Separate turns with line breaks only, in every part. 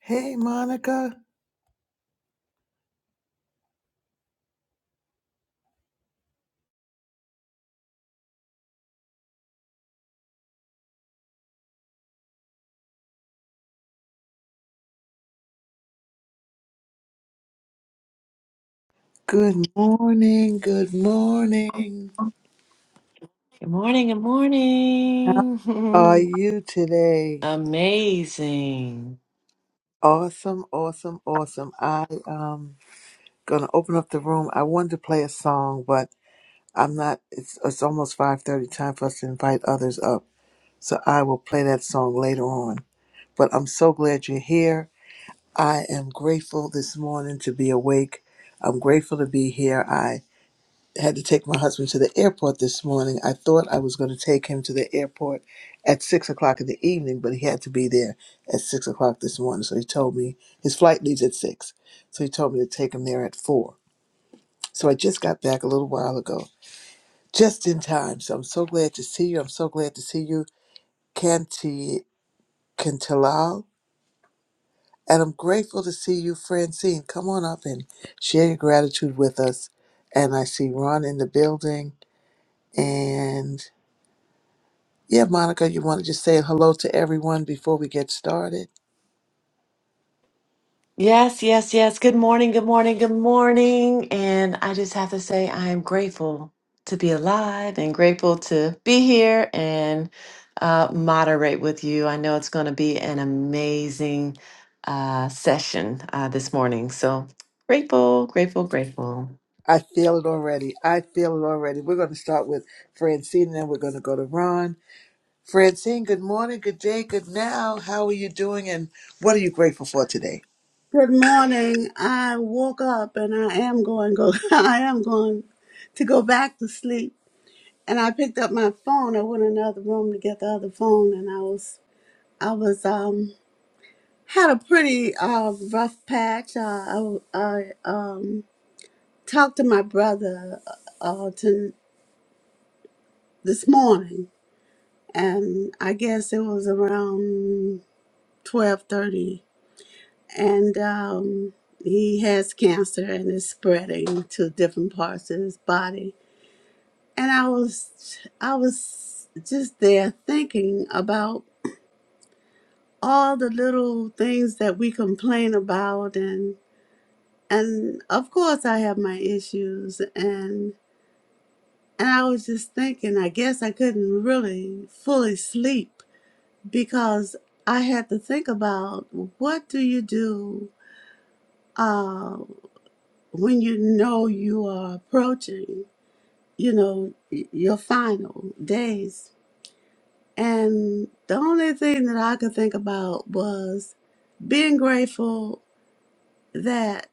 Hey, Monica. Good morning. Good morning.
Good morning, good
How are
morning.
you today?
Amazing.
Awesome, awesome, awesome. I um gonna open up the room. I wanted to play a song, but I'm not. It's it's almost five thirty. Time for us to invite others up. So I will play that song later on. But I'm so glad you're here. I am grateful this morning to be awake. I'm grateful to be here. had to take my husband to the airport this morning. I thought I was going to take him to the airport at six o'clock in the evening, but he had to be there at six o'clock this morning. So he told me his flight leaves at six. So he told me to take him there at four. So I just got back a little while ago, just in time. So I'm so glad to see you. I'm so glad to see you, Kanti Kantilal. And I'm grateful to see you, Francine. Come on up and share your gratitude with us. And I see Ron in the building. And Yeah, Monica, you want to just say hello to everyone before we get started?
Yes, yes, yes. Good morning, good morning, good morning. And I just have to say, I am grateful to be alive and grateful to be here and uh, moderate with you. I know it's going to be an amazing uh, session uh, this morning. So grateful, grateful, grateful.
I feel it already. I feel it already. We're going to start with Francine and then we're going to go to Ron. Francine, good morning, good day, good now. How are you doing and what are you grateful for today?
Good morning. I woke up and I am going go I am going to go back to sleep. And I picked up my phone. I went in the other room to get the other phone and I was I was um had a pretty uh rough patch. Uh, I I um talked to my brother uh to, this morning and I guess it was around 12:30 and um, he has cancer and it's spreading to different parts of his body. And I was, I was just there thinking about all the little things that we complain about, and and of course I have my issues, and and I was just thinking, I guess I couldn't really fully sleep because I had to think about what do you do. uh, when you know you are approaching, you know, y- your final days. And the only thing that I could think about was being grateful that,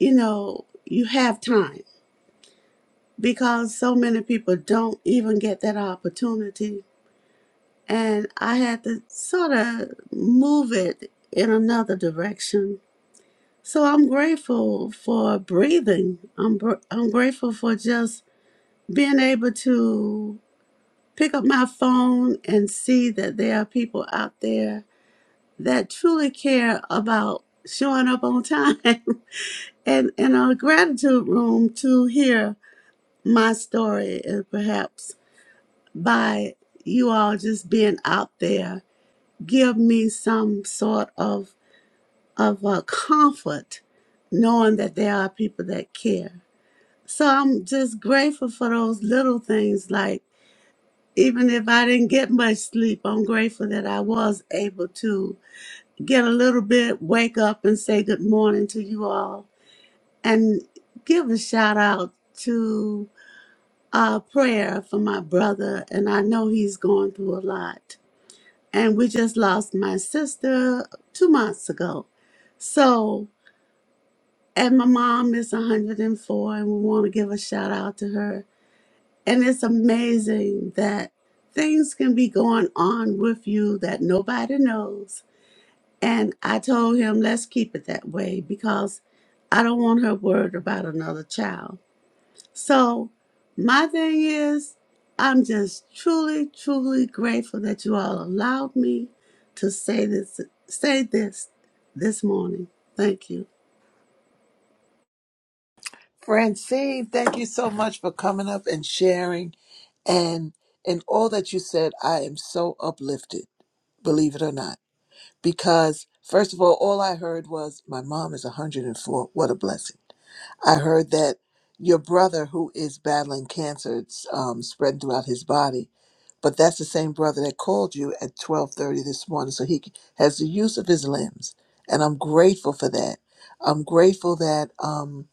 you know, you have time because so many people don't even get that opportunity. And I had to sort of move it in another direction. So I'm grateful for breathing. I'm, br- I'm grateful for just being able to pick up my phone and see that there are people out there that truly care about showing up on time and in our gratitude room to hear my story and perhaps by you all just being out there give me some sort of of a comfort knowing that there are people that care so i'm just grateful for those little things like even if I didn't get much sleep, I'm grateful that I was able to get a little bit, wake up and say good morning to you all and give a shout out to uh prayer for my brother and I know he's going through a lot. And we just lost my sister two months ago. So and my mom is 104 and four, and we want to give a shout out to her And it's amazing that things can be going on with you that nobody knows. And I told him, let's keep it that way because I don't want her worried about another child. So, my thing is, I'm just truly, truly grateful that you all allowed me to say this, say this this morning. Thank you.
Francine, thank you so much for coming up and sharing. And in all that you said, I am so uplifted, believe it or not, because first of all, all I heard was, my mom is 104. What a blessing. I heard that your brother, who is battling cancer, it's um, spreading throughout his body, but that's the same brother that called you at twelve thirty this morning. So he has the use of his limbs, and I'm grateful for that. I'm grateful that um,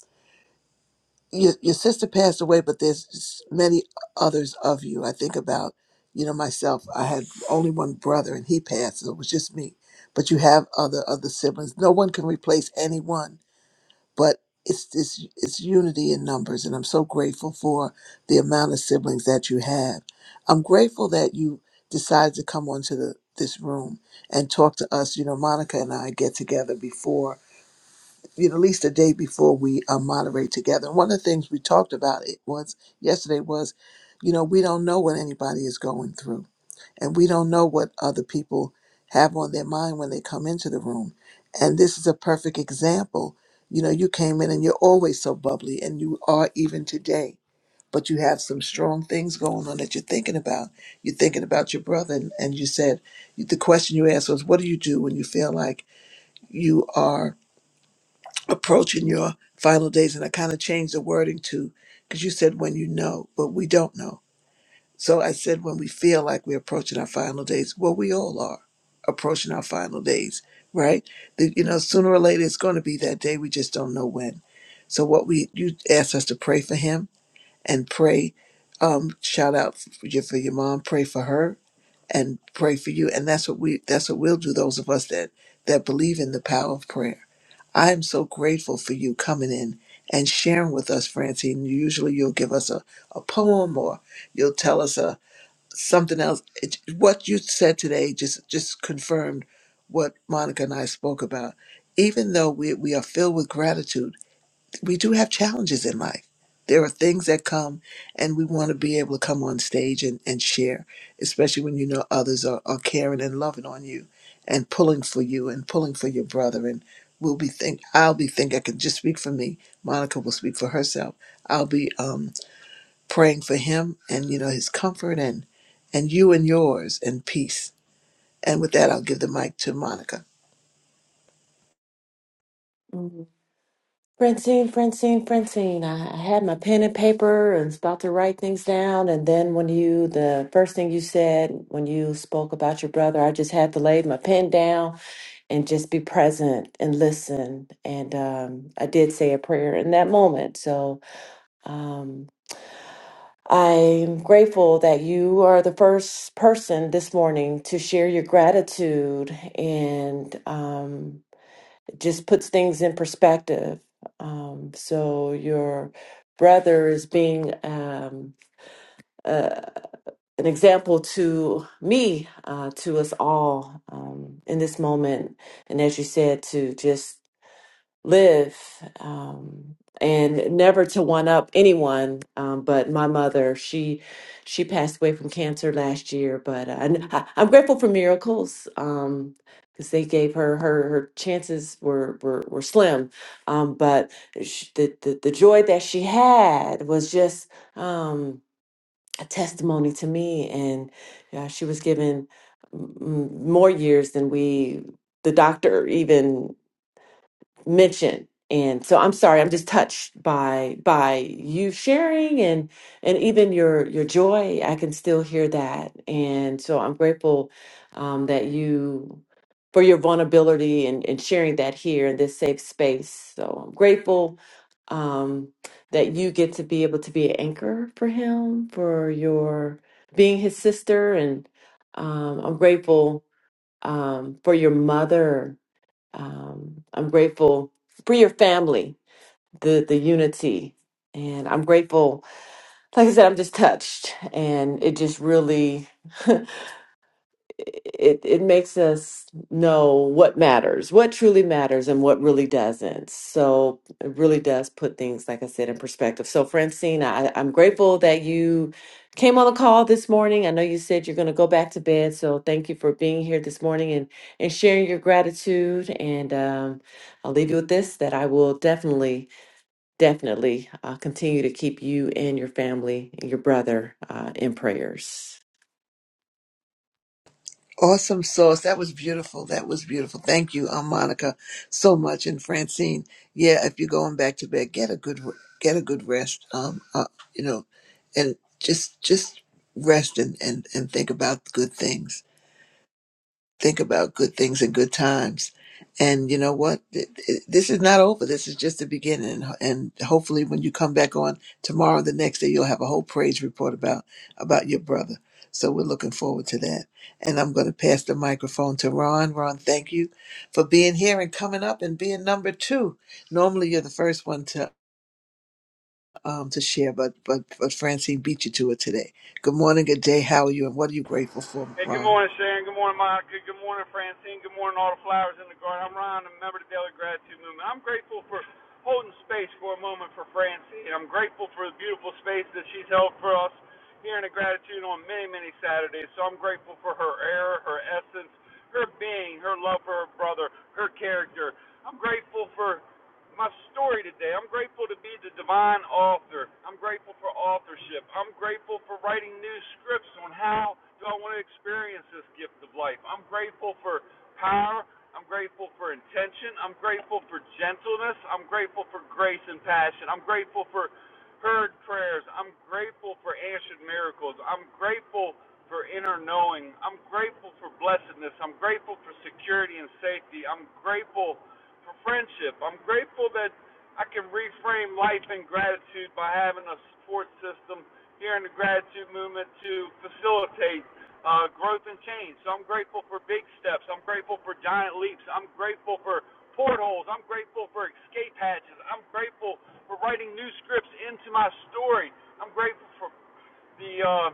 your your sister passed away, but there's s- many others of you. I think about you know myself. I had only one brother, and he passed, so it was just me. But you have other other siblings. No one can replace anyone but it's it's it's unity in numbers and i'm so grateful for the amount of siblings that you have i'm grateful that you decided to come onto the this room and talk to us you know monica and i get together before you know at least a day before we uh, moderate together and one of the things we talked about it was yesterday was you know we don't know what anybody is going through and we don't know what other people have on their mind when they come into the room. And this is a perfect example. You know, you came in and you're always so bubbly, and you are even today. But you have some strong things going on that you're thinking about. You're thinking about your brother, and, and you said the question you asked was, "What do you do when you feel like you are approaching your final days?" And I kind of changed the wording to because you said when you know, but we don't know so I said, when we feel like we're approaching our final days, well, we all are approaching our final days, right? The- you know, sooner or later, it's going to be that day. We just don't know when. So what we you asked us to pray for him and pray. Um, shout out for your, for your mom. Pray for her and pray for you. And that's what we that's what we'll do. Those of us that that believe in the power of prayer. I am so grateful for you coming in and sharing with us, Francine. Usually you'll give us a, a poem or you'll tell us a, something else. It, what you said today just just confirmed what Monica and I spoke about. Even though we we are filled with gratitude, we do have challenges in life. There are things that come, and we want to be able to come on stage and, and share, especially when you know others are, are caring and loving on you, and pulling for you and pulling for your brother. And we'll be think I'll be think I can just speak for me. Monica will speak for herself. I'll be um praying for him and you know his comfort and and you and yours and peace. And with that, I'll give the mic to Monica.
Mm. Francine, Francine, Francine. I I had my pen and paper and was about to write things down. And then when you, the first thing you said when you spoke about your brother, I just had to lay my pen down and just be present and listen. And um, I did say a prayer in that moment. So. Um, I'm grateful that you are the first person this morning to share your gratitude and um, it just puts things in perspective. Um, so, your brother is being um, uh, an example to me, uh, to us all um, in this moment. And as you said, to just live um, and never to one up anyone um, but my mother she she passed away from cancer last year but uh, and I, i'm grateful for miracles um because they gave her her her chances were were, were slim um but sh the, the the joy that she had was just um a testimony to me and uh, she was given mm, more years than we the doctor even mention and so i'm sorry i'm just touched by by you sharing and and even your your joy i can still hear that and so i'm grateful um, that you for your vulnerability and, and sharing that here in this safe space so i'm grateful um, that you get to be able to be an anchor for him for your being his sister and um, i'm grateful um, for your mother um, I'm grateful for your family, the the unity, and I'm grateful. Like I said, I'm just touched, and it just really. it it makes us know what matters, what truly matters, and what really doesn't. So it really does put things, like I said, in perspective. So Francine, I, I'm grateful that you came on the call this morning. I know you said you're going to go back to bed, so thank you for being here this morning and and sharing your gratitude. And um, I'll leave you with this: that I will definitely, definitely uh, continue to keep you and your family, your brother, uh, in prayers.
Awesome sauce. That was beautiful. That was beautiful. Thank you, um, Monica, so much. And Francine, yeah, if you're going back to bed, get a good get a good rest. Um, uh, you know, and just just rest and and and think about good things think about good things and good times. And you know what? Th- th- This is not over. This is just the beginning. And hopefully, when you come back on tomorrow, the next day, you'll have a whole praise report about about your brother. So we're looking forward to that. And I'm going to pass the microphone to Ron. Ron, thank you for being here and coming up and being number two. Normally, you're the first one to um, to share, but but but Francine beat you to it today. Good morning, good day. How are you? And what are you grateful for,
Hey, good
Ron?
morning, Sharon. Good morning, Monica. Good morning, Francine. Good morning, all the flowers in the garden. I'm Ron, a member of the Daily Gratitude Movement. I'm grateful for holding space for a moment for Francine. I'm grateful for the beautiful space that she's held for us here in the gratitude on many, many Saturdays. So I'm grateful for her air, her essence, her being, her love for her brother, her character. I'm grateful for my story today. I'm grateful to be the divine author. I'm grateful for authorship. I'm grateful for writing new scripts on how do I want to experience this gift of life. I'm grateful for power. I'm grateful for intention. I'm grateful for gentleness. I'm grateful for grace and passion. I'm grateful for heard prayers. I'm grateful for answered miracles. I'm grateful for inner knowing. I'm grateful for blessedness. I'm grateful for security and safety. I'm grateful for friendship. I'm grateful that I can reframe life in gratitude by having a support system here in the gratitude movement to facilitate uh, growth and change. So I'm grateful for big steps. I'm grateful for giant leaps. I'm grateful for portholes. I'm grateful for escape hatches. I'm grateful for writing new scripts into my story. I'm grateful for the uh,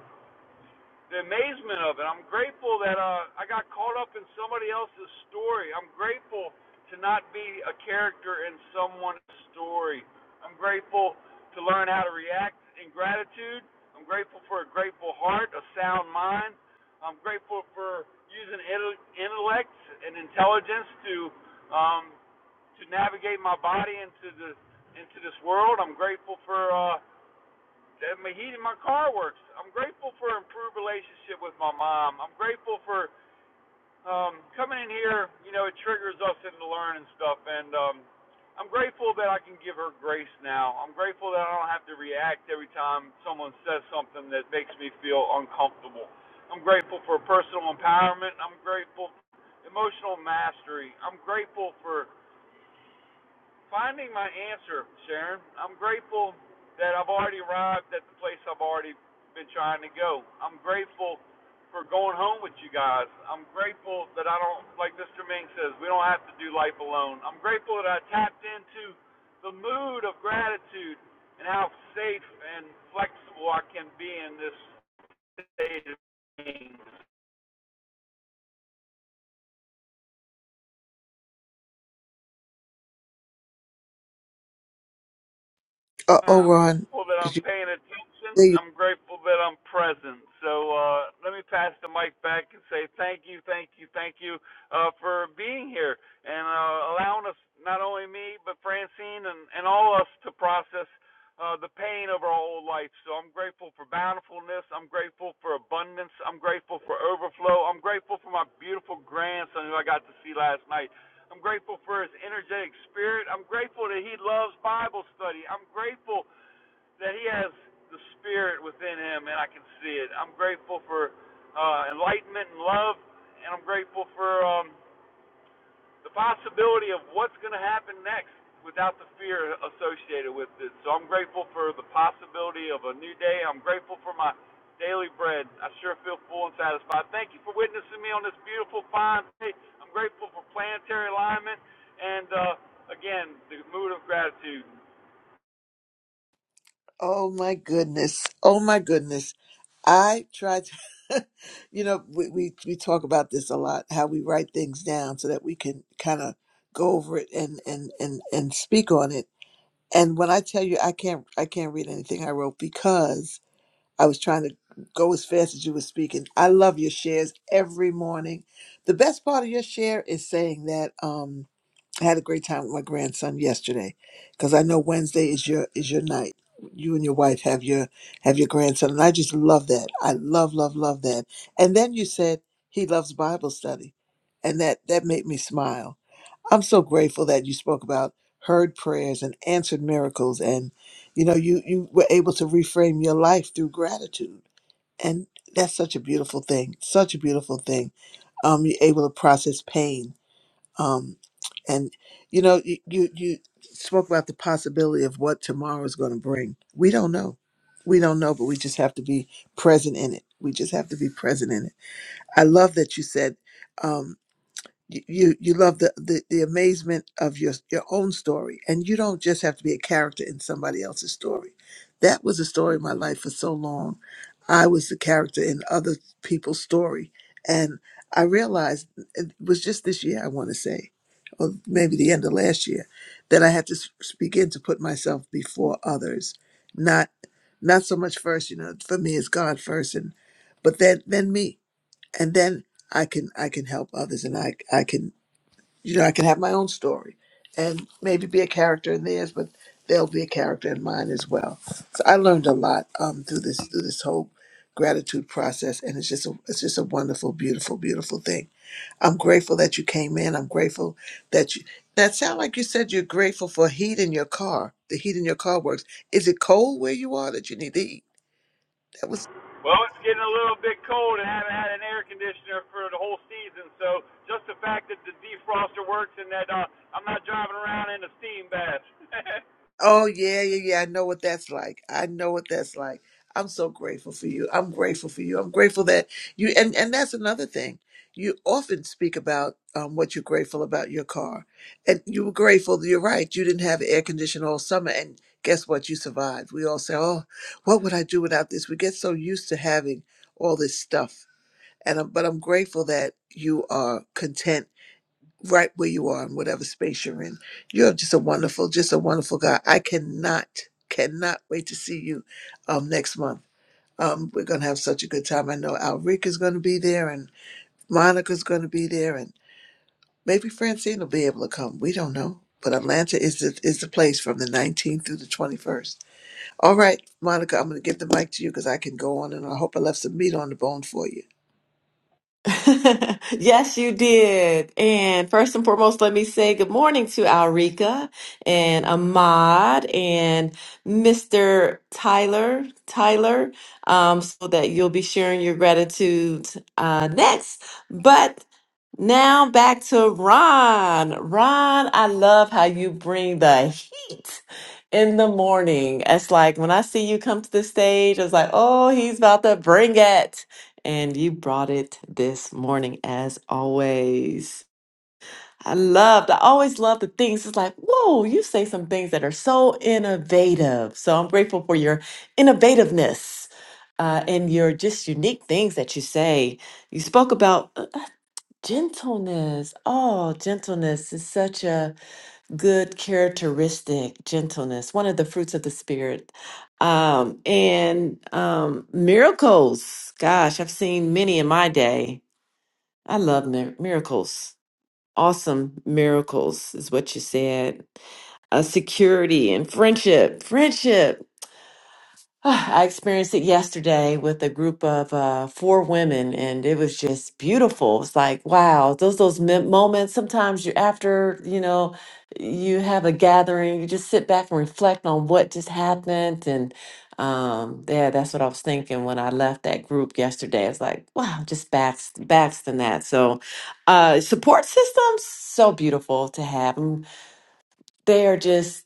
the amazement of it. I'm grateful that uh, I got caught up in somebody else's story. I'm grateful to not be a character in someone's story. I'm grateful to learn how to react in gratitude. I'm grateful for a grateful heart, a sound mind. I'm grateful for using intellect and intelligence to um, to navigate my body into the into this world. I'm grateful for uh, my heat in my car works. I'm grateful for improved relationship with my mom. I'm grateful for um coming in here, you know, it triggers us into learning stuff and um I'm grateful that I can give her grace now. I'm grateful that I don't have to react every time someone says something that makes me feel uncomfortable. I'm grateful for personal empowerment. I'm grateful for emotional mastery. I'm grateful for Finding my answer, Sharon. I'm grateful that I've already arrived at the place I've already been trying to go. I'm grateful for going home with you guys. I'm grateful that I don't, like Mr. Ming says, we don't have to do life alone. I'm grateful that I tapped into the mood of gratitude and how safe and flexible I can be in this state of being.
Uh oh,
I'm
Ron,
grateful that I'm
did
paying attention.
you?
I'm grateful that I'm present. So uh, let me pass the mic back and say thank you, thank you, thank you uh, for being here and uh, allowing us, not only me, but Francine and, and all of us to process uh, the pain of our old life. So I'm grateful for bountifulness. I'm grateful for abundance. I'm grateful for overflow. I'm grateful for my beautiful grandson who I got to see last night. I'm grateful for his energetic spirit. I'm grateful that he loves Bible study. I'm grateful that he has the spirit within him and I can see it. I'm grateful for uh, enlightenment and love, and I'm grateful for. um, the possibility of what's going to happen next without the fear associated with it. So I'm grateful for the possibility of a new day. I'm grateful for my daily bread. I sure feel full and satisfied. Thank you for witnessing me on this beautiful, fine day. I'm grateful for planetary alignment and, uh, again, the mood of gratitude.
Oh my goodness. Oh my goodness. I try to, you know, we, we, we talk about this a lot, how we write things down so that we can kind of go over it and, and, and, and speak on it. And when I tell you, I can't, I can't read anything I wrote because I was trying to go as fast as you were speaking. I love your shares every morning. The best part of your share is saying that, um, I had a great time with my grandson yesterday, because I know Wednesday is your is your night. You and your wife have your have your grandson, and I just love that. I love love love that. And then you said he loves Bible study, and that that made me smile. I'm so grateful that you spoke about heard prayers and answered miracles, and you know you you were able to reframe your life through gratitude, and that's such a beautiful thing. Such a beautiful thing. Um, you're able to process pain um, and you know, you, you you spoke about the possibility of what tomorrow is going to bring. We don't know. We don't know, but we just have to be present in it. We just have to be present in it. I love that you said. um, you you you love the, the the amazement of your your own story and you don't just have to be a character in somebody else's story that was the story of my life for so long i was the character in other people's story and i realized it was just this year i want to say or maybe the end of last year that i had to s- begin to put myself before others not not so much first you know for me it's god first and but then then me and then I can I can help others, and I I can you know I can have my own story, and maybe be a character in theirs, but they'll be a character in mine as well. So I learned a lot um, through this through this whole gratitude process, and it's just a it's just a wonderful, beautiful, beautiful thing. I'm grateful that you came in. I'm grateful that you. That sound like you said you're grateful for heat in your car. The heat in your car works. Is it cold where you are that you need the heat?
Well, it's getting a little bit cold and I haven't had an air conditioner for the whole season. So just the fact that the defroster works and that uh, I'm not driving around in a steam bath.
Oh yeah, yeah, yeah. I know what that's like. I know what that's like. I'm so grateful for you. I'm grateful for you. I'm grateful that you and and that's another thing. You often speak about um, what you're grateful about your car, and you were grateful. You're right. You didn't have air conditioning all summer, and guess what? You survived. We all say, "Oh, what would I do without this?" We get so used to having all this stuff, and I'm, but I'm grateful that you are content right where you are in whatever space you're in. You're just a wonderful, just a wonderful guy. I cannot, cannot wait to see you um, next month. Um, we're gonna have such a good time. I know Alrika's gonna be there, and Monica's gonna be there, and maybe Francine will be able to come. We don't know, but Atlanta is the is the place from the 19th through the 21st. All right, Monica, I'm going to give the mic to you because I can go on and I hope I left some meat on the bone for you.
Yes, you did. And first and foremost, let me say good morning to Alrika and Ahmad and Mr. Tyler, Tyler, um, so that you'll be sharing your gratitude uh, next. But now back to Ron. Ron, I love how you bring the heat in the morning. It's like when I see you come to the stage, it's like, oh, he's about to bring it and you brought it this morning as always. I loved, I always love the things. It's like, whoa, you say some things that are so innovative. So I'm grateful for your innovativeness uh, and your just unique things that you say. You spoke about uh, uh, gentleness. Oh, gentleness is such a good characteristic. Gentleness, one of the fruits of the Spirit um, and um, miracles. Gosh, I've seen many in my day. I love mir- miracles. Awesome miracles is what you said. Uh, security and friendship. Friendship. Ah, I experienced it yesterday with a group of uh, four women, and it was just beautiful. It's like, wow, those those mem- moments. Sometimes you after you know you have a gathering, you just sit back and reflect on what just happened, and um, yeah, that's what I was thinking when I left that group yesterday. It's like, wow, just backs backs than that. So, uh, support systems so beautiful to have them. They are just.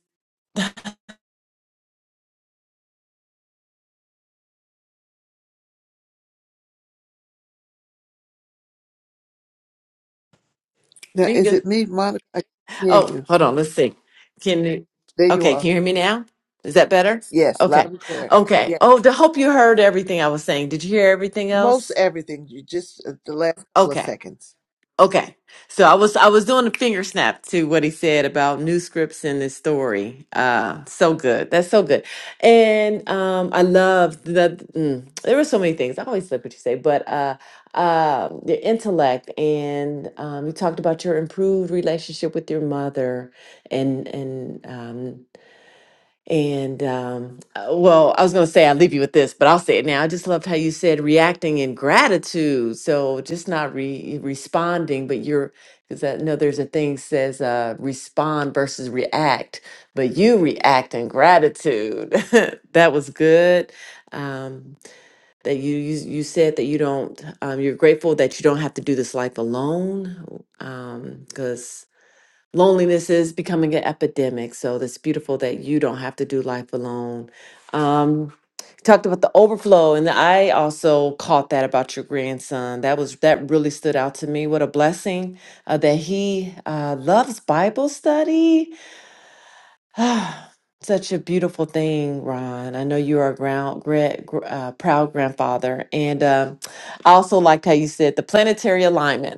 Now, is it me, Monica? I can hear
Oh,
you.
hold on. Let's see. Can you?
There you
Okay. Can
are.
you hear me now? Is that better?
Yes, loud
Okay.
and clear.
Okay.
Yes,
Oh, to hope you heard everything I was saying. Did you hear everything
most
else?
everything. You just uh, the last couple of
Okay.
seconds.
Okay. So I was I was doing a finger snap to what he said about new scripts in this story. Uh so good. That's so good. And um I love that mm, there were so many things. I always like what you say, but uh uh your intellect and um you talked about your improved relationship with your mother and and um and um, uh, well, I was going to say I'll leave you with this, but I'll say it now. I just loved how you said reacting in gratitude. So just not re- responding, but you're, because I know there's a thing says uh, respond versus react, but you react in gratitude. that was good. Um, that you, you you said that you don't um, you're grateful that you don't have to do this life alone because loneliness is becoming an epidemic. So it's beautiful that you don't have to do life alone. Um, talked about the overflow, and I also caught that about your grandson. That was that really stood out to me. What a blessing uh, that he uh, loves Bible study. Ah, Such a beautiful thing, Ron. I know you are a ground, gra- gr- uh, proud grandfather, and um I also liked how you said the planetary alignment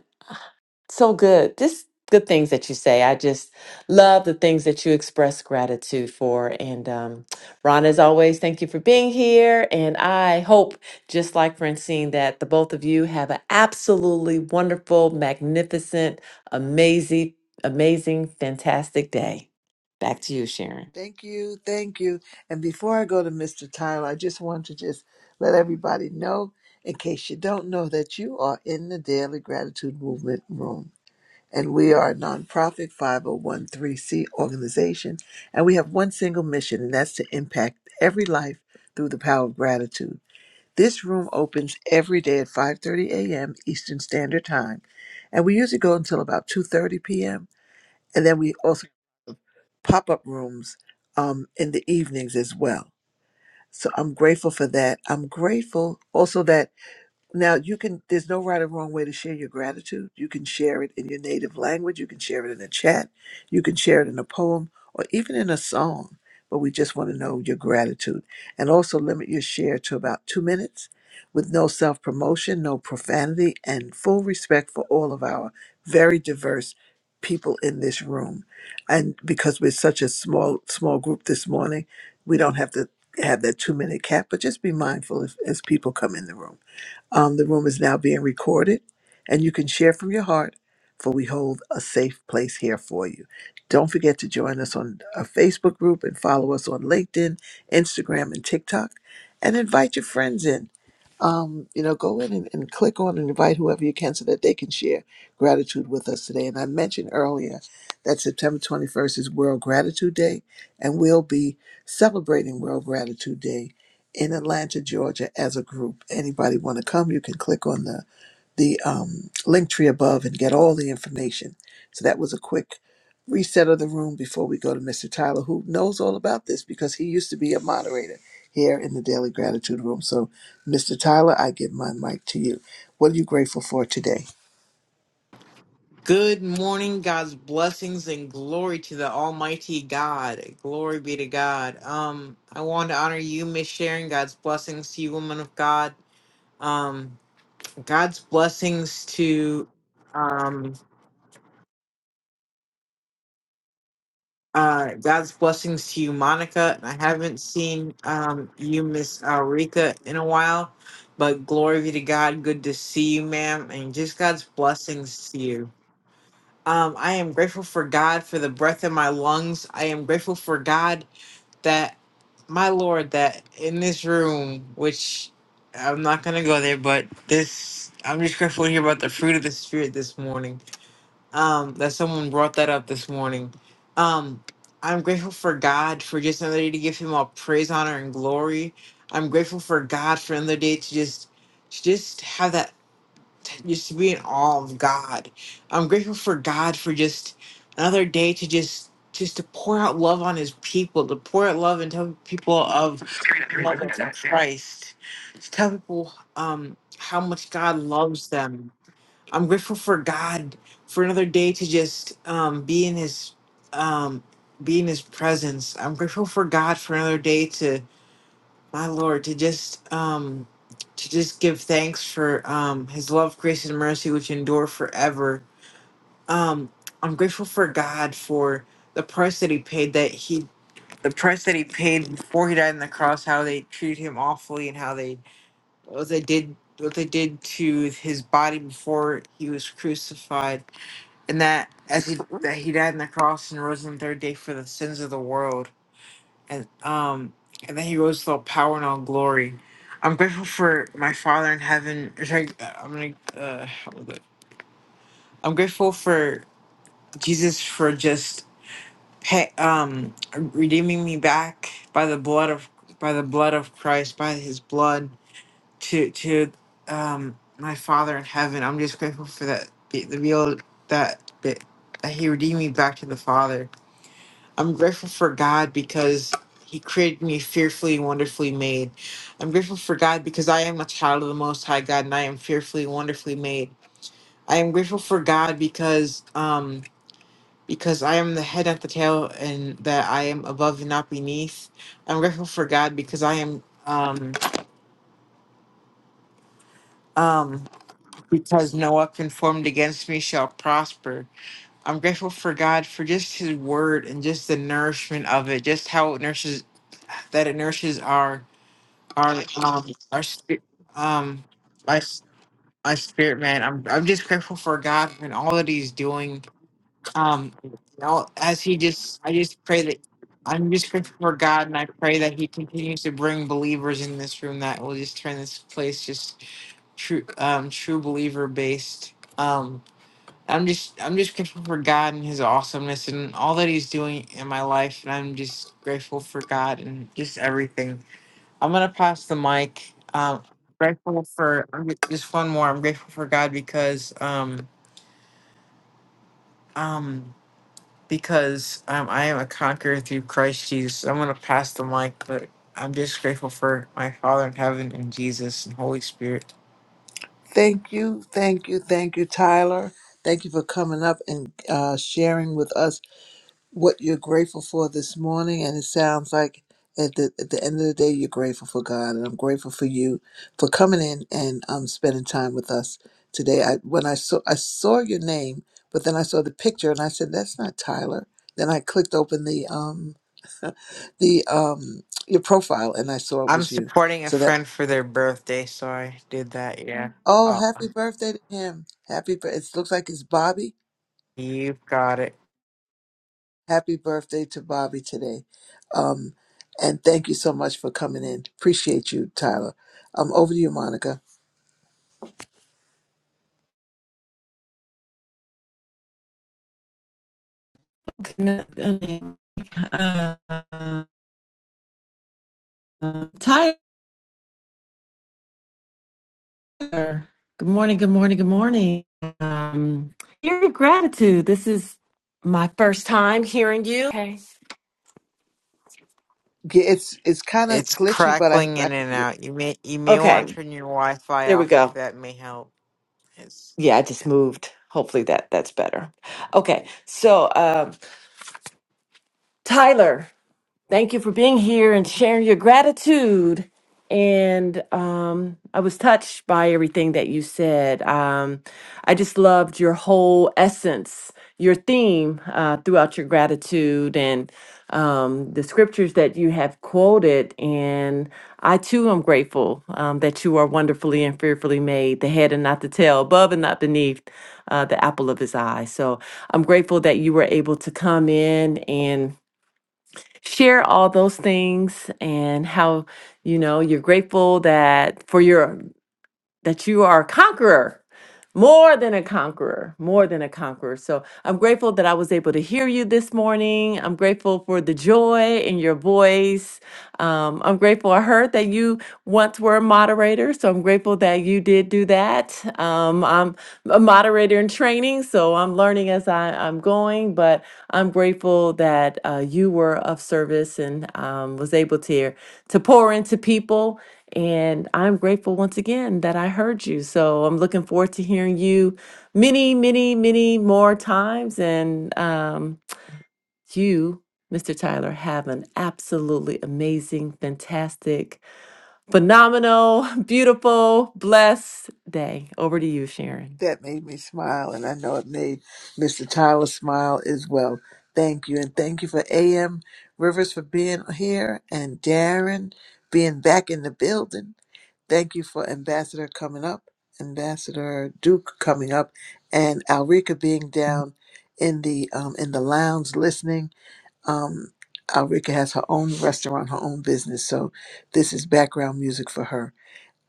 so good. Just good things that you say. I just love the things that you express gratitude for. And um, Ron, as always, thank you for being here. And I hope, just like Francine, that the both of you have an absolutely wonderful, magnificent, amazing, amazing, fantastic day. Back to you, Sharon.
Thank you, thank you. And before I go to Mr. Tyler, I just want to just let everybody know, in case you don't know, that you are in the Daily Gratitude Movement Room. And we are a nonprofit 5013C organization. And we have one single mission, and that's to impact every life through the power of gratitude. This room opens every day at 5.30 a.m. Eastern Standard Time. And we usually go until about 2.30 p.m. And then we also pop-up rooms um, in the evenings as well so i'm grateful for that i'm grateful also that now, you can, there's no right or wrong way to share your gratitude. You can share it in your native language. You can share it in a chat. You can share it in a poem or even in a song. But we just want to know your gratitude. And also limit your share to about two minutes with no self promotion, no profanity, and full respect for all of our very diverse people in this room. And because we're such a small, small group this morning, we don't have to have that two minute cap, but just be mindful if, as people come in the room. Um, the room is now being recorded, and you can share from your heart, for we hold a safe place here for you. Don't forget to join us on our Facebook group and follow us on LinkedIn, Instagram, and TikTok, and invite your friends in um, you know, go in and, and click on and invite whoever you can so that they can share gratitude with us today. And I mentioned earlier that September 21st is World Gratitude Day, and we'll be celebrating World Gratitude Day in Atlanta, Georgia as a group. Anybody want to come, you can click on the the um, link tree above and get all the information. So that was a quick reset of the room before we go to Mr. Tyler, who knows all about this because he used to be a moderator here in the Daily Gratitude Room. So, Mr. Tyler, I give my mic to you. What are you grateful for today?
Good morning, God's blessings and glory to the Almighty God. Glory be to God. Um, I want to honor you, Miss Sharon. God's blessings to you, woman of God. Um, God's blessings to um uh God's blessings to you, Monica. I haven't seen um you, Miss uh, Rika, in a while, but glory be to God. Good to see you, ma'am, and just God's blessings to you. Um, I am grateful for God for the breath in my lungs. I am grateful for God that, my Lord, that in this room, which I'm not going to go there, but this, I'm just grateful to hear about the fruit of the Spirit this morning. Um, that someone brought that up this morning. Um, I'm grateful for God for just another day to give Him all praise, honor, and glory. I'm grateful for God for another day to just, to just have that just to be in awe of God. I'm grateful for God for just another day to just just to pour out love on His people, to pour out love and tell people of the love of Christ, to tell people um, how much God loves them. I'm grateful for God for another day to just um, be in His um, be in His presence. I'm grateful for God for another day to my Lord, to just um to just give thanks for um his love, grace, and mercy which endure forever. Um I'm grateful for God for the price that he paid that he the price that he paid before he died on the cross, how they treated him awfully and how they what they did what they did to his body before he was crucified and that as he that he died on the cross and rose on the third day for the sins of the world and um and then he rose to all power and all glory. I'm grateful for my Father in heaven. or Sorry, uh, I'm gonna. Uh, how was it? I'm grateful for Jesus for just pay, um redeeming me back by the blood of by the blood of Christ by His blood to to um my Father in heaven. I'm just grateful for that the the real that that that He redeemed me back to the Father I'm grateful for God because He created me fearfully and wonderfully made. I'm grateful for God because I am a child of the Most High God and I am fearfully and wonderfully made. I am grateful for God because um because I am the head at the tail and that I am above and not beneath. I'm grateful for God because I am um um because no weapon formed against me shall prosper. I'm grateful for God for just His word and just the nourishment of it, just how it nourishes that it nourishes our our um our spi- um my s- my spirit man i'm i'm just grateful for god and all that he's doing um you know as he just i just pray that i'm just grateful for god and i pray that he continues to bring believers in this room that will just turn this place just true um true believer based um I'm just I'm just grateful for God and His awesomeness and all that He's doing in my life, and I'm just grateful for God and just everything. I'm gonna pass the mic. Um, grateful for I'm gr- just one more. I'm grateful for God because um um because um, I am a conqueror through Christ Jesus. I'm gonna pass the mic, but I'm just grateful for my Father in heaven and Jesus and Holy Spirit.
Thank you, thank you, thank you, Tyler. Thank you for coming up and uh, sharing with us what you're grateful for this morning. And it sounds like at the, at the end of the day, you're grateful for God. And I'm grateful for you for coming in and um, spending time with us today. I, when I saw, I saw your name, but then I saw the picture and I said, that's not Tyler. Then I clicked open the, um, the, um, your profile and I saw it
I'm
was you.
supporting a
So that,
friend for their birthday, so I did that. Yeah.
oh,
Oh,
happy birthday to him. Happy, bir- it looks like it's Bobby.
you've got it.
Happy birthday to Bobby today. Um, and thank you so much for coming in. Appreciate you, Tyler. Um, over to you, Monica.
Uh, Sure. Good morning, good morning, good morning. Um, year of gratitude. This is my first time hearing you. Okay.
G- It's it's kind of
It's
glitchy, but I,
crackling
I
in
hear
and
you.
out. You may you may want
Okay,
to turn your Wi-Fi
there we
off if
go.
that may help. It's
Yeah, I just moved. Hopefully that that's better. Okay, so um, Tyler. Thank you for being here and sharing your gratitude. And um, I was touched by everything that you said. Um, I just loved your whole essence, your theme uh, throughout your gratitude and um, the scriptures that you have quoted. And I too am grateful um, that you are wonderfully and fearfully made, the head and not the tail, above and not beneath, uh, the apple of his eye. So I'm grateful that you were able to come in and share all those things and how you know you're grateful that for your that you are a conqueror more than a conqueror more than a conqueror so i'm grateful that i was able to hear you this morning i'm grateful for the joy in your voice um, I'm grateful I heard that you once were a moderator, so I'm grateful that you did do that. Um, I'm a moderator in training, so I'm learning as I, I'm going, but I'm grateful that uh, you were of service and um, was able to, to pour into people. And I'm grateful once again that I heard you. So I'm looking forward to hearing you many, many, many more times. And um, you, Mr. Tyler, have an absolutely amazing, fantastic, phenomenal, beautiful, blessed day. Over to you, Sharon.
That made me smile, and I know it made Mr. Tyler smile as well. Thank you, and thank you for AM Rivers for being here and Darren being back in the building. Thank you for Ambassador coming up, Ambassador Duke coming up, and Alrika being down in the um, in the lounge listening. Um, Alrika has her own restaurant, her own business, so this is background music for her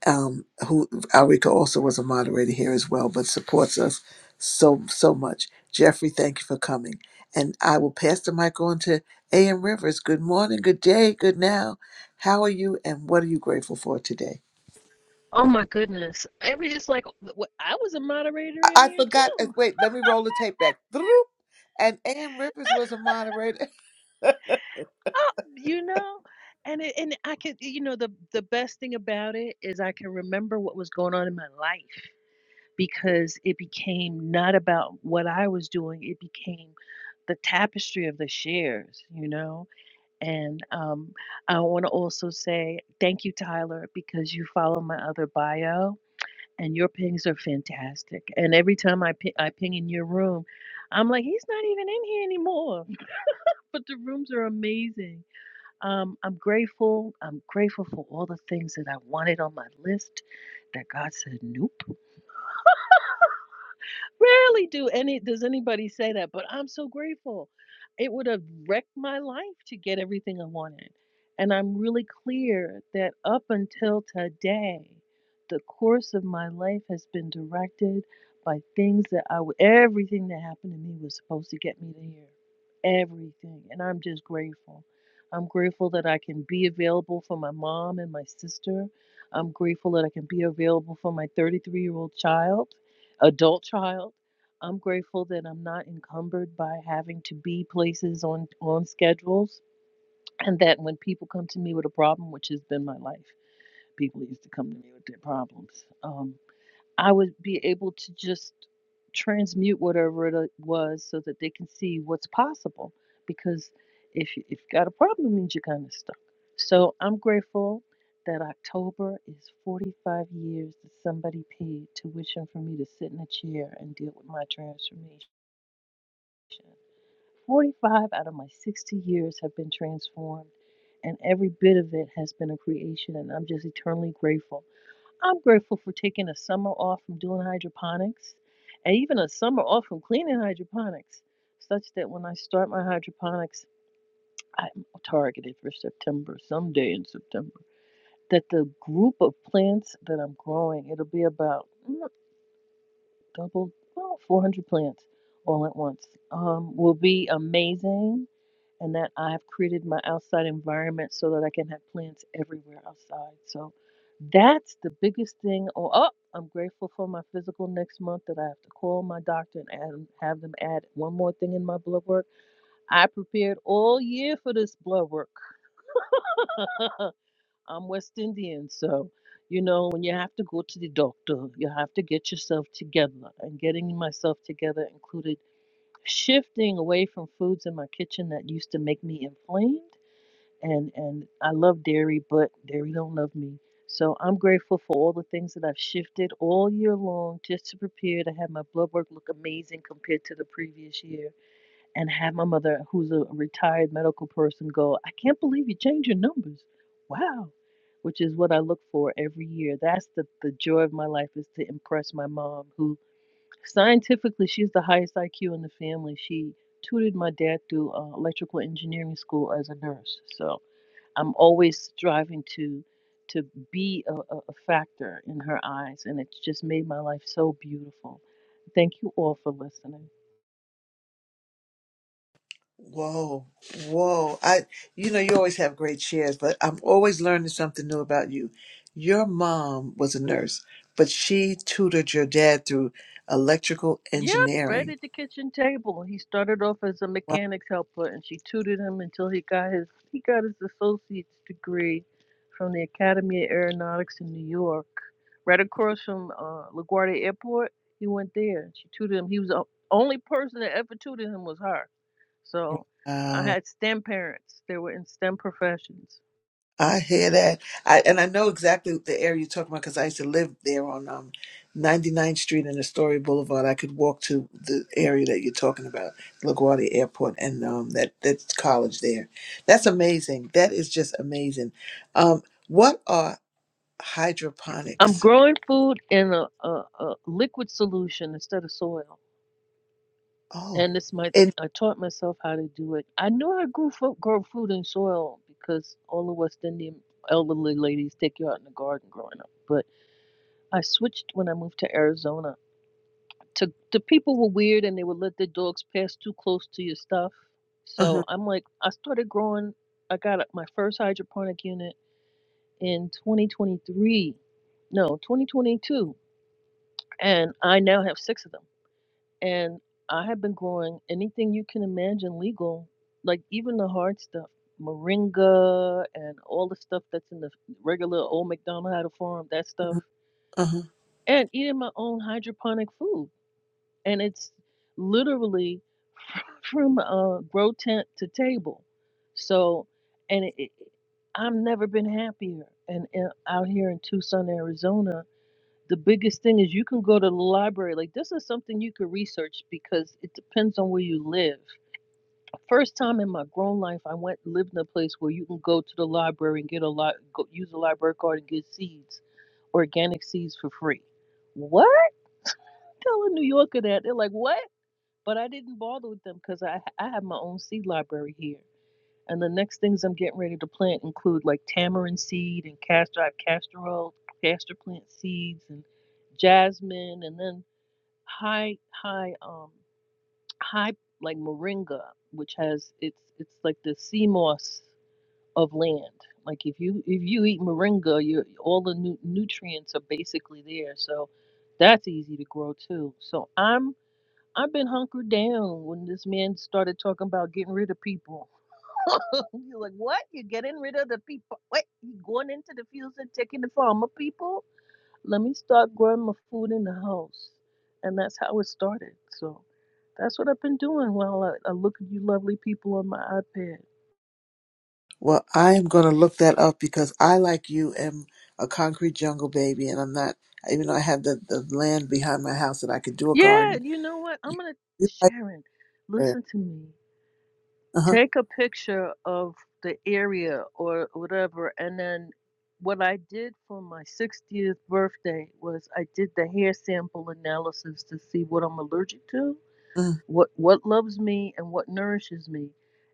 um, who Alrika also was a moderator here as well, but supports us so so much. Jeffrey, thank you for coming, and I will pass the mic on to A.M. Rivers. Good morning, good day, good now. How are you, and what are you grateful for today?
Oh my goodness. It was just like wh- I was a moderator
I,
in
I
here
forgot. uh,
too.
Wait, let me roll the tape back. Throop. And A.M. Rivers was a moderator,
Oh, you know, and it, and I could you know the the best thing about it is I can remember what was going on in my life because it became not about what I was doing. It became the tapestry of the shares, you know. And um, I want to also say thank you, Tyler, because you follow my other bio and your pings are fantastic. And every time I ping, I ping in your room, I'm like, he's not even in here anymore. But the rooms are amazing. Um, I'm grateful. I'm grateful for all the things that I wanted on my list that God said nope. Rarely do any does anybody say that, but I'm so grateful. It would have wrecked my life to get everything I wanted. And I'm really clear that up until today, the course of my life has been directed by things that I w- everything that happened to me was supposed to get me to here. Everything. And I'm just grateful. I'm grateful that I can be available for my mom and my sister. I'm grateful that I can be available for my 33 year old child adult child. I'm grateful that I'm not encumbered by having to be places on on schedules, and that when people come to me with a problem, which has been my life, people used to come to me with their problems. Um, I would be able to just transmute whatever it uh, was so that they can see what's possible. Because if you- if you got a problem, it means you're kind of stuck. So I'm grateful that October is 45 years that somebody paid tuition for me to sit in a chair and deal with my transformation. 45 out of my 60 years have been transformed, and every bit of it has been a creation, and I'm just eternally grateful I'm grateful for taking a summer off from doing hydroponics and even a summer off from cleaning hydroponics, such that when I start my hydroponics, I'm targeted for September, someday in September. That the group of plants that I'm growing, it'll be about mm, double, well, 400 plants all at once, um, will be amazing and that I have created my outside environment so that I can have plants everywhere outside. So that's the biggest thing. Oh, oh I'm grateful for my physical next month that I have to call my doctor and add, have them add one more thing in my blood work. I prepared all year for this blood work. I'm West Indian, so you know when you have to go to the doctor, you have to get yourself together. And getting myself together included shifting away from foods in my kitchen that used to make me inflamed and and I love dairy, but dairy don't love me. So I'm grateful for all the things that I've shifted all year long just to prepare to have my blood work look amazing compared to the previous year, and have my mother, who's a retired medical person, go, "I can't believe you changed your numbers, wow," which is what I look for every year. That's the the joy of my life is to impress my mom, who scientifically she's the highest IQ in the family. She tutored my dad through uh, electrical engineering school as a nurse, so. I'm always striving to to be a, a a factor in her eyes, and it's just made my life so beautiful. Thank you all for listening.
Whoa, whoa. I you know you always have great shares, but I'm always learning something new about you. Your mom was a nurse, but she tutored your dad through electrical
Yep, right
engineering.
at the kitchen table. He started off as a mechanics helper, and she tutored him until he got his he got his associate's degree from the Academy of Aeronautics in New York, right across from uh, LaGuardia Airport. He went there. She tutored him. He was the only person that ever tutored him was her So I
Wow.
had STEM parents. They were in STEM professions.
I hear that. I and I know exactly the area you're talking about because I used to live there on um, 99th Street and Astoria Boulevard. I could walk to the area that you're talking about, LaGuardia Airport, and um, that that college there. That's amazing. That is just amazing. Um, what are
I'm
hydroponics?
growing food in a, a, a liquid solution instead of soil.
Oh,
And this my
and
I taught myself how to do it. I knew I grew fo- grow food in soil because all the West Indian elderly ladies take you out in the garden growing up. But I switched when I moved to Arizona. To the people were weird and they would let their dogs pass too close to your stuff. So
uh-huh,
I'm like I started growing I got my first hydroponic unit in 2023, no, 2022, and I now have six of them. And I have been growing anything you can imagine legal, like even the hard stuff, moringa and all the stuff that's in the regular old McDonald had a farm, that stuff,
uh-huh.
and eating my own hydroponic food. And it's literally from uh, grow tent to table. So, and it, it, I've never been happier. And, and out here in Tucson, Arizona, the biggest thing is you can go to the library. Like this is something you could research because it depends on where you live. First time in my grown life, I went lived in a place where you can go to the library and get a lot, go, use a library card and get seeds, organic seeds for free. What? Tell a New Yorker that they're like, what? But I didn't bother with them because I I have my own seed library here. And the next things I'm getting ready to plant include like tamarind seed and castor, I have castor oil, castor plant seeds and jasmine, and then high high um high like moringa which has it's it's like the sea moss of land like if you if you eat moringa you all the nu- nutrients are basically there so that's easy to grow too so i'm i've been hunkered down when this man started talking about getting rid of people you're like what you're getting rid of the people what you going into the fields and taking the farmer people let me start growing my food in the house. And that's how it started. So that's what I've been doing while I, I look at you lovely people on my iPad.
Well, I am going to look that up because I, like you, am a concrete jungle baby, and I'm not. Even though I have the, the land behind my house that I could do a
Yeah,
garden,
you know what? I'm
You
going to,
like
Sharon,
prayer.
listen to me.
Uh-huh.
Take a picture of the area or whatever. And then what I did for my 60th birthday was I did the hair sample analysis to see what I'm allergic to
Mm-hmm.
what what loves me and what nourishes me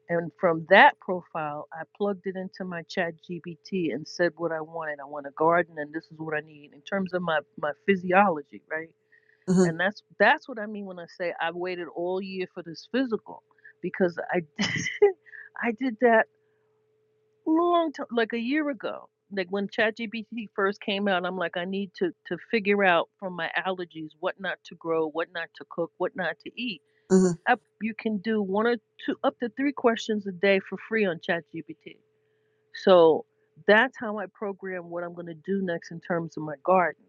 and from that profile i plugged it into my chat gpt and said what i wanted i want a garden and this is what i need in terms of my my physiology right
Mm-hmm.
and that's that's what i mean when i say i waited all year for this physical because i did, i did that long time like a year ago like when ChatGPT first came out i'm like i need to to figure out from my allergies what not to grow what not to cook what not to eat
mm-hmm.
up you can do one or two up to three questions a day for free on ChatGPT. So that's how I program what I'm going to do next in terms of my garden.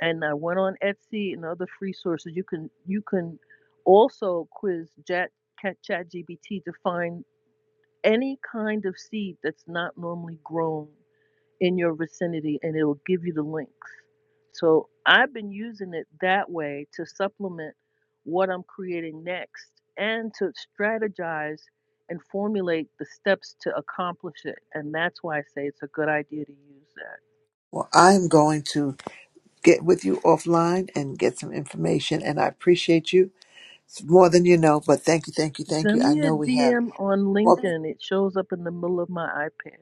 And I went on Etsy and other free sources. You can you can also quiz Chat ChatGPT to find any kind of seed that's not normally grown in your vicinity and it'll give you the links. So I've been using it that way to supplement what I'm creating next and to strategize and formulate the steps to accomplish it. And that's why I say it's a good idea to use that.
Well, I'm going to get with you offline and get some information, and I appreciate you It's more than you know, but thank you, thank you, thank you.
Send
I
me a
know we have.
DM on
Well,
LinkedIn. It shows up in the middle of my iPad.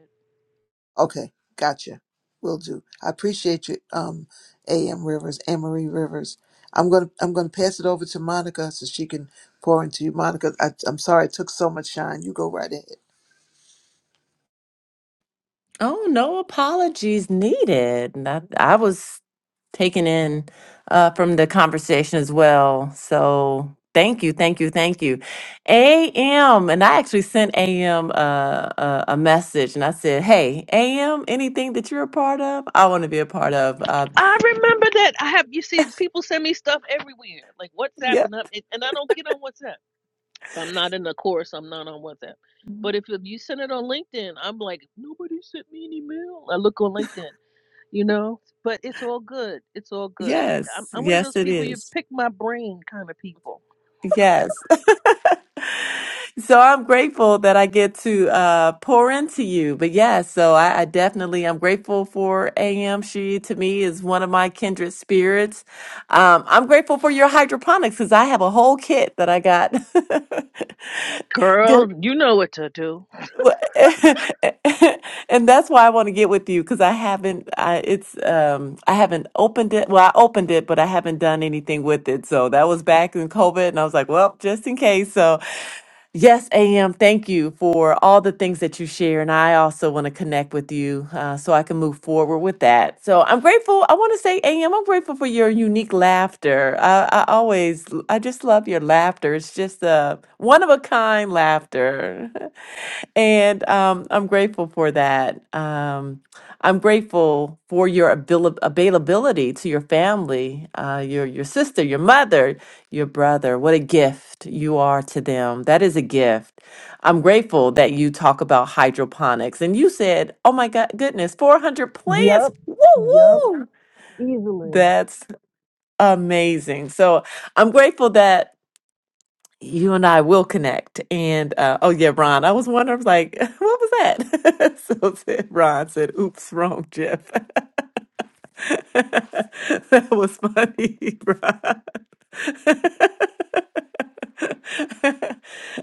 okay, gotcha. Will do. I appreciate you, um, A.M. Rivers, Anne-Marie Rivers. I'm gonna I'm gonna pass it over to Monica so she can pour into you. Monica, I, I'm sorry it took so much shine. You go right ahead.
Oh, no apologies needed. That I I was taken in uh, from the conversation as well. So thank you, thank you, thank you. AM, and I actually sent AM uh, a, a message and I said, hey, AM, anything that you're a part of, I want to be a part of. Uh,
I remember that. I have you see people send me stuff everywhere, like WhatsApp and
yeah.
up, and and I don't get on WhatsApp. If I'm not in the course, I'm not on WhatsApp. But if you send it on LinkedIn, I'm like, nobody sent me an email. I look on LinkedIn, you know? But it's all good. It's all good. I'm,
Yes,
I'm one of
yes,
those
it
people, you
is.
pick my brain kind of people.
Yes. So I'm grateful that I get to uh, pour into you. But yes, so I, I definitely am grateful for AM. She to me is one of my kindred spirits. Um, I'm grateful for your hydroponics because I have a whole kit that I got.
Girl, you know what to do.
Well, and that's why I want to get with you because I haven't. I it's um I haven't opened it. Well, I opened it, but I haven't done anything with it. So that was back in COVID, and I was like, well, just in case. So yes, Am, thank you for all the things that you share, and I also want to connect with you uh, so I can move forward with that. So I'm grateful. I want to say, Am, I'm grateful for your unique laughter. I, I always, I just love your laughter. It's just a one of a kind laughter. And um, I'm grateful for that. Um, I'm grateful for your abil- availability to your family, uh, your your sister, your mother, your brother. What a gift you are to them. That is a gift. I'm grateful that you talk about hydroponics, and you said, "Oh my God, goodness, 400 plants!
Yup,
Woo
yup,
woo!
easily.
That's amazing." So I'm grateful that you and I will connect. And uh, oh yeah, Ron, I was wondering, I was like, what was that? so said, Ron said, "Oops, wrong, Jeff." that was funny, Ron.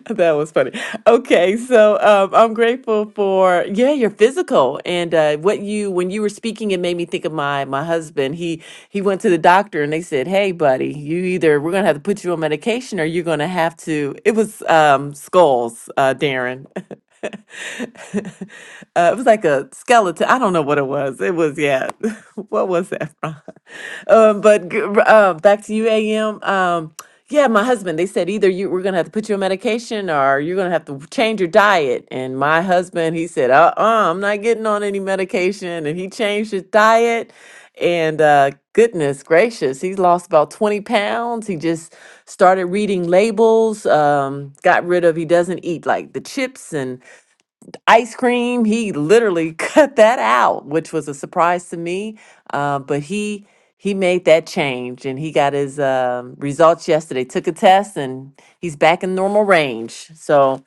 That was funny. Okay, so um, I'm grateful for yeah your physical and uh, what you when you were speaking it made me think of my my husband. He he went to the doctor and they said, "Hey, buddy, you either we're gonna have to put you on medication or you're gonna have to." It was um, skulls, uh, Darren. uh, it was like a skeleton. I don't know what it was. It was yeah. What was that from? um, but g- r- uh, back to you, AM. Um, yeah, my husband. They said either you we're gonna have to put you on medication or you're gonna have to change your diet. And my husband, he said, uh, uh I'm not getting on any medication. And he changed his diet. And uh, goodness gracious, he's lost about 20 pounds. He just started reading labels. Um, got rid of. He doesn't eat like the chips and ice cream. He literally cut that out, which was a surprise to me. Uh, but he he made that change, and he got his um results yesterday. Took a test, and he's back in normal range. So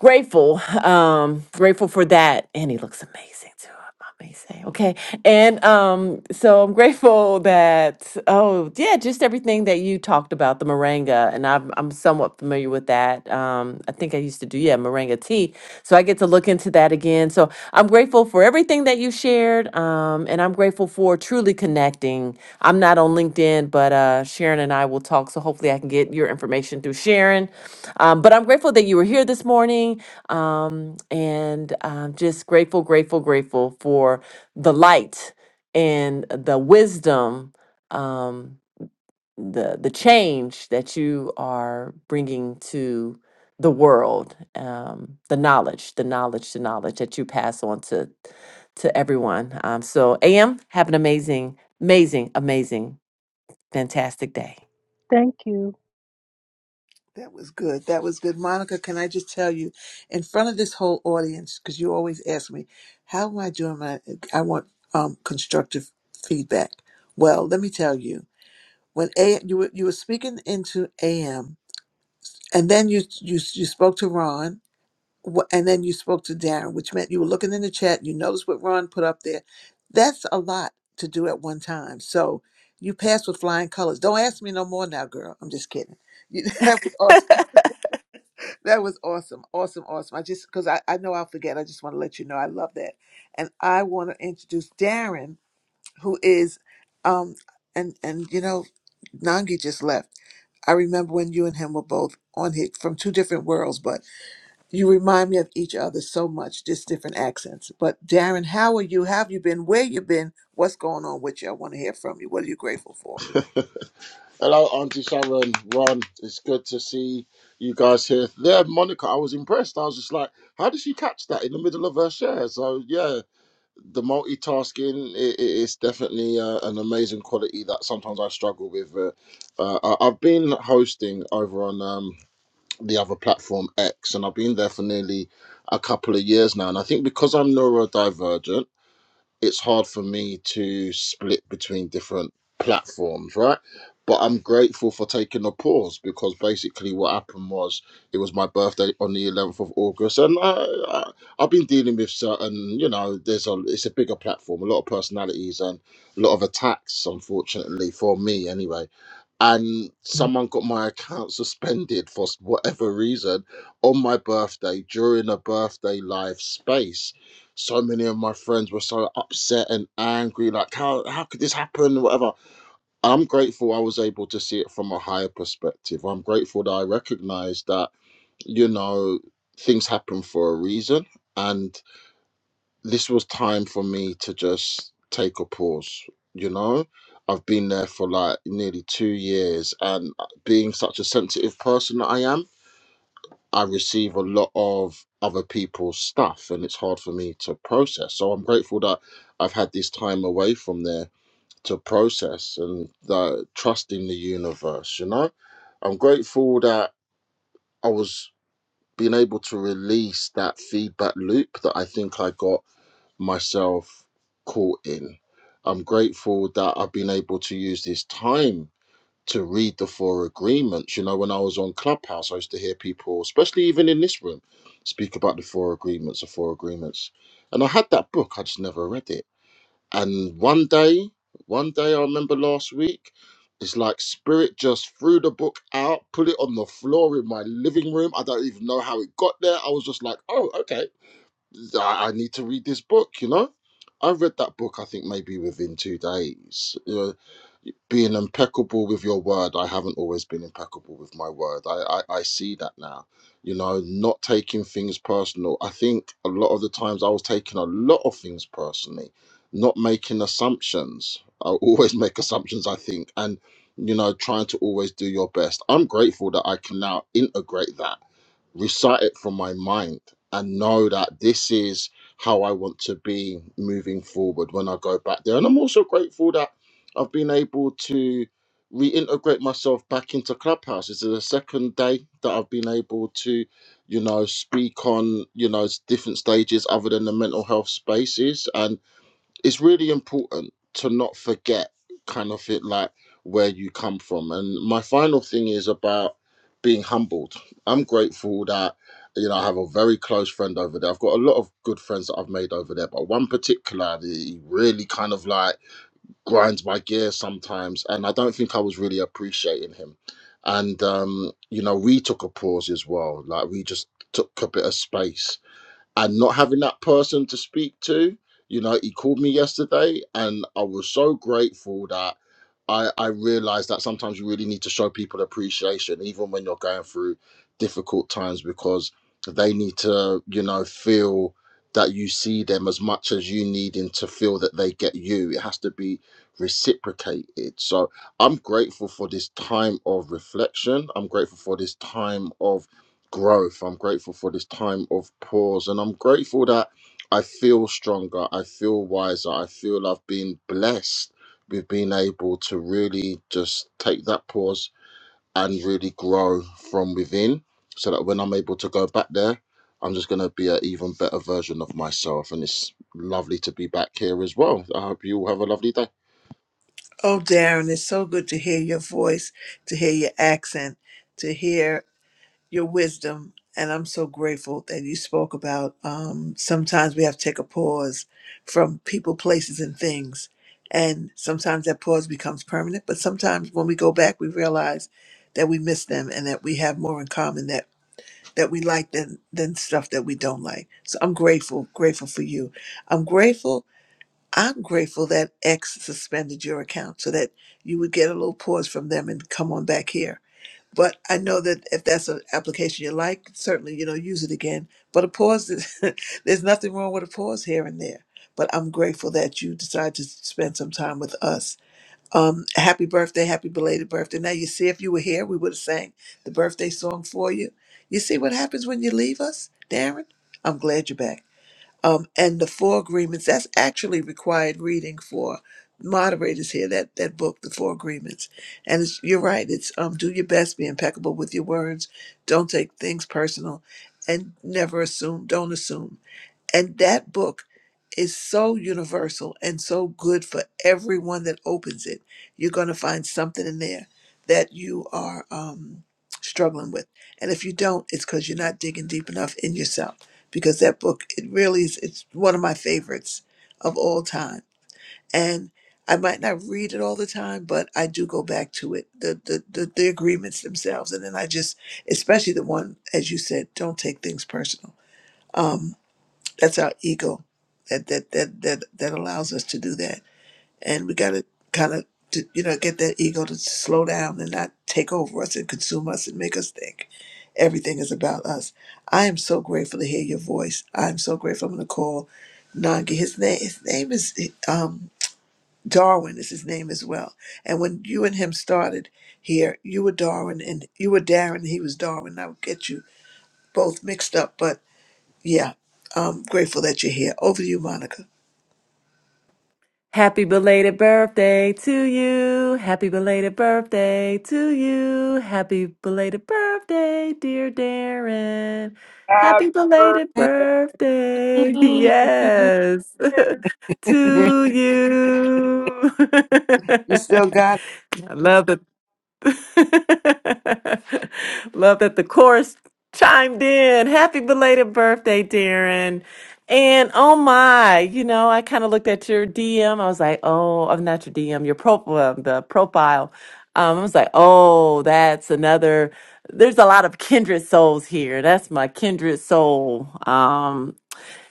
grateful um grateful for that and he looks amazing too I may say okay and um so i'm grateful that oh yeah just everything that you talked about the moringa and i'm, I'm somewhat familiar with that um i think i used to do yeah moringa tea so i get to look into that again so i'm grateful for everything that you shared um and i'm grateful for truly connecting i'm not on linkedin but uh sharon and i will talk so hopefully i can get your information through sharon um, but I'm grateful that you were here this morning um, and um, just grateful, grateful, grateful for the light and the wisdom, um, the, the change that you are bringing to the world, um, the knowledge, the knowledge, the knowledge that you pass on to, to everyone. Um, so, AM, have an amazing, amazing, amazing Fantastic day.
Thank you.
That was good. That was good. Monica, can I just tell you, in front of this whole audience, because you always ask me, how am I doing my, I want um, constructive feedback. Well, let me tell you, when A, you were, you were speaking into AM, and then you, you, you spoke to Ron, wh- and then you spoke to Darren, which meant you were looking in the chat, you noticed what Ron put up there. That's a lot to do at one time. So you passed with flying colors. Don't ask me no more now, girl. I'm just kidding. You, that was awesome. That was awesome. Awesome. Awesome. I just, because I, I know I'll forget. I just want to let you know I love that. And I want to introduce Darren, who is, um, and, and, you know, Nangi just left. I remember when you and him were both on here from two different worlds, but you remind me of each other so much, just different accents. But Darren, how are you? How have you been? Where you been? What's going on with you? I want to hear from you. What are you grateful for?
Hello, Auntie Sharon, Ron. It's good to see you guys here. There, Monica, I was impressed. I was just like, how did she catch that in the middle of her share? So, yeah, the multitasking i i- is definitely uh, an amazing quality that sometimes I struggle with. Uh, uh, I- I've been hosting over on um, the other platform, X, and I've been there for nearly a couple of years now. And I think because I'm neurodivergent, it's hard for me to split between different platforms, right? But I'm grateful for taking a pause because basically what happened was it was my birthday on the 11th of August, and I, I, I've been dealing with certain, you know, there's a it's a bigger platform, a lot of personalities, and a lot of attacks, unfortunately for me anyway. And someone got my account suspended for s- whatever reason on my birthday during a birthday live space so many of my friends were so upset and angry like how how could this happen whatever i'm grateful i was able to see it from a higher perspective i'm grateful that i recognized that you know things happen for a reason and this was time for me to just take a pause you know i've been there for like nearly 2 years and being such a sensitive person that i am I receive a lot of other people's stuff and it's hard for me to process. So I'm grateful that I've had this time away from there to process and uh, trust in the universe, you know? I'm grateful that I was being able to release that feedback loop that I think I got myself caught in. I'm grateful that I've been able to use this time to read the four agreements. You know, when I was on Clubhouse, I used to hear people, especially even in this room, speak about the four agreements, the four agreements. And I had that book, I just never read it. And one day, one day I remember last week, it's like spirit just threw the book out, put it on the floor in my living room. I don't even know how it got there. I was just like, oh, okay, I, I need to read this book, you know? I read that book, I think maybe within two days being impeccable with your word. I haven't always been impeccable with my word. I, I, I see that now. You know, not taking things personal. I think a lot of the times I was taking a lot of things personally, not making assumptions. I always make assumptions, I think, and, you know, trying to always do your best. I'm grateful that I can now integrate that recite it from my mind and know that this is how I want to be moving forward when I go back there. And I'm also grateful that I've been able to reintegrate myself back into Clubhouse. This is the second day that I've been able to, you know, speak on, you know, s- different stages other than the mental health spaces it's really important to not forget kind of it like where you come from and my final thing is about being humbled i'm grateful that you know i have a very close friend over there i've got a lot of good friends that i've made over there but one particularly really kind of like grinds my gears sometimes and i don't think i was really appreciating him and um you know we took a pause as well like we just took a bit of space and not having that person to speak to you know he called me yesterday and i was so grateful that i i realized that sometimes you really need to show people appreciation even when you're going through difficult times because they need to you know feel that you see them as much as you needing to feel that they get you it has to be reciprocated so i'm grateful for this time of reflection i'm grateful for this time of growth. I'm grateful for this time of pause. And I'm grateful that I feel stronger. I feel wiser. I feel I've been blessed with being able to really just take that pause and really grow from within so that when I'm able to go back there, I'm just going to be an even better version of myself. And it's lovely to be back here as well. I hope you all have a lovely day.
Oh, Darren, it's so good to hear your voice, to hear your accent, to hear. your wisdom. And I'm so grateful that you spoke about um, sometimes we have to take a pause from people, places, and things. And sometimes that pause becomes permanent. But sometimes when we go back, we realize that we miss them and that we have more in common that, that we like than, than stuff that we don't like. So I'm grateful, grateful for you. I'm grateful. I'm grateful that X suspended your account so that you would get a little pause from them and come on back here but I know that if that's an application you like, certainly you know use it again. But a pause, is, there's nothing wrong with a pause here and there. But I'm grateful that you decided to spend some time with us. Um, happy birthday, happy belated birthday. Now you see, if you were here, we would have sang the birthday song for you. You see what happens when you leave us, Darren. I'm glad you're back um, and the four agreements that's actually required reading for moderators here that that book the four agreements and it's, you're right it's um, do your best be impeccable with your words don't take things personal and never assume don't assume and that book is so universal and so good for everyone that opens it. You're going to find something in there that you are um, struggling with. And if you don't, it's because you're not digging deep enough in yourself. Because that book, it really is, it's one of my favorites of all time. And I might not read it all the time, but I do go back to it, the, the, the, the agreements themselves. And then I just, especially the one, as you said, don't take things personal. Um, that's our ego that that that that, that allows us to do that. And we got to kind of to, you know get that ego to slow down and not take over us and consume us and make us think everything is about us. I am so grateful to hear your voice. I'm so grateful. I'm going to call Nangi. His name his name is um, Darwin. Is his name as well. And when you and him started here, you were Darwin and you were Darren. He was Darwin. I would get you both mixed up, but yeah, I'm grateful that you're here. Over to you, Monica.
Happy belated birthday to you. Happy belated birthday to you. Happy belated birthday, dear Darren. Happy belated
Thank
birthday.
you.
Yes. to you.
You still got
I love the Love that the chorus chimed in. Happy belated birthday, Darren. And oh my, you know, I kind of looked at your DM. I was like, oh, I'm not your DM, your profile, the profile. Um, I was like, oh, that's another. There's a lot of kindred souls here. That's my kindred soul. Um,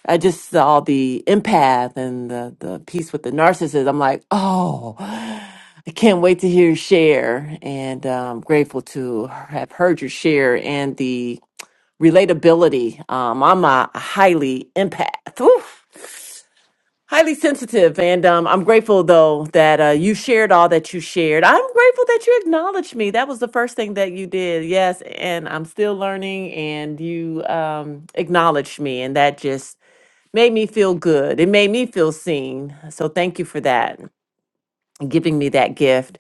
I just saw the empath and the, the piece with the narcissist. I'm like, oh, I can't wait to hear you share. And I'm grateful to have heard your share and the relatability. Um, I'm a highly empath, oof, highly sensitive. And um, I'm grateful, though, that uh, you shared all that you shared. I'm grateful that you acknowledged me. That was the first thing that you did. Yes. And I'm still learning, and you um, acknowledged me. And that just made me feel good. It made me feel seen. So thank you for that, giving me that gift.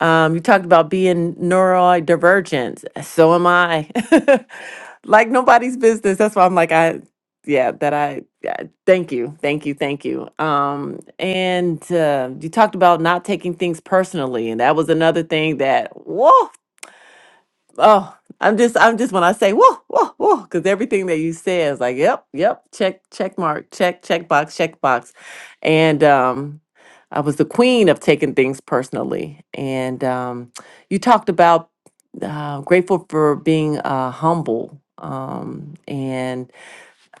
Um, you talked about being neurodivergent. So am I. like nobody's business. That's why I'm like, I, yeah, that I, yeah, thank you. Thank you. Thank you. Um, and uh, you talked about not taking things personally. And that was another thing that, whoa. Oh, I'm just, I'm just when I say whoa, whoa, whoa, because everything that you say is like, yep, yep, check, check mark, check, check box, check box. And um, I was the queen of taking things personally. And um, you talked about uh, grateful for being uh, humble um, and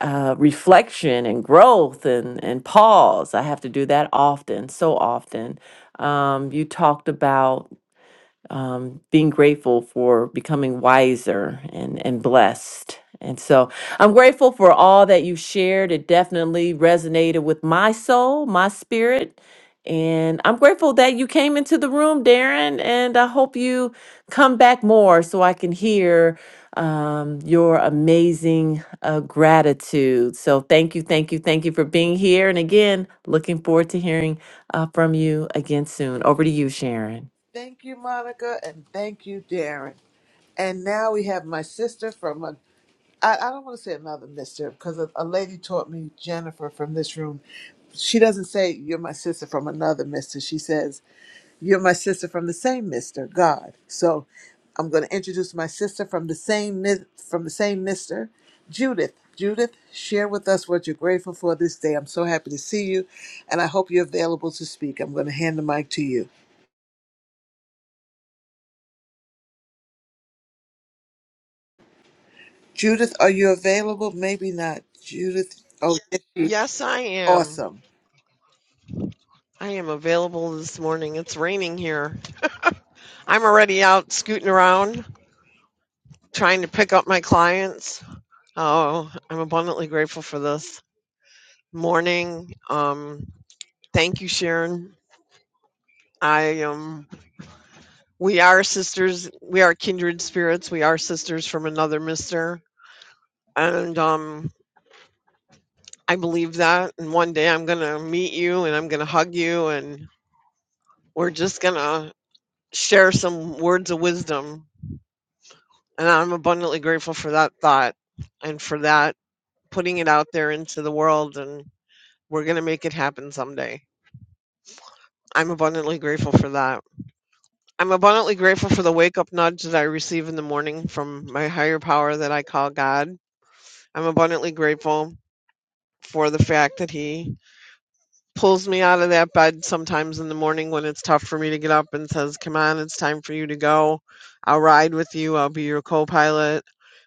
uh, reflection and growth and and pause. I have to do that often, so often. Um, you talked about um, being grateful for becoming wiser and, and blessed. And so I'm grateful for all that you shared. It definitely resonated with my soul, my spirit. And I'm grateful that you came into the room, Darren. And I hope you come back more so I can hear um, your amazing uh, gratitude. So thank you, thank you, thank you for being here. And again, looking forward to hearing uh, from you again soon. Over to you, Sharon.
Thank you, Monica, and thank you, Darren. And now we have my sister from a I, I don't want to say another mister because a, a lady taught me Jennifer from this room. She doesn't say you're my sister from another mister. She says you're my sister from the same mister, God. So I'm going to introduce my sister from the same mis- from the same mister, Judith. Judith, share with us what you're grateful for this day. I'm so happy to see you, and I hope you're available to speak. I'm going to hand the mic to you. Judith, are you available? Maybe not. Judith, oh, yes.
Yes, I am.
awesome.
I am available this morning. It's raining here. I'm already out scooting around trying to pick up my clients. Oh, I'm abundantly grateful for this morning. Um, thank you, Sharon. I am. We are sisters. We are kindred spirits. We are sisters from another mister, and um, I believe that. And one day I'm gonna meet you, and I'm gonna hug you, and we're just gonna share some words of wisdom And I'm abundantly grateful for that thought and for that putting it out there into the world. And we're going to make it happen someday. I'm abundantly grateful for that. I'm abundantly grateful for the wake up nudge that I receive in the morning from my higher power that I call God. I'm abundantly grateful for the fact that He pulls me out of that bed sometimes in the morning when it's tough for me to get up and says, Come on, it's time for you to go. I'll ride with you. I'll be your co pilot.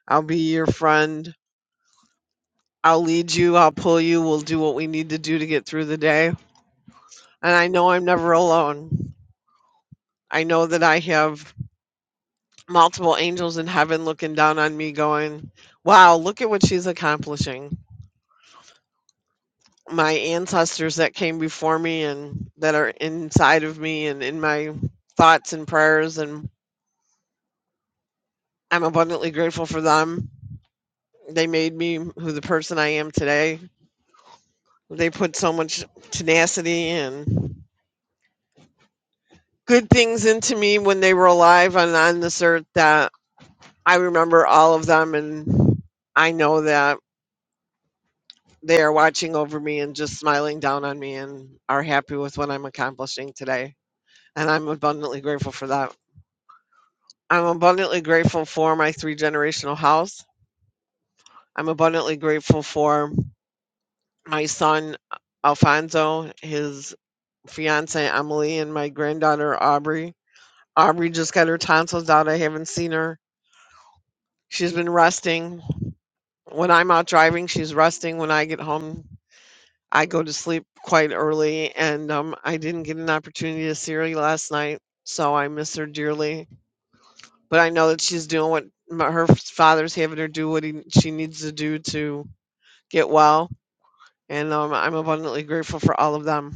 I'll be your friend. I'll lead you, I'll pull you, we'll do what we need to do to get through the day. And I know I'm never alone. I know that I have multiple angels in heaven looking down on me, going, Wow, look at what she's accomplishing. My ancestors that came before me and that are inside of me and in my thoughts and prayers, and I'm abundantly grateful for them. They made me who the person I am today. They put so much tenacity and good things into me when they were alive and on this earth that I remember all of them and I know that they are watching over me and just smiling down on me and are happy with what I'm accomplishing today. And I'm abundantly grateful for that. I'm abundantly grateful for my three generational house. I'm abundantly grateful for my son Alfonso, his fiance Emily, and my granddaughter Aubrey. Aubrey just got her tonsils out. I haven't seen her. She's been resting when I'm out driving, she's resting. When I get home, I go to sleep quite early, and um, I didn't get an opportunity to see her last night, so I miss her dearly. But I know that she's doing what my, her father's having her do what he, she needs to do to get well, and um, I'm abundantly grateful for all of them.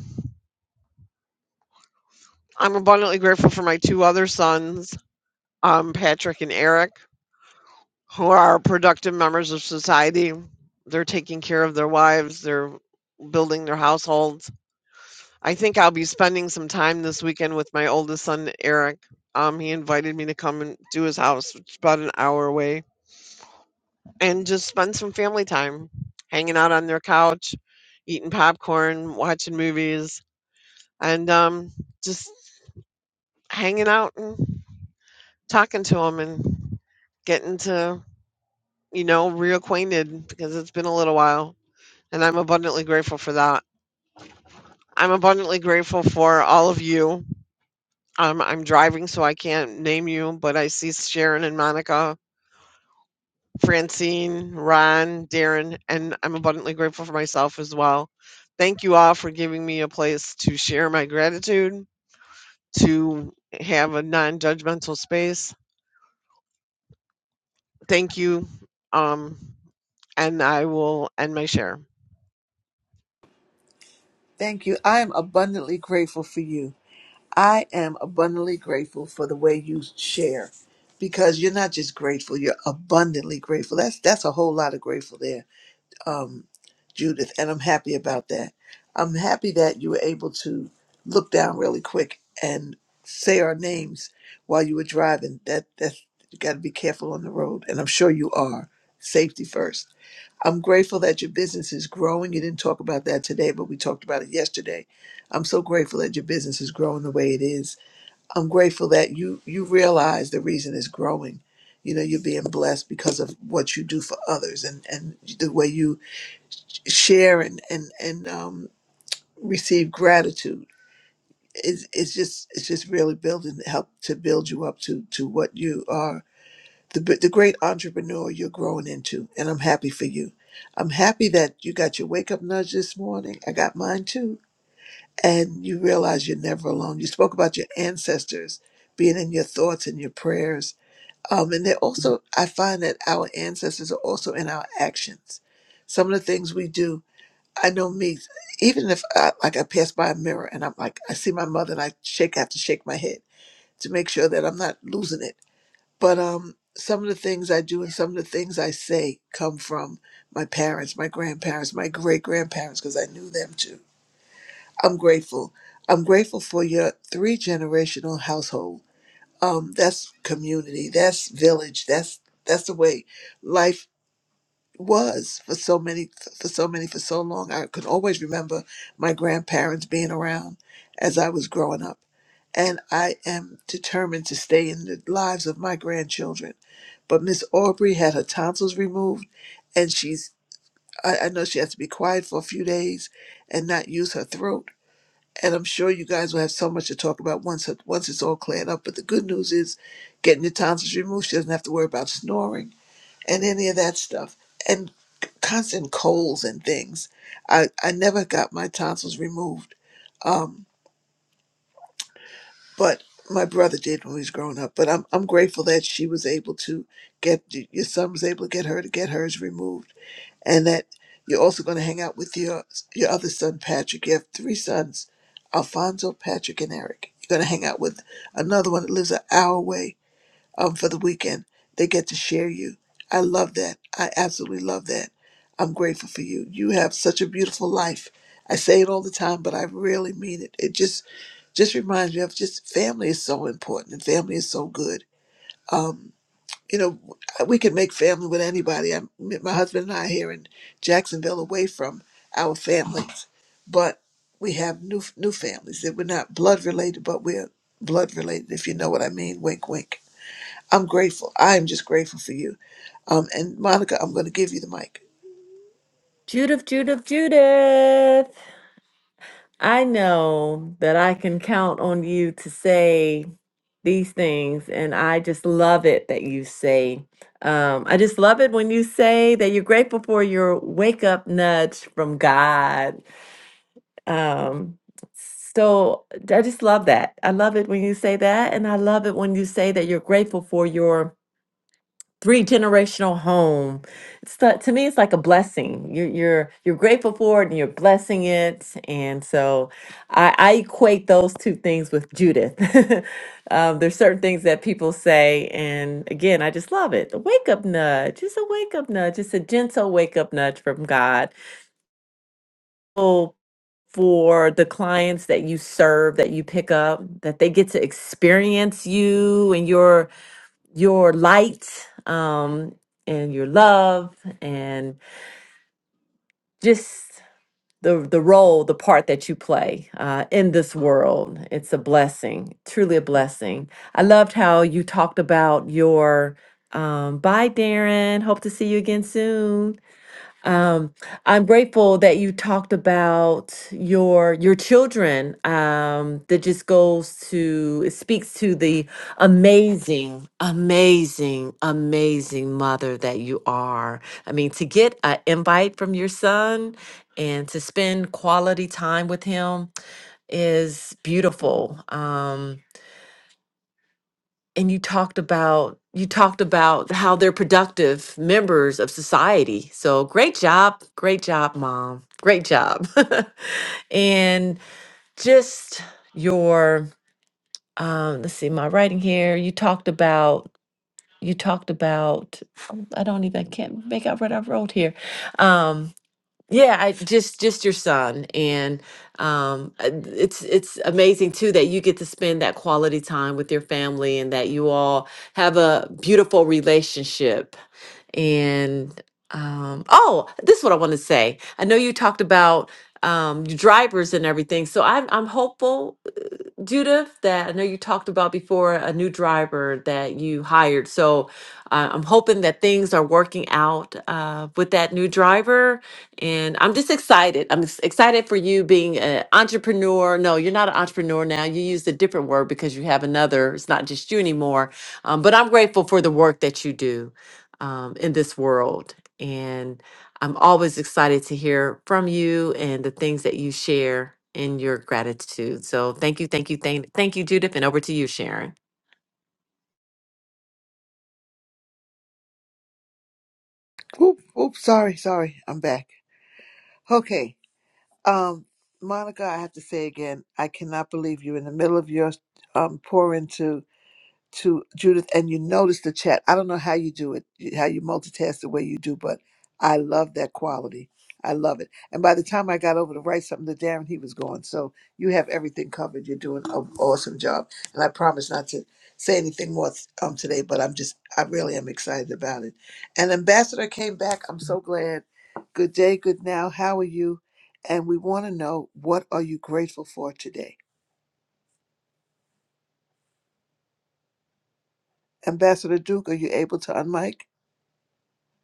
I'm abundantly grateful for my two other sons, um, Patrick and Eric, who are productive members of society. They're taking care of their wives. They're building their households I think I'll be spending some time this weekend with my oldest son, Eric. Um, he invited me to come and do his house, which is about an hour away, and just spend some family time, hanging out on their couch, eating popcorn, watching movies, and um, just hanging out and talking to him and getting to, you know, reacquainted because it's been a little while. And I'm abundantly grateful for that. I'm abundantly grateful for all of you Um, I'm driving, so I can't name you, but I see Sharon and Monica, Francine, Ron, Darren, and I'm abundantly grateful for myself as well. Thank you all for giving me a place to share my gratitude, to have a non judgmental space. Thank you. Um, and I will end my share.
Thank you. I am abundantly grateful for you. I am abundantly grateful for the way you share because you're not just grateful, you're abundantly grateful. That's that's a whole lot of grateful there. Um Judith, and I'm happy about that. I'm happy that you were able to look down really quick and say our names while you were driving. That that's you got to be careful on the road and I'm sure you are. Safety first. I'm grateful that your business is growing. You didn't talk about that today, but we talked about it yesterday. I'm so grateful that your business is growing the way it is. I'm grateful that you you realize the reason it's growing. You know, you're being blessed because of what you do for others and and the way you share and and and um, receive gratitude. It's, it's just it's just really building help to build you up to to what you are the, b- the great entrepreneur you're growing into, and I'm happy for you. I'm happy that you got your wake up nudge this morning. I got mine too. And you realize you're never alone. You spoke about your ancestors being in your thoughts and your prayers. Um, and they're also, I find that our ancestors are also in our actions. Some of the things we do, I know me, even if I, like I pass by a mirror and I'm like, I see my mother and I shake, I have to shake my head to make sure that I'm not losing it but um some of the things I do and some of the things I say come from my parents, my grandparents, my great grandparents because I knew them too. I'm grateful. I'm grateful for your three generational household. Um that's community, that's village, that's that's the way life was for so many for so many for so long i could always remember my grandparents being around as i was growing up and i am determined to stay in the lives of my grandchildren but miss aubrey had her tonsils removed and she's I, I know she has to be quiet for a few days and not use her throat and i'm sure you guys will have so much to talk about once once it's all cleared up but the good news is getting your tonsils removed she doesn't have to worry about snoring and any of that stuff and constant colds and things i i never got my tonsils removed um but my brother did when he was growing up but i'm i'm grateful that she was able to get your son was able to get her to get hers removed and that you're also going to hang out with your your other son patrick you have three sons alfonso patrick and eric you're going to hang out with another one that lives an hour away um, for the weekend. They get to share you. I love that. I absolutely love that. I'm grateful for you. You have such a beautiful life. I say it all the time, but I really mean it. It just just reminds me of just family is so important and family is so good. Um, you know, we can make family with anybody. I, my husband and I are here in Jacksonville, away from our families, but we have new new families that we're not blood related, but we're blood related. If you know what I mean, wink, wink I'm grateful. I'm just grateful for you. Um, and Monica, I'm going to give you the mic.
Judith, Judith, Judith, I know that I can count on you to say these things, and I just love it that you say. Um, I just love it when you say that you're grateful for your wake up nudge from God. Um, so I just love that. I love it when you say that, and I love it when you say that you're grateful for your three generational home. It's the, to me, it's like a blessing. You're you're you're grateful for it and you're blessing it. And so, I, I equate those two things with Judith. um, there's certain things that people say, and again, I just love it. The wake up nudge. It's a wake up nudge. It's a gentle wake up nudge from God. Oh, for the clients that you serve, that you pick up, that they get to experience you and your your light um, and your love and just the the role, the part that you play uh, in this world. It's a blessing, truly a blessing. I loved how you talked about your um, bye, Darren. Hope to see you again soon um, I'm grateful that you talked about your your children. Um, that just goes to it speaks to the amazing, amazing, amazing mother that you are. I mean, to get an invite from your son and to spend quality time with him is beautiful. Um, and you talked about you talked about how they're productive members of society so great job great job mom great job and just your um let's see my writing here you talked about you talked about oh, i don't even i can't make out what i wrote here Um, yeah, I just just your son, and um, uh, it's it's amazing too that you get to spend that quality time with your family, and that you all have a beautiful relationship. And um, oh, this is what I want to say. I know you talked about um, your drivers and everything, so I'm I'm hopeful Judith, that I know you talked about before a new driver that you hired. So uh, I'm hoping that things are working out uh, with that new driver. And I'm just excited. I'm ex- excited for you being an entrepreneur. No, you're not an entrepreneur now. You used a different word because you have another, it's not just you anymore. Um, but I'm grateful for the work that you do um, in this world. I'm always excited to hear from you and the things that you share in your gratitude. So thank you, thank you, thank, thank you, Judith, and over to you, Sharon.
Oop, oop, sorry, sorry. I'm back. Okay. Um, Monica, I have to say again, I cannot believe you in the middle of your um, pour into to Judith, and you notice the chat. I don't know how you do it, you- how you multitask the way you do, but I love that quality. I love it. And by the time I got over to write something to Darren, he was gone. So you have everything covered. You're doing an awesome job. And I promise not to say anything more um, today, but I'm just, I really am excited about it. And Ambassador came back. I'm so glad. Good day, good now. How are you? And we want to know what are you grateful for today? Ambassador Duke, are you able to unmic?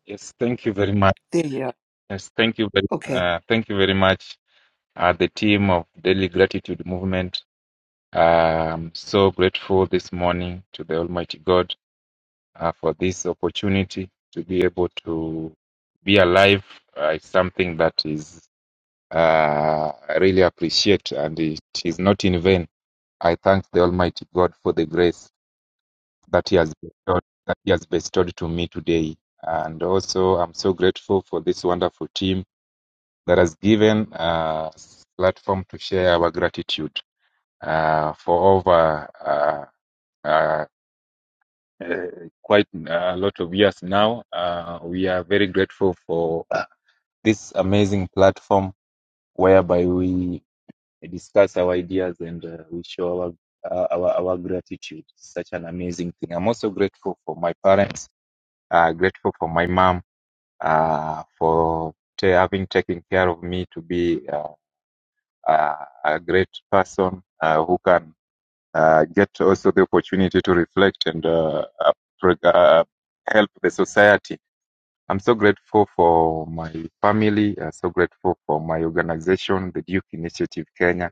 Yes, thank you very much.
There you are.
Yes, thank you very,
Okay.
uh, thank you very much, uh, the team of Daily Gratitude Movement. Um, so grateful this morning to the Almighty God uh, for this opportunity to be able to be alive. Uh, it's something that is uh, I really appreciate, and it is not in vain. I thank the Almighty God for the grace that He has bestowed, that He has bestowed to me today, and also I'm so grateful for this wonderful team that has given uh, s- platform to share our gratitude uh, for over uh, uh, uh, quite uh, a lot of years now. Uh, we are very grateful for uh, this amazing platform whereby we discuss our ideas and uh, we show our, uh, our our gratitude. Such an amazing thing. I'm also grateful for my parents. Uh, grateful for my mom uh, for ta- having taken care of me to be. uh, uh, a great person uh, who can uh, get also the opportunity to reflect and uh, uh, uh, help the society. I'm so grateful for my family, uh, so grateful for my organization, the Duke Initiative Kenya,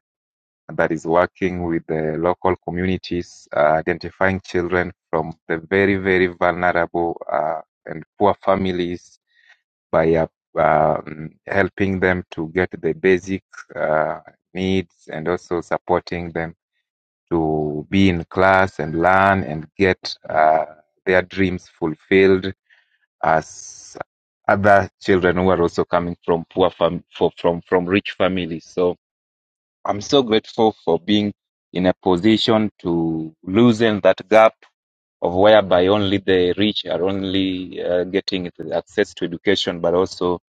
that is working with the local communities, uh, identifying children from the very, very vulnerable uh, and poor families by uh, um, helping them to get the basic uh, needs and also supporting them to be in class and learn and get uh, their dreams fulfilled as other children who are also coming from poor fam- for, from from rich families. So I'm so grateful for being in a position to loosen that gap of whereby only the rich are only uh, getting it- access to education, but also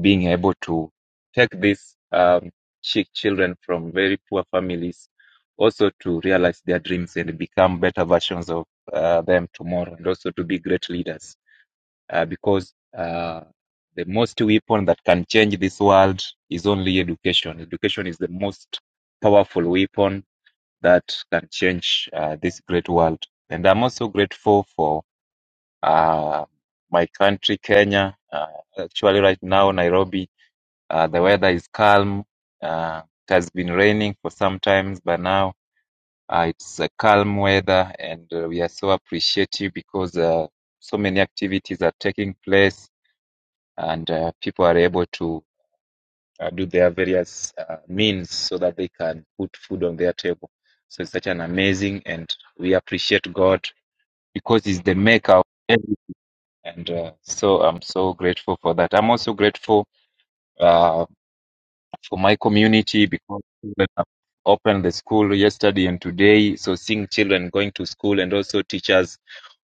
being able to take these um, chi- children from very poor families also to realize their dreams and become better versions of uh, them tomorrow, and also to be great leaders. Uh, because uh, the most weapon that can change this world is only education. Education is the most powerful weapon that can change uh, this great world. And I'm also grateful for uh, my country, Kenya. Uh, actually, right now, Nairobi, uh, the weather is calm. Uh, it has been raining for some times, but now uh, it's a calm weather, and uh, we are so appreciative because uh, so many activities are taking place, and uh, people are able to uh, do their various uh, means so that they can put food on their table. So it's such an amazing, and we appreciate God because He's the maker of everything. And uh, so I'm so grateful for that. I'm also grateful uh, for my community because children have opened the school yesterday and today. So seeing children going to school and also teachers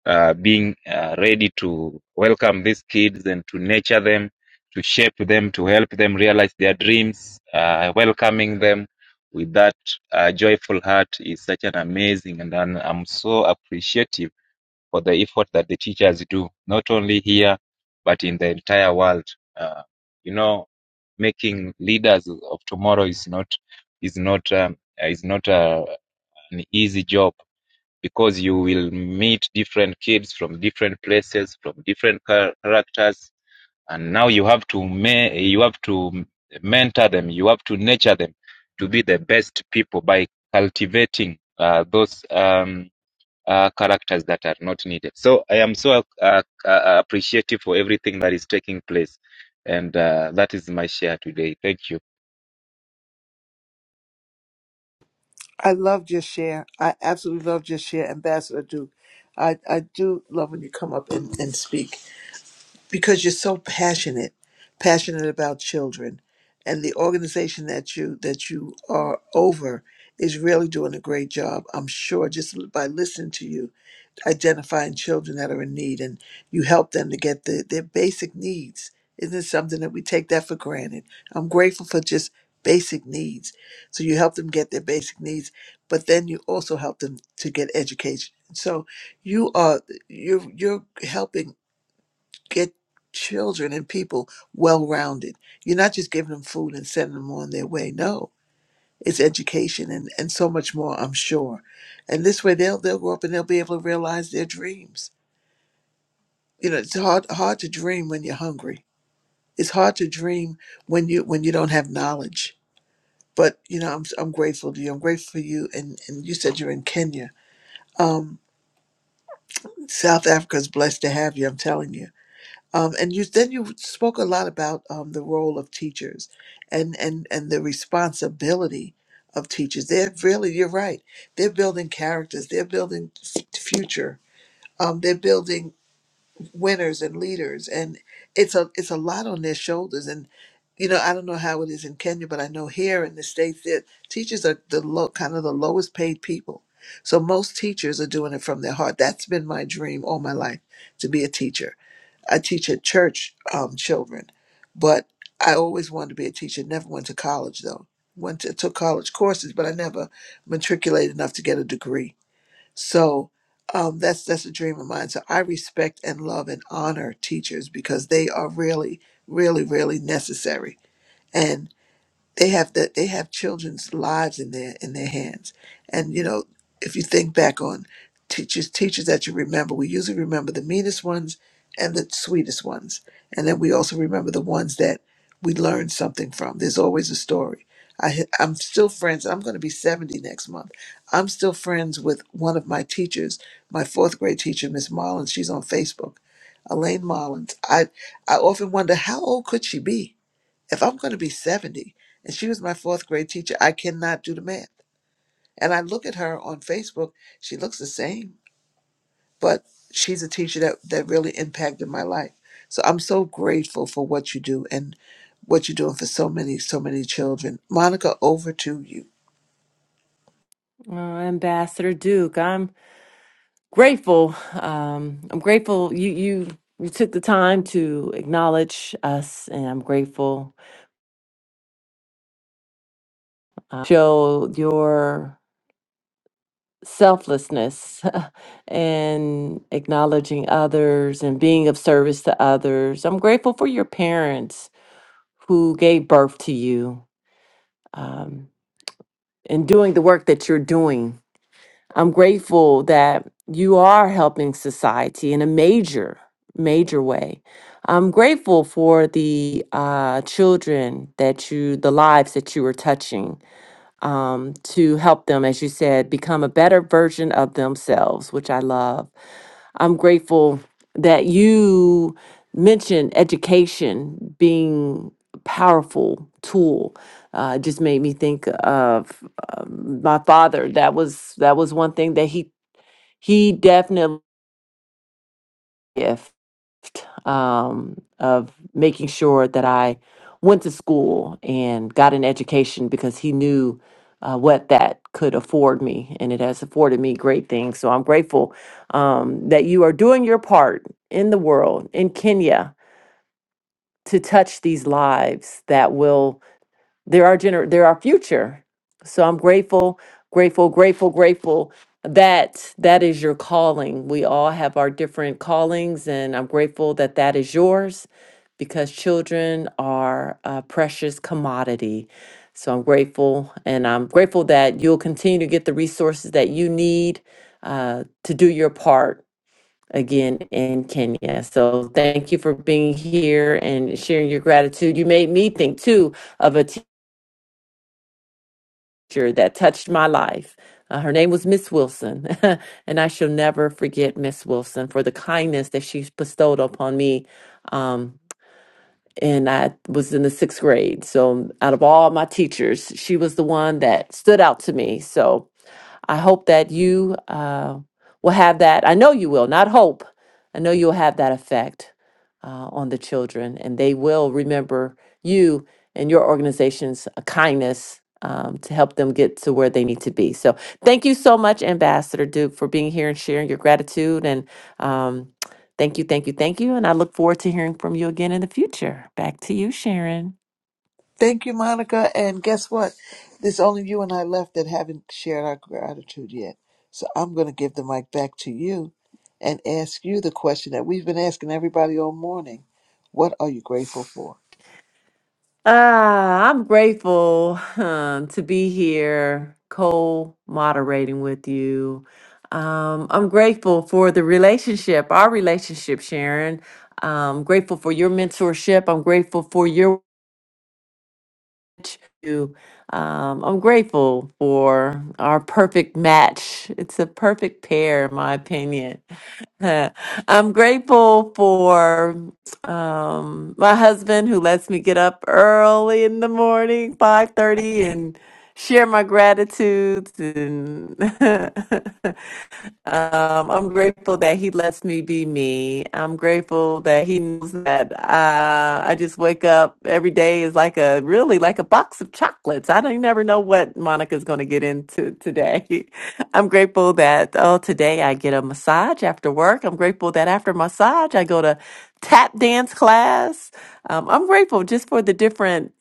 uh, being uh, ready to welcome these kids and to nurture them, to shape them, to help them realize their dreams, uh, welcoming them with that uh, joyful heart is such an amazing, and I'm I'm so appreciative for the effort that the teachers do, not only here, but in the entire world. Uh, you know, making leaders of tomorrow is not is not um, is not uh, an easy job because you will meet different kids from different places, from different char- characters, and now you have to ma- you have to mentor them, you have to nurture them to be the best people by cultivating uh, those um, uh, characters that are not needed. So I am so uh, uh, appreciative for everything that is taking place, and uh, that is my share today. Thank you.
I love your share. I absolutely love your share, Ambassador Duke. I, I do love when you come up and, and speak because you're so passionate passionate about children and the organization that you that you are over is really doing a great job i'm sure just by listening to you identifying children that are in need and you help them to get the, their basic needs isn't it something that we take that for granted i'm grateful for just basic needs so you help them get their basic needs but then you also help them to get education so you are you're you're helping get children and people well rounded. You're not just giving them food and sending them on their way. No, it's education and, and so much more, I'm sure. And this way they'll they'll grow up and they'll be able to realize their dreams. You know, it's hard hard to dream when you're hungry. It's hard to dream when you when you don't have knowledge. But you know, I'm I'm grateful to you. I'm grateful for you and, and you said you're in Kenya. Um South Africa's blessed to have you, I'm telling you Um, and you then you spoke a lot about um, the role of teachers and, and, and the responsibility of teachers. They're really, you're right. They're building characters. They're building f- future. Um, they're building winners and leaders and it's a it's a lot on their shoulders and you know i don't know how it is in kenya but i know here in the states that teachers are the low kind of the lowest paid people so most teachers are doing it from their heart that's been my dream all my life to be a teacher i teach at church um, children but i always wanted to be a teacher never went to college though went to took college courses but i never matriculated enough to get a degree so um, that's that's a dream of mine. So I respect and love and honor teachers because they are really, really, really necessary they have the they have children's lives in their in their hands and you know if you think back on teachers teachers that you remember we usually remember the meanest ones and the sweetest ones and then we also remember the ones that we learned something from there's always a story I, ha- I'm still friends. I'm going to be 70 next month. I'm still friends with one of my teachers, my fourth grade teacher, Miss Marlins. She's on Facebook, Elaine Marlins. I, I often wonder how old could she be? If I'm going to be 70 and she was my fourth grade teacher, I cannot do the math. And I look at her on Facebook, she looks the same, but she's a teacher that, that really impacted my life. So I'm so grateful for what you do and what you're doing for so many, so many children. Monica, over to you.
Uh, Ambassador Duke, I'm grateful. Um, I'm grateful you you you took the time to acknowledge us, and I'm grateful. Uh, show your selflessness and acknowledging others and being of service to others. I'm grateful for your parents who gave birth to you. um, and doing the work that you're doing. I'm grateful that you are helping society in a major, major way. I'm grateful for the uh, children that you, the lives that you are touching um, to help them, as you said, become a better version of themselves, which I love. I'm grateful that you mentioned education being a powerful tool. Uh, it just made me think of um, my father. That was that was one thing that he he definitely um, of making sure that I went to school and got an education because he knew uh, what that could afford me, and it has afforded me great things. So I'm grateful um, that you are doing your part in the world, in Kenya, to touch these lives that will they're our gener they're our future so i'm grateful grateful grateful grateful that that is your calling we all have our different callings and i'm grateful that that is yours because children are a precious commodity so i'm grateful and i'm grateful that you'll continue to get the resources that you need uh, to do your part again in kenya so thank you for being here and sharing your gratitude you made me think too of a teacher that touched my life. Uh, her name was Miss Wilson, and I shall never forget Miss Wilson for the kindness that she bestowed upon me. Um, and I was in the sixth grade, so out of all my teachers, she was the one that stood out to me. So I hope that you uh, will have that. I know you will, not hope. I know you'll have that effect uh, on the children, and they will remember you and your organization's uh, kindness um, to help them get to where they need to be. So, thank you so much, Ambassador Duke, for being here and sharing your gratitude. And um, thank you, thank you, thank you. And I look forward to hearing from you again in the future. Back to you, Sharon.
Thank you, Monica. And guess what? There's only you and I left that haven't shared our gratitude yet. So I'm going to give the mic back to you and ask you the question that we've been asking everybody all morning. What are you grateful for?
Ah, I'm grateful huh, to be here, co moderating with you. Um, I'm grateful for the relationship, our relationship, Sharon. I'm grateful for your mentorship. I'm grateful for your you. Um, I'm grateful for our perfect match. It's a perfect pair, in my opinion. I'm grateful for um, my husband who lets me get up early in the morning, 5:30, share my gratitudes and um, i'm grateful that he lets me be me i'm grateful that he knows that uh, i just wake up every day is like a really like a box of chocolates i don't you never know what monica's going to get into today i'm grateful that oh today i get a massage after work i'm grateful that after massage i go to tap dance class um, i'm grateful just for the different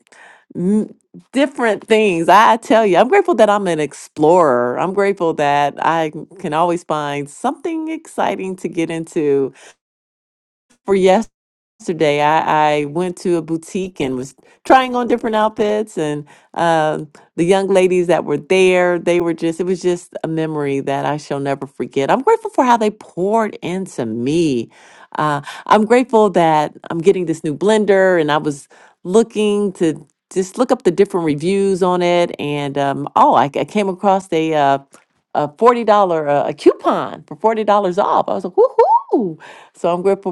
m- different things. I tell you, I'm grateful that I'm an explorer. I'm grateful that I can always find something exciting to get into. For yes yesterday I, I went to a boutique and was trying on different outfits and um, the young ladies that were there they were just it was just a memory that i shall never forget i'm grateful for how they poured into me uh, i'm grateful that i'm getting this new blender and i was looking to just look up the different reviews on it and um, oh I, I came across a uh, a $40 uh, a coupon for $40 off i was like woohoo so I'm grateful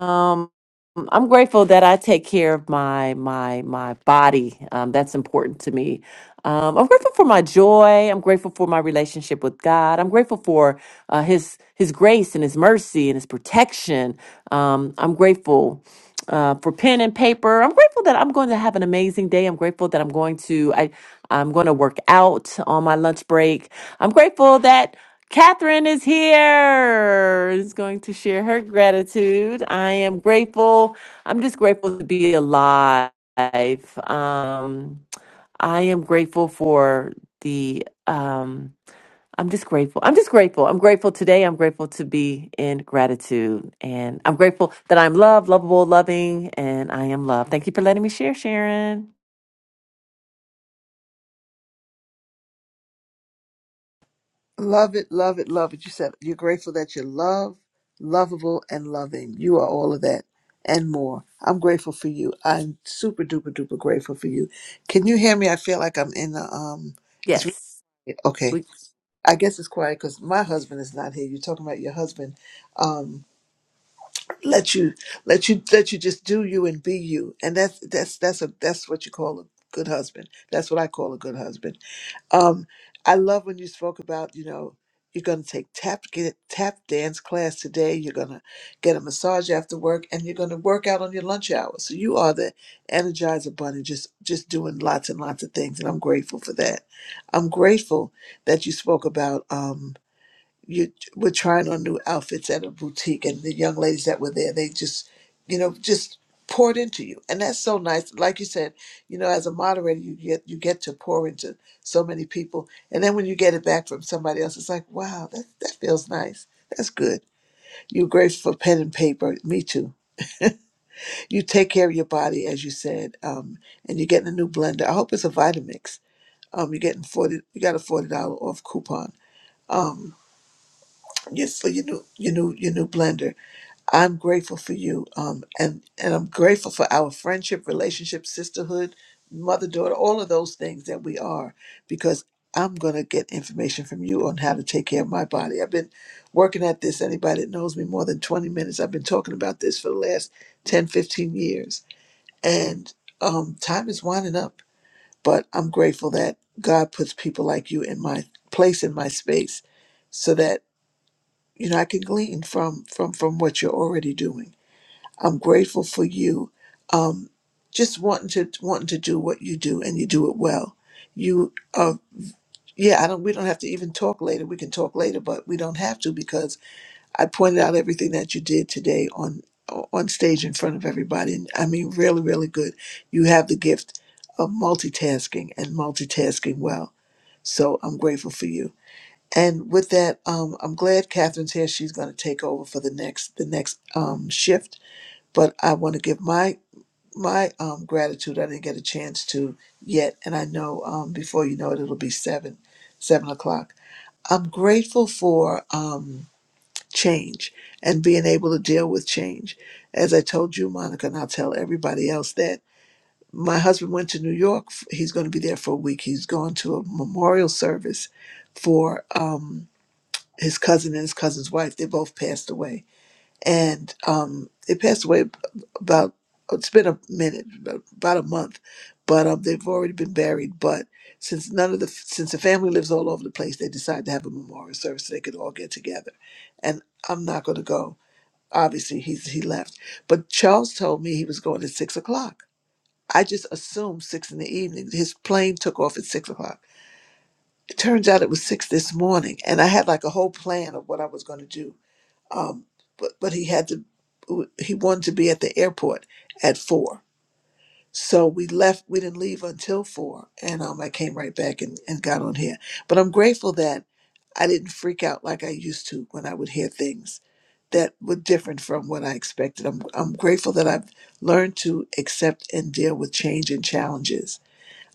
um, I'm grateful that I take care of my my my body. Um, that's important to me. Um, I'm grateful for my joy. I'm grateful for my relationship with God. I'm grateful for uh, His His grace and His mercy and His protection. Um, I'm grateful uh, for pen and paper. I'm grateful that I'm going to have an amazing day. I'm grateful that I'm going to I I'm going to work out on my lunch break. I'm grateful that Catherine is here, is going to share her gratitude. I am grateful. I'm just grateful to be alive. Um, I am grateful for the. um, I'm just grateful. I'm just grateful. I'm grateful today. I'm grateful to be in gratitude. And I'm grateful that I'm loved, lovable, loving, and I am loved. Thank you for letting me share, Sharon.
Love it, love it, love it. You said you're grateful that you're loved, lovable, and loving. You are all of that and more. I'm grateful for you. I'm super duper duper grateful for you. Can you hear me? I feel like I'm in the um. It's
Yes.
okay.
We,
I guess it's quiet because my husband is not here. You're talking about your husband. Um, let you, let you, let you just do you and be you, and that's that's that's a that's what you call a good husband. That's what I call a good husband. Um, I love when you spoke about you know you're gonna take tap get tap dance class today. You're gonna get a massage after work, and you're gonna work out on your lunch hour. So you are the energizer bunny, just just doing lots and lots of things, and I'm grateful for that. I'm grateful that you spoke about. Um, you were trying on new outfits at a boutique and the young ladies that were there they just you know just poured into you and that's so nice like you said you know as a moderator you get you get to pour into so many people and then when you get it back from somebody else it's like wow that, that feels nice that's good you're grateful for pen and paper me too you take care of your body as you said um, and you're getting a new blender i hope it's a vitamix um, you're getting 40 you got a $40 off coupon um, yes, for your new your new your new blender I'm grateful for you, um, and and I'm grateful for our friendship, relationship, sisterhood, mother daughter, all of those things that we are, because I'm gonna get information from you on how to take care of my body. I've been working at this. Anybody that knows me more than 20 minutes, I've been talking about this for the last 10, 15 years, and um, time is winding up. But I'm grateful that God puts people like you in my place, in my space, so that you know I can glean from from from what you're already doing I'm grateful for you. Um, just wanting to wanting to do what you do, and you do it well. You, uh, yeah, I don't. We don't have to even talk later. We can talk later, but we don't have to because I pointed out everything that you did today on on stage in front of everybody. And I mean, really, really good. You have the gift of multitasking and multitasking well. So I'm grateful for you. And with that, um, I'm glad Catherine's here. She's going to take over for the next the next um, shift but I want to give my my um, gratitude I didn't get a chance to yet, and I know um, before you know it, it'll be seven, seven o'clock. I'm grateful for um, change and being able to deal with change. As I told you, Monica, and I'll tell everybody else that my husband went to New York. He's going to be there for a week. He's going to a memorial service for um, his cousin and his cousin's wife. They both passed away and um, they passed away ab- about it's been a minute ab- about a month but um, they've already been buried but since none of the since the family lives all over the place they decided to have a memorial service so they could all get together and i'm not going to go obviously he's he left but charles told me he was going at six o'clock i just assumed six in the evening his plane took off at six o'clock it turns out it was six this morning and i had like a whole plan of what i was going to do um, but but he had to he wanted to be at the airport at four. So we left. We didn't leave until four, and um, I came right back and, and got on here. But I'm grateful that I didn't freak out like I used to when I would hear things that were different from what I expected. I'm I'm grateful that I've learned to accept and deal with change and challenges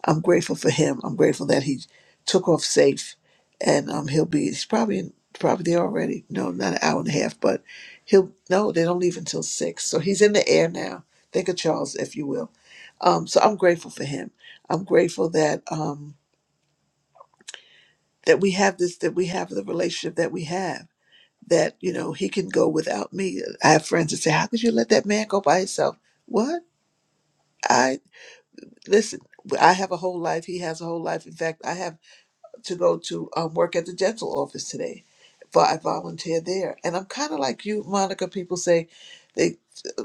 I'm grateful for him. I'm grateful that he took off safe, and um, he'll be. He's probably in, probably there already. No, not an hour and a half, but he'll. No, they don't leave until six, so he's in the air now. Think of Charles, if you will. Um, so I'm grateful for him. I'm grateful that um, that we have this, that we have the relationship that we have. That you know he can go without me. I have friends that say, "How could you let that man go by himself?" What I listen. I have a whole life. He has a whole life. In fact, I have. to go to um, work at the dental office today. But I volunteer there, and I'm kind of like you, Monica. People say they,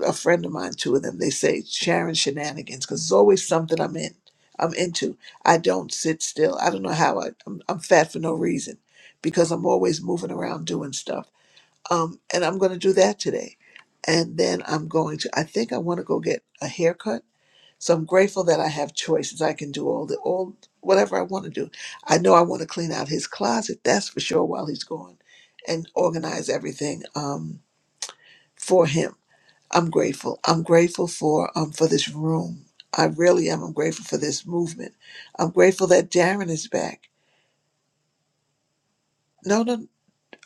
a friend of mine, two of them, they say Sharon shenanigans because it's always something I'm in. I'm into. I don't sit still. I don't know how I. I'm, I'm fat for no reason, because I'm always moving around doing stuff. Um, and I'm going to do that today, and then I'm going to. I think I want to go get a haircut so I'm grateful that I have choices. I can do all the all whatever I want to do. I know I want to clean out his closet, that's for sure, while he's gone, and organize everything um, for him. I'm grateful. I'm grateful for um for this room. I really am. I'm grateful for this movement. I'm grateful that Darren is back. No, no.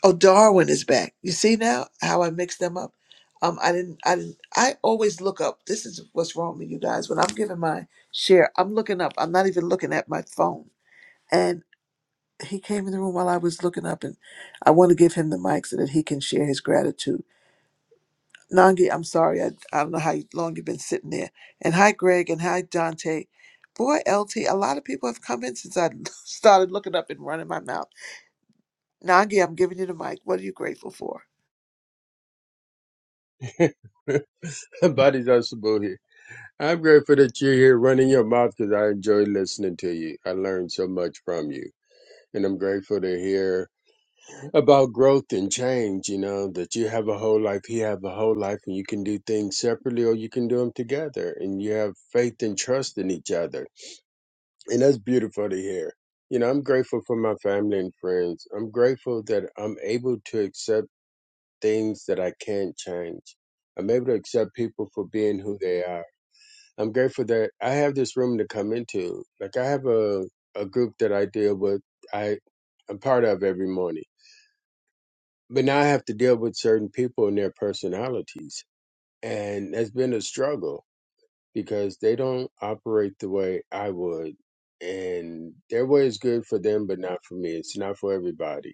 Oh, Darwin is back. You see now how I mixed them up. Um, I didn't. I didn't. I always look up. This is what's wrong with you guys. When I'm giving my share, I'm looking up. I'm not even looking at my phone. And he came in the room while I was looking up, and I want to give him the mic so that he can share his gratitude. Nangi, I'm sorry. I, I don't know how long you've been sitting there. And hi, Greg, and hi, Dante. Boy, LT, a lot of people have come in since I started looking up and running my mouth. Nangi, I'm giving you the mic. What are you grateful for?
Bodies are supposed here. I'm grateful that you're here running your mouth because I enjoy listening to you. I learned so much from you. And I'm grateful to hear about growth and change, you know, that you have a whole life, he have a whole life, and you can do things separately or you can do them together. And you have faith and trust in each other. And that's beautiful to hear. You know, I'm grateful for my family and friends. I'm grateful that I'm able to accept things that I can't change. I'm able to accept people for being who they are. I'm grateful that I have this room to come into. Like I have a, a group that I deal with, I I'm part of every morning. But now I have to deal with certain people and their personalities. And that's been a struggle because they don't operate the way I would. And their way is good for them, but not for me. It's not for everybody.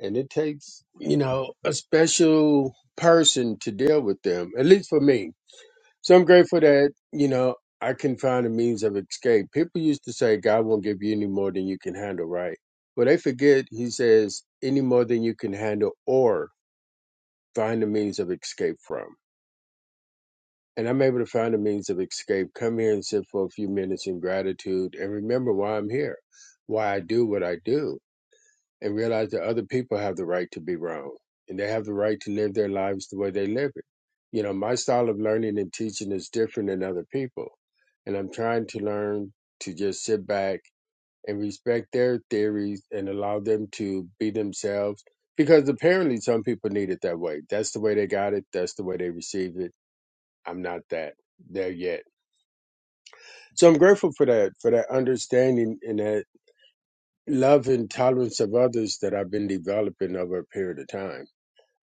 And it takes, you know, a special person to deal with them, at least for me so I'm grateful that, you know, I can find a means of escape. People used to say God won't give you any more than you can handle, right? But they forget he says any more than you can handle or find a means of escape from. And I'm able to find a means of escape, come here and sit for a few minutes in gratitude and remember why I'm here, why I do what I do and realize that other people have the right to be wrong and they have the right to live their lives the way they live it. You know, my style of learning and teaching is different than other people. And I'm trying to learn to just sit back and respect their theories and allow them to be themselves because apparently some people need it that way. That's the way they got it, that's the way they received it. I'm not that there yet. So I'm grateful for that, for that understanding and that love and tolerance of others that I've been developing over a period of time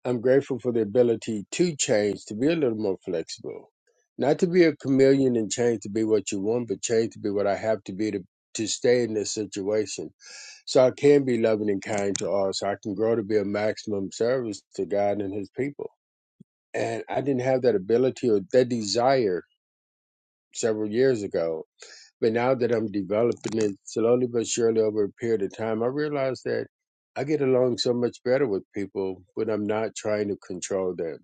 I'm grateful for the ability to change, to be a little more flexible, not to be a chameleon and change to be what you want, but change to be what I have to be to, to stay in this situation. So I can be loving and kind to all, so I can grow to be a maximum service to God and His people. And I didn't have that ability or that desire several years ago. But now that I'm developing it slowly but surely over a period of time, I realize that I get along so much better with people when I'm not trying to control them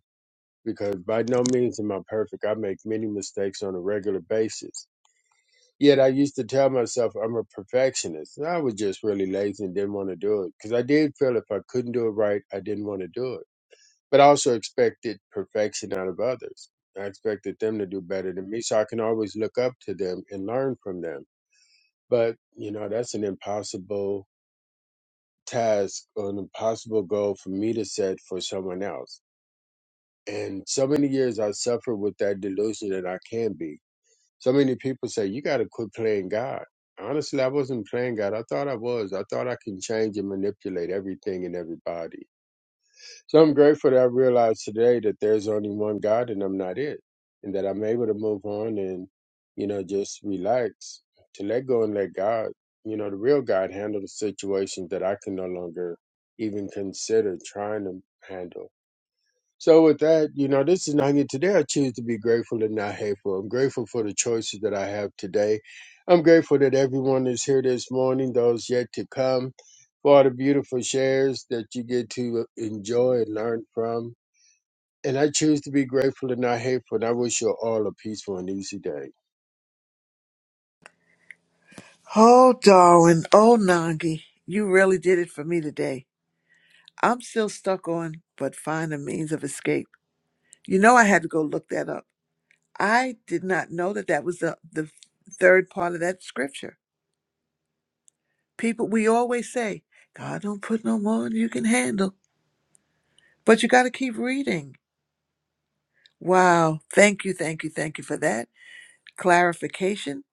because by no means am I perfect. I make many mistakes on a regular basis. Yet I used to tell myself I'm a perfectionist. And I was just really lazy and didn't want to do it because I did feel if I couldn't do it right, I didn't want to do it. But I also expected perfection out of others. I expected them to do better than me so I can always look up to them and learn from them. But, you know, that's an impossible task or an impossible goal for me to set for someone else. And so many years I suffered with that delusion that I can be. So many people say, you got to quit playing God. Honestly, I wasn't playing God. I thought I was. I thought I can change and manipulate everything and everybody. So I'm grateful that I realized today that there's only one God and I'm not it. And that I'm able to move on and, you know, just relax, to let go and let God, you know, the real God handle the situations that I can no longer even consider trying to handle so with that, you know, this is Nanya. Today I choose to be grateful and not hateful. I'm grateful for the choices that I have today. I'm grateful that everyone is here this morning, those yet to come, for all the beautiful shares that you get to uh, enjoy and learn from. And I choose to be grateful and not hateful. And I wish you all a peaceful and easy day.
Oh, darling. Oh, Nangi. You really did it for me today. I'm still stuck on, but find a means of escape. You know, I had to go look that up. I did not know that that was the, the third part of that scripture. People, we always say, God don't put no more than you can handle, but you got to keep reading. Wow. Thank you, thank you, thank you for that clarification.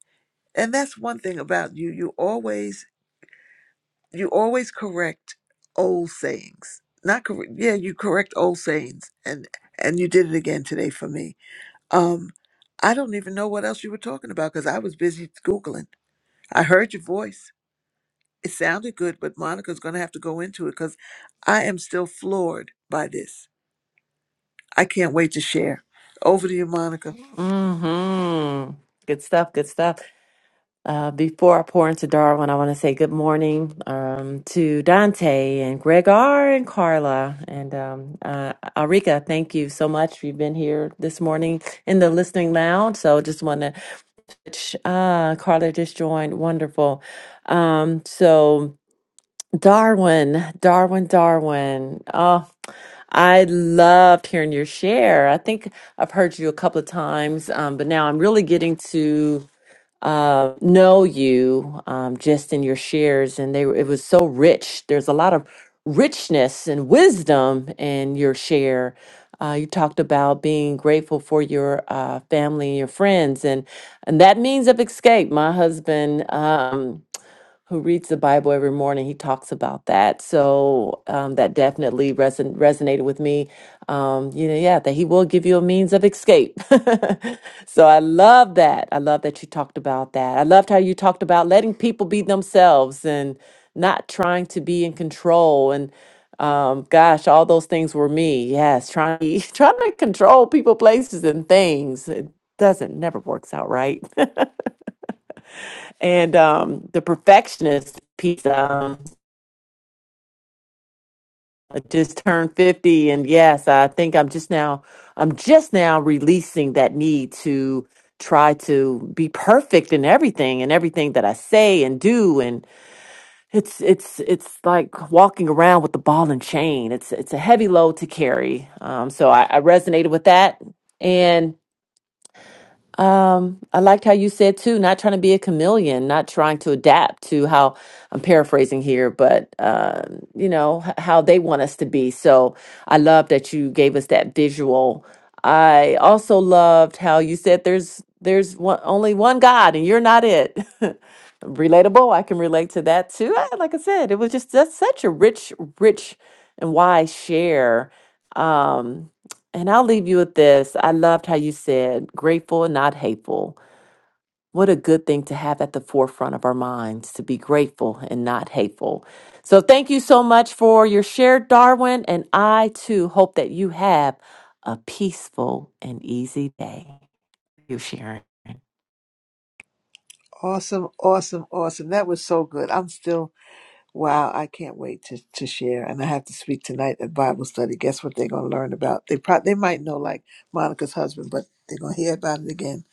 And that's one thing about you. You always you always correct old sayings not correct yeah you correct old sayings and and you did it again today for me um i don't even know what else you were talking about because i was busy googling i heard your voice it sounded good but monica's gonna have to go into it because i am still floored by this i can't wait to share over to you monica
mm-hmm. Good stuff. Good stuff. Uh, before I pour into Darwin, I want to say good morning um, to Dante and Gregor and Carla and um, uh, Arika. Thank you so much. You've been here this morning in the listening lounge. So just want to, uh, Carla just joined. Wonderful. Um, so Darwin, Darwin, Darwin. Oh, I loved hearing your share. I think I've heard you a couple of times, um, but now I'm really getting to uh, know you um, just in your shares, and they were, it was so rich. There's a lot of richness and wisdom in your share. Uh, you talked about being grateful for your uh, family and your friends, and and that means of escape. My husband. Um, who reads the Bible every morning, he talks about that. So um, that definitely reson- resonated with me. Um, you know, yeah, that he will give you a means of escape. so I love that. I love that you talked about that. I loved how you talked about letting people be themselves and not trying to be in control. And um, gosh, all those things were me. Yes, trying trying to control people, places, and things. It doesn't never works out right. and um, the perfectionist piece. Um, I just turned 50 and yes, I think I'm just now I'm just now releasing that need to try to be perfect in everything and everything that I say and do and it's it's it's like walking around with the ball and chain. It's it's a heavy load to carry. Um so I, I resonated with that. Um, I liked how you said too, not trying to be a chameleon, not trying to adapt to how I'm paraphrasing here, but um, you know h- how they want us to be. So I love that you gave us that visual. I also loved how you said there's there's one, only one God and you're not it. Relatable. I can relate to that too. Ah, Like I said, it was just that's such a rich, rich and wise share. Um, and I'll leave you with this. I loved how you said grateful, not hateful. What a good thing to have at the forefront of our minds to be grateful and not hateful. So, thank you so much for your share, Darwin. And I too hope that you have a peaceful and easy day. You, Sharon.
awesome awesome awesome that was so good i'm still Wow, I can't wait to, to share. And I have to speak tonight at Bible study. Guess what they're going to learn about? They pro- they might know like Monica's husband, but they're going to hear about it again.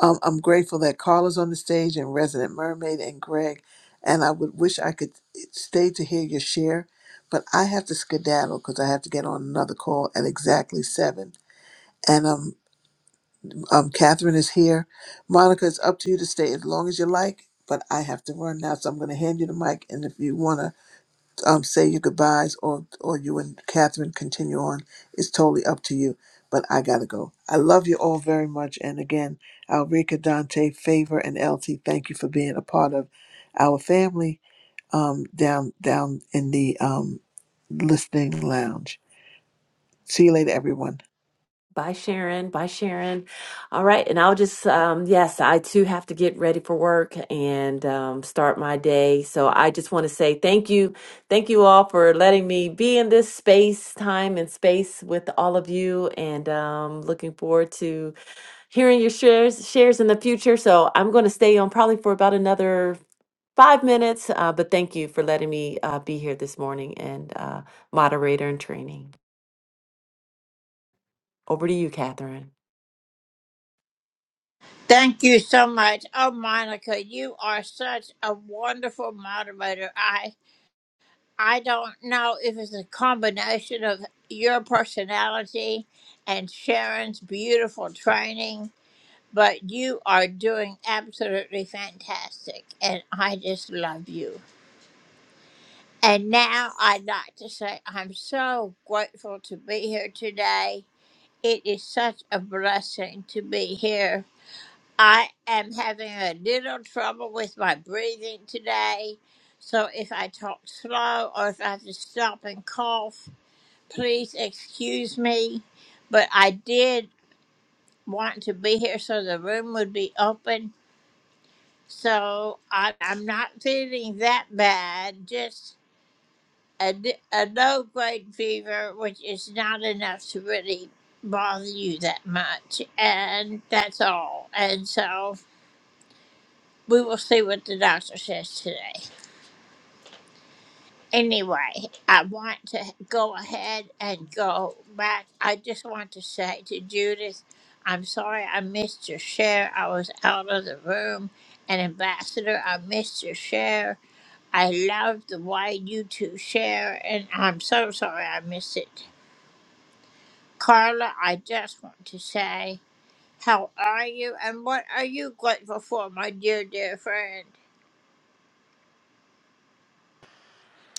Um, I'm grateful that Carla's on the stage and Resident Mermaid and Greg. And I would wish I could eh, stay to hear your share, but I have to skedaddle because I have to get on another call at exactly seven. And um, um, Catherine is here. Monica, it's up to you to stay as long as you like, but I have to run now, so I'm going to hand you the mic. And if you want to um, say your goodbyes or or you and Catherine continue on. It's totally up to you. But I gotta go. I love you all very much. And again, Alrika, Dante, Favor, and Elsie, thank you for being a part of our family um, down down in the um, listening lounge. See you later, everyone.
Bye, Sharon. Bye, Sharon. All right. And I'll just, um, yes, I too have to get ready for work and um, start my day. So I just want to say thank you. Thank you all for letting me be in this space, time, and space with all of you. And um, looking forward to hearing your shares, shares in the future. So I'm going to stay on probably for about another five minutes. Uh, but thank you for letting me uh, be here this morning and uh, moderator and training. Over to you, Catherine.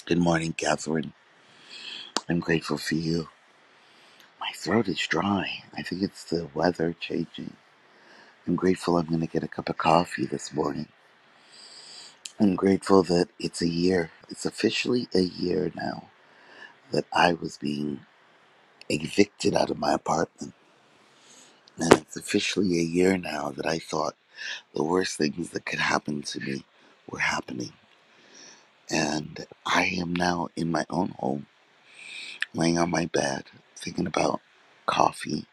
Good morning, Catherine. I'm grateful for you. My throat is dry. I think it's the weather changing. I'm grateful I'm going to get a cup of coffee this morning. I'm grateful that it's a year. It's officially a year now that I was being evicted out of my apartment. And it's officially a year now that I thought the worst things that could happen to me were happening. And I am now in my own home, laying on my bed, thinking about coffee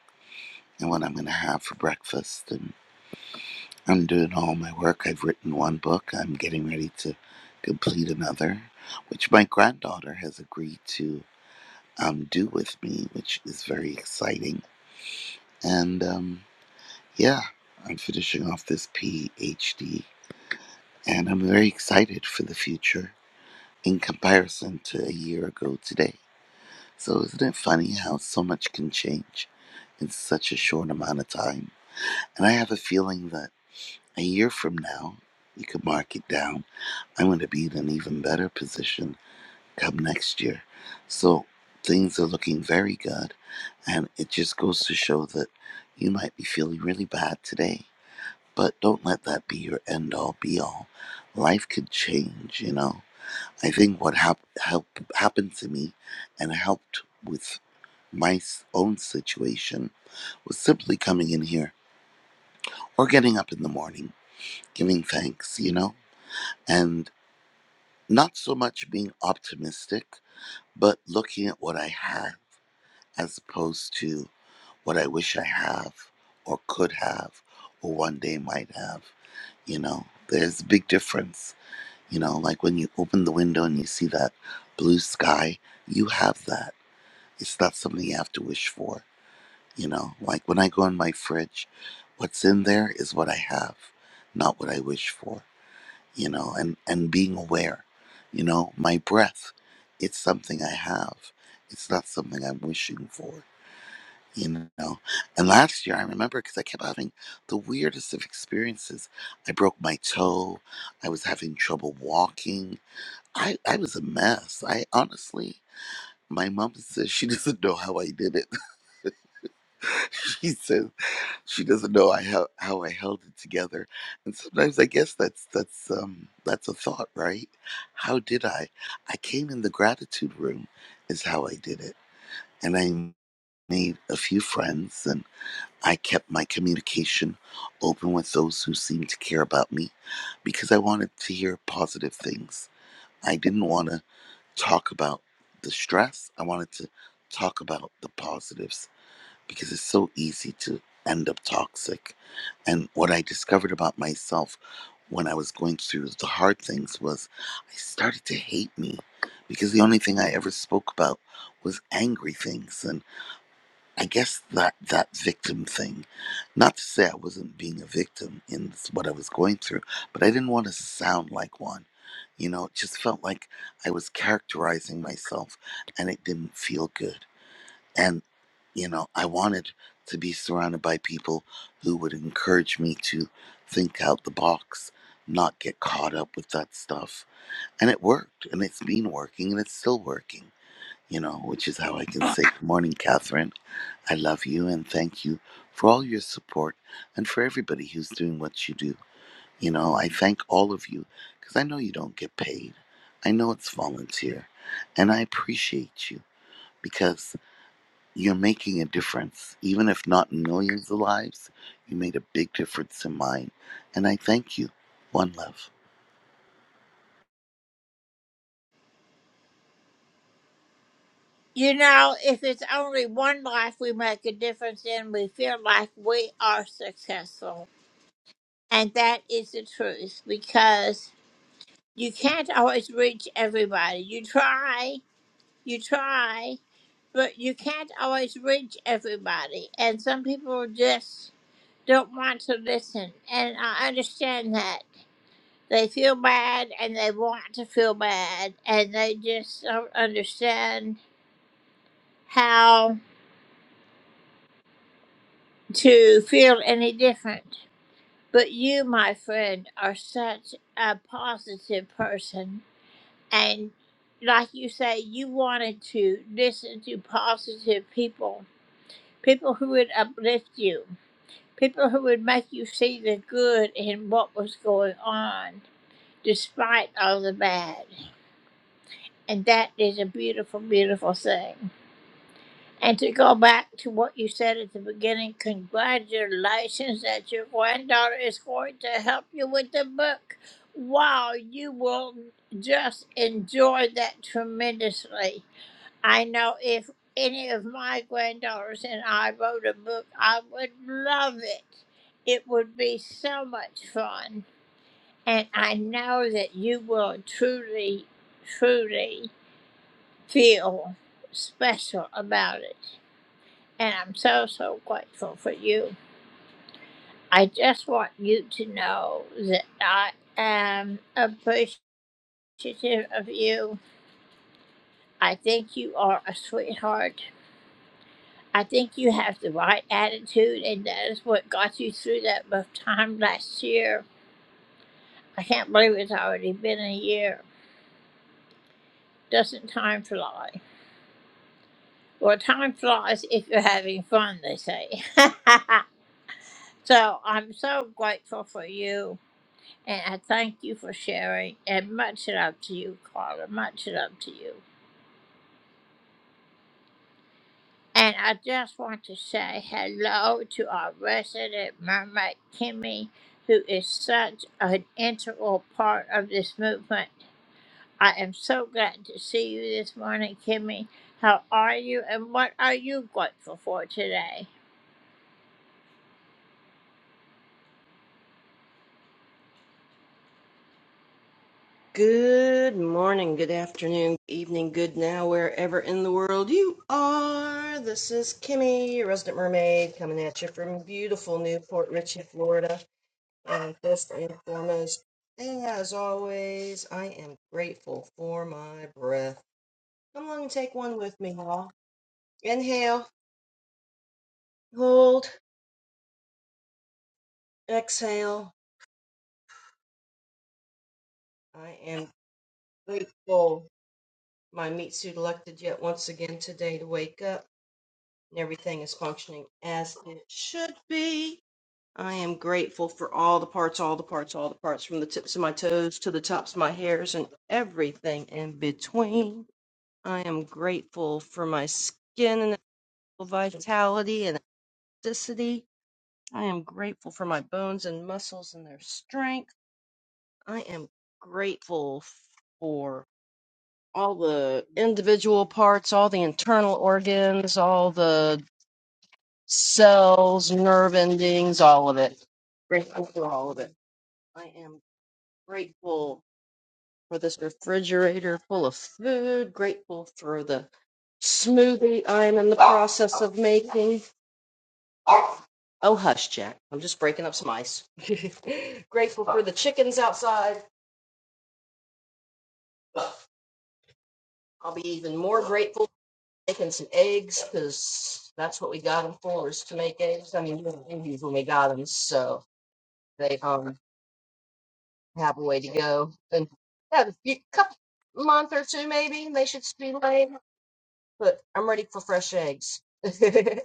and what I'm going to have for breakfast. And I'm doing all my work. I've written one book. I'm getting ready to complete another, which my granddaughter has agreed to um, do with me, which is very exciting. And um, yeah, I'm finishing off this PhD, and I'm very excited for the future in comparison to a year ago today. So, isn't it funny how so much can change in such a short amount of time? And I have a feeling that a year from now, you could mark it down. I'm going to be in an even better position come next year. So things are looking very good. And it just goes to show that you might be feeling really bad today, but don't let that be your end all be all. Life could change, you know. I think what hap- help, happened to me and helped with my s- own situation was simply coming in here or getting up in the morning, giving thanks, you know. And not so much being optimistic, but looking at what I had as opposed to what I wish I have or could have or one day might have. You know, there's a big difference. You know, like when you open the window and you see that blue sky, you have that. It's not something you have to wish for. You know, like when I go in my fridge, what's in there is what I have, not what I wish for you know, and, and being aware, you know, my breath, it's something I have. It's not something I'm wishing for, you know. And last year, I remember because I kept having the weirdest of experiences. I broke my toe. I was having trouble walking. I, I was a mess. I honestly, my mom says she doesn't know how I did it she says she doesn't know I how, how I held it together. And sometimes I guess that's that's um that's a thought, right? How did I? I came in the gratitude room is how I did it. And I made a few friends and I kept my communication open with those who seemed to care about me because I wanted to hear positive things. I didn't want to talk about the stress. I wanted to talk about the positives because it's so easy to end up toxic. And what I discovered about myself when I was going through the hard things was I started to hate me because the only thing I ever spoke about was angry things and I guess that that victim thing. Not to say I wasn't being a victim in what I was going through, but I didn't want to sound like one. You know, it just felt like I was characterizing myself and it didn't feel good. And, you know, I wanted to be surrounded by people who would encourage me to think out the box, not get caught up with that stuff. And it worked, and it's been working, and it's still working, you know, which is how I can say, Good morning, Catherine. I love you, and thank you for all your support and for everybody who's doing what you do. You know, I thank all of you because I know you don't get paid. I know it's volunteer, and I appreciate you because you're making a difference. Even if not in millions of lives, you made a big difference in mine. And I thank you. One love.
Good morning, good afternoon, good evening, good now, wherever in the world you are. This is Kimmy, your resident mermaid, coming at you from beautiful Newport Richey, Florida. And first and foremost, as always, I am grateful for my breath. Come along and take one with me, y'all. Inhale, hold, exhale. I am grateful my meat suit elected yet once again today to wake up. and everything is functioning as it should be. I am grateful for all the parts, all the parts, all the parts, from the tips of my toes to the tops of my hairs and everything in between. I am grateful for my skin and its vitality and elasticity. I am grateful for my bones and muscles and their strength. I am grateful for all the individual parts, all the internal organs, all the cells, nerve endings, all of it. Grateful for all of it. I am grateful for this refrigerator full of food, grateful for the smoothie I'm in the process of making. Oh, hush, Jack. I'm just breaking up some ice. grateful for the chickens outside. I'll be even more grateful for making some eggs because that's what we got them for is to make eggs. I mean, we were Indians when we got them, so they um have a way to go. And yeah, a few- couple month or two maybe they should be laid. But I'm ready for fresh eggs. I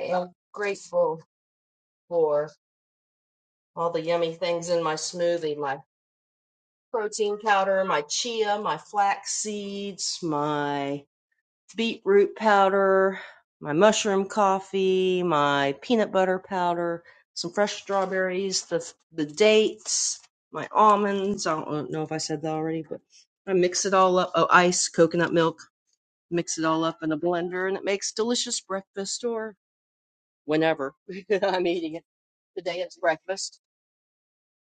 am grateful for all the yummy things in my smoothie, my protein powder, my chia, my flax seeds, my. beetroot powder, my mushroom coffee, my peanut butter powder, some fresh strawberries, the the dates, my almonds. I don't know if I said that already, but I mix it all up. Oh, ice, coconut milk. Mix it all up in a blender, and it makes delicious breakfast or whenever I'm eating it. Today it's breakfast.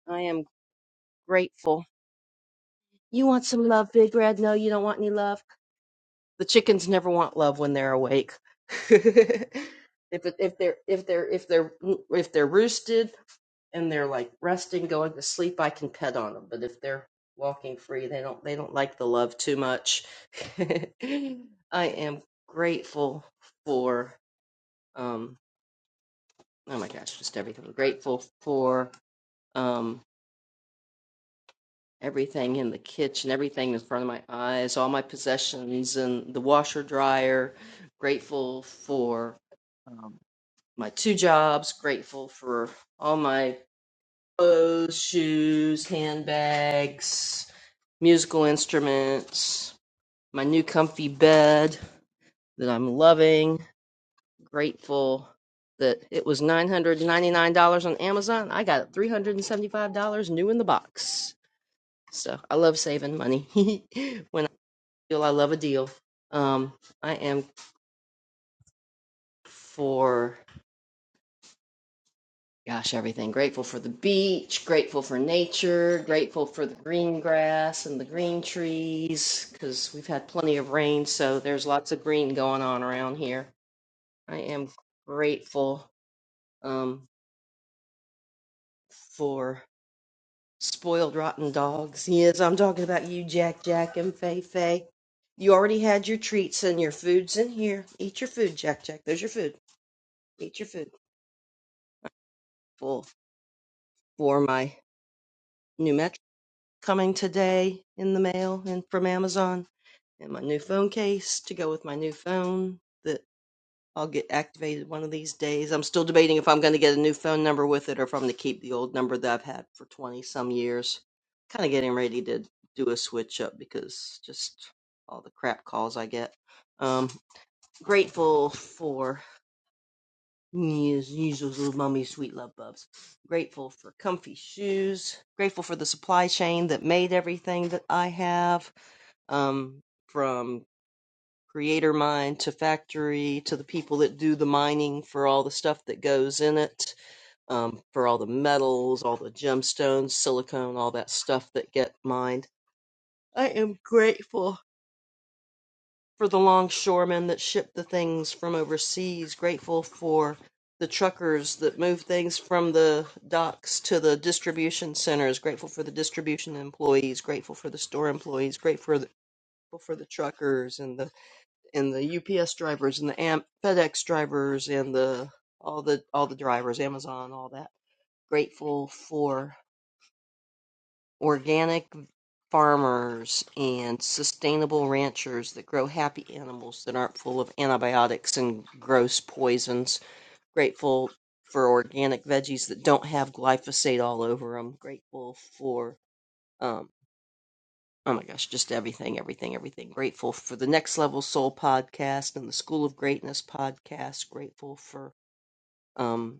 I am grateful. You want some love, Big Red? No, you don't want any love. the chickens never want love when they're awake. if it- if they're if they're if they're if they're roosted and they're like resting, going to sleep, I can pet on them. But if they're walking free, they don't they don't like the love too much. I am grateful for um oh my gosh, just everything. I'm Grateful for um everything in the kitchen, everything in front of my eyes, all my possessions, and the washer dryer. Grateful for um, my two jobs. Grateful for all my clothes, shoes, handbags, musical instruments, my new comfy bed that I'm loving. Grateful that it was $999 on Amazon. I got it $375 new in the box. So I love saving money when deal. I love a deal. Um, I am for gosh everything. Grateful for the beach. Grateful for nature. Grateful for the green grass and the green trees because we've had plenty of rain, so there's lots of green going on around here. I am grateful um, for spoiled rotten dogs. Yes, I'm talking about you, Jack, Jack, and Fei Fei. You already had your treats and your food's in here. Eat your food, Jack, Jack. There's your food. Eat your food. Full. for my new metric coming today in the mail and from Amazon, and my new phone case to go with my new phone that I'll get activated one of these days. I'm still debating if I'm going to get a new phone number with it or if I'm going to keep the old number that I've had for 20 some years. Kind of getting ready to do a switch up because just all the crap calls I get. Um, grateful for Me as usual, little mummy, sweet love bubs. Grateful for comfy shoes. Grateful for the supply chain that made everything that I have, um, from creator mine to factory to the people that do the mining for all the stuff that goes in it, um, for all the metals, all the gemstones, silicone, all that stuff that get mined. I am grateful for the longshoremen that ship the things from overseas, grateful for the truckers that move things from the docks to the distribution centers, grateful for the distribution employees, grateful for the store employees, grateful for the, for the truckers and the and the UPS drivers and the Am- FedEx drivers and the all the all the drivers, Amazon, all that. Grateful for organic farmers and sustainable ranchers that grow happy animals that aren't full of antibiotics and gross poisons. Grateful for organic veggies that don't have glyphosate all over them. Grateful for, um, oh my gosh, just everything, everything, everything. Grateful for the Next Level Soul podcast and the School of Greatness podcast. Grateful for um,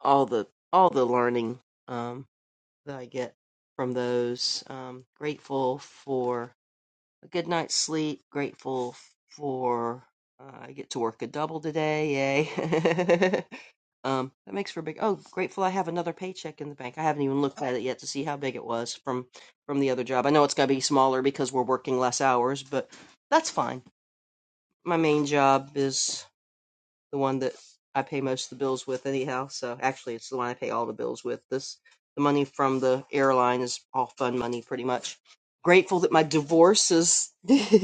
all the all the learning um, that I get from those. Um, grateful for a good night's sleep. Grateful for uh, I get to work a double today. Yay! um, that makes for a big. Oh, grateful I have another paycheck in the bank. I haven't even looked at it yet to see how big it was from from the other job. I know it's going to be smaller because we're working less hours, but that's fine. My main job is the one that I pay most of the bills with anyhow. So actually, it's the one I pay all the bills with. This the money from the airline is all fun money, pretty much. Grateful that my divorce is in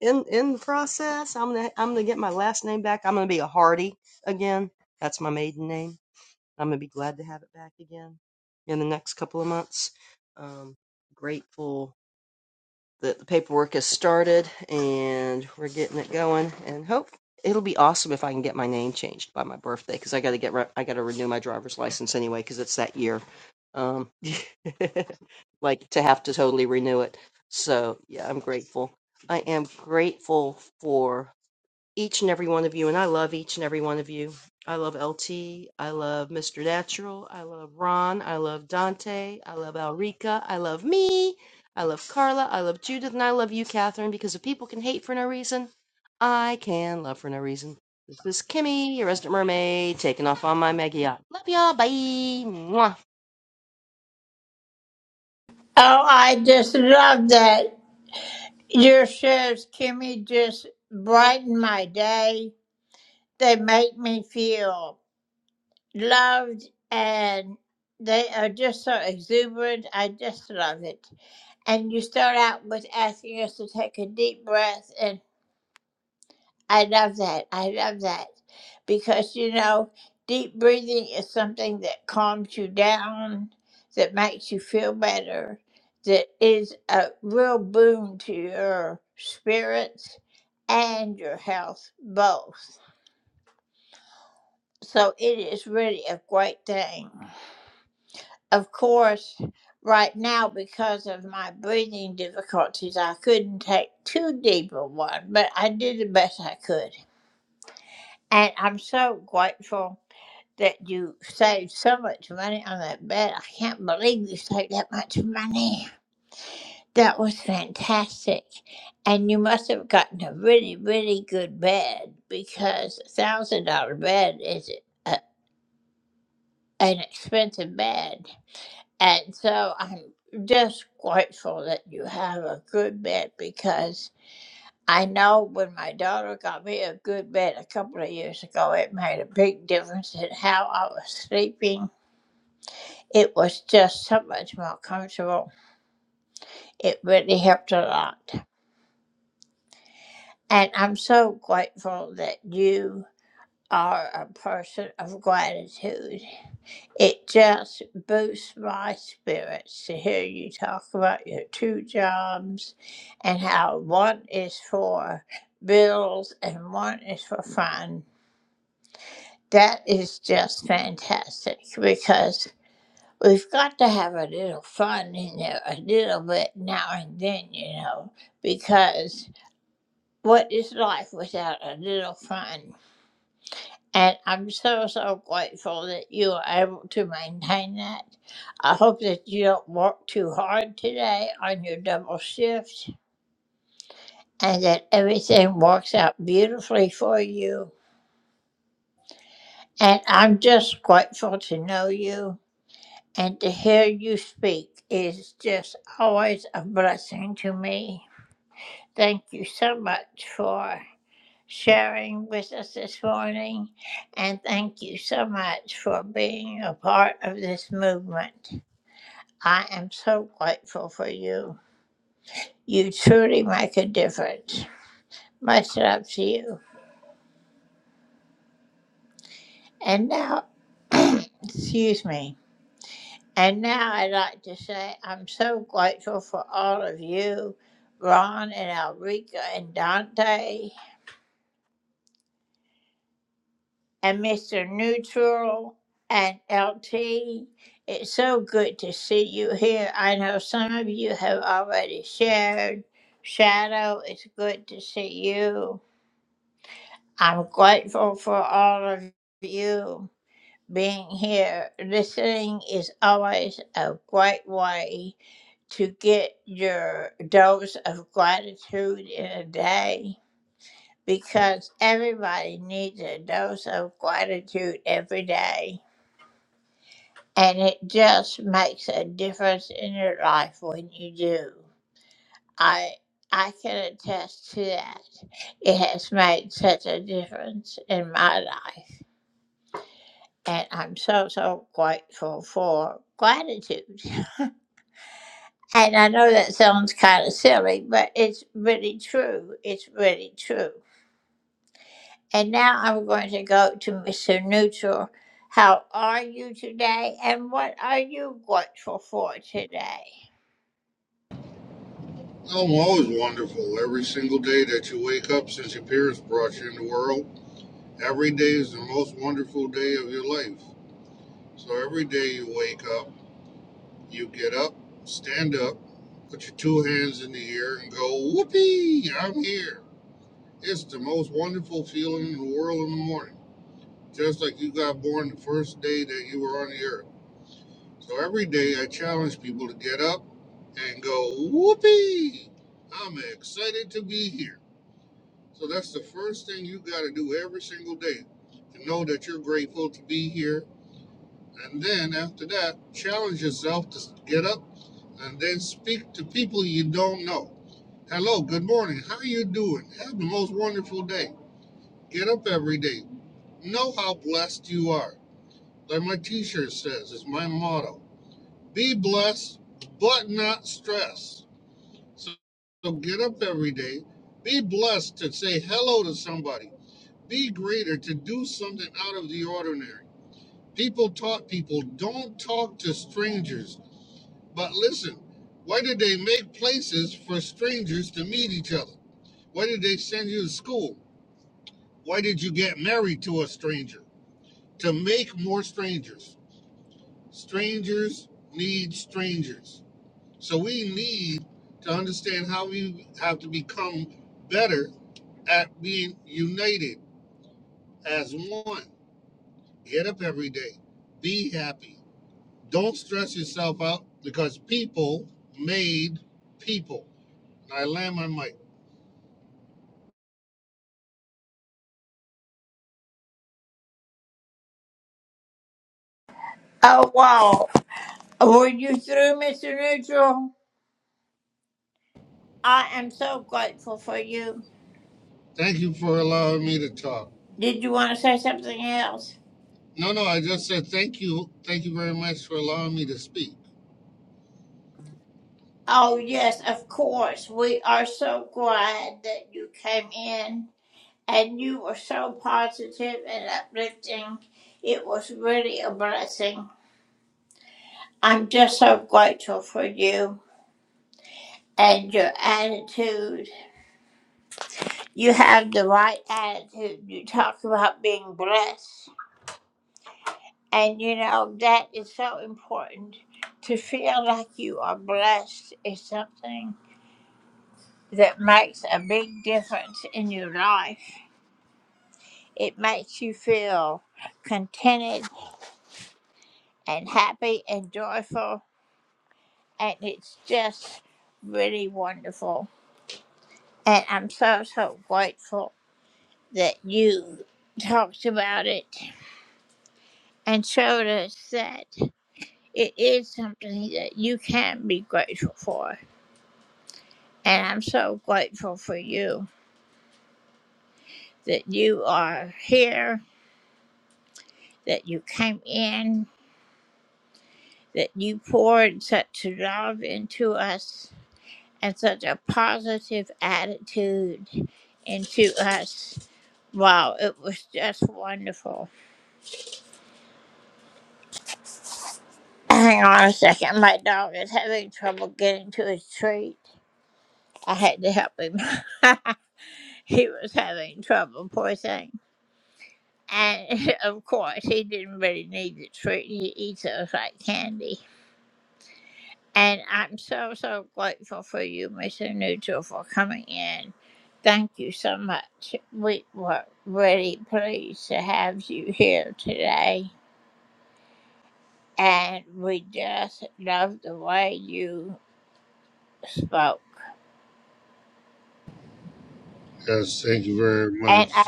in the process. I'm gonna I'm gonna get my last name back. I'm gonna be a Hardy again. That's my maiden name. I'm gonna be glad to have it back again in the next couple of months. Um, grateful that the paperwork has started and we're getting it going. And hope it'll be awesome if I can get my name changed by my birthday because I got to get re- I got to renew my driver's license anyway because it's that year. Um, like to have to totally renew it. So yeah, I'm grateful. I am grateful for each and every one of you, and I love each and every one of you. I love LT. I love Mr. Natural. I love Ron. I love Dante. I love Alrika. I love me. I love Carla. I love Judith. And I love you, Catherine, because if people can hate for no reason, I can love for no reason. This is Kimmy, your resident mermaid, taking off on my mega yacht. Love y'all. Bye. Mwah.
Elmo is wonderful. Every single day that you wake up since your parents brought you in the world, every day is the most wonderful day of your life. So every day you wake up, you get up, stand up, put your two hands in the air, and go, Whoopee, I'm here. It's the most wonderful feeling in the world in the morning, just like you got born the first day that you were on the earth. So every day I challenge people to get up and go, Whoopee, I'm excited to be here. So that's the first thing you got to do every single day to know that you're grateful to be here. And then after that, challenge yourself to get up and then speak to people you don't know. Hello, good morning. How are you doing? Have the most wonderful day. Get up every day. Know how blessed you are. Like my t shirt says, it's my motto be blessed, but not stressed. So, so get up every day. Be blessed to say hello to somebody. Be greater to do something out of the ordinary. People taught people don't talk to strangers. But listen, why did they make places for strangers to meet each other? Why did they send you to school? Why did you get married to a stranger? To make more strangers. Strangers need strangers. So we need to understand how we have to become better at being united as one. Get up every day. Be happy. Don't stress yourself out because people made people. I land my mic. Thank you for allowing me to talk. No, no, I just said thank you. Thank you very much for allowing me to speak. Yes, thank you very much.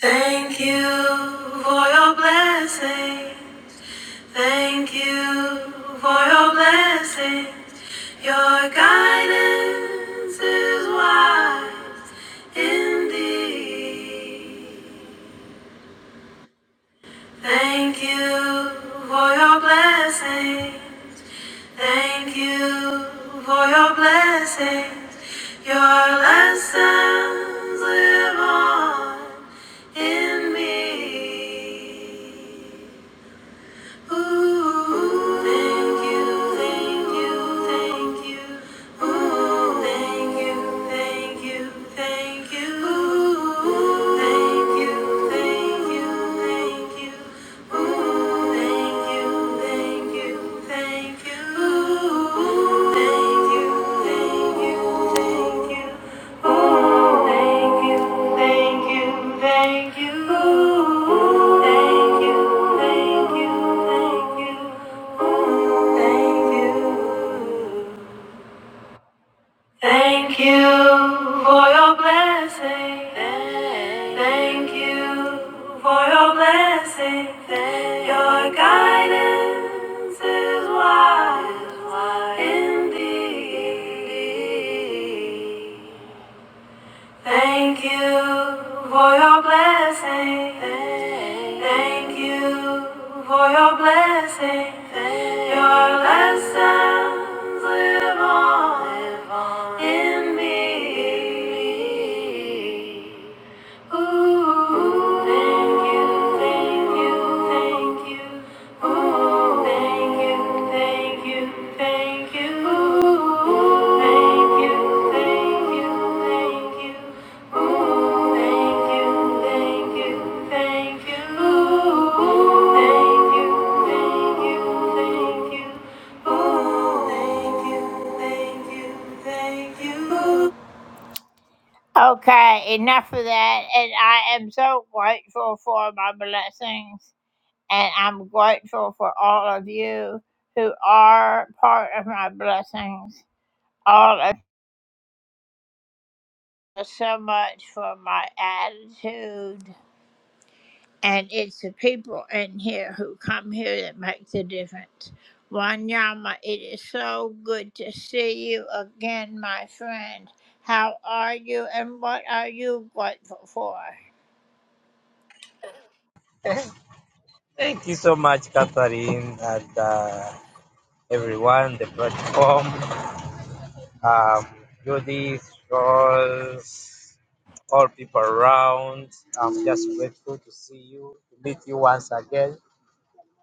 Thank you for your blessings. Thank you for your blessings. Your guidance is wise indeed. Thank you for your blessings. Thank you for your blessings. Your lessons live on in me. Ooh, thank you, thank you, thank you. Ooh, thank you, thank you, thank you. Ooh, thank you, thank you, thank you. Ooh, thank you, thank you, thank you. Thank you, thank you, thank you. Thank you, thank you, thank you. Thank you. Thank you for your blessing. Thank you for your blessing. Your guidance is wise indeed. Thank you for your blessing. Thank you for your blessing. Your lessons live on in me.
Thank you so much, Catherine, and uh, everyone, the platform, um, Judith, Charles, all people around. I'm just grateful to see you, to meet you once again.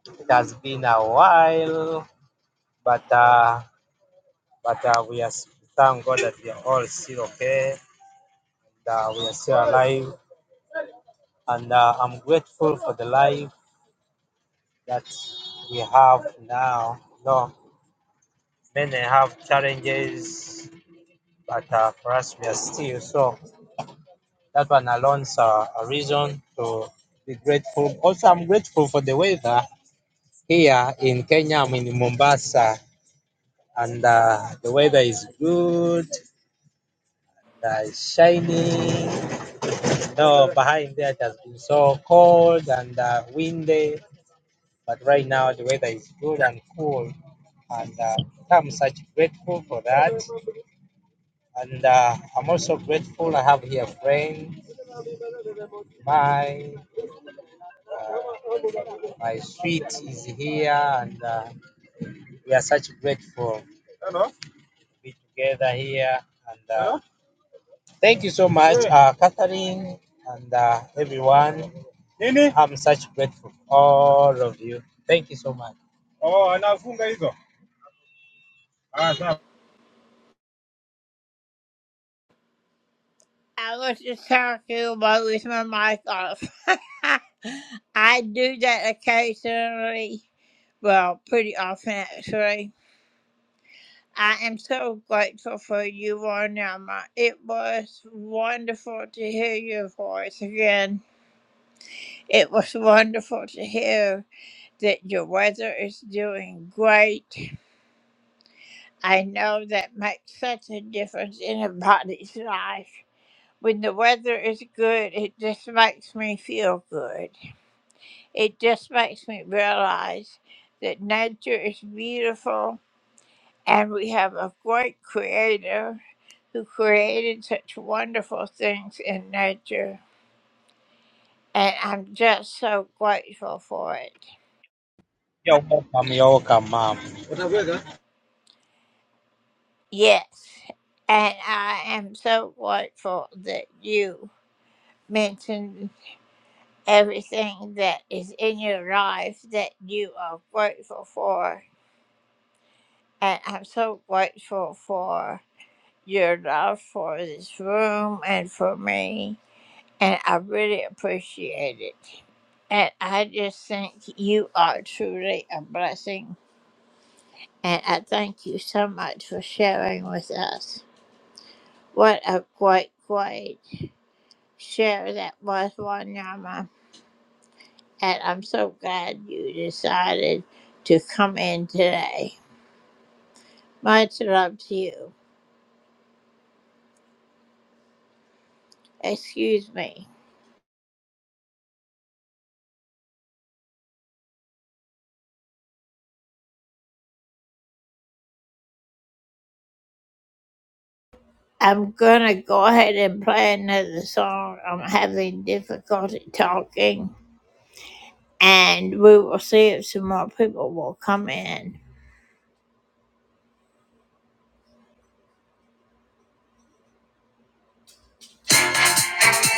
It has been a while, but uh, but uh, we are thank God that we are all still okay. that we are still alive, and uh, I'm grateful for the life that we have now. No, many have challenges but uh, for us, we are still. So that one alone's uh, a reason to be grateful. Also, I'm grateful for the weather here in Kenya. I'm in Mombasa, and uh, the weather is good. Uh, it's shining. No, behind there it has been so cold and uh, windy, but right now the weather is good and cool, and uh, I'm such grateful for that. And uh, I'm also grateful I have here a friend, my uh, My sweet is here, and uh, we are such grateful Hello? to be together here. And uh, thank you so much, Hey. uh, Catherine, and uh, everyone. Nini? I'm such grateful, for all of you. Thank you so much. Oh, anafunga hizo. Ah, sawa. You're welcome. You're welcome, mom.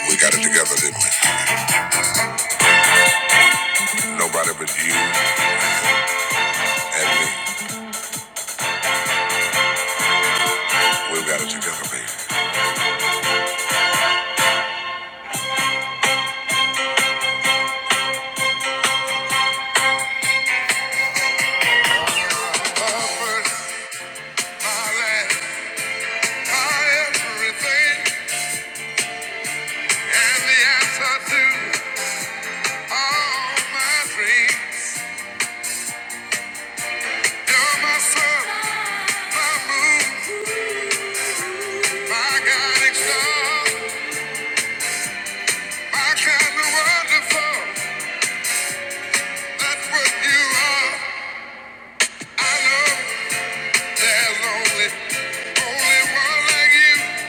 We got it together, didn't we? Nobody but you. And we, we've got it together, baby. Offered my life, my everything, and the answer to all my dreams. You're my sun, my moon, my guiding star, my kind of wonderful. That's what you are. I know there's only, only one like you.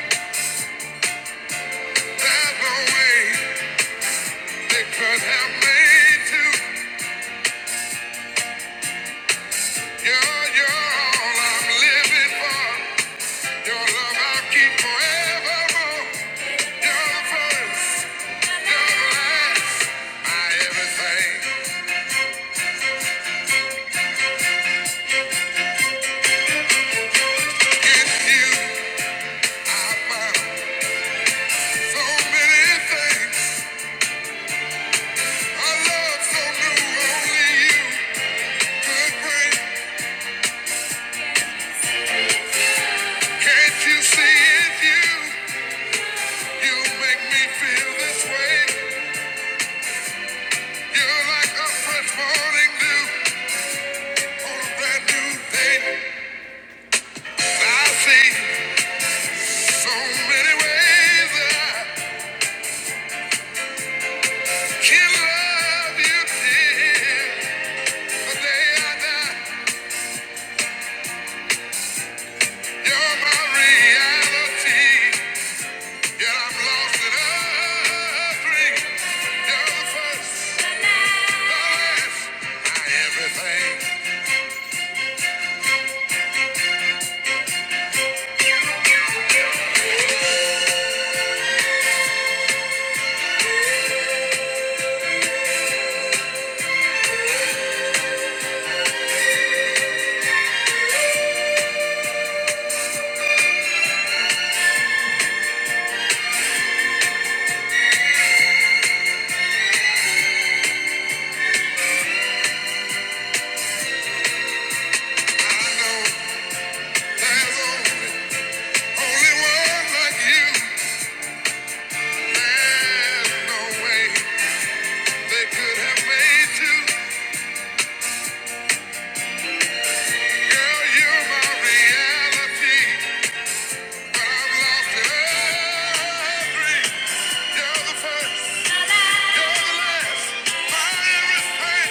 There's no way they could have made two. You're, all I'm living for. Your love I keep forevermore. You're the first, you're the last. My everything in you. I found so many things. A love so new, only you could bring. Can't you see it? You, you make me feel this way. You're like a fresh morning dew on a brand new day. I see. So many ways I can love you, dear. The day I die, you're my reality. Yet I'm lost in a dream. You're the first, the last, my everything. I know there's only, only one like you. There's no way they could have made you. Girl, you're my reality. You're the first, you're the last, my everything.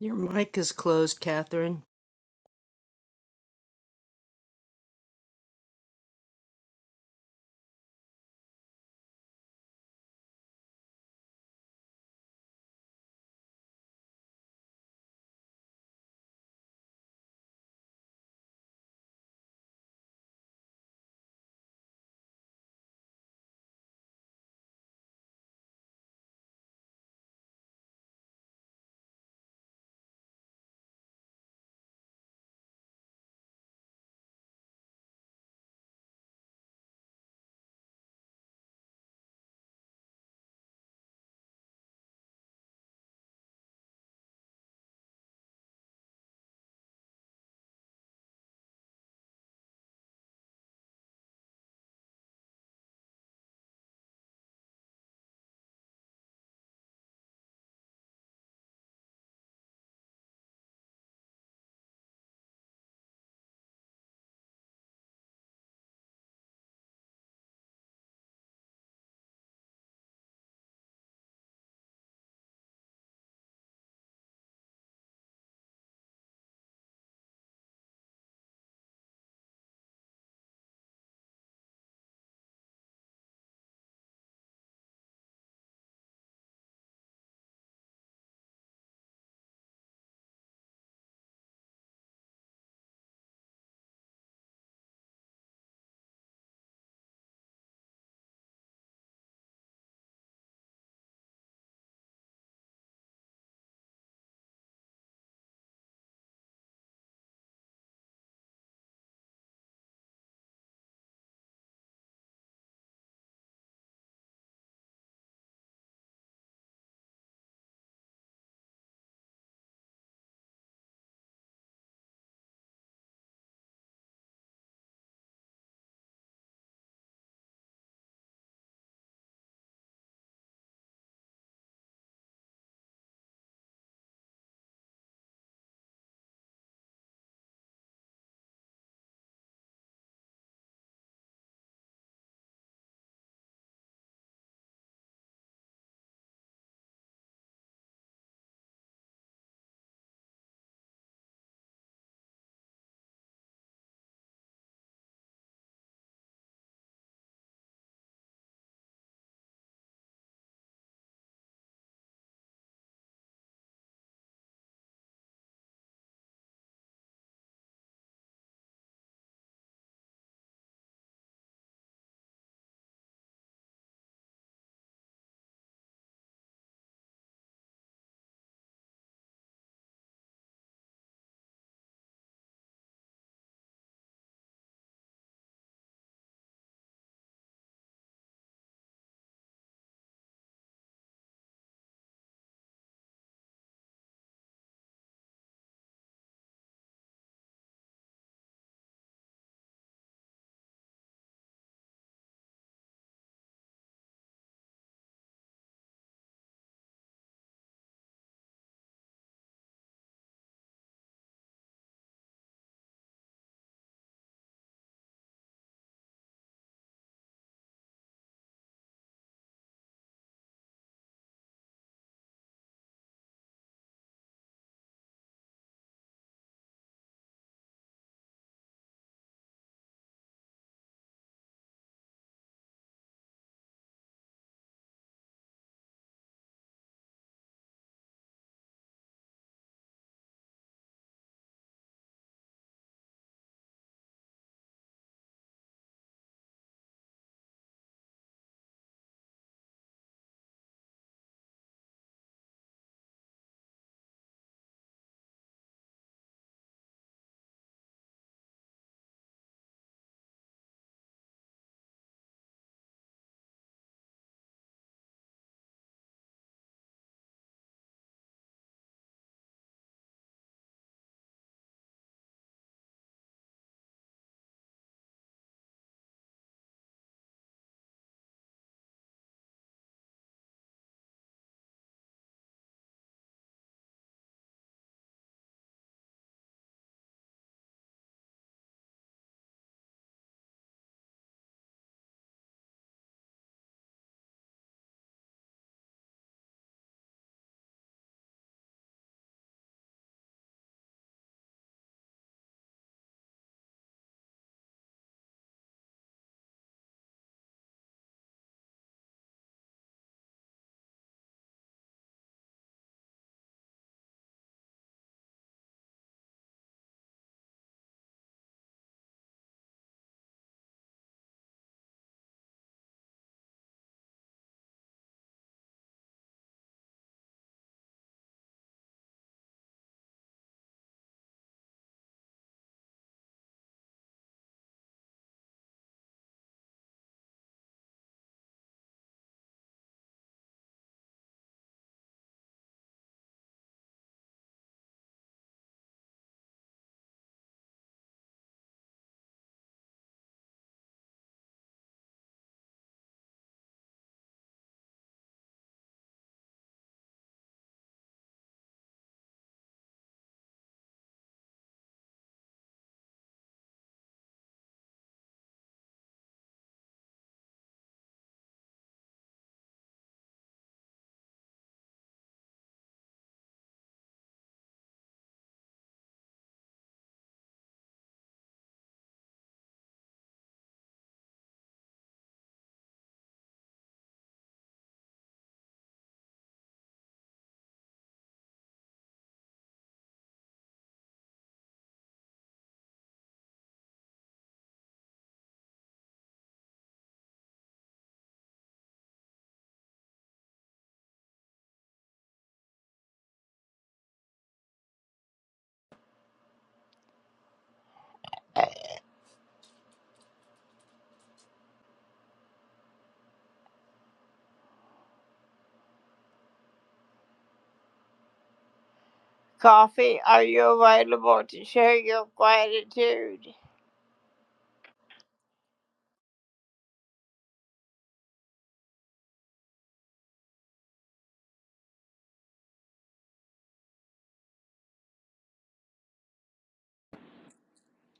Your mic is closed, Catherine.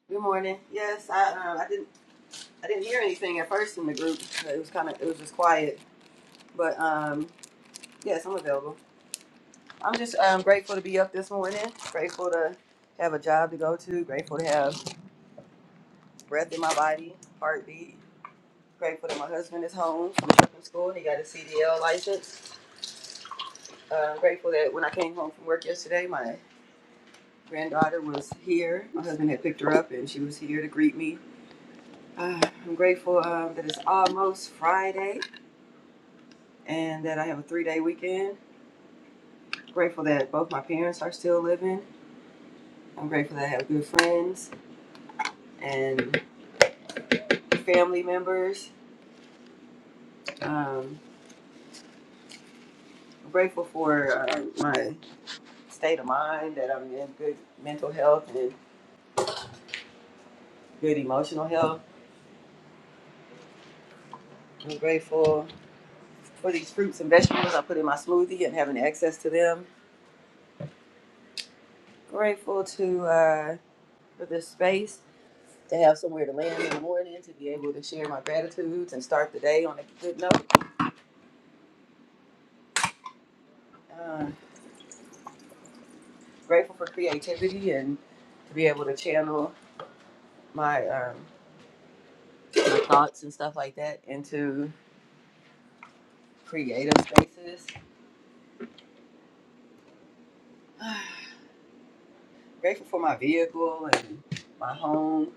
Good morning. Yes, I um, I didn't I didn't hear anything at first in the group. It was kind of it was just quiet. But um, yes, I'm available. I'm just um, grateful to be up this morning. Grateful to have a job to go to. Grateful to have breath in my body, heartbeat. Grateful that my husband is home from trucking school and he got a CDL license. Uh, grateful that when I came home from work yesterday, my granddaughter was here. My husband had picked her up and she was here to greet me. Uh, I'm grateful um, that it's almost Friday. and that I have a three day weekend. I'm Grateful that both my parents are still living. I'm grateful that I have good friends and family members. Um, I'm grateful for uh, my state of mind, that I'm in good mental health and good emotional health. I'm grateful for these fruits and vegetables I put in my smoothie and having access to them. Grateful to uh, for this space to have somewhere to land in the morning, to be able to share my gratitudes and start the day on a good note. Uh, grateful for creativity and to be able to channel my um, my thoughts and stuff like that into creative spaces. grateful for my vehicle and my home.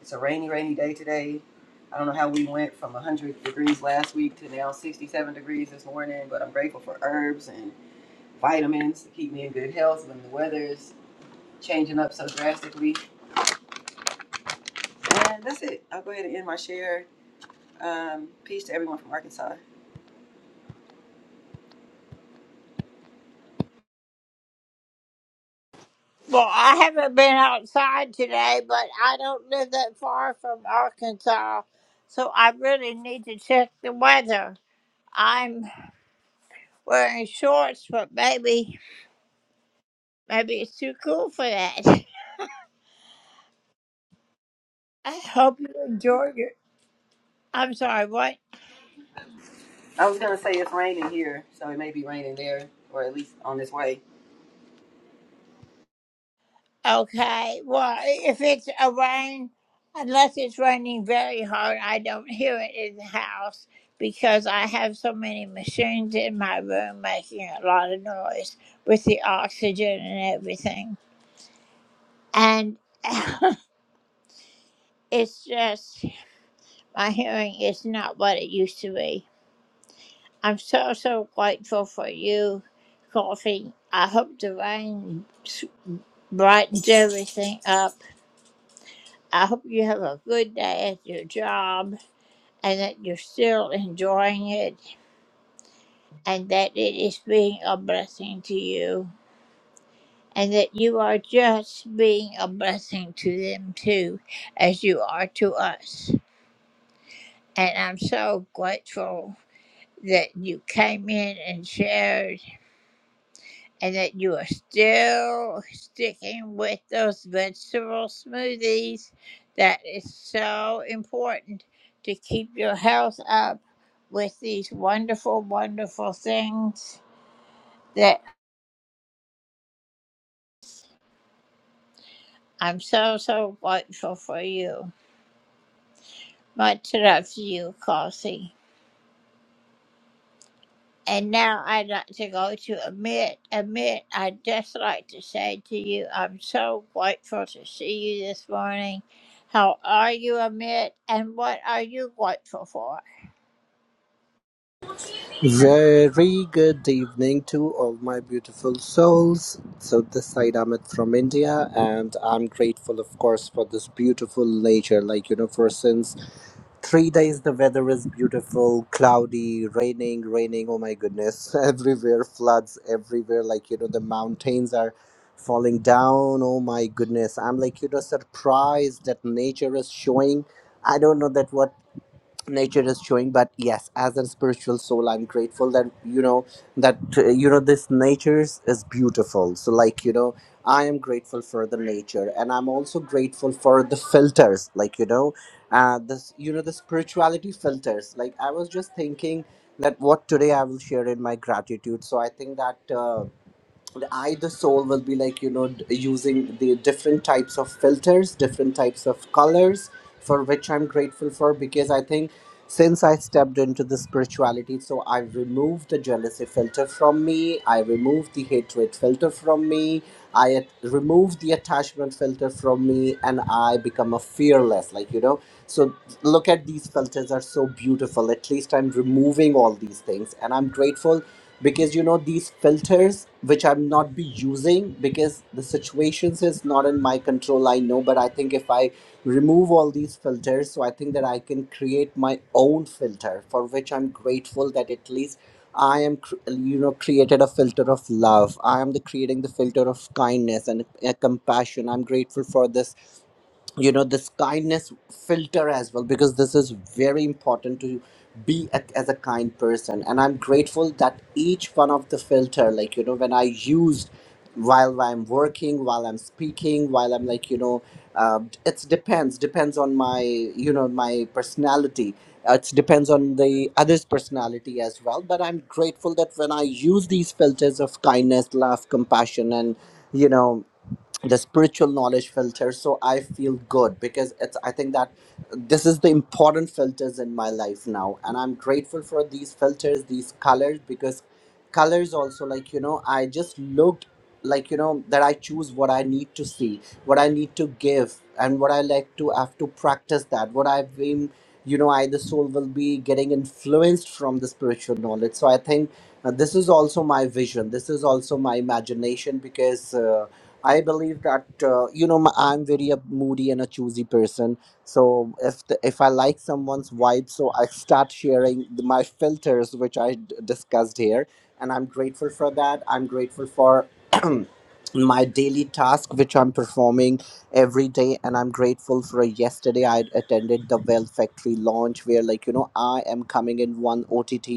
It's a rainy, rainy day today. I don't know how we went from 100 degrees last week to now 67 degrees this morning, but I'm grateful for herbs and vitamins to keep me in good health when the weather's changing up so drastically. And that's it. I'll go ahead and end my share. Um, peace to everyone from Arkansas. I was gonna say it's raining here, so it may be raining there, or at least on this way.
Very good evening to all my beautiful souls. So this side Amit from India and I'm grateful of course for this beautiful nature. Like you know, for since three days the weather is beautiful, cloudy, raining, raining, oh my goodness. Everywhere floods, everywhere, like you know, the mountains are falling down. Oh my goodness. I'm like, you know, surprised that nature is showing I don't know that what nature is showing but yes as a spiritual soul i'm grateful that you know that uh, you know this nature is is beautiful so like you know i am grateful for the nature and i'm also grateful for the filters like you know uh this you know the spirituality filters like i was just thinking that what today i will share in my gratitude so i think that uh, I, the soul, will be like, you know, d- using the different types of filters, different types of colors, for which I'm grateful for because I think since I stepped into the spirituality, so I removed the jealousy filter from me, I removed the hatred filter from me, I at- removed the attachment filter from me, and I become a fearless, like, you know. So look at these filters are so beautiful. At least I'm removing all these things, and I'm grateful because you know these filters which i'm not be using because the situations is not in my control i know but i think if i remove all these filters so i think that i can create my own filter for which i'm grateful that at least i am cr- you know created a filter of love i am the creating the filter of kindness and uh, compassion i'm grateful for this you know this kindness filter as well because this is very important to be a, as a kind person and i'm grateful that each one of the filter like you know when i used while i'm working while i'm speaking while i'm like you know uh, it depends depends on my you know my personality Uh, it depends on the other's personality as well but i'm grateful that when i use these filters of kindness love compassion and you know the spiritual knowledge filter so i feel good because it's i think that this is the important filters in my life now and i'm grateful for these filters these colors because colors also like you know i just looked like you know that i choose what i need to see what i need to give and what i like to have to practice that what i've been you know i the soul will be getting influenced from the spiritual knowledge so i think uh, this is also my vision this is also my imagination because uh, I believe that uh, you know i I'm very a moody and a choosy person. So if the, if I like someone's vibe, so I start sharing the, my filters, which I d- discussed here, and I'm grateful for that. I'm grateful for my daily task, which I'm performing every day, and I'm grateful for yesterday. I attended the Well Factory launch, where like you know I am coming in one OTT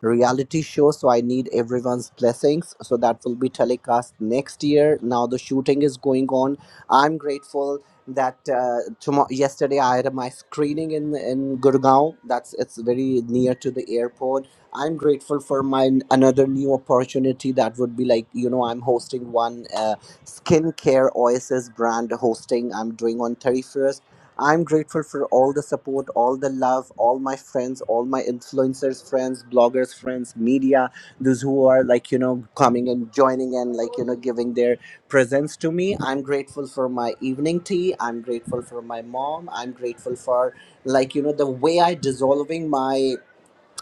reality show so i need everyone's blessings so that will be telecast next year now the shooting is going on i'm grateful that uh, tomorrow yesterday i had my screening in in gurgaon that's it's very near to the airport i'm grateful for my another new opportunity that would be like you know i'm hosting one uh, skincare oasis brand hosting i'm doing on 31st I'm grateful for all the support, all the love, all my friends, all my influencers, friends, bloggers, friends, media, those who are like, you know, coming and joining and like, you know, giving their presence to me. I'm grateful for my evening tea. I'm grateful for my mom. I'm grateful for like, you know, the way I dissolving my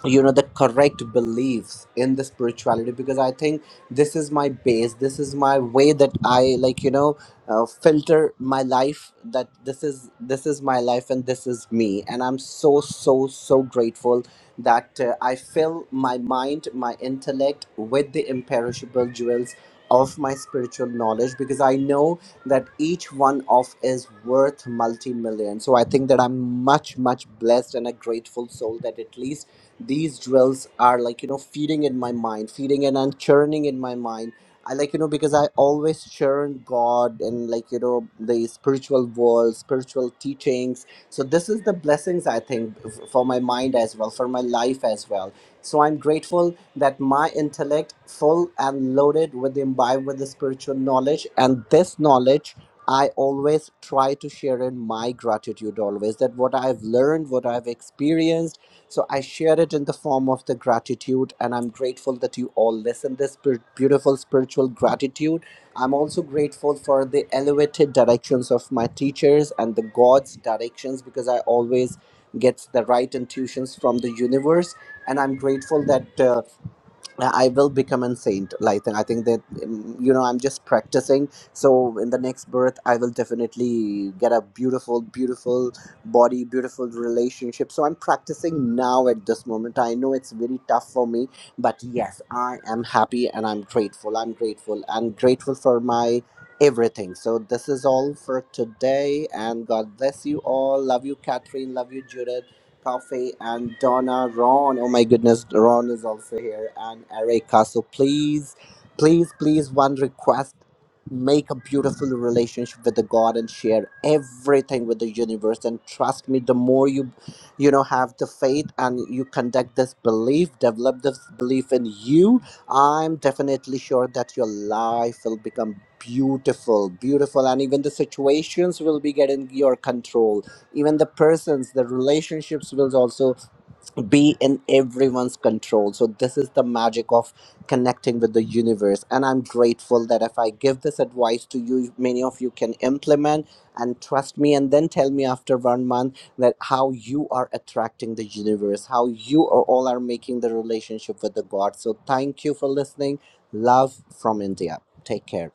you know the correct beliefs in the spirituality because i think this is my base this is my way that i like you know uh, filter my life that this is this is my life and this is me and i'm so so so grateful that uh, i fill my mind my intellect with the imperishable jewels of my spiritual knowledge because i know that each one of is worth multi-million so i think that i'm much much blessed and a grateful soul that at least these drills are like you know feeding in my mind feeding in and churning in my mind i like you know because i always churn god and like you know the spiritual world spiritual teachings so this is the blessings i think f- for my mind as well for my life as well so i'm grateful that my intellect full and loaded with imbibed with the spiritual knowledge and this knowledge I always try to share in my gratitude always that what I've learned, what I've experienced, so I share it in the form of the gratitude, and I'm grateful that you all listen this spir- beautiful spiritual gratitude. I'm also grateful for the elevated directions of my teachers and the God's directions because I always get the right intuitions from the universe, and I'm grateful that. Uh, uh, I will become a saint. Like I think that mm, you know I'm just practicing. So in the next birth, I will definitely get a beautiful, beautiful body, beautiful relationship. So I'm practicing now at this moment. I know it's very tough for me, but yes, I am happy and I'm grateful. I'm grateful. I'm grateful for my everything. So this is all for today, and God bless you all. Love you, Catherine. Love you, Judith. Puffy and Donna, Ron. Oh my goodness, Ron is also here and Erica. So please, please, please, one request. Make a beautiful relationship with the God and share everything with the universe. And trust me, the more you, you know, have the faith and you conduct this belief, develop this belief in you, I'm definitely sure that your life will become beautiful, beautiful, and even the situations will be getting your control even the persons the relationships will also be in everyone's control so this is the magic of connecting with the universe and i'm grateful that if i give this advice to you many of you can implement and trust me and then tell me after one month that how you are attracting the universe how you are all are making the relationship with the god so thank you for listening love from india take care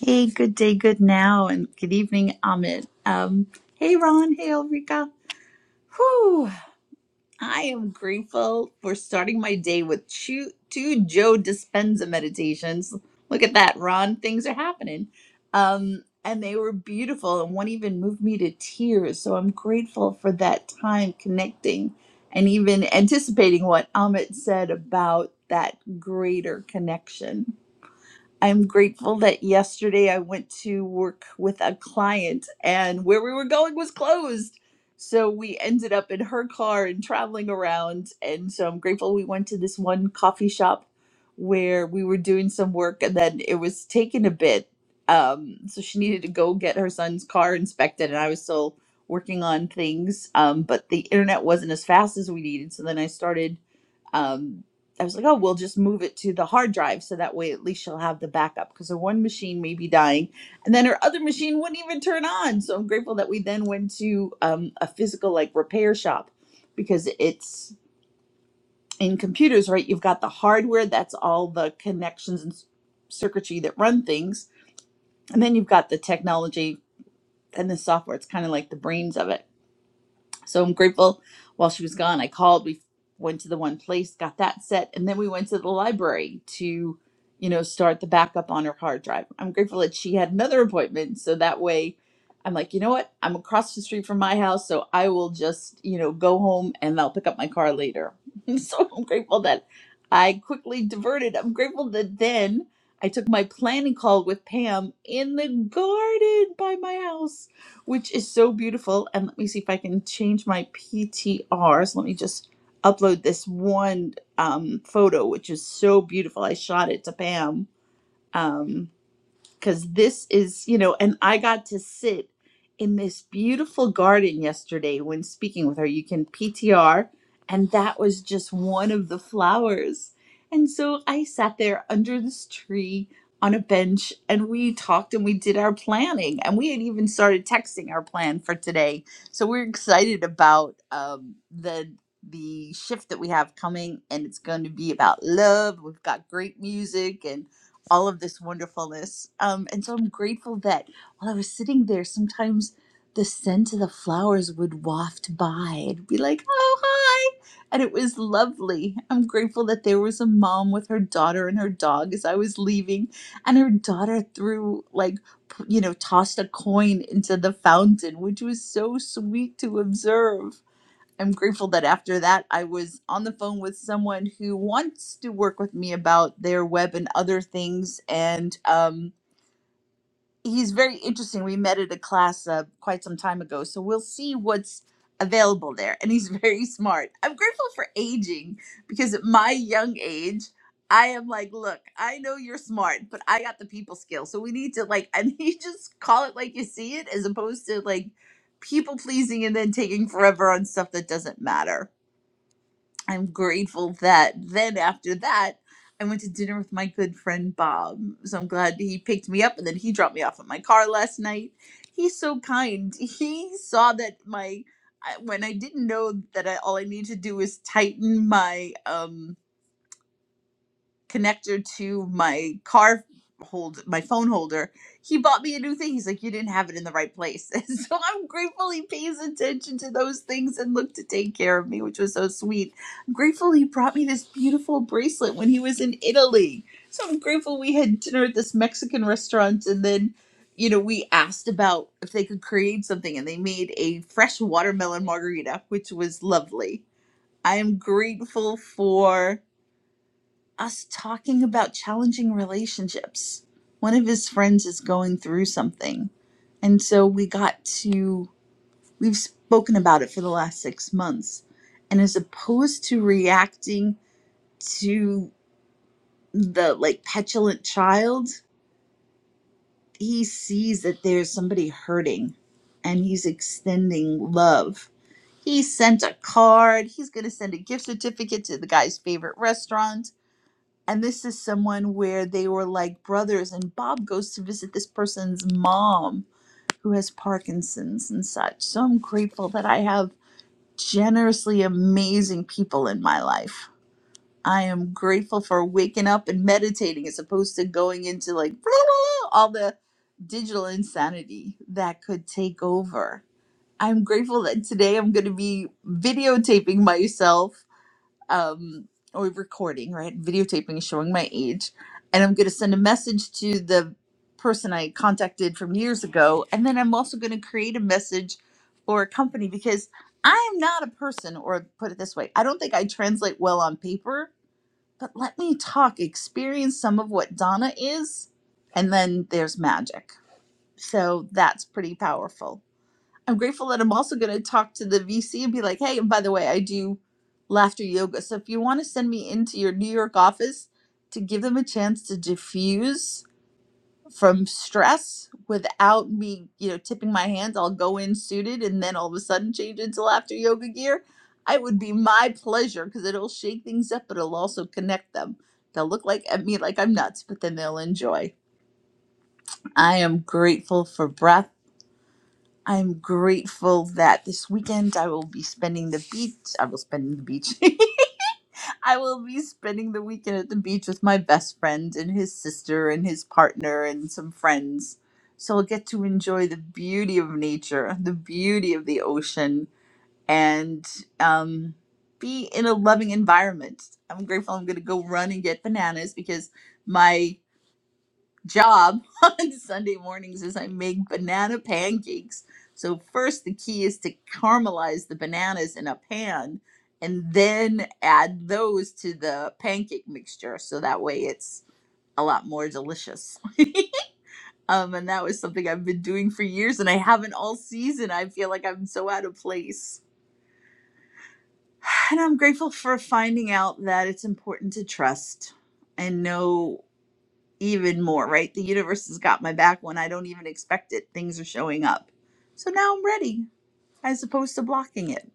Hey, good day, good now, and good evening, Amit. Um, hey, Ron. Hey, Ulrika. Whew. I am grateful for starting my day with two, two Joe Dispenza meditations. Look at that, Ron. Things are happening. Um, and they were beautiful, and one even moved me to tears. So I'm grateful for that time connecting and even anticipating what Amit said about that greater connection I'm grateful that yesterday I went to work with a client and where we were going was closed. So we ended up in her car and traveling around. And so I'm grateful we went to this one coffee shop where we were doing some work and then it was taking a bit. Um, so she needed to go get her son's car inspected and I was still working on things. Um, but the internet wasn't as fast as we needed. So then I started um, I was like, oh, we'll just move it to the hard drive so that way at least she'll have the backup because her one machine may be dying. And then her other machine wouldn't even turn on. So I'm grateful that we then went to um, a physical like repair shop because it's in computers, right? You've got the hardware, that's all the connections and s- circuitry that run things. And then you've got the technology and the software. It's kind of like the brains of it So I'm grateful. While she was gone, I called. We went to the one place, got that set, and then we went to the library to, you know, start the backup on her hard drive. I'm grateful that she had another appointment, so that way, I'm like, you know what? I'm across the street from my house, so I will just, you know, go home and I'll pick up my car later. so I'm grateful that I quickly diverted. I'm grateful that then I took my planning call with Pam in the garden by my house which is so beautiful. And let me see if I can change my PTRs. Let me just upload this one um, photo, which is so beautiful. I shot it to Pam. Um, because this is, you know, and I got to sit in this beautiful garden yesterday when speaking with her. You can PTR, and that was just one of the flowers. And so I sat there under this tree on a bench and we talked and we did our planning and we had even started texting our plan for today so we're excited about um, the the shift that we have coming and it's going to be about love we've got great music and all of this wonderfulness. Um, and so I'm grateful that while I was sitting there, sometimes the scent of the flowers would waft by and be like, oh, hi. And it was lovely. I'm grateful that there was a mom with her daughter and her dog as I was leaving. And her daughter threw, like, p- you know, tossed a coin into the fountain, which was so sweet to observe I'm grateful that after that, I was on the phone with someone who wants to work with me about their web and other things. And um, he's very interesting. We met at a class uh, quite some time ago. So we'll see what's available there. And he's very smart. I'm grateful for aging because at my young age, I am like, look, I know you're smart, but I got the people skill. So we need to like, and he just call it like you see it as opposed to like people pleasing and then taking forever on stuff that doesn't matter. I'm grateful that then after that, I went to dinner with my good friend Bob. So I'm glad he picked me up and then he dropped me off at my car last night. He's so kind. He saw that my I- when I didn't know that I, all I needed to do was tighten my um connector to my car hold my phone holder he bought me a new thing he's like you didn't have it in the right place and so i'm grateful he pays attention to those things and looked to take care of me which was so sweet I'm grateful he brought me this beautiful bracelet when he was in italy so i'm grateful we had dinner at this mexican restaurant and then you know we asked about if they could create something and they made a fresh watermelon margarita which was lovely i am grateful for us talking about challenging relationships. One of his friends is going through something. And so we got to, we've spoken about it for the last six months. And as opposed to reacting to the like petulant child, he sees that there's somebody hurting and he's extending love. He sent a card. He's going to send a gift certificate to the guy's favorite restaurant and this is someone where they were like brothers and bob goes to visit this person's mom who has parkinson's and such so i'm grateful that i have generously amazing people in my life i am grateful for waking up and meditating as opposed to going into like all the digital insanity that could take over i'm grateful that today i'm going to be videotaping myself um or recording right videotaping showing my age and i'm going to send a message to the person i contacted from years ago and then i'm also going to create a message for a company because i am not a person or put it this way i don't think i translate well on paper but let me talk experience some of what donna is and then there's magic so that's pretty powerful I'm grateful that I'm also going to talk to the VC and be like, hey, and by the way, I do laughter yoga. So if you want to send me into your New York office to give them a chance to diffuse from stress without me, you know, tipping my hands, I'll go in suited and then all of a sudden change into laughter yoga gear. It would be my pleasure because it'll shake things up, but it'll also connect them. They'll look like at me like I'm nuts, but then they'll enjoy. I am grateful for breath. I'm grateful that this weekend I will be spending the beach. I will spend the beach. I will be spending the weekend at the beach with my best friend and his sister and his partner and some friends. So I'll get to enjoy the beauty of nature, the beauty of the ocean, and um, be in a loving environment. I'm grateful I'm going to go run and get bananas because my job on Sunday mornings is I make banana pancakes. So first the key is to caramelize the bananas in a pan and then add those to the pancake mixture so that way it's a lot more delicious. um and that was something I've been doing for years and I haven't all season. I feel like I'm so out of place. And I'm grateful for finding out that it's important to trust and know even more, right? The universe has got my back when I don't even expect it. Things are showing up. So now I'm ready as opposed to blocking it.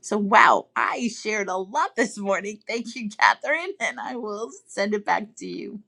So, wow, I shared a lot this morning. Thank you, Catherine, and I will send it back to you.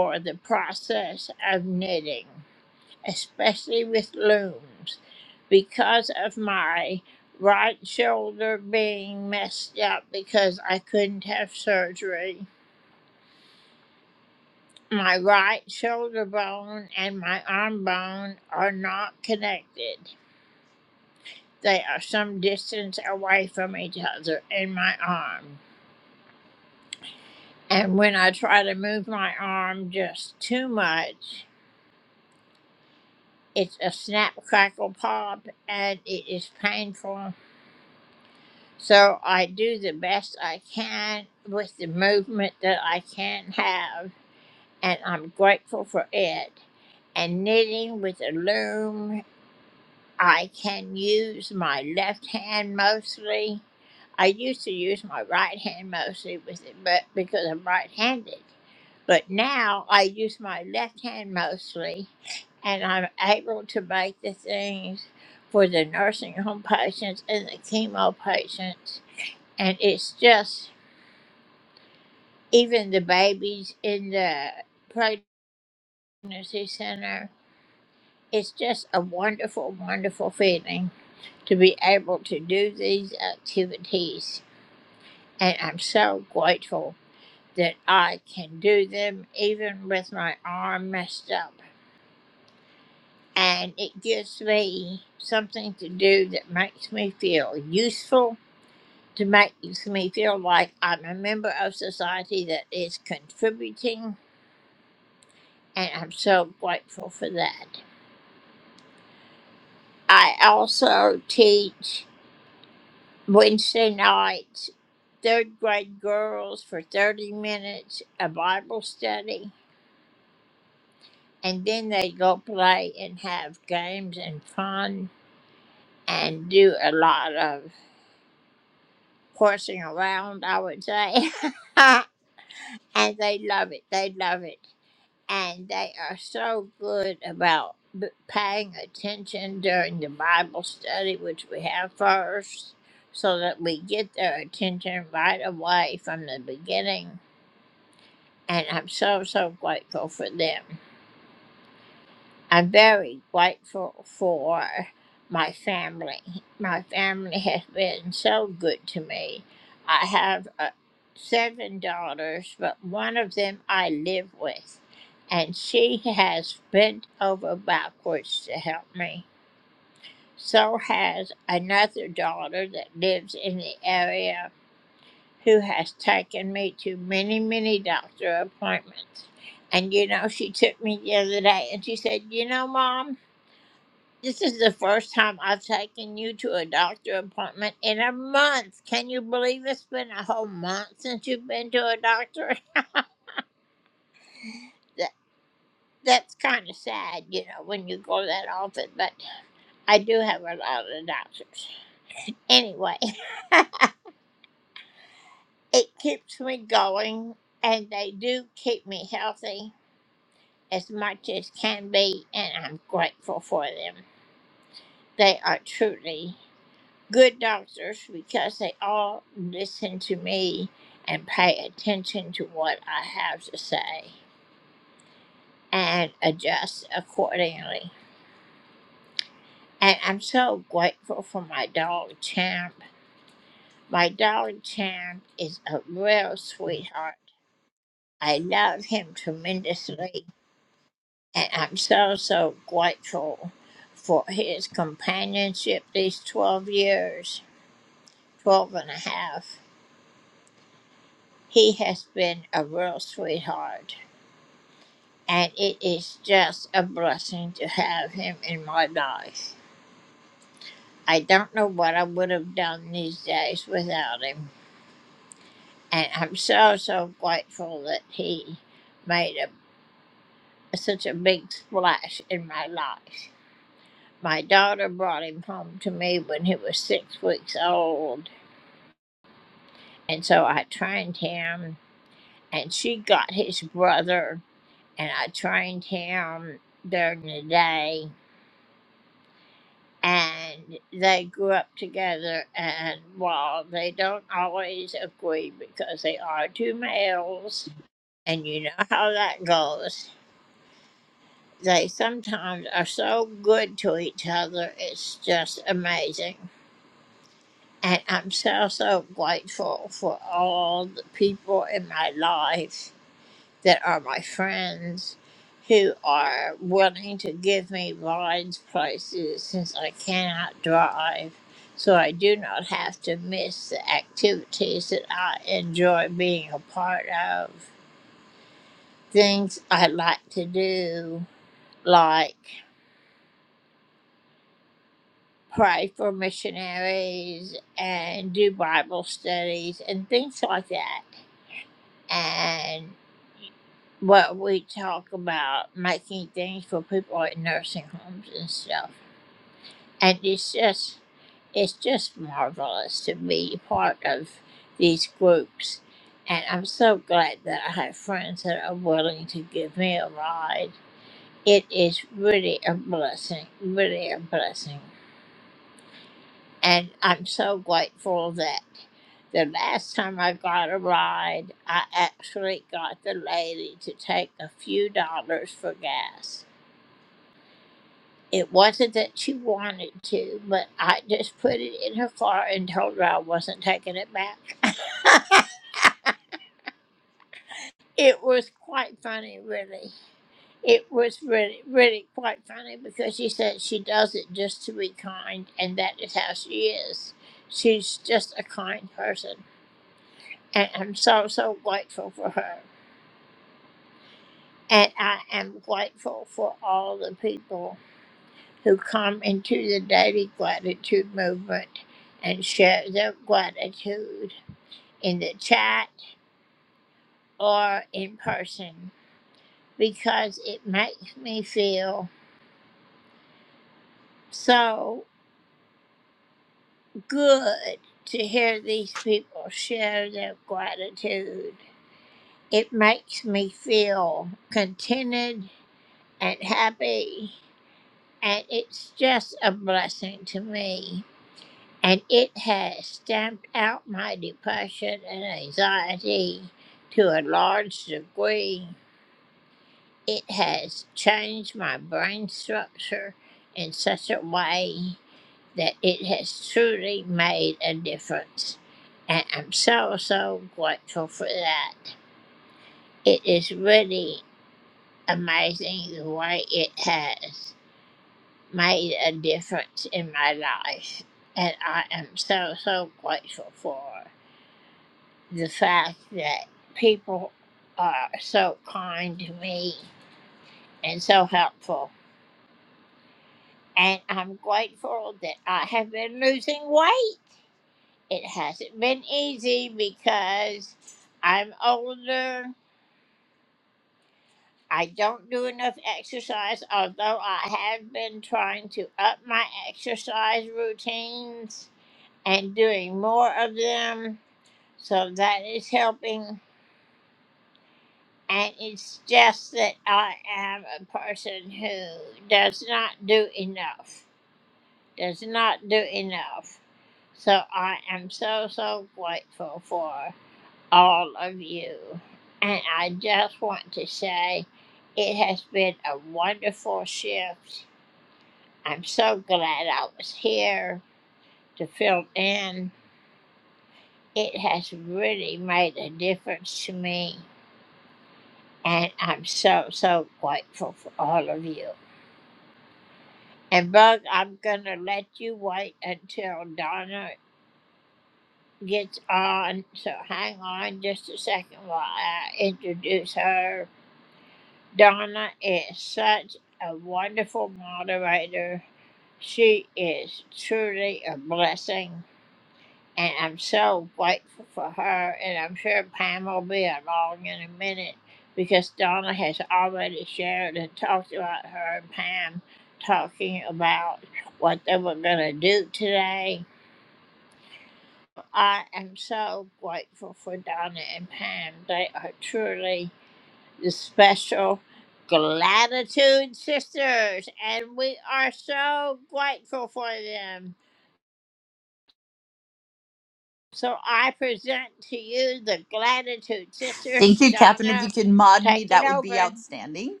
Thank you, Catherine. If you could mod me, that would be outstanding.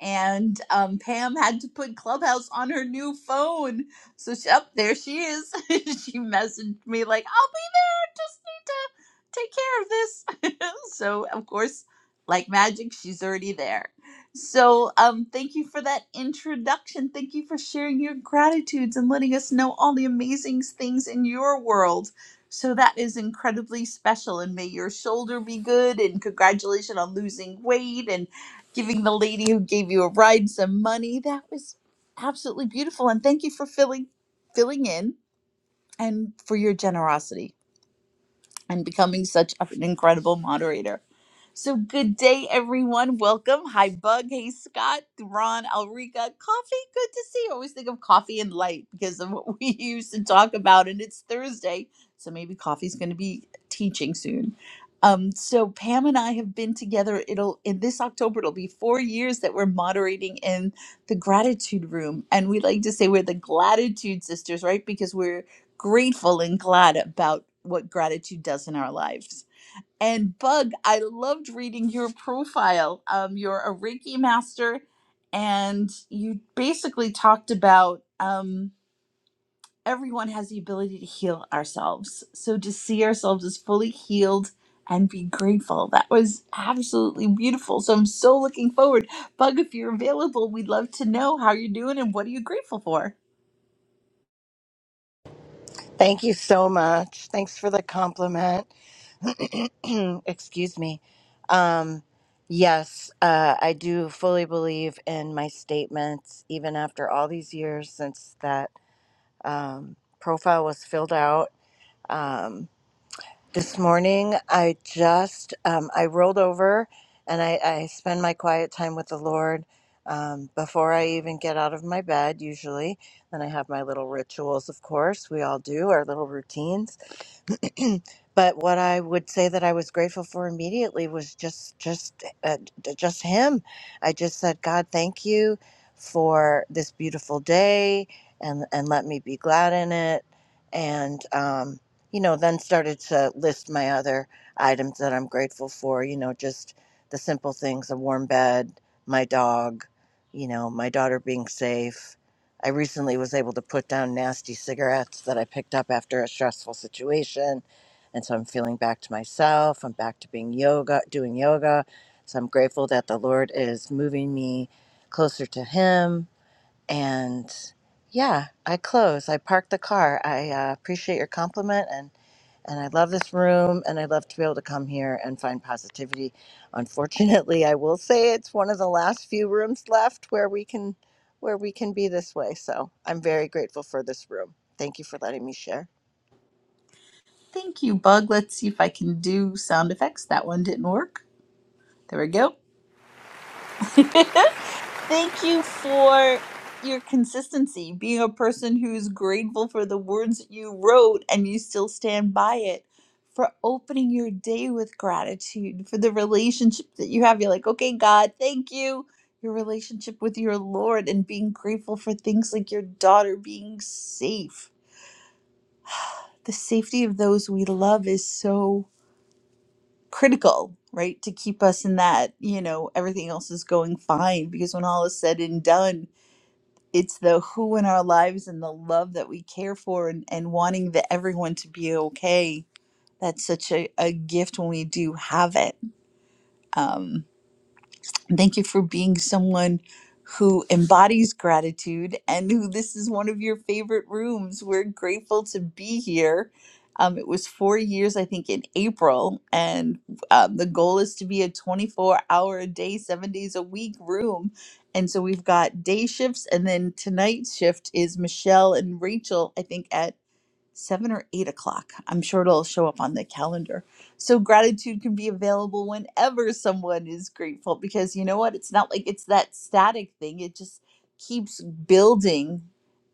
And um, Pam had to put Clubhouse on her new phone. So, she, up there she is. she messaged me, like, I'll be just need to take care of this. so, of course, like magic, she's already there. So, um, thank you for that introduction. Thank you for sharing your gratitudes and letting us know all the amazing things in your world. So, that is incredibly special. And may your shoulder be good. And congratulations on losing weight and giving the lady who gave you a ride some money. That was absolutely beautiful. And thank you for filling filling in and for your generosity and becoming such an incredible moderator. So, good day, everyone. Welcome. Hi, Bug. Hey, Scott, Ron, Alrika. Coffee. Good to see you. I always think of coffee and light because of what we used to talk about, and it's Thursday. So, maybe coffee's going to be teaching soon. Um, so Pam and I have been together. It'll in this October, it'll be four years that we're moderating in the gratitude room. And we like to say we're the gratitude sisters, right? Because we're grateful and glad about what gratitude does in our lives. And Bug, I loved reading your profile. Um, you're a Reiki master, and you basically talked about um, everyone has the ability to heal ourselves. So to see ourselves as fully healed and be grateful, that was absolutely beautiful. So I'm so looking forward. Bug, if you're available, we'd love to know how you're doing and what are you grateful for.
Thank you so much. Thanks for the compliment. Excuse me. Um, yes, uh, I do fully believe in my statements, even after all these years since that um, profile was filled out. Um, this morning, I just um, I rolled over and I, I spend my quiet time with the Lord um, before I even get out of my bed. Usually, then I have my little rituals. Of course, we all do our little routines but what I would say that I was grateful for immediately was just just uh, d- just him. I just said, God, thank you for this beautiful day, and and let me be glad in it. And um, you know, then started to list my other items that I'm grateful for. You know, just the simple things: a warm bed, my dog, you know, my daughter being safe I recently was able to put down nasty cigarettes that I picked up after a stressful situation. And so I'm feeling back to myself. I'm back to being yoga, doing yoga. So I'm grateful that the Lord is moving me closer to Him and yeah, I close. I park the car. I uh, appreciate your compliment and and I love this room and I love to be able to come here and find positivity. Unfortunately, I will say it's one of the last few rooms left where we can where we can be this way. So, I'm very grateful for this room. Thank you for letting me share.
Thank you, Bug. Let's see if I can do sound effects. That one didn't work. There we go. Thank you for your consistency, being a person who's grateful for the words that you wrote and you still stand by it, for opening your day with gratitude, for the relationship that you have. You're like, okay, God, thank you. Your relationship with your Lord and being grateful for things like your daughter being safe. The safety of those we love is so critical, right? To keep us in that, you know, everything else is going fine. Because when all is said and done, it's the who in our lives and the love that we care for and, and wanting that everyone to be okay. That's such a, a gift when we do have it. Um, Thank you for being someone who embodies gratitude and who this is one of your favorite rooms. We're grateful to be here. Um, it was four years, I think, in April, and um, the goal is to be a 24 hour a day, seven days a week room. And so we've got day shifts, and then tonight's shift is Michelle and Rachel, I think, at seven or eight o'clock. I'm sure it'll show up on the calendar. So gratitude can be available whenever someone is grateful because you know what? It's not like it's that static thing. It just keeps building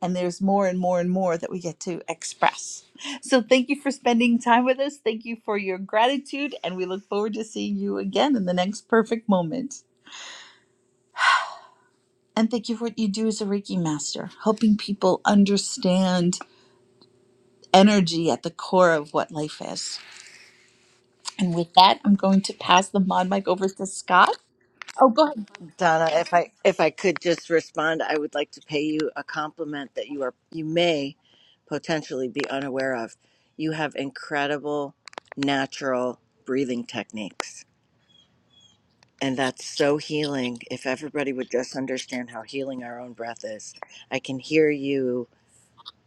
and there's more and more and more that we get to express. So thank you for spending time with us. Thank you for your gratitude and we look forward to seeing you again in the next perfect moment. And thank you for what you do as a Reiki master, helping people understand energy at the core of what life is. And with that, I'm going to pass the mod mic over to Scott. Oh, go ahead.
Donna, if I if I could just respond, I would like to pay you a compliment that you are you may potentially be unaware of. You have incredible natural breathing techniques. And that's so healing. If everybody would just understand how healing our own breath is. I can hear you.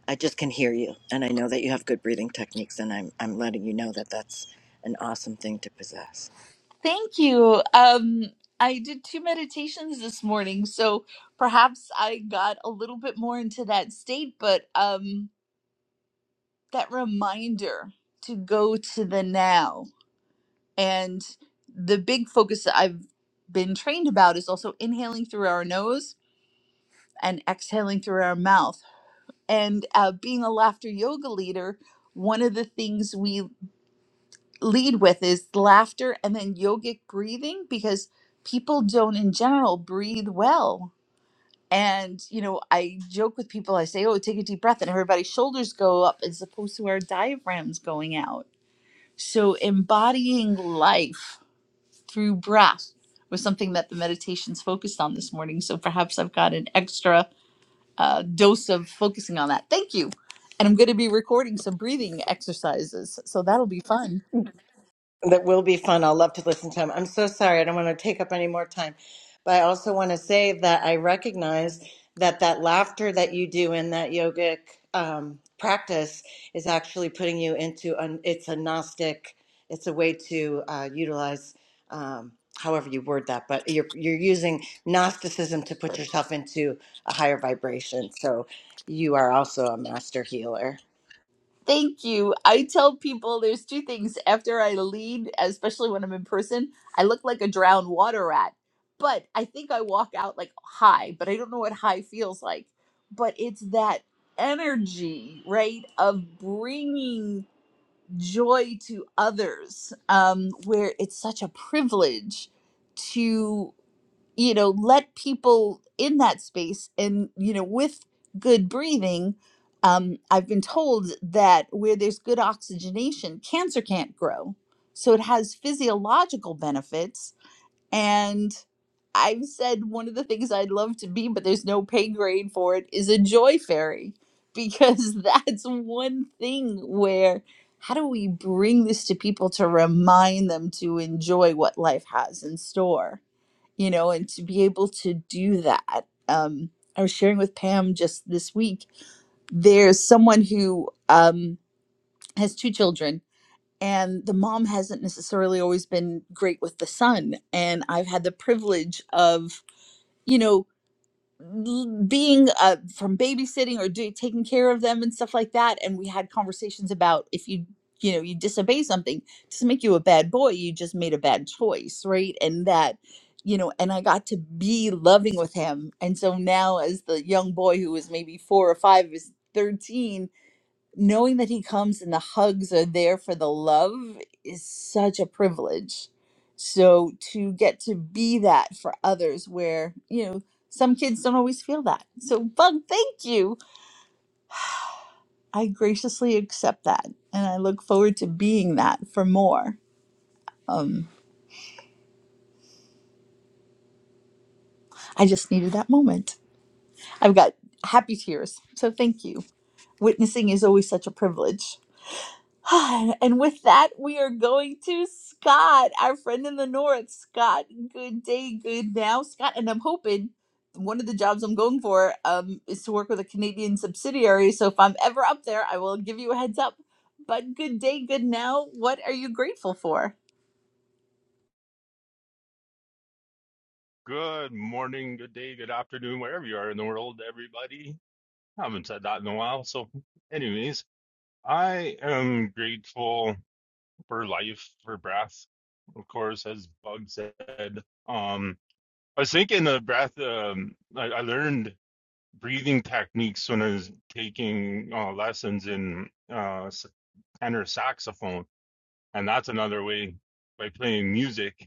I just can hear you. And I know that you have good breathing techniques and I'm I'm letting you know that that's an awesome thing to possess.
Thank you. Um, I did two meditations this morning, so perhaps I got a little bit more into that state, but um, that reminder to go to the now. And the big focus that I've been trained about is also inhaling through our nose and exhaling through our mouth. And uh, being a laughter yoga leader, one of the things we lead with is laughter and then yogic breathing because people don't in general breathe well. And, you know, I joke with people, I say, oh, take a deep breath, and everybody's shoulders go up as opposed to our diaphragms going out. So embodying life through breath was something that the meditations focused on this morning. So perhaps I've got an extra uh, dose of focusing on that. Thank you. And I'm going to be recording some breathing exercises. So that'll be fun.
That will be fun. I'll love to listen to him. I'm so sorry. I don't want to take up any more time. But I also want to say that I recognize that that laughter that you do in that yogic um, practice is actually putting you into an, it's a Gnostic, it's a way to uh, utilize um, however you word that, but you're, you're using Gnosticism to put yourself into a higher vibration. So you are also a master healer.
Thank you. I tell people there's two things after I lead, especially when I'm in person, I look like a drowned water rat. But I think I walk out like high, but I don't know what high feels like. But it's that energy, right, of bringing joy to others, um, where it's such a privilege to you know let people in that space and you know with good breathing um, i've been told that where there's good oxygenation cancer can't grow so it has physiological benefits and i've said one of the things i'd love to be but there's no pay grade for it is a joy fairy because that's one thing where how do we bring this to people to remind them to enjoy what life has in store you know, and to be able to do that. Um, I was sharing with Pam just this week. There's someone who um, has two children, and the mom hasn't necessarily always been great with the son. And I've had the privilege of, you know, being uh, from babysitting or do, taking care of them and stuff like that and we had conversations about if you you know you disobey something it doesn't make you a bad boy you just made a bad choice right and that you know and i got to be loving with him and so now as the young boy who was maybe four or five is 13 knowing that he comes and the hugs are there for the love is such a privilege. So to get to be that for others where, you know, some kids don't always feel that. So Bug, thank you. I graciously accept that and I look forward to being that for more. Um I just needed that moment. I've got happy tears. So thank you. Witnessing is always such a privilege. Ah, And with that, we are going to Scott, our friend in the north. Scott, good day, good now, Scott. And I'm hoping one of the jobs I'm going for um, is to work with a Canadian subsidiary. So if I'm ever up there, I will give you a heads up. But good day, good now. What are you grateful for?
Good morning, good day, good afternoon, wherever you are in the world, everybody. I haven't said that in a while. So, anyways, I am grateful for life, for breath, of course, as Bug said. Um, I was thinking the breath, um, I, I learned breathing techniques when I was taking uh, lessons in uh, s- tenor saxophone. And that's another way by playing music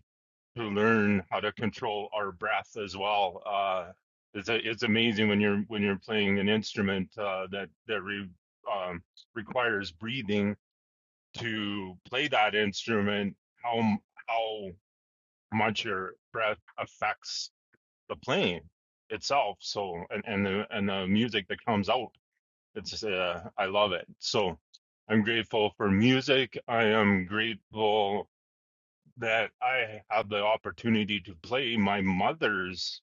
to learn how to control our breath as well. Uh, it's a, it's amazing when you're when you're playing an instrument uh, that that re, um, requires breathing to play that instrument. How how much your breath affects the playing itself. So and and the and the music that comes out. It's uh, I love it. So I'm grateful for music. I am grateful that I had the opportunity to play my mother's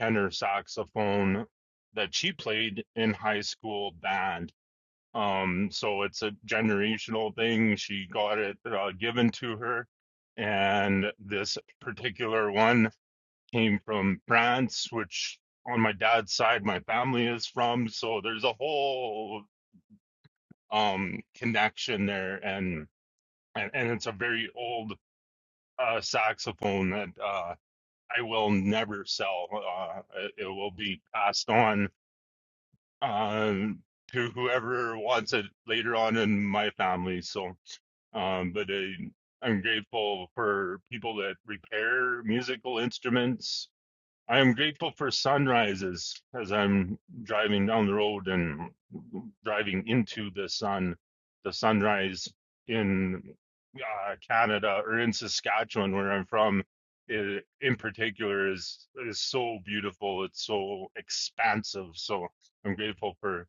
tenor saxophone that she played in high school band. Um, so it's a generational thing. She got it uh, given to her. And this particular one came from France, which on my dad's side, my family is from. So there's a whole um, connection there. And, and, and it's a very old uh, saxophone that uh, I will never sell. Uh, it, it will be passed on um, to whoever wants it later on in my family. So, um, but I, I'm grateful for people that repair musical instruments I am grateful for sunrises as I'm driving down the road and driving into the sun, the sunrise in uh, Canada or in Saskatchewan, where I'm from, i in particular, is is so beautiful. It's so expansive. So I'm grateful for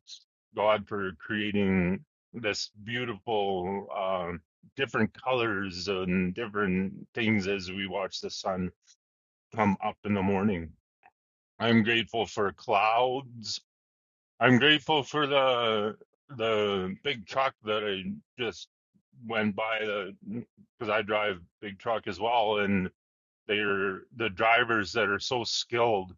God for creating this beautiful, uh, different colors and different things as we watch the sun come up in the morning. I'm grateful for clouds. I'm grateful for the the big truck that I just went by because I drive big truck as well, and they're the drivers that are so skilled.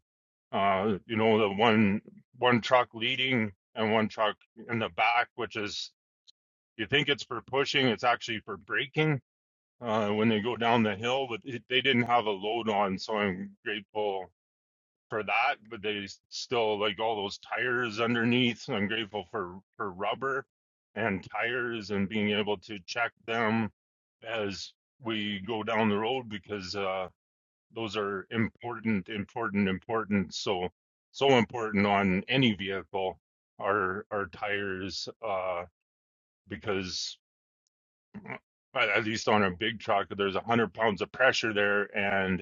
Uh, you know, the one one truck leading and one truck in the back, which is you think it's for pushing, it's actually for braking uh, when they go down the hill. But it, they didn't have a load on, so I'm grateful for that, but they still like all those tires underneath. so I'm grateful for for rubber and tires and being able to check them as we go down the road because uh, those are important, important, important. So so important on any vehicle are are tires uh, because. uh, At at least on a big truck, there's a hundred pounds of pressure there, and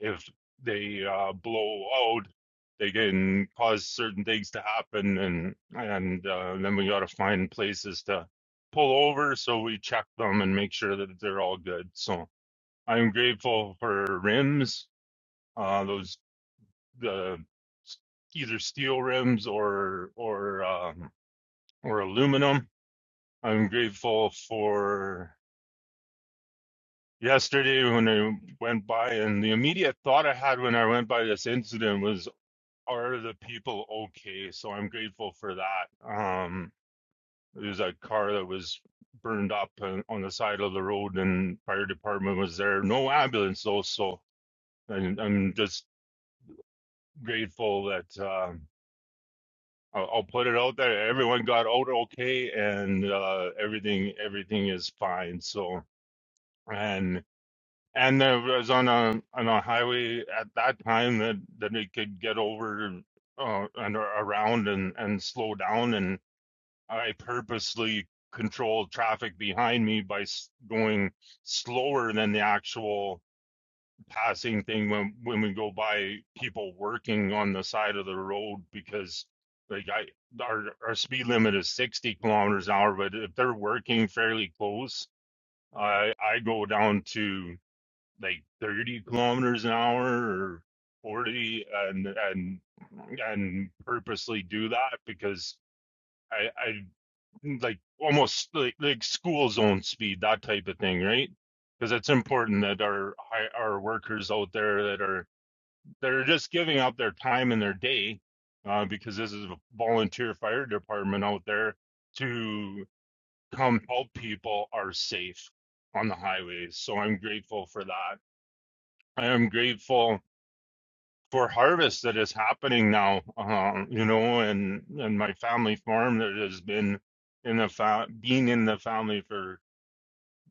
if they uh, blow out, they can cause certain things to happen, and and uh, then we got to find places to pull over so we check them and make sure that they're all good. So I'm grateful for rims, uh, those the s- either steel rims or or um, or aluminum. I'm grateful for yesterday when I went by, and the immediate thought I had when I went by this incident was, are the people okay? So I'm grateful for that. Um, there's a car that was burned up on, on the side of the road, and fire department was there. No ambulance though, so and I'm just grateful that um, I'll, I'll put it out there. Everyone got out okay, and uh, everything everything is fine. So and and there was on a on a highway at that time that that it could get over uh, and around and and slow down and I purposely controlled traffic behind me by going slower than the actual passing thing when when we go by people working on the side of the road because like I our our speed limit is 60 kilometers an hour but if they're working fairly close I I go down to like 30 kilometers an hour or 40 and and and purposely do that because I, I like almost like, like school zone speed, that type of thing, right? Because it's important that our our workers out there that are that are just giving up their time and their day, uh, because this is a volunteer fire department out there to come help people are safe on the highways. So I'm grateful for that. I am grateful for harvest that is happening now, um, you know, and and my family farm that has been in the fa- being in the family for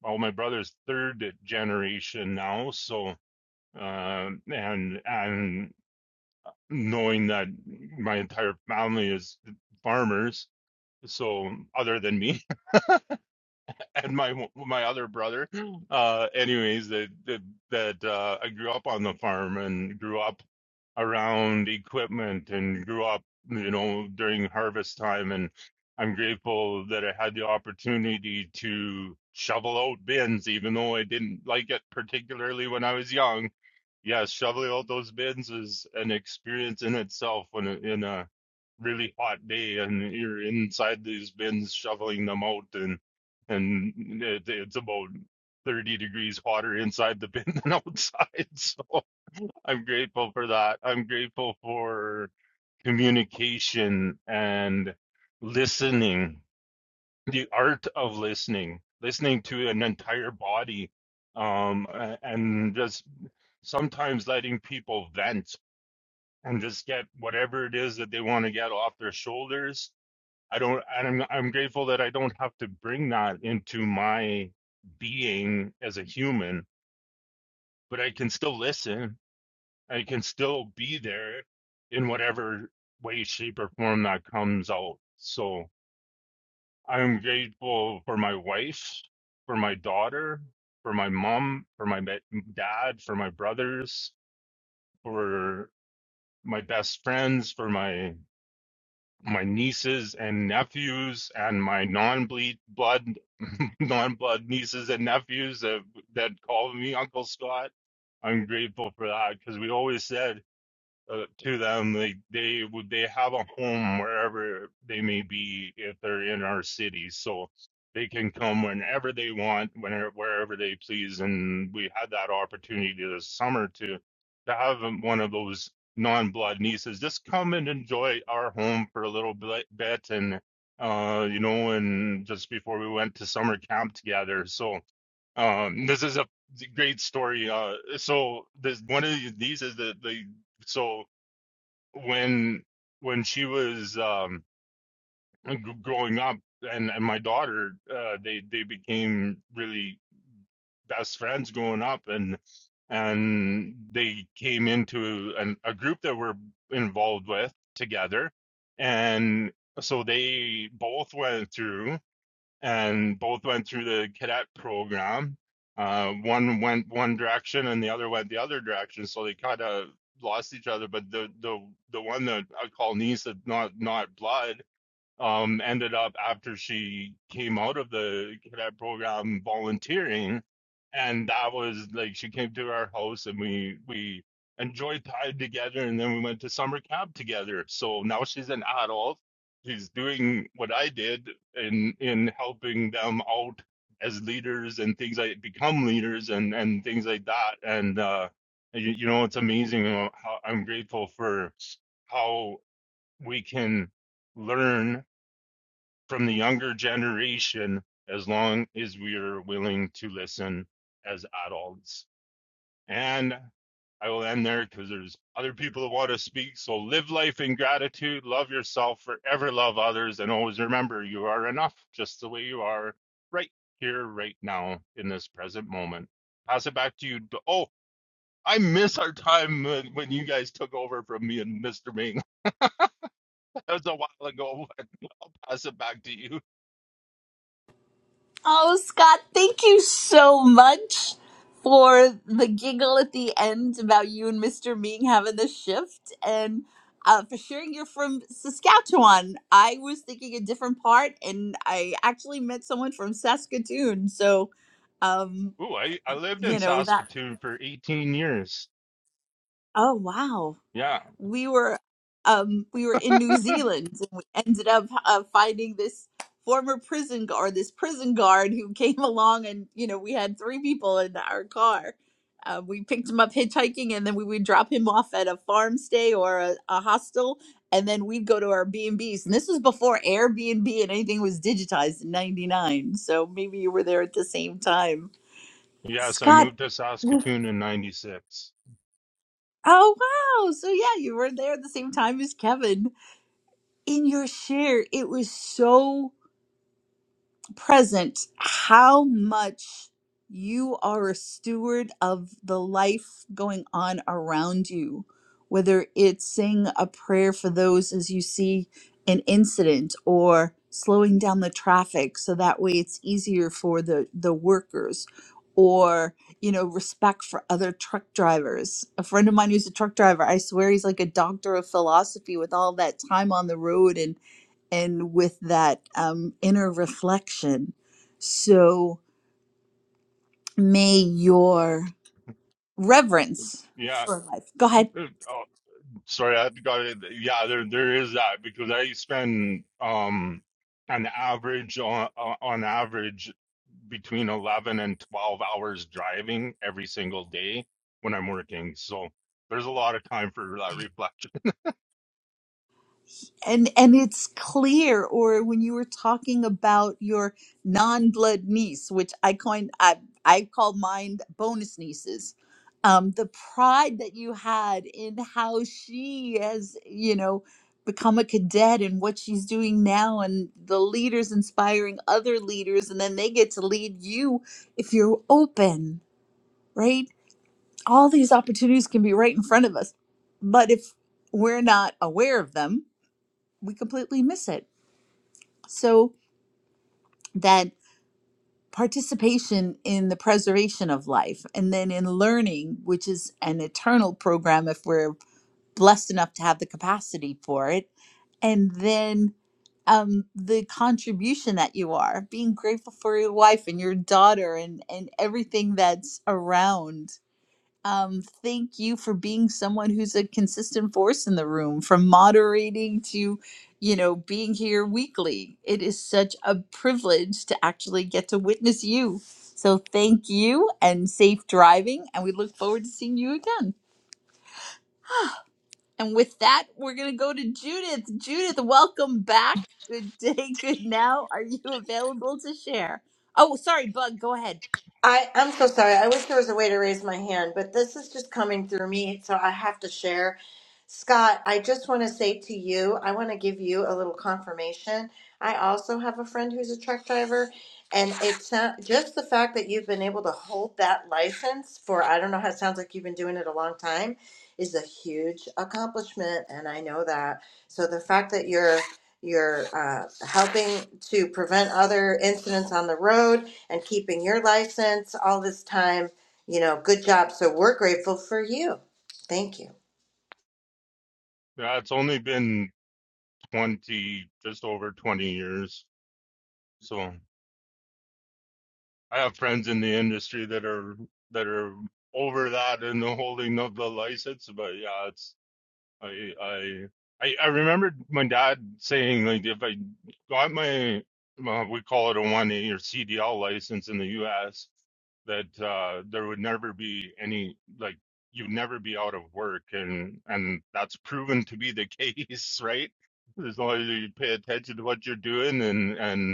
well, my brother's third generation now, so uh, and and knowing that my entire family is farmers, so other than me and my my other brother, uh, anyways, that that that uh, I grew up on the farm and grew up around equipment and grew up, you know, during harvest time. And I'm grateful that I had the opportunity to shovel out bins, even though I didn't like it particularly when I was young. Yes, shoveling out those bins is an experience in itself when it- in a really hot day and you're inside these bins shoveling them out and and it, it's about 30 degrees hotter inside the bin than outside. So I'm grateful for that. I'm grateful for communication and listening, the art of listening, listening to an entire body, um, a- and just sometimes letting people vent and just get whatever it is that they want to get off their shoulders. I don't, and I'm, I'm grateful that I don't have to bring that into my being as a human, but I can still listen and it can still be there in whatever way, shape, or form that comes out. So I'm grateful for my wife, for my daughter, for my mom, for my ma- dad, for my brothers, for my best friends, for my my nieces and nephews and my non-bleed blood non-blood nieces and nephews that, that call me uncle scott i'm grateful for that because we always said uh, to them. They they would they have a home wherever they may be if they're in our city, so they can come whenever they want, whenever wherever they please. And we had that opportunity this summer to to have one of those non-blood nieces just come and enjoy our home for a little bit, bit and uh you know and just before we went to summer camp together so um this is a great story uh so this one of these is the the so when when she was um g- growing up and and my daughter uh they they became really best friends growing up and and they came into an, a group that we're involved with together and so they both went through and both went through the cadet program. Uh, one went one direction and the other went the other direction, so they kind of lost each other. But the the the one that I call niece, is not not blood, um, ended up after she came out of the cadet program volunteering, and that was like she came to our house and we we enjoyed time together, and then we went to summer camp together. So now she's an adult. She's doing what I did in in helping them out as leaders and things like become leaders and and things like that. And uh, you, you know, it's amazing how I'm grateful for how we can learn from the younger generation as long as we are willing to listen as adults. And I will end there because there's other people that want to speak. So live life in gratitude, love yourself, forever love others, and always remember you are enough just the way you are right here, right now, in this present moment. Pass it back to you. Oh, I miss our time when when you guys took over from me and Mr. Ming. That was a while ago. Pass it back to you.
Oh, Scott, thank you so much for the giggle at the end about you and Mr. Ming having the shift and uh, for sharing you're from Saskatchewan. I was thinking a different part, and I actually met someone from Saskatoon. So, um,
Ooh, I, I lived
you
in
know, that.
Saskatoon for 18 years.
Oh, wow.
Yeah.
we were um we were in New Zealand and we ended up uh, finding this former prison guard this prison guard who came along and you know we had three people in our car uh, we picked him up hitchhiking and then we would drop him off at a farm stay or a, a hostel and then we'd go to our b&b's and Bs. And this was before airbnb and anything was digitized in 99 so maybe you were there at the same time
Yes, I
scott
moved to Saskatoon in 96.
oh wow so yeah you were there at the same time as kevin in your share, it was so present how much you are a steward of the life going on around you, whether it's saying a prayer for those as you see an incident or slowing down the traffic so that way it's easier for the, the workers or you know respect for other truck drivers a friend of mine who's a truck driver i swear he's like a doctor of philosophy with all that time on the road and and with that um, inner reflection. So may your reverence
Yeah.
for life. Go ahead.
mm, uh, Oh, sorry, I got it. Yeah, there there is that because I spend um an average on on on average between 11 and 12 hours driving every single day when I'm working. So there's a lot of time for that reflection.
and and it's clear or when you were talking about your non-blood niece which i coined i i call mine bonus nieces um the pride that you had in how she has you know become a cadet and what she's doing now and the leaders inspiring other leaders and then they get to lead you if you're open right all these opportunities can be right in front of us but if we're not aware of them we completely miss it so that participation in the preservation of life and then in learning which is an eternal program if we're blessed enough to have the capacity for it and then um, the contribution that you are being grateful for your wife and your daughter and and everything that's around Um, thank you for being someone who's a consistent force in the room, from moderating to, you know, being here weekly. It is such a privilege to actually get to witness you. So thank you and safe driving. And we look forward to seeing you again. And with that, we're going to go to Judith. Judith, welcome back. Good day, good now. Are you available to share? Oh, sorry, Bug, go ahead.
I, I'm so sorry. I wish there was a way to raise my hand, but this is just coming through me, so I have to share. Scott, I just want to say to you, I want to give you a little confirmation. I also have a friend who's a truck driver, and it's not, just the fact that you've been able to hold that license for I don't know how it sounds like you've been doing it a long time is a huge accomplishment, and I know that. So the fact that you're you're uh, helping to prevent other incidents on the road and keeping your license all this time. You know, good job. So we're grateful for you. Thank you.
Yeah, it's only been 20, just over 20 years. So. I have friends in the industry that are that are over that and the holding of the license, but yeah, it's I I I, I remember my dad saying like if I got my well, we call it a one A or CDL license in the U.S. that uh, there would never be any like you'd never be out of work and and that's proven to be the case, right? As long as you pay attention to what you're doing and and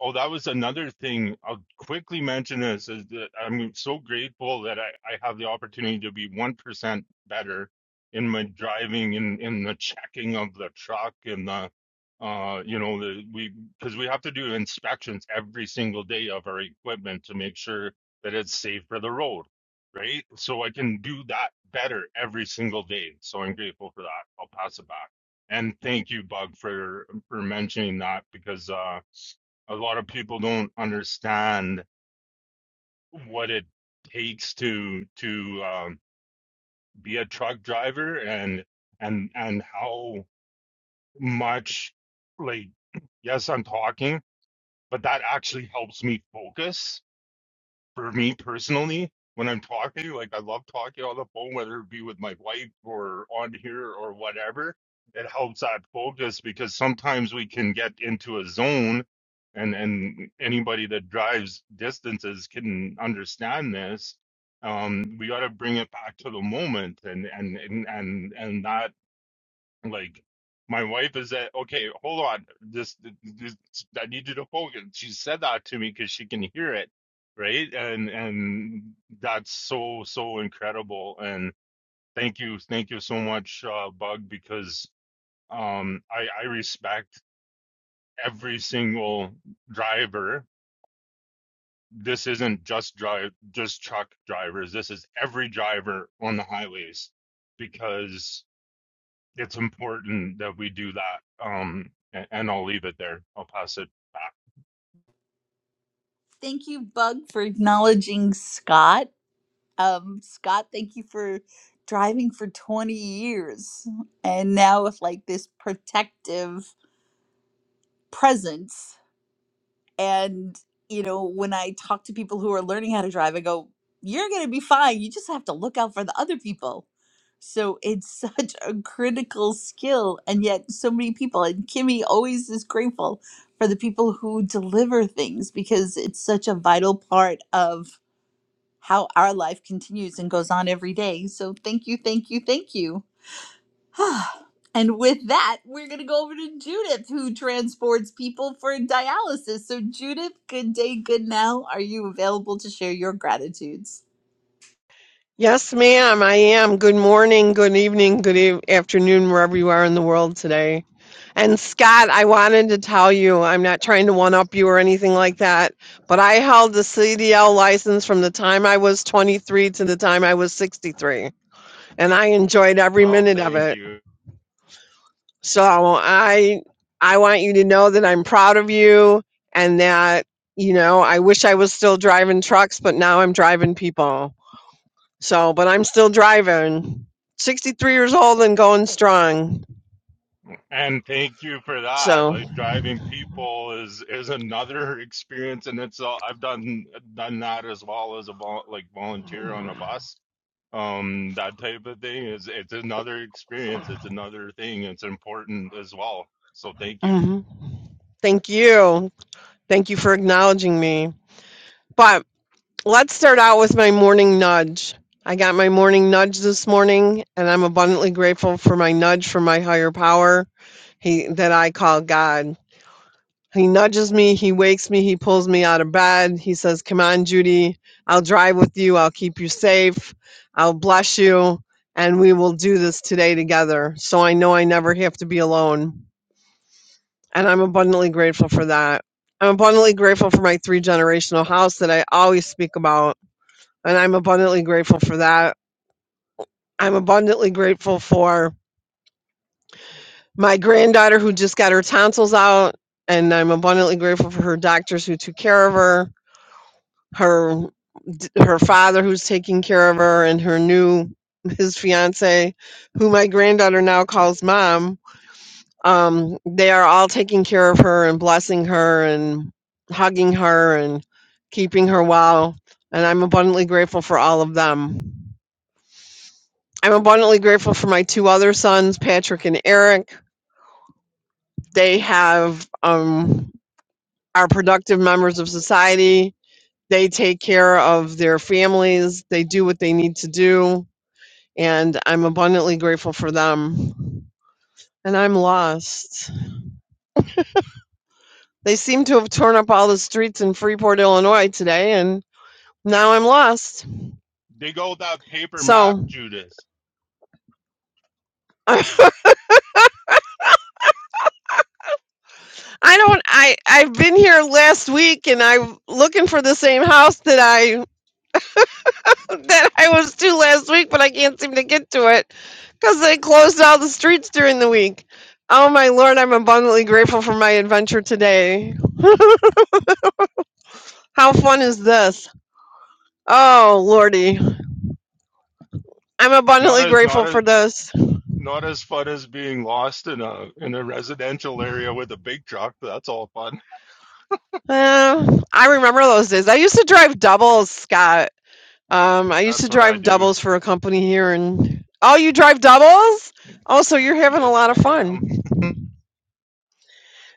Oh, that was another thing. I'll quickly mention this is that I'm so grateful that I, I have the opportunity to be 1% better in my driving in, in the checking of the truck and the, uh, you know, the, we, cause we have to do inspections every single day of our equipment to make sure that it's safe for the road. Right. So I can do that better every single day. So I'm grateful for that. I'll pass it back. And thank you, Bug, for, for mentioning that because, uh, a lot of people don't understand what it takes to to um, be a truck driver and and and how much like yes i'm talking but that actually helps me focus for me personally, when I'm talking, like I love talking on the phone, whether it be with my wife or on here or whatever, it helps that focus because sometimes we can get into a zone and and anybody that drives distances can understand this. Um, we got to bring it back to the moment and and and and, and that like my wife is at okay, hold on. This, this I need you to focus. She said that to me because she can hear it, right? And and that's so so incredible. And thank you, thank you so much, uh, Bug, because um I I respect every single driver. This isn't just drive just truck drivers. This is every driver on the highways because it's important that we do that. Um, and, and I'll leave it there. I'll pass it back.
Thank you, Bug, for acknowledging Scott. Um, Scott, thank you for driving for 20 years and now with like this protective presence. And, you know, when I talk to people who are learning how to drive, I go, you're going to be fine. You just have to look out for the other people. So it's such a critical skill. And yet, so many people, and Kimmy always is grateful for the people who deliver things because it's such a vital part of how our life continues and goes on every day. So thank you, thank you, thank you. and with that, we're going to go over to Judith, who transports people for dialysis. So, Judith, good day, good now. Are you available to share your gratitudes?
Yes, ma'am, I am. Good morning, good evening, good eve- afternoon, wherever you are in the world today. And Scott, I wanted to tell you, I'm not trying to one up you or anything like that, but I held the CDL license from the time I was 23 to the time I was 63, and I enjoyed every
Well,
minute of
thank
it.
you,
So I I want you to know that I'm proud of you and that, you know, I wish I was still driving trucks, but now I'm driving people. So, but I'm still driving. 63 years old and going strong.
and thank you for that.
So,
Like driving people is is another experience, and it's all, I've done done that as well as a vol- like volunteer on a bus. Um, that type of thing is it's another experience. It's another thing. It's important as well. So thank you.
mhm. thank you. Thank you for acknowledging me. But let's start out with my morning nudge. I got my morning nudge this morning and I'm abundantly grateful for my nudge from my higher power he that I call God. He nudges me, he wakes me, he pulls me out of bed. He says, Come on, Judy, I'll drive with you, I'll keep you safe, I'll bless you, and we will do this today together. So I know I never have to be alone. And I'm abundantly grateful for that. I'm abundantly grateful for my three generational house that I always speak about. And I'm abundantly grateful for that. I'm abundantly grateful for my granddaughter who just got her tonsils out. And I'm abundantly grateful for her doctors who took care of her her d- her father who's taking care of her and her new his fiance who my granddaughter now calls mom um they are all taking care of her and blessing her and hugging her and keeping her well and i'm abundantly grateful for all of them i'm abundantly grateful for my two other sons patrick and eric they have um are productive members of society they take care of their families they do what they need to do and I'm abundantly grateful for them. And I'm lost. They seem to have torn up all the streets in Freeport, Illinois today, and now I'm lost.
Dig out that paper map,
So
Judas.
I I don't. I I've been here last week, and I'm looking for the same house that I that I was to last week, but I can't seem to get to it because they closed all the streets during the week. Oh my lord, I'm abundantly grateful for my adventure today. How fun is this? Oh lordy. I'm
Not
abundantly
a not
grateful
a
for those.
Not as fun as being lost in a in a residential area with a big truck. That's all fun.
Uh, I remember those days. I used to drive doubles, Scott. Um, I used to
That's what I
drive
do.
doubles for a company here, and oh, you drive doubles? Oh, so you're having a
Yes,
lot of
ma'am.
fun.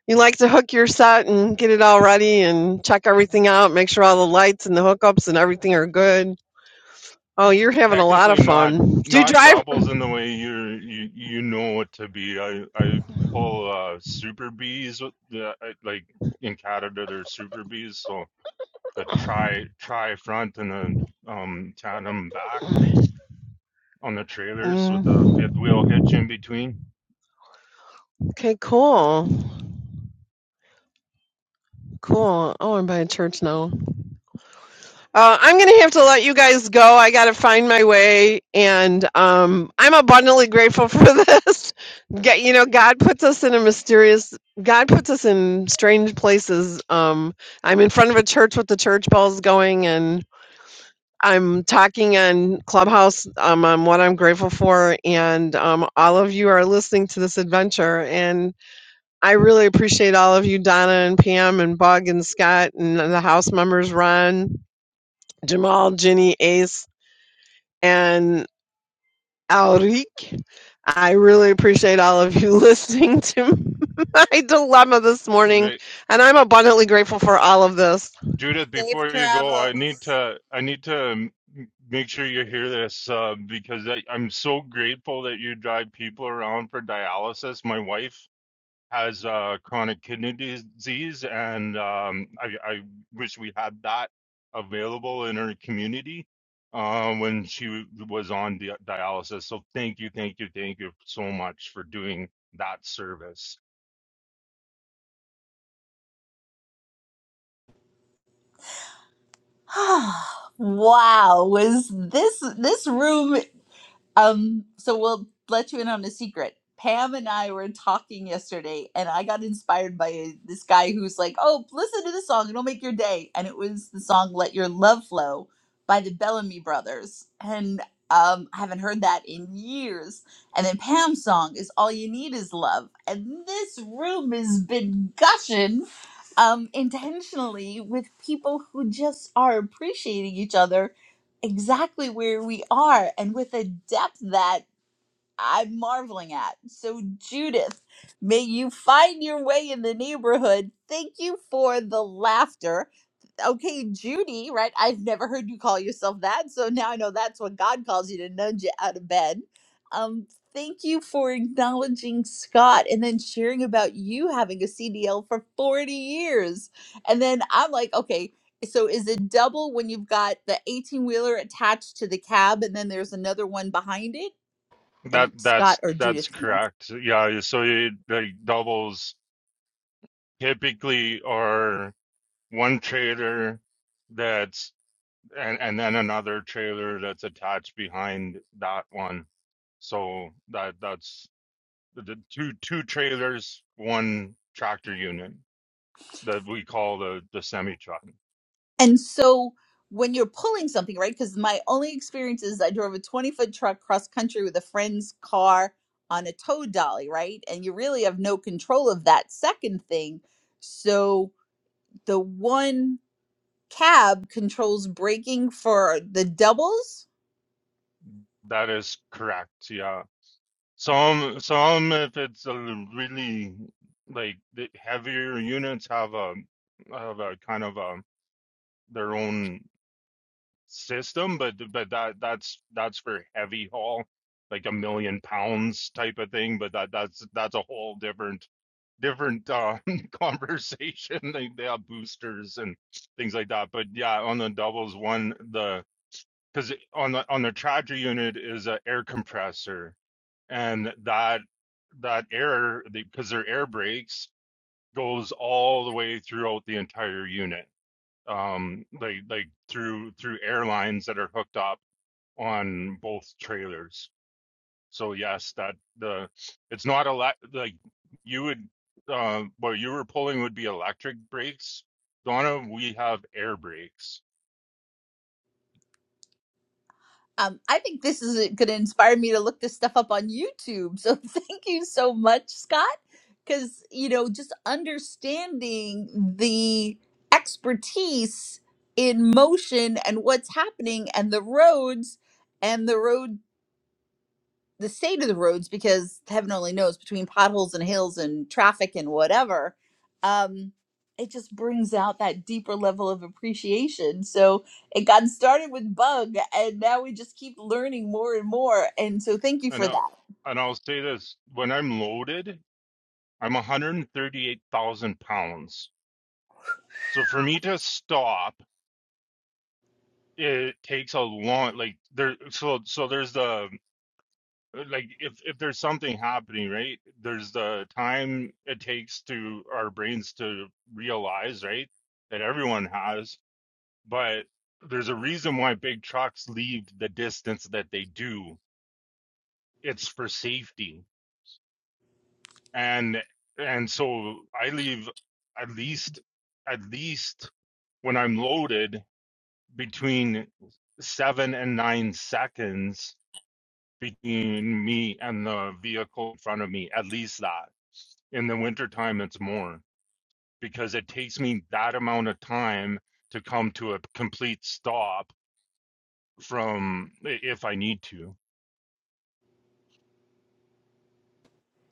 You like to hook your set and get it all ready and check everything out, make sure all the lights and the hookups and everything are good. Oh, you're having a lot
Technically
of
not
fun. Do you
not
drive?
doubles in the way you're, you you know it to be. I I pull uh super bees with the I, like in Canada there's super bees, so the tri tri front and the um tandem back on the trailers with a fifth
Mm.
wheel hitch in between.
Okay, cool. Cool. Oh, I'm by a church now. Uh, I'm going to have to let you guys go. I got to find my way, and um, I'm abundantly grateful for this. Get, you know, God puts us in a mysterious. God puts us in strange places. Um, I'm in front of a church with the church bells going, and I'm talking on Clubhouse um, on what I'm grateful for, and um, all of you are listening to this adventure, and I really appreciate all of you, Donna and Pam and Bug and Scott and the house members, Ron. Jamal, Jenny, Ace, and Alric. I really appreciate all of you listening to my dilemma this morning, and I'm abundantly grateful for all of this.
Judith,
Safe
before you go, I need
travels.
to I need to m- make sure you hear this uh, because I, I'm so grateful that you drive people around for dialysis. My wife has uh, chronic kidney disease, and um, I, I wish we had that available in her community uh, when she was on di- dialysis. So thank you, thank you, thank you so much for doing that service.
wow was this this room Um, so we'll let you in on a secret. Pam and I were talking yesterday, and I got inspired by this guy who's like, "Oh, listen to this song; it'll make your day." And it was the song "Let Your Love Flow" by the Bellamy Brothers, and um, I haven't heard that in years. And then Pam's song is "All You Need Is Love," and this room has been gushing um, intentionally with people who just are appreciating each other exactly where we are and with a depth that I'm marveling at. So, Judith, may you find your way in the neighborhood. Thank you for the laughter okay, Judy, right? I've never heard you call yourself that. So now I know that's what God calls you to nudge you out of bed. Um, thank you for acknowledging Scott and then sharing about you having a CDL for 40 years. And then I'm like, okay, so is it double when you've got the 18 wheeler attached to the cab and then there's another one behind it?
That
And
that's
Scott or Judith
that's correct. Yeah, so it like doubles typically are one trailer that's and and then another trailer that's attached behind that one. So that that's the the two two trailers, one tractor unit that we call the the semi truck.
And so when you're pulling something, right? Because my only experience is I drove a 20 foot truck cross country with a friend's car on a tow dolly, right? And you really have no control of that second thing. So the one cab controls braking for the doubles
That is correct. Yeah. Some some if it's a really like the heavier units have a have a kind of a their own system, but but that that's that's for heavy haul, like a million pounds type of thing. But that that's that's a whole different different uh, conversation. They they have boosters and things like that. But yeah, on the doubles one, the because on the on the Charger unit is an air compressor, and that that air because their air brakes goes all the way throughout the entire unit um like like through through airlines that are hooked up on both trailers. So yes, that the it's not a lot like you would uh what you were pulling would be electric brakes. Donna, we have air brakes.
Um, I think this is going to inspire me to look this stuff up on YouTube. So thank you so much, Scott, because, you know, just understanding the expertise in motion and what's happening and the roads and the road the state of the roads because heaven only knows between potholes and hills and traffic and whatever um it just brings out that deeper level of appreciation so it got started with bug and now we just keep learning more and more and so thank you
i
for
know,
that
and I'll say this, when I'm loaded, I'm 138,000 pounds. So for me to stop, it takes a long like there so so there's the Uh, like if if there's something happening right there's the time it takes to our brains to realize right that everyone has but there's a reason why big trucks leave the distance that they do it's for safety and and so i leave at least at least when i'm loaded between 7 and 9 seconds between me and the vehicle in front of me at least that In the wintertime, it's more because it takes me that amount of time to come to a complete stop from if I need to.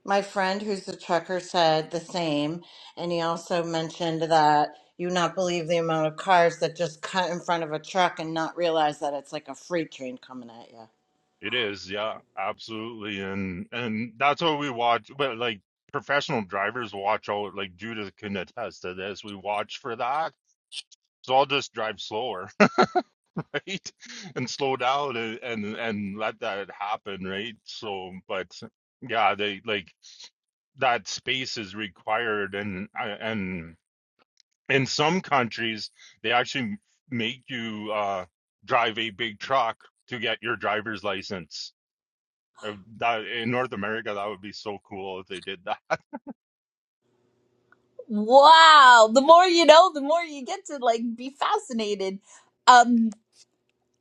My friend who's a trucker said the same, and he also mentioned that you not believe the amount of cars that just cut in front of a truck and not realize that it's like a freight train coming at you.
It is, yeah, absolutely. And and that's what we watch, but like professional drivers watch all like Judith can attest to this. We watch for that. So I'll just drive slower, right? And slow down and and, and let that happen, right? So but yeah, they like that space is required and uh, and in some countries they actually make you uh, drive a big truck to get your driver's license Uh, that, in north america that would be so cool if they did that
wow the more you know the more you get to like be fascinated um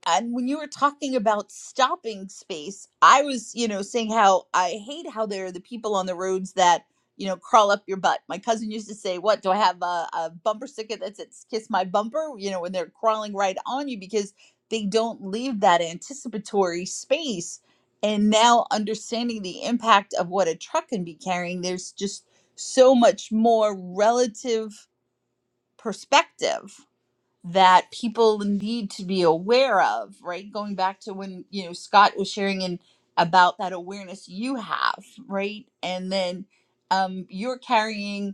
and when you were talking about stopping space i was you know saying how i hate how there are the people on the roads that you know crawl up your butt my cousin used to say what do i have a, a bumper sticker that says 'Kiss my bumper you know when they're crawling right on you because they don't leave that anticipatory space and now understanding the impact of what a truck can be carrying there's just so much more relative perspective that people need to be aware of, right? Going back to when, you know, Scott was sharing in about that awareness you have, right? And then um, you're carrying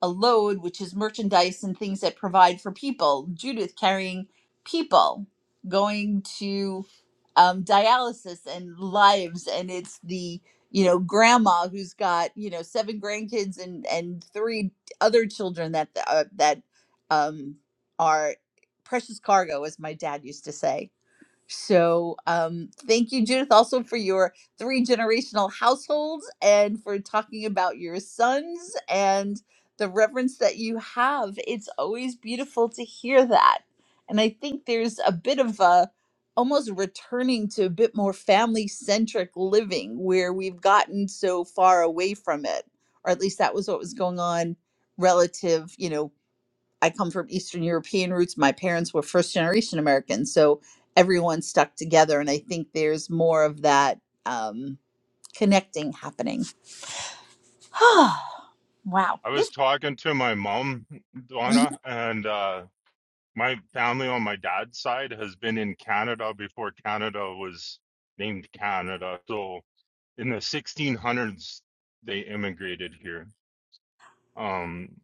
a load, which is merchandise and things that provide for people. Judith carrying people, going to um, dialysis and lives, and it's the you know grandma who's got you know seven grandkids and and three other children that uh, that um, are precious cargo, as my dad used to say so, um, thank you, Judith, also for your three generational households and for talking about your sons and the reverence that you have. It's always beautiful to hear that. And I think there's a bit of a almost returning to a bit more family centric living where we've gotten so far away from it, or at least that was what was going on relative, you know, I come from Eastern European roots. My parents were first generation Americans, so everyone stuck together, and I think there's more of that um, connecting happening. wow,
i was
this
talking to my mom donna and uh, my family on my dad's side has been in canada before canada was named canada so in the 1600s they immigrated here Um,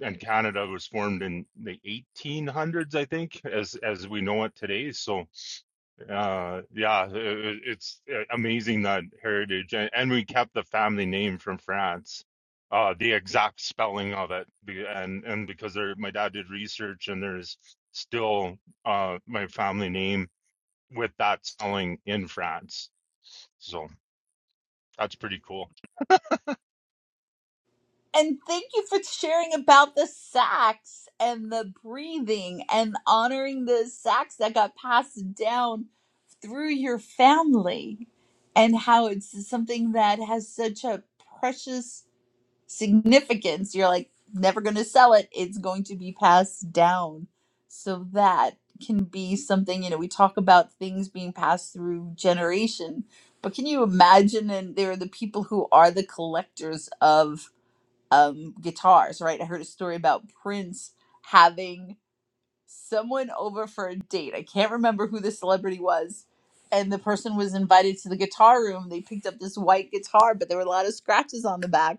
and Canada was formed in the 1800s, I think, as as we know it today. So, uh, yeah, it, it's uh, amazing that heritage, and, and we kept the family name from France, uh, the exact spelling of it, be- and and because there, my dad did research, and there's still uh, my family name with that spelling in France. So that's pretty cool.
and thank you for sharing about the sacks and the breathing and honoring the sacks that got passed down through your family, and how it's something that has such a precious significance. You're like, never going to sell it. It's going to be passed down. So that can be something, you know, we talk about things being passed through generation, but can you imagine? And there are the people who are the collectors of um, guitars, right? I heard a story about Prince having someone over for a date. I can't remember who the celebrity was. And the person was invited to the guitar room. They picked up this white guitar, but there were a lot of scratches on the back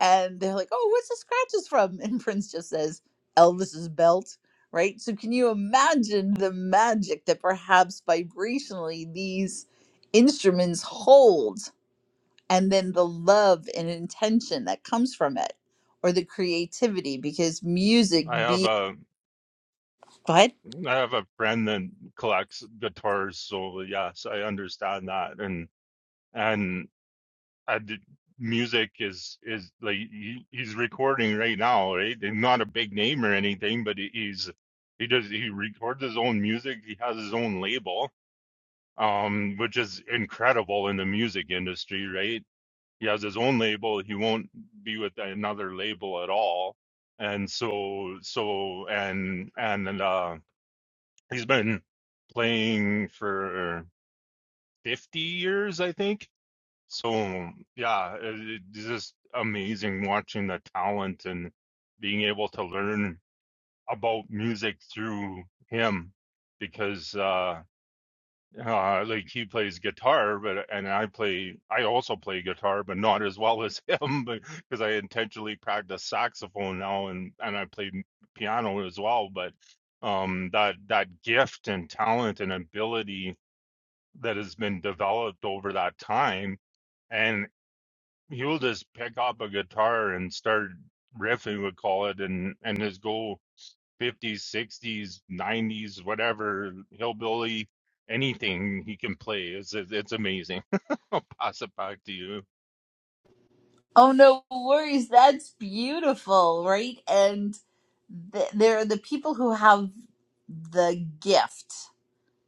and they're like, "Oh, what's the scratches from?" And Prince just says, "Elvis's belt." Right? So can you imagine the magic that perhaps vibrationally these instruments hold and then the love and intention that comes from it or the creativity because music
I have
be
a
but
Mm, I have a friend that collects guitars, so yes, I understand that. And and I did, music is is like he, he's recording right now, right? And not a big name or anything, but he- he's he does he records his own music. He has his own label, um, which is incredible in the music industry, right? He has his own label. He won't be with another label at all. And so so and and uh He's been playing for 50 years, I think. So, yeah, it- it's just amazing watching the talent and being able to learn about music through him because, uh, uh, like he plays guitar, but and I play, I also play guitar, but not as well as him, but because I intentionally practice saxophone now and and I play m- piano as well. But um, that that gift and talent and ability that has been developed over that time, and he'll just pick up a guitar and start riffing, we call it, and and just go 50s, 60s, 90s, whatever, hillbilly, anything he can play. It's it's amazing. I'll pass it back to you.
oh no worries that's beautiful right and th- there are the people who have the gift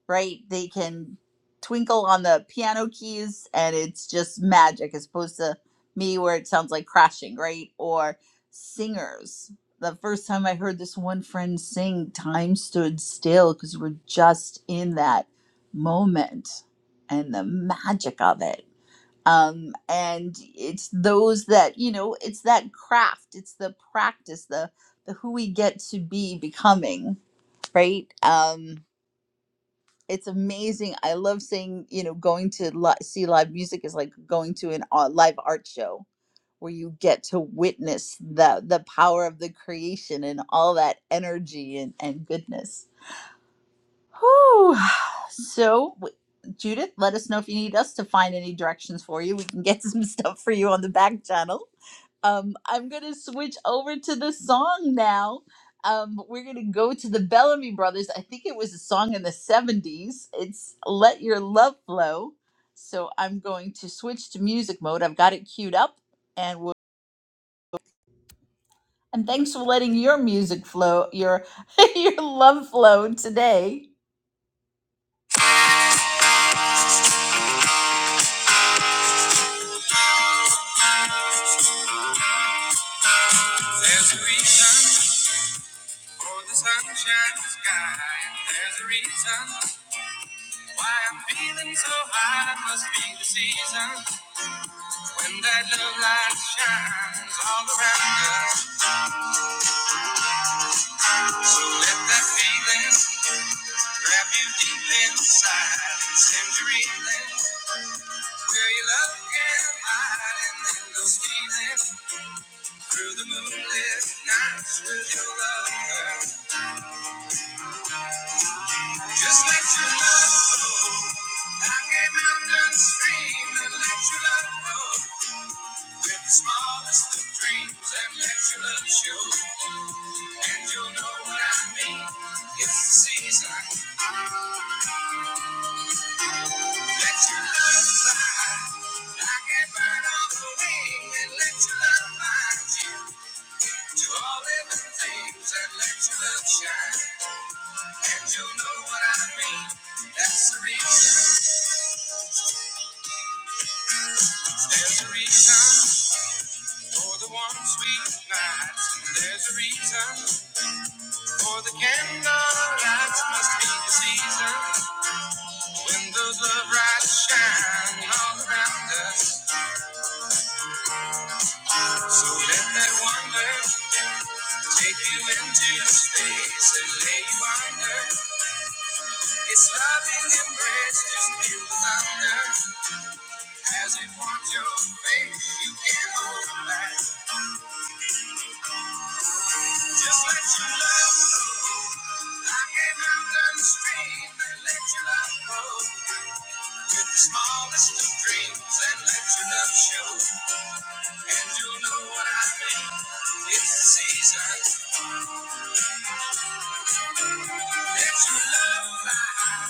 right? They can twinkle on the piano keys and it's just magic as opposed to me where it sounds like crashing, right? Or singers. The first time I heard this one friend sing, time stood still because we're just in that moment and the magic of it. Um, and it's those that, you know, it's that craft, it's the practice, the, the who we get to be becoming, right? Um, it's amazing. I love seeing, you know, going to li- see live music is like going to an uh, live art show where you get to witness the the power of the creation and all that energy and and goodness. Whew. So, w- Judith, let us know if you need us to find any directions for you. We can get some stuff for you on the back channel. Um, I'm going to switch over to the song now. Um, we're going to go to the Bellamy Brothers. I think it was a song in the 70s. It's Let Your Love Flow. So, I'm going to switch to music mode. I've got it queued up and we'll. And thanks for letting your music flow, your your love flow today. Oh, the sunshine in the sky. There's a reason why I'm feeling so high. It must be the season when that love light shines all around us. Let that feeling grab you deep inside and send you reeling where your love can hide. And then go stealing through the moonlit nights with your lover. Just let your love flow like a mountain stream and let your love flow. With the smallest of dreams and let your love show. And you'll know what I mean. It's the season. Let your love fly. Like a bird on the wing. And let your love find you. To all living things and let your love shine. And you'll know what I mean. That's the reason. There's a reason for the warm, sweet nights. There's a reason. For the candle lights must be the season when those love lights shine all around us. So let that wonder take you into space and lay you under. Its loving embrace just feel the thunder as it warms your face. You can't hold it back. Just let your love flow like a mountain stream and let your love go. to the smallest of dreams and let your love show. And you'll know what I mean. It's the season. Let your love fly high,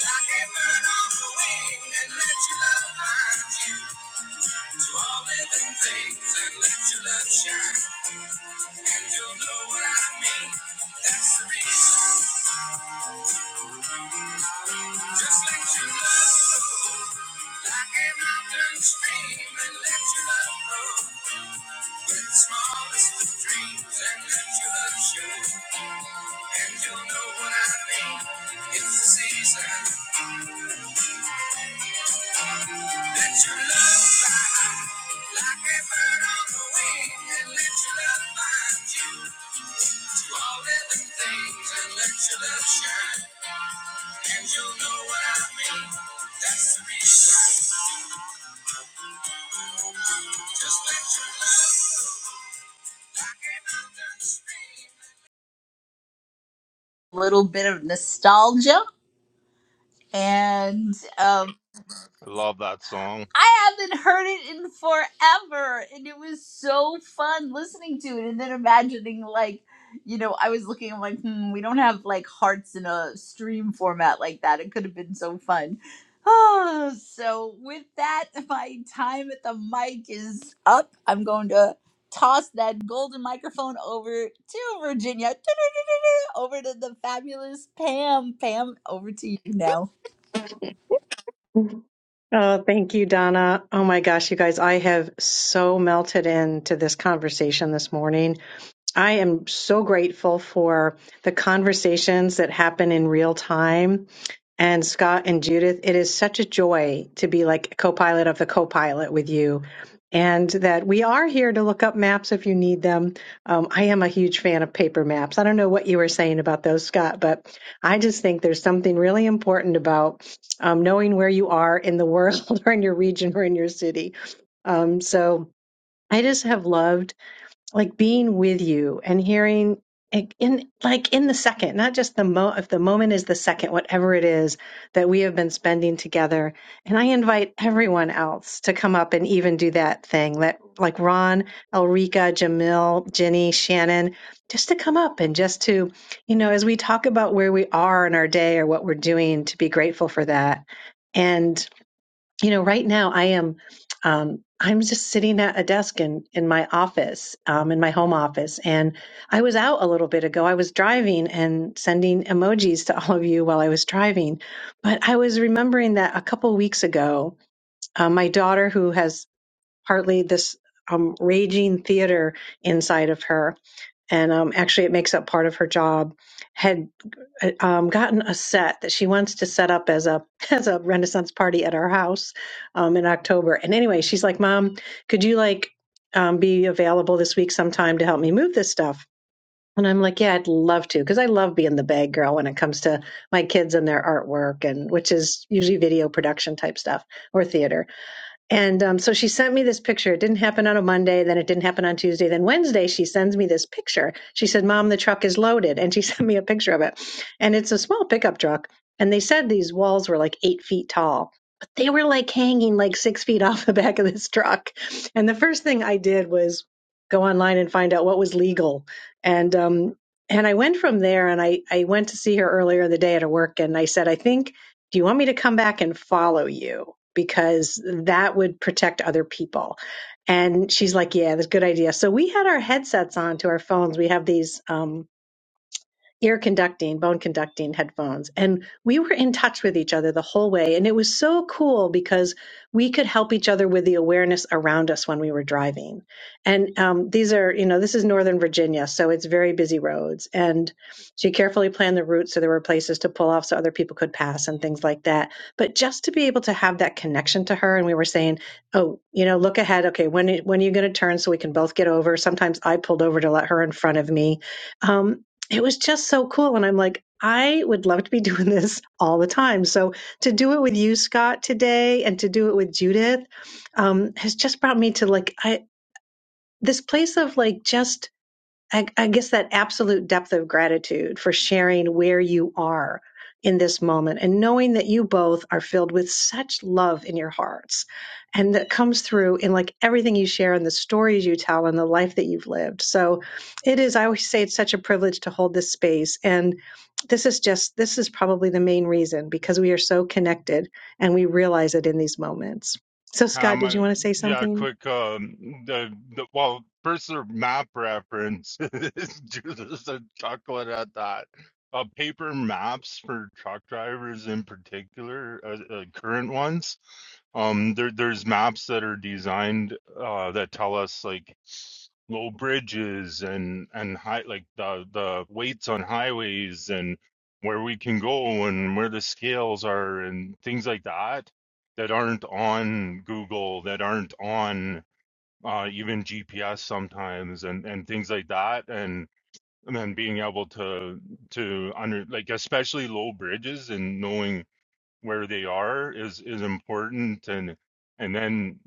like a bird on the wing, and let your love find you to all living things, and let your love shine. And you'll know what I mean. That's the reason. Just let your love flow, like a mountain stream, and let your love grow. Just let your love little bit of nostalgia and um
I love that song.
I haven't heard it in forever and it was so fun listening to it and then imagining like you know I was looking I'm like hmm we don't have like hearts in a stream format like that it could have been so fun oh so with that my time at the mic is up I'm going to toss that golden microphone over to Virginia Over to the fabulous Pam. Pam, over to you now.
Oh, thank you, Donna. Oh my gosh, you guys, I have so melted into this conversation this morning. I am so grateful for the conversations that happen in real time. And Scott and Judith, it is such a joy to be like co pilot of the co pilot with you. And that we are here to look up maps if you need them. Um, I am a huge fan of paper maps. I don't know what you were saying about those, Scott, but I just think there's something really important about um, knowing where you are in the world or in your region or in your city. Um, so I just have loved like being with you and hearing it in like in the second not just the mo if the moment is the second whatever it is that we have been spending together and i invite everyone else to come up and even do that thing that like ron elrika jamil jenny shannon just to come up and just to you know as we talk about where we are in our day or what we're doing to be grateful for that and you know right now i am um, i'm just sitting at a desk in in my office um, in my home office and i was out a little bit ago i was driving and sending emojis to all of you while i was driving but i was remembering that a couple weeks ago uh, my daughter who has partly this um, raging theater inside of her and um, actually it makes up part of her job had um, gotten a set that she wants to set up as a as a Renaissance party at our house um, in October. And anyway, she's like, "Mom, could you like um, be available this week sometime to help me move this stuff?" And I'm like, "Yeah, I'd love to because I love being the bag girl when it comes to my kids and their artwork, and which is usually video production type stuff or theater." And um, so she sent me this picture. It didn't happen on a Monday. Then it didn't happen on Tuesday. Then Wednesday, she sends me this picture. She said, Mom, the truck is loaded. And she sent me a picture of it. And it's a small pickup truck. And they said these walls were like eight feet tall, but they were like hanging like six feet off the back of this truck. And the first thing I did was go online and find out what was legal. And, um, and I went from there and I, I went to see her earlier in the day at her work. And I said, I think do you want me to come back and follow you? Because that would protect other people. And she's like, yeah, that's a good idea. So we had our headsets on to our phones. We have these, um, ear conducting, bone conducting headphones. And we were in touch with each other the whole way. And it was so cool because we could help each other with the awareness around us when we were driving. And um, these are, you know, this is Northern Virginia, so it's very busy roads. And she carefully planned the route so there were places to pull off so other people could pass and things like that. But just to be able to have that connection to her, and we were saying, oh, you know, look ahead. Okay, when when are you going to turn so we can both get over? Sometimes I pulled over to let her in front of me, Um, it was just so cool. And I'm like, I would love to be doing this all the time. So to do it with you, Scott, today and to do it with Judith um, has just brought me to like, I, this place of like just I, I guess that absolute depth of gratitude for sharing where you are in this moment and knowing that you both are filled with such love in your hearts and that comes through in like everything you share and the stories you tell and the life that you've lived. So it is, I always say it's such a privilege to hold this space. And this is just, this is probably the main reason because we are so connected and we realize it in these moments. So, Scott,
Um,
did you
I-
want to say
yeah,
something?
quick. Um, the, the well, first the map reference. Judas a chocolate at that. Uh, paper maps for truck drivers in particular, uh, uh, current ones. Um, there there's maps that are designed uh that tell us like low bridges and and high like the the weights on highways and where we can go and where the scales are and things like that that aren't on Google, that aren't on uh, even GPS sometimes, and and things like that, and and then being able to to under like especially low bridges and knowing where they are is is important, and and then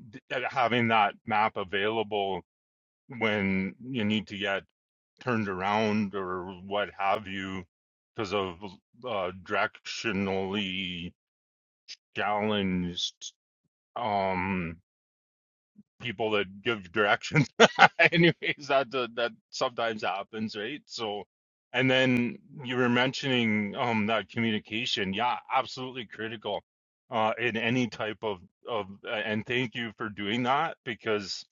having that map available when you need to get turned around or what have you because of uh, directionally challenged um people that give directions. Anyways, that uh, that sometimes happens, right? So, and then you were mentioning um that communication, yeah, absolutely critical uh in any type of of uh, and thank you for doing that because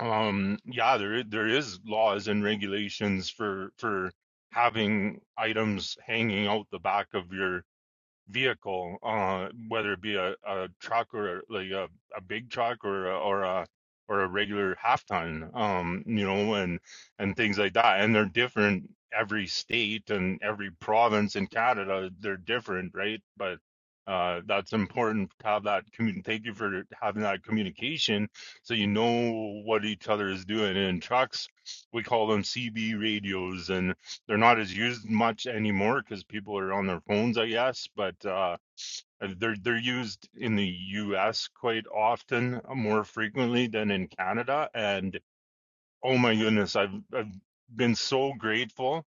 um yeah, there i- there is laws and regulations for for having items hanging out the back of your vehicle, uh, whether it be a, a truck or like a, a big truck or a, or a or a regular half ton, um, you know, and and things like that. And they're different every state and every province in Canada. They're different, right? But uh, that's important to have that commun Thank you for having that communication, so you know what each other is doing. And trucks, we call them CB radios, and. They're not as used much anymore because people are on their phones, I guess. But uh, they're they're used in the U.S. quite often, uh, more frequently than in Canada. And oh my goodness, I've I've been so grateful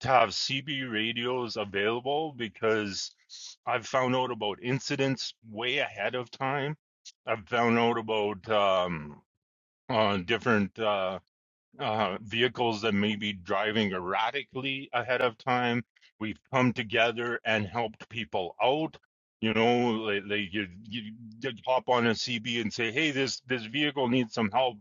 to have CB radios available because I've found out about incidents way ahead of time. I've found out about um, uh, different. uh, uh, vehicles that may be driving erratically ahead of time. We've come together and helped people out. You know, they, they you, you you hop on a CB and say, "Hey, this this vehicle needs some help."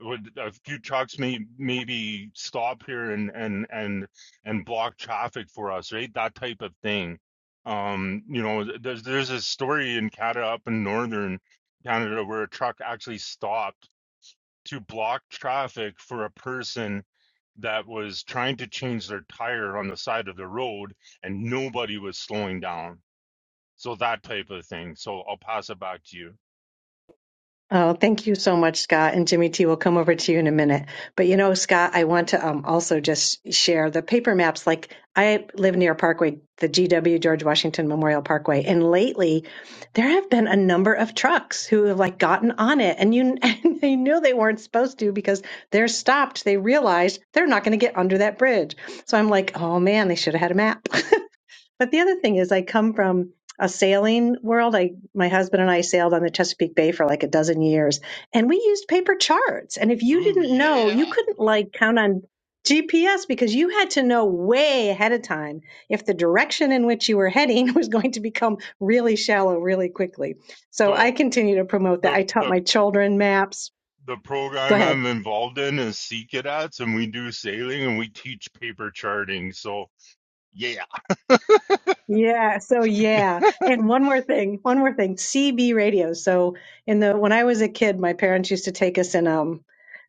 Would a few trucks may maybe stop here and and and and block traffic for us, right? That type of thing. Um, you know, th- there's there's a story in Canada up in northern Canada where a truck actually stopped to block traffic for a person that was trying to change their tire on the side of the road and nobody was slowing down. So that type of thing. So I'll pass it back to you.
Oh, thank you so much, Scott. And Jimmy T, we'll come over to you in a minute. But you know, Scott, I want to um, also just share the paper maps. Like I live near Parkway, the GW George Washington Memorial Parkway, and lately there have been a number of trucks who have like gotten on it, and you and they knew they weren't supposed to because they're stopped. They realized they're not going to get under that bridge. So I'm like, oh man, they should have had a map. But the other thing is, I come from a sailing world. I, my husband and I sailed on the Chesapeake Bay for like a dozen years, and we used paper charts. And if you
Ooh
didn't know,
yeah.
you couldn't like count on GPS because you had to know way ahead of time if the direction in which you were heading was going to become really shallow really quickly. So I
So
continue to promote that.
the
I taught
the
my children maps.
the
Go
program
ahead.
I'm involved in is Sea Cadets and we do sailing and we teach paper charting. So yeah.
Yeah, so yeah. And one more thing, one more thing. CB radio. So in the when I was a kid, my parents used to take us in um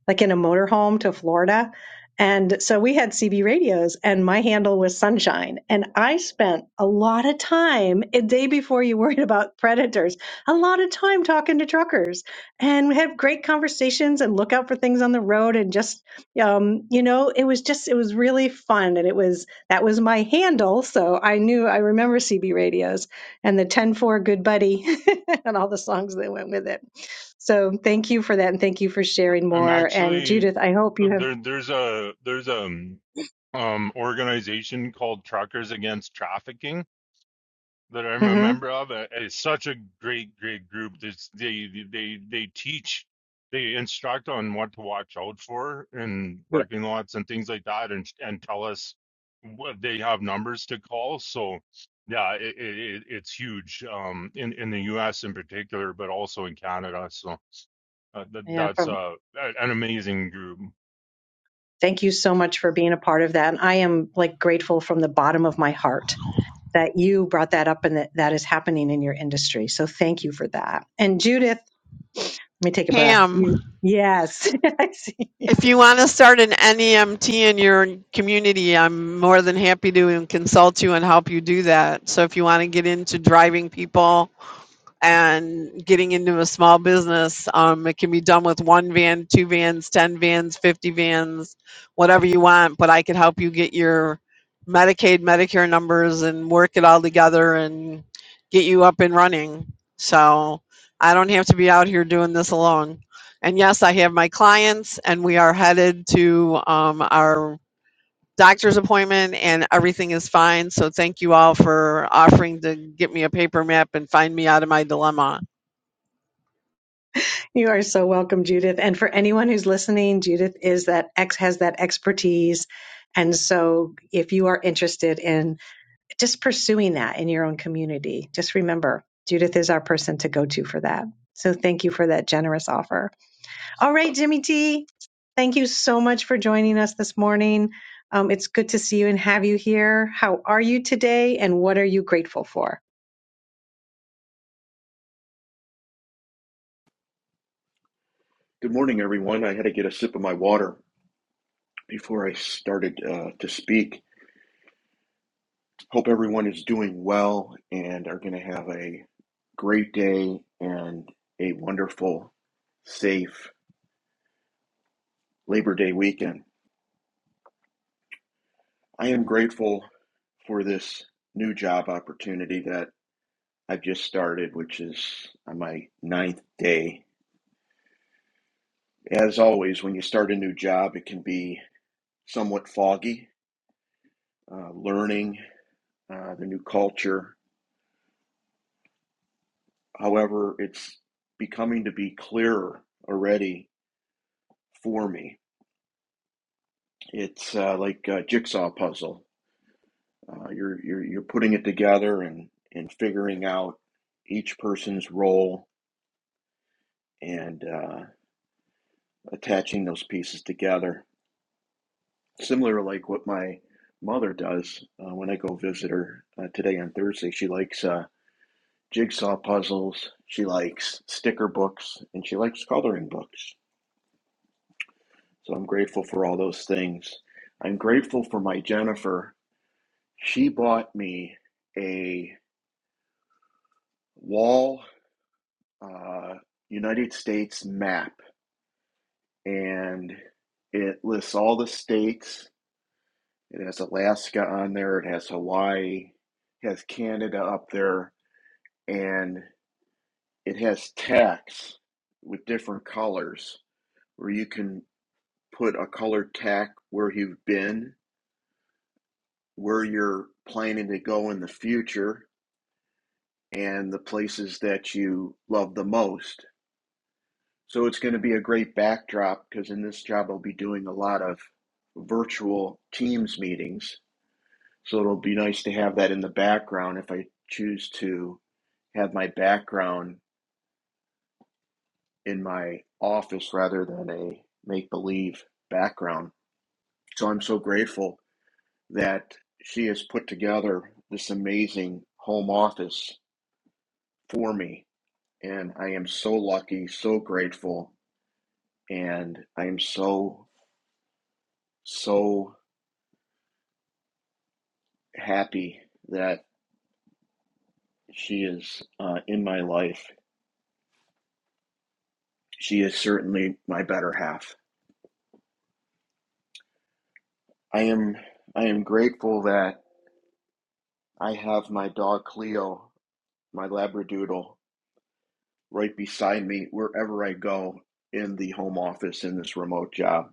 like in a motorhome to Florida. And so we had CB radios, and my handle was Sunshine. And I spent a lot of time, a day before you worried about predators, a lot of time talking to truckers. And we had great conversations and look out for things on the road. And just, um, you know, it was just, it was really fun. And it was, that was my handle. So I knew, I remember CB radios and the 10 4 Good Buddy and all the songs that went with it. So thank you for that. And thank you for sharing
I'm
more. And
actually
Judith, I hope you have.
there there's a there's a um, organization called Truckers Against Trafficking that I'm a
hmm
member of. Uh, It's such a great, great group. This, they, they, they teach, they instruct on what to watch out for in
yeah.
parking lots and things like that, and and tell us what they have numbers to call. So, yeah, it, it, it- it's huge um, in in the U.S. in particular, but also in Canada. So uh, that,
Yeah.
that's
From,
uh, a- an amazing group.
thank you so much for being a part of that. And I am like grateful from the bottom of my heart that you brought that up and that that is happening in your industry. So thank you for that. And Judith, let me take a breath.
Pam.
You, yes. I see.
If you want to start an NEMT in your community, I'm more than happy to consult you and help you do that. So if you want to get into driving people and getting into a small business. Um, it can be done with one van, two vans, 10 vans, 50 vans, whatever you want, but I could help you get your Medicaid, Medicare numbers and work it all together and get you up and running. So I don't have to be out here doing this alone. And yes, I have my clients, and we are headed to um, our doctor's appointment and everything is fine. So thank you all for offering to get me a paper map and find me out of my dilemma.
You are so welcome, Judith. And for anyone who's listening, Judith is that ex has that expertise. And so if you are interested in just pursuing that in your own community, just remember Judith is our person to go to for that. So thank you for that generous offer. All right, Jimmy T, thank you so much for joining us this morning. Um, it's good to see you and have you here. How are you today and what are you grateful for?
Good morning, everyone. I had to get a sip of my water before I started uh, to speak. Hope everyone is doing well and are going to have a great day and a wonderful, safe Labor Day weekend. I am grateful for this new job opportunity that I've just started, which is on my ninth day. As always, when you start a new job, it can be somewhat foggy, uh, learning uh, the new culture, However, it's becoming to be clearer already for me. It's uh, like a jigsaw puzzle. Uh, you're, you're you're putting it together and and figuring out each person's role and uh, attaching those pieces together. Similar, to like what my mother does uh, when I go visit her uh, today on Thursday. She likes uh, jigsaw puzzles. She likes sticker books, and she likes coloring books. So I'm grateful for all those things. I'm grateful for my Jennifer. She bought me a wall uh, United States map, and it lists all the states. It has Alaska on there, it has Hawaii, it has Canada up there, and it has tacks with different colors where you can put a colored tack where you've been, where you're planning to go in the future, and the places that you love the most. So it's going to be a great backdrop because in this job I'll be doing a lot of virtual Teams meetings. So it'll be nice to have that in the background if I choose to have my background in my office rather than a make believe background. So I'm so grateful that she has put together this amazing home office for me. And I am so lucky, so grateful and I am so, so happy that she is uh, in my life. She is certainly my better half. I am, I am grateful that I have my dog Cleo, my Labradoodle, right beside me wherever I go in the home office in this remote job.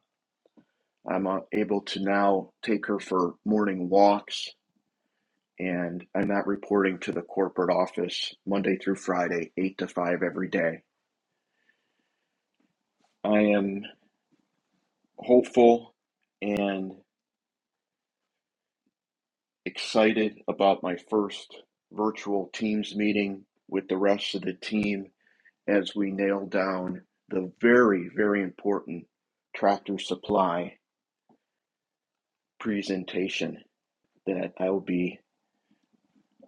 I'm uh, able to now take her for morning walks, and I'm not reporting to the corporate office Monday through Friday, 8 to 5 every day. I am. hopeful and excited about my first virtual Teams meeting with the rest of the team as we nail down the very, very important tractor supply presentation that I will be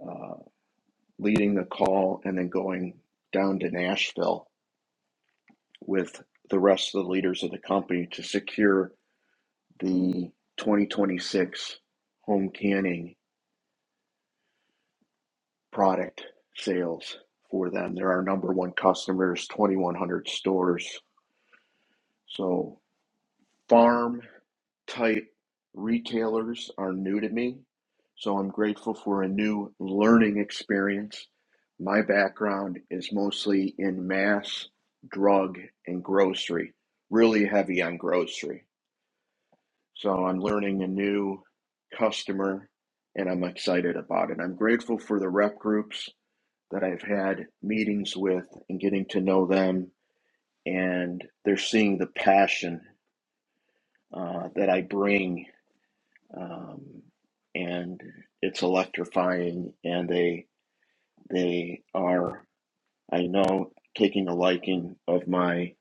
uh, leading the call and then going down to Nashville with the rest of the leaders of the company to secure the 2026 home canning product sales for them. They're our number one customers, 2,100 stores. So farm type retailers are new to me. So I'm grateful for a new learning experience. My background is mostly in mass, drug, and grocery, really heavy on grocery. So I'm learning a new customer and I'm excited about it. I'm grateful for the rep groups that I've had meetings with and getting to know them, and they're seeing the passion uh, that I bring, um, and it's electrifying. And they they are, I know, taking a liking of my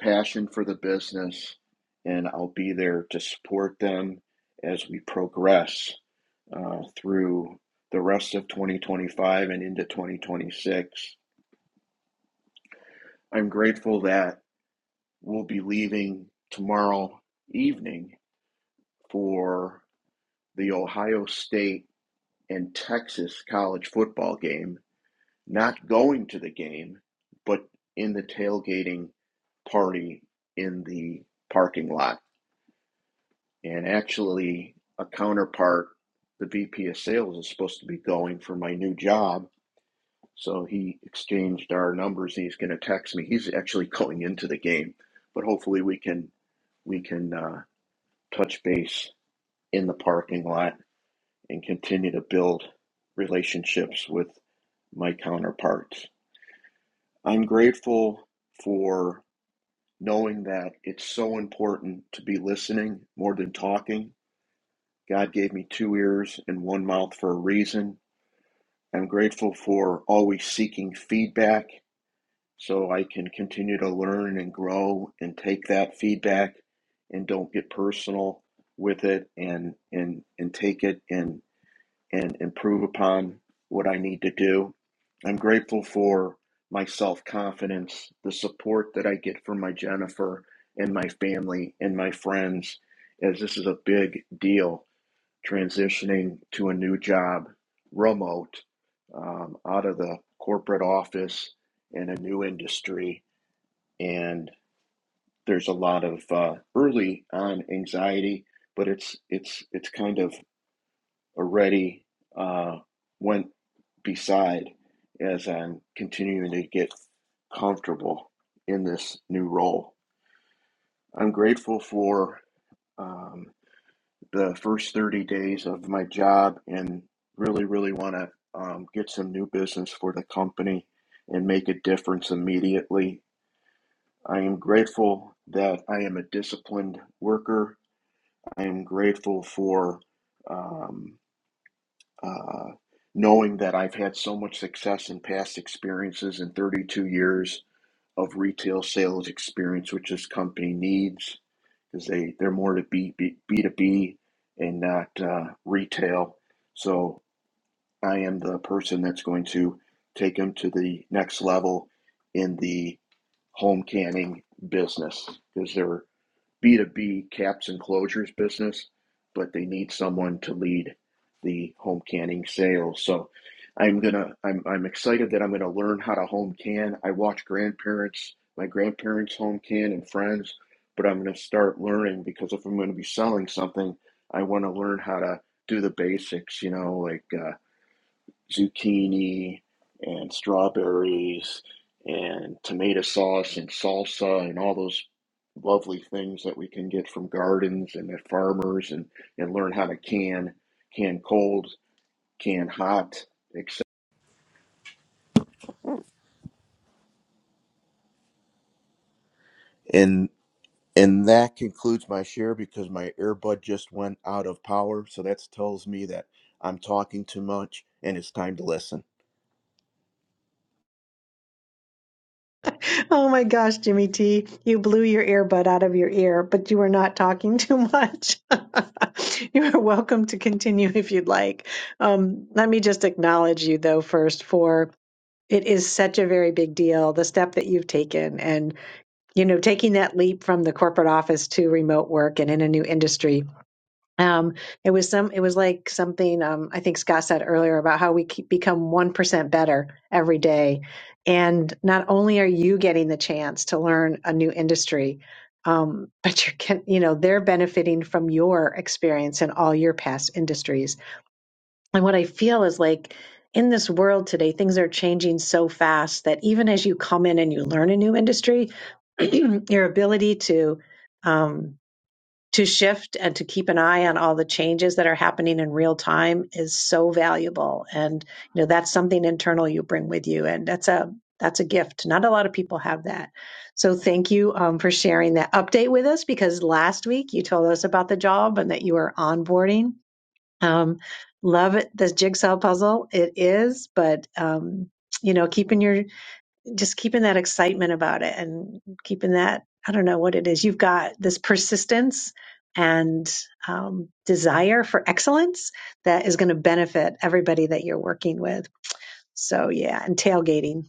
passion for the business, and I'll be there to support them as we progress uh, through the rest of 2025 and into 2026. I'm grateful that will be leaving tomorrow evening for the Ohio State and Texas college football game. Not going to the game, but in the tailgating party in the parking lot. And actually, a counterpart, the VP of sales, is supposed to be going for my new job. So he exchanged our numbers. He's going to text me. He's actually going into the game, but hopefully we can we can uh, touch base in the parking lot and continue to build relationships with my counterparts. I'm grateful for knowing that it's so important to be listening more than talking. God gave me two ears and one mouth for a reason. I'm grateful for always seeking feedback so I can continue to learn and grow and take that feedback and don't get personal with it and and and take it and. and improve upon what I need to do. I'm grateful for my self confidence, the support that I get from my Jennifer and my family and my friends, as this is a big deal transitioning to a new job remote um, out of the corporate office in a new industry. And there's a lot of uh, early on anxiety, but it's it's it's kind of already uh, went beside as I'm continuing to get comfortable in this new role. I'm grateful for um, the first 30 days of my job and really, really want to um, get some new business for the company and make a difference immediately. I am grateful that I am a disciplined worker. I am grateful for. Um, uh, knowing that I've had so much success in past experiences in 32 years of retail sales experience, which this company needs because they, they're more to B, B, B2B and not uh, retail. So I am the person that's going to take them to the next level in the home canning business because they're B2B caps and closures business, but they need someone to lead the home canning sales. So I'm gonna I'm I'm excited that I'm gonna learn how to home can. I watch grandparents, my grandparents home can and friends, but I'm gonna start learning because if I'm gonna be selling something, I wanna learn how to do the basics, you know, like uh, zucchini and strawberries and tomato sauce and salsa and all those lovely things that we can get from gardens and at farmers and, and learn how to can, can cold, can hot, etc. And and that concludes my share because my earbud just went out of power. So that tells me that I'm talking too much and it's time to listen.
Oh my gosh, Jimmy T, you blew your earbud out of your ear, but you were not talking too much. you are welcome to continue if you'd like. Um, let me just acknowledge you, though, first, for it is such a very big deal, the step that you've taken and, you know, taking that leap from the corporate office to remote work and in a new industry um, it was some, it was like something, um, I think Scott said earlier about how we keep become 1% better every day. And not only are you getting the chance to learn a new industry, um, but you're, get- you know, they're benefiting from your experience in all your past industries. And what I feel is like in this world today, things are changing so fast that even as you come in and you learn a new industry, your ability to, um, to shift and to keep an eye on all the changes that are happening in real time is so valuable and you know that's something internal you bring with you and that's a that's a gift not a lot of people have that so thank you um, for sharing that update with us because last week you told us about the job and that you were onboarding um, love it this jigsaw puzzle it is but um, you know keeping your just keeping that excitement about it and keeping that i don't know what it is you've got this persistence and um, desire for excellence that is going to benefit everybody that you're working with so yeah and tailgating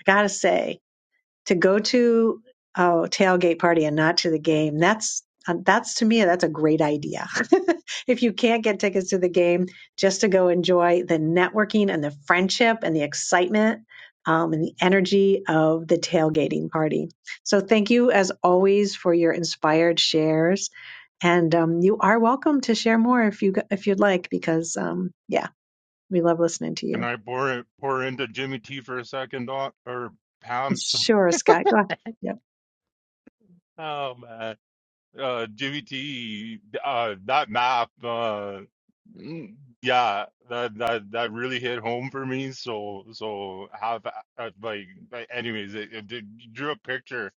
i gotta say to go to a tailgate party and not to the game that's uh, that's to me that's a great idea if you can't get tickets to the game just to go enjoy the networking and the friendship and the excitement um, and the energy of the tailgating party so thank you as always for your inspired shares and um, you are welcome to share more if you if you'd like because um, yeah we love listening to
Can
you
I pour it pour into Jimmy T for a second, Doc or Pam? So-
sure scott go ahead
Oh man. uh, GVT, uh, that map, uh, mm, yeah, that, that, that really hit home for me. So, so have, uh, like, like, anyways, it, it did- drew a picture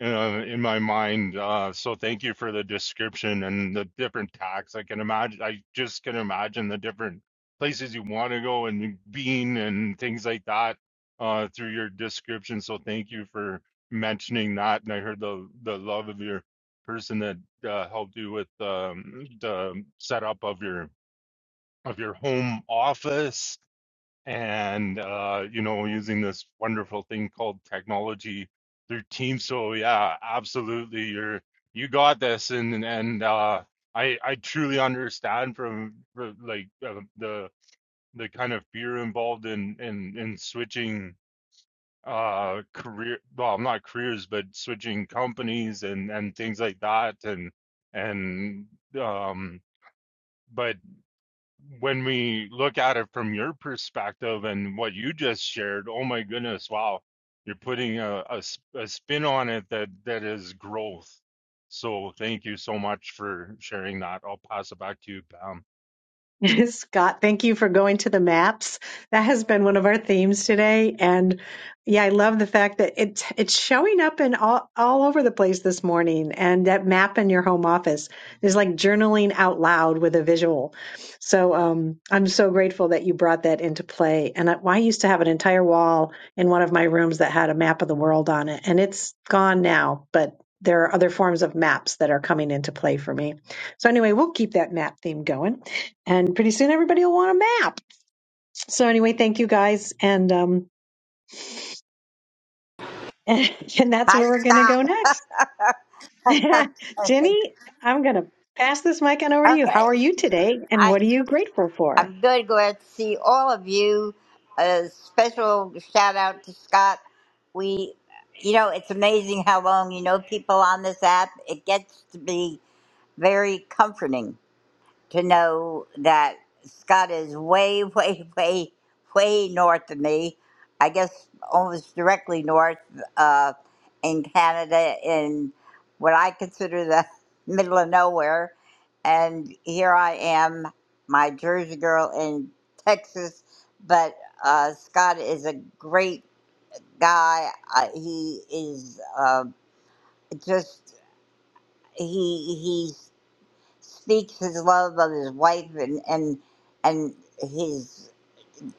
uh, in my mind. Uh, so thank you for the description and the different tacks. I can imagine, I just can imagine the different places you want to go and being and things like that, uh, through your description. So thank you for mentioning that. And I heard the, the love of your person that uh, helped you with um, the setup of your of your home office and uh, you know using this wonderful thing called technology through Teams. So yeah, absolutely, you're you got this, and and uh, I I truly understand from, from like uh, the the kind of fear involved in in in switching uh career well not careers but switching companies and and things like that and and um but when we look at it from your perspective and what you just shared oh my goodness wow you're putting a, a, s- a spin on it that that is growth so thank you so much for sharing that i'll pass it back to you pam
Scott, thank you for going to the maps. That has been one of our themes today. And yeah, I love the fact that it, it's showing up in all, all over the place this morning. And that map in your home office is like journaling out loud with a visual. So um, I'm so grateful that you brought that into play. And I, I used to have an entire wall in one of my rooms that had a map of the world on it. And it's gone now, but there are other forms of maps that are coming into play for me. So anyway, we'll keep that map theme going and pretty soon everybody will want a map. So anyway, thank you guys, and um, and, that's
I
where we're gonna
stop.
go next.
okay.
Jenny, I'm gonna pass this mic on over to you. How
Okay.
are you today, and
I,
what are you grateful for?
I'm good. Glad to see all of you. A special shout out to Scott. We, you know, it's amazing how long you know people on this app. It gets to be very comforting. to know that Scott is way, way, way, way north of me. I guess almost directly north uh, in Canada, in what I consider the middle of nowhere. And here I am, my Jersey girl in Texas. But uh, Scott is a great guy. Uh, he is uh, just he he's speaks his love of his wife and and and his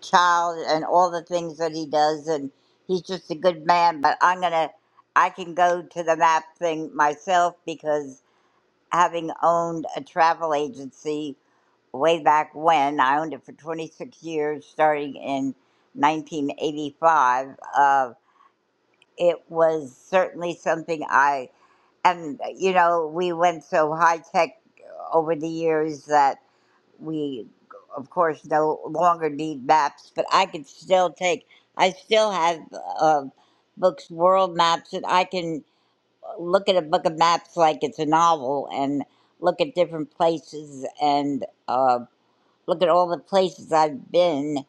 child and all the things that he does and he's just a good man but i'm gonna i can go to the map thing myself because having owned a travel agency way back when i owned it for 26 years starting in 1985 uh, it was certainly something i and you know we went so high tech over the years that we of course no longer need maps but i can still take i still have uh, books world maps and i can look at a book of maps like it's a novel and look at different places and uh, look at all the places i've been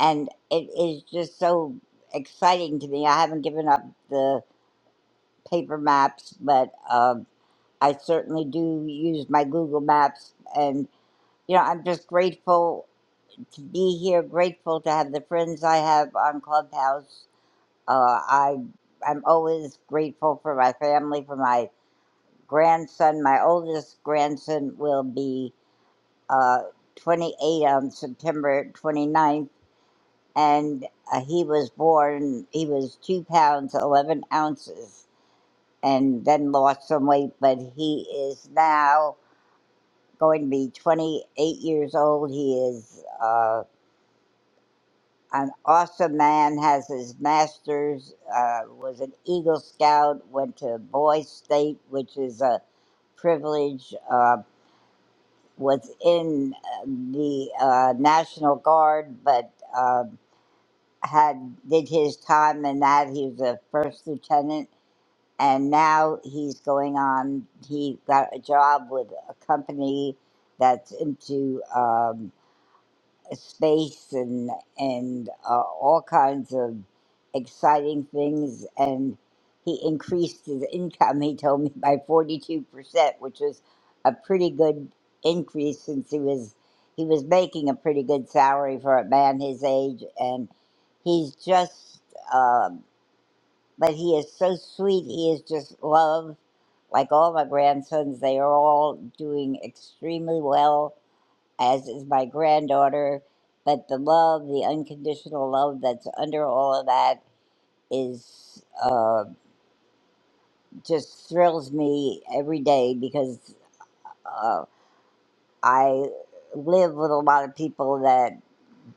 and it is just so exciting to me i haven't given up the paper maps but um i certainly do use my google maps and you know i'm just grateful to be here. Grateful to have the friends I have on Clubhouse. Uh, I I'm always grateful for my family, for my grandson. My oldest grandson will be uh, 28 on September 29th, and uh, he was born. He was two pounds 11 ounces, and then lost some weight. But he is now going to be 28 years old. He is. Uh, an awesome man, has his master's, uh, was an Eagle Scout, went to Boy State, which is a privilege, uh, was in uh, the uh, National Guard, but uh, had did his time in that. He was a first lieutenant, and now he's going on. He got a job with a company that's into. um, space and and uh, all kinds of exciting things. And he increased his income. He told me by forty two percent, which was a pretty good increase since he was he was making a pretty good salary for a man his age. And he's just, um, but he is so sweet. He is just love. Like all my grandsons, they are all doing extremely well as is my granddaughter. But the love, the unconditional love that's under all of that is uh, just thrills me every day because uh, I live with a lot of people that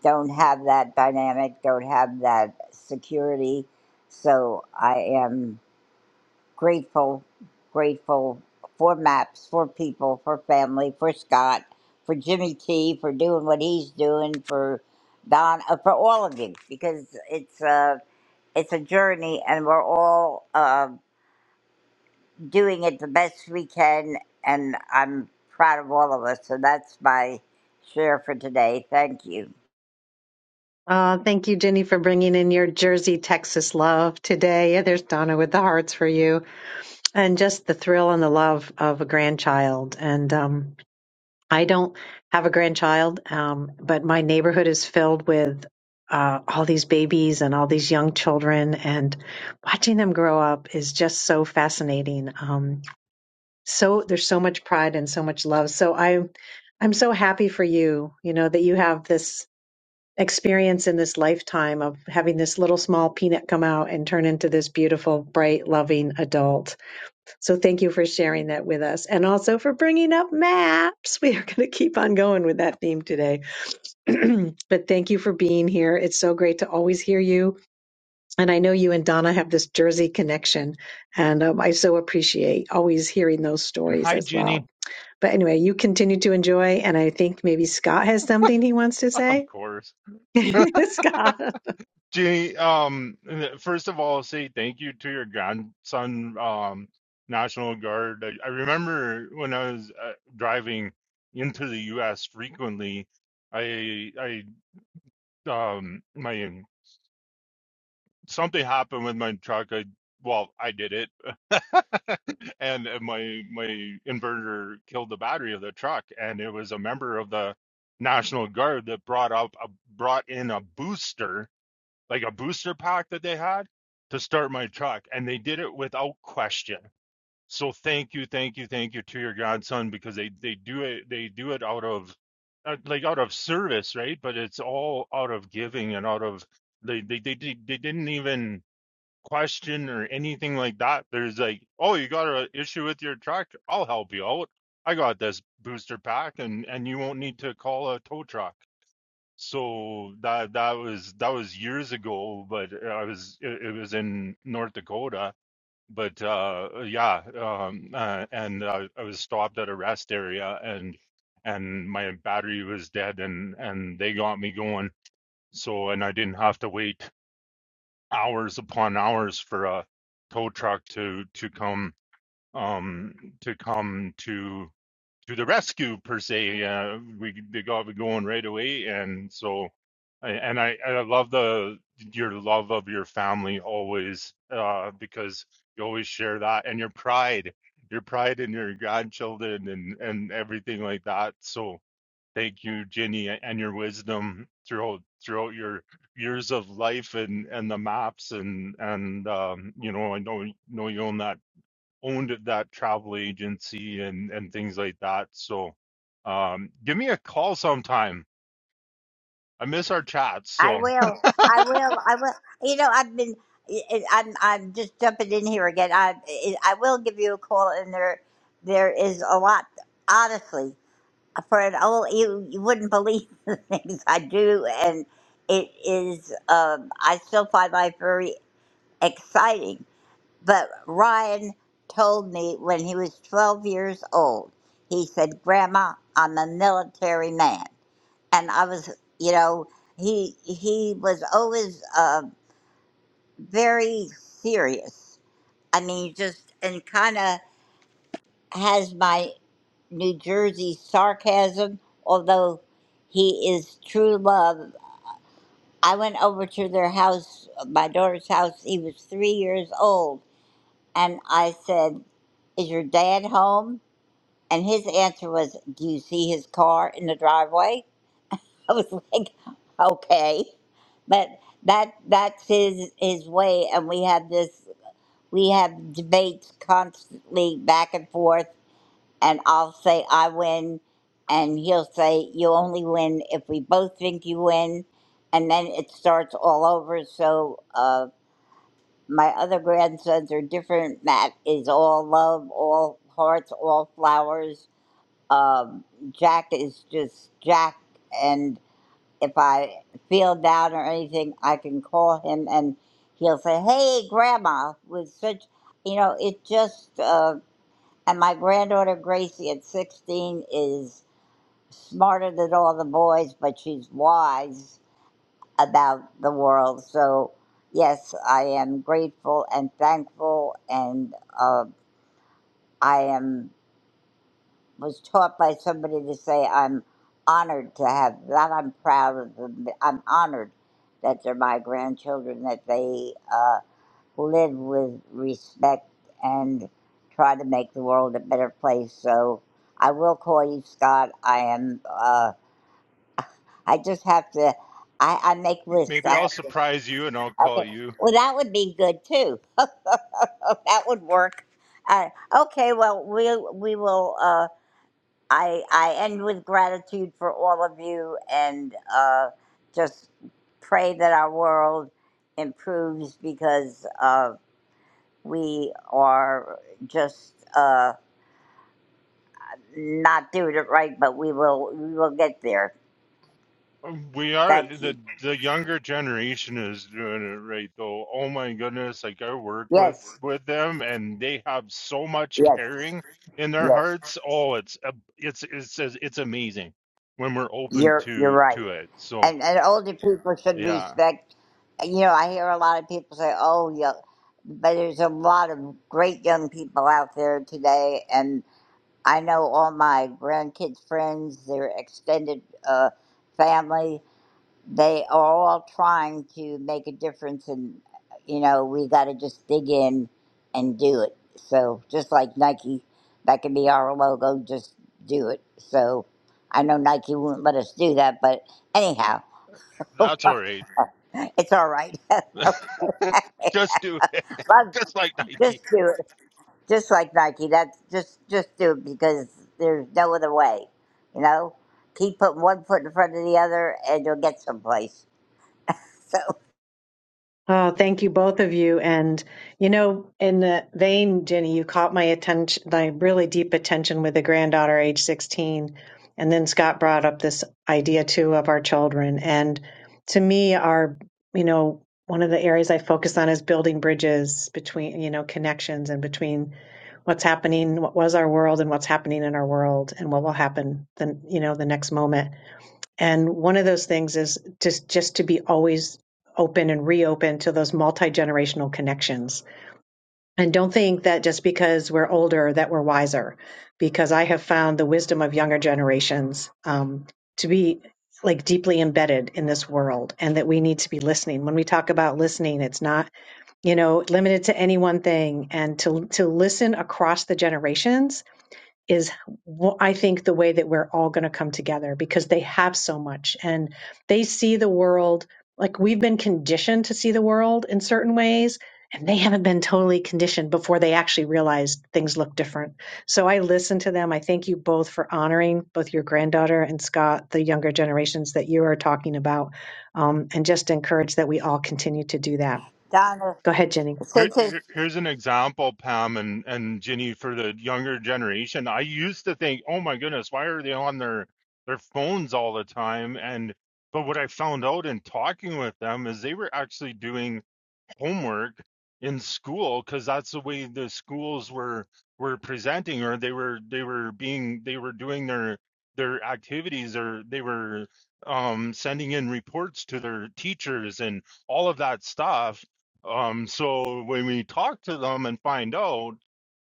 don't have that dynamic, don't have that security. So I am. grateful, grateful for maps, for people, for family, for Scott, for Jimmy T, for doing what he's doing, for Don, uh, for all of you, because it's uh, it's a journey, and we're all uh, doing it the best we can, and I'm proud of all of us. So that's my share for today. Thank you.
Uh, thank you, Jenny, for bringing in your Jersey, Texas love today. Yeah, There's Donna with the hearts for you, and just the thrill and the love of a grandchild, and um, I don't have a grandchild, um, but my neighborhood is filled with uh, all these babies and all these young children, and watching them grow up is just so fascinating. Um, so there's so much pride and so much love. So I, I'm so happy for you. You know that you have this experience in this lifetime of having this little small peanut come out and turn into this beautiful, bright, loving adult so thank you for sharing that with us and also for bringing up maps. We are going to keep on going with that theme today. but thank you for being here. It's so great to always hear you. And I know you and Donna have this Jersey connection. And um, I so appreciate always hearing those
and
stories
hi
as well.
jenny
But anyway, you continue to enjoy. And I think maybe Scott has something he wants to
of
say.
course
Scott.
Jeannie, um, first of all, say thank you to your grandson, um, National Guard. I, I remember when I was uh, driving into the U.S. frequently, I, I, um, my something happened with my truck. I, well, I did it, and my my inverter killed the battery of the truck, and it was a member of the National Guard that brought up a, brought in a booster like a booster pack that they had to start my truck and they did it without question so thank you thank you thank you to your godson because they they do it they do it out of uh, like out of service right but it's all out of giving and out of they they they, they, they didn't even question or anything like that there's like oh you got an issue with your truck i'll help you out i got this booster pack and and you won't need to call a tow truck so that that was that was years ago but i was it, it was in north dakota but uh yeah um uh, and uh, i was stopped at a rest area and and my battery was dead and and they got me going so and i didn't have to wait hours upon hours for a tow truck to to come um to come to to the rescue per se. Uh, we they got me going right away, and so I- and I I love the your love of your family always uh, because you always share that and your pride, your pride in your grandchildren and and everything like that. So thank you, Ginny, and your wisdom throughout throughout your years of life and and the maps and and um, you know I know know you own that owned that travel agency and and things like that. So um give me a call sometime. I miss our chats,
I
so
will. I will. I will. You know, I've been. I- I- am I'm just jumping in here again. I I will give you a call, and there, there is a lot. Honestly, for an old, you, you wouldn't believe the things I do, and it is. Um, I still find life very exciting. But Ryan told me when he was 12 years old, he said, "Grandma, I'm a military man." and I was, you know, he he was always uh, very serious. I mean, just and kind of has my New Jersey sarcasm, although he is true love. I went over to their house, my daughter's house. He was three years old, and I said, "Is your dad home?" And his answer was, "Do you see his car in the driveway?" I was like, okay, but that that's his his way, and we have this we have debates constantly back and forth, and I'll say I win, and he'll say you only win if we both think you win, and then it starts all over. So uh, my other grandsons are different. Matt is all love, all hearts, all flowers. Um, Jack is just Jack, and if I feel down or anything, I can call him and he'll say, "Hey, Grandma," with such, you know, it just. Uh, and my granddaughter Gracie at sixteen is smarter than all the boys, but she's wise about the world. So yes, I am grateful and thankful, and uh, I am. was taught by somebody to say, I'm honored to have that. I'm proud of them. I'm honored that they're my grandchildren, that they uh, live with respect and try to make the world a better place. So I will call you, Scott. I am, uh, I just have to, I, I make lists.
maybe
I
I'll
have to,
surprise you and I'll call
okay.
you.
Well, that would be good too. that would work. Uh, okay, well, we, we will. Uh, I I end with gratitude for all of you and uh, just pray that our world improves because uh, we are just uh, not doing it right, but we will we will get there.
Um, We are
Thank
the
you.
the younger generation is doing it right though. Oh my goodness, like I work with
Yes,
with them and they have so much
yes,
caring in their
yes.
hearts. Oh, it's a- it's it's it's amazing when we're open
You're you're
to
right.
to it. So,
And and older people should
yeah.
respect. You know, I hear a lot of people say, "Oh, yeah," but there's a lot of great young people out there today, and I know all my grandkids' friends, their extended uh, family. They are all trying to make a difference, and you know we got to just dig in and do it. So just like Nike, that can be our logo. Just do it. So I know Nike won't let us do that, but anyhow,
That's all right.
it's all right. okay,
Just do.
Love,
just like
just
Nike.
do it. just like Nike. That's just just do it because there's no other way. You know, keep putting one foot in front of the other, and you'll get someplace. So
Oh, thank you, both of you. And, you know, in the vein, Jenny, you caught my attention, my really deep attention with a granddaughter, age 16. And then Scott brought up this idea too of our children. And to me, our, you know, one of the areas I focus on is building bridges between, you know, connections and between what's happening, what was our world and what's happening in our world and what will happen then, you know, the next moment. And one of those things is just just to be always open and reopen to those multi-generational connections. And don't think that just because we're older that we're wiser, because I have found the wisdom of younger generations um, to be like deeply embedded in this world and that we need to be listening. When we talk about listening, it's not, you know, limited to any one thing and to to listen across the generations is I think the way that we're all going to come together because they have so much and they see the world like we've been conditioned to see the world in certain ways and they haven't been totally conditioned before they actually realized things look different. So I listen to them. I thank you both for honoring both your granddaughter and Scott, the younger generations that you are talking about, um, and just encourage that we all continue to do that.
Donna,
Go ahead, Jenny.
Here,
since it's,
here- here's an example, Pam and, and Ginny, for the younger generation. I used to think, oh my goodness, why are they on their, their phones all the time? And but what I found out in talking with them is they were actually doing homework in school because that's the way the schools were were presenting or they were they were being they were doing their their activities or they were um sending in reports to their teachers and all of that stuff um so when we talk to them and find out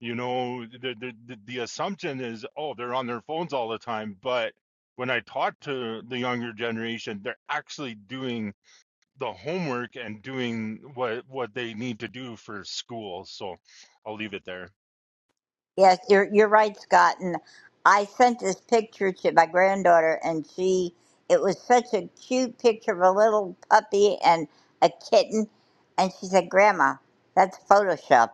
you know the the, the the assumption is oh they're on their phones all the time but when i talk to the younger generation they're actually doing the homework and doing what what they need to do for school. So I'll leave it there.
yes, you're you're right, Scott. And I sent this picture to my granddaughter, and she it was such a cute picture of a little puppy and a kitten, and she said, "Grandma, that's Photoshop."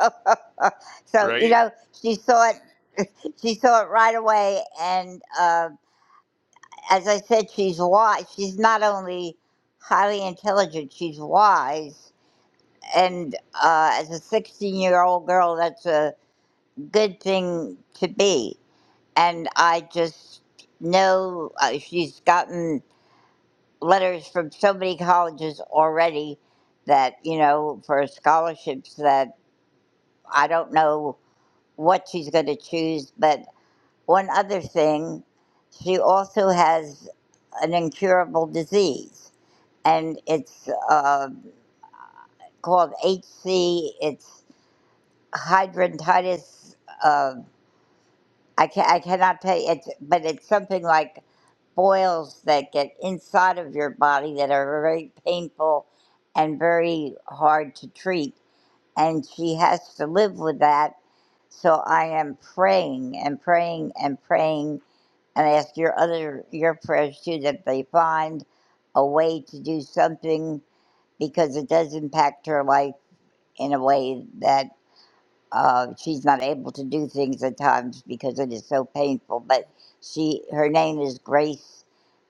so you
right?
know, she saw it. She saw it right away, and. Um, as I said, she's wise. She's not only highly intelligent, she's wise. And uh, as a 16 year old girl, that's a good thing to be. And I just know uh, she's gotten letters from so many colleges already that, you know, for scholarships that I don't know what she's going to choose. But one other thing, she also has an incurable disease and it's uh, called HC. It's hydrantitis. Uh, I ca I cannot tell you. It's but it's something like boils that get inside of your body that are very painful and very hard to treat. And she has to live with that. So I am praying and praying and praying, and I ask your other your prayers too that they find a way to do something because it does impact her life in a way that uh, she's not able to do things at times because it is so painful. But she, her name is Grace,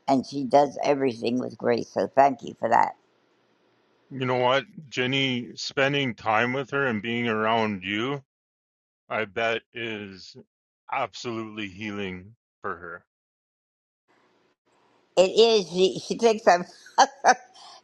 and she does everything with grace. So thank you for that.
You know what, Jenny, spending time with her and being around you, I bet is absolutely healing for her.
It is. She, she thinks I'm.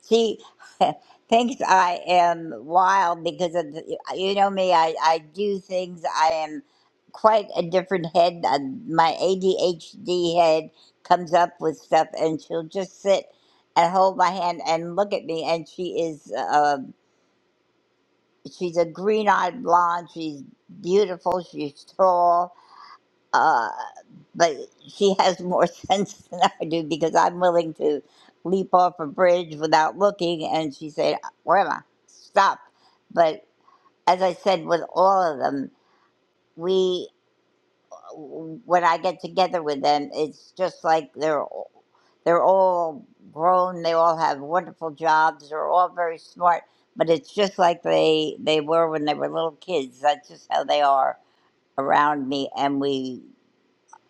she thinks I am wild because of the, you know me. I I do things. I am quite a different head. Uh, My ADHD head comes up with stuff, and she'll just sit and hold my hand and look at me. And she is. Uh, she's a green-eyed blonde. She's beautiful. She's tall uh, but she has more sense than I do because I'm willing to leap off a bridge without looking. And she said, Where am I? Stop. But as I said, with all of them, we, when I get together with them, it's just like they're, all- they're all grown. They all have wonderful jobs. They're all very smart. But it's just like they, they were when they were little kids. That's just how they are around me. And we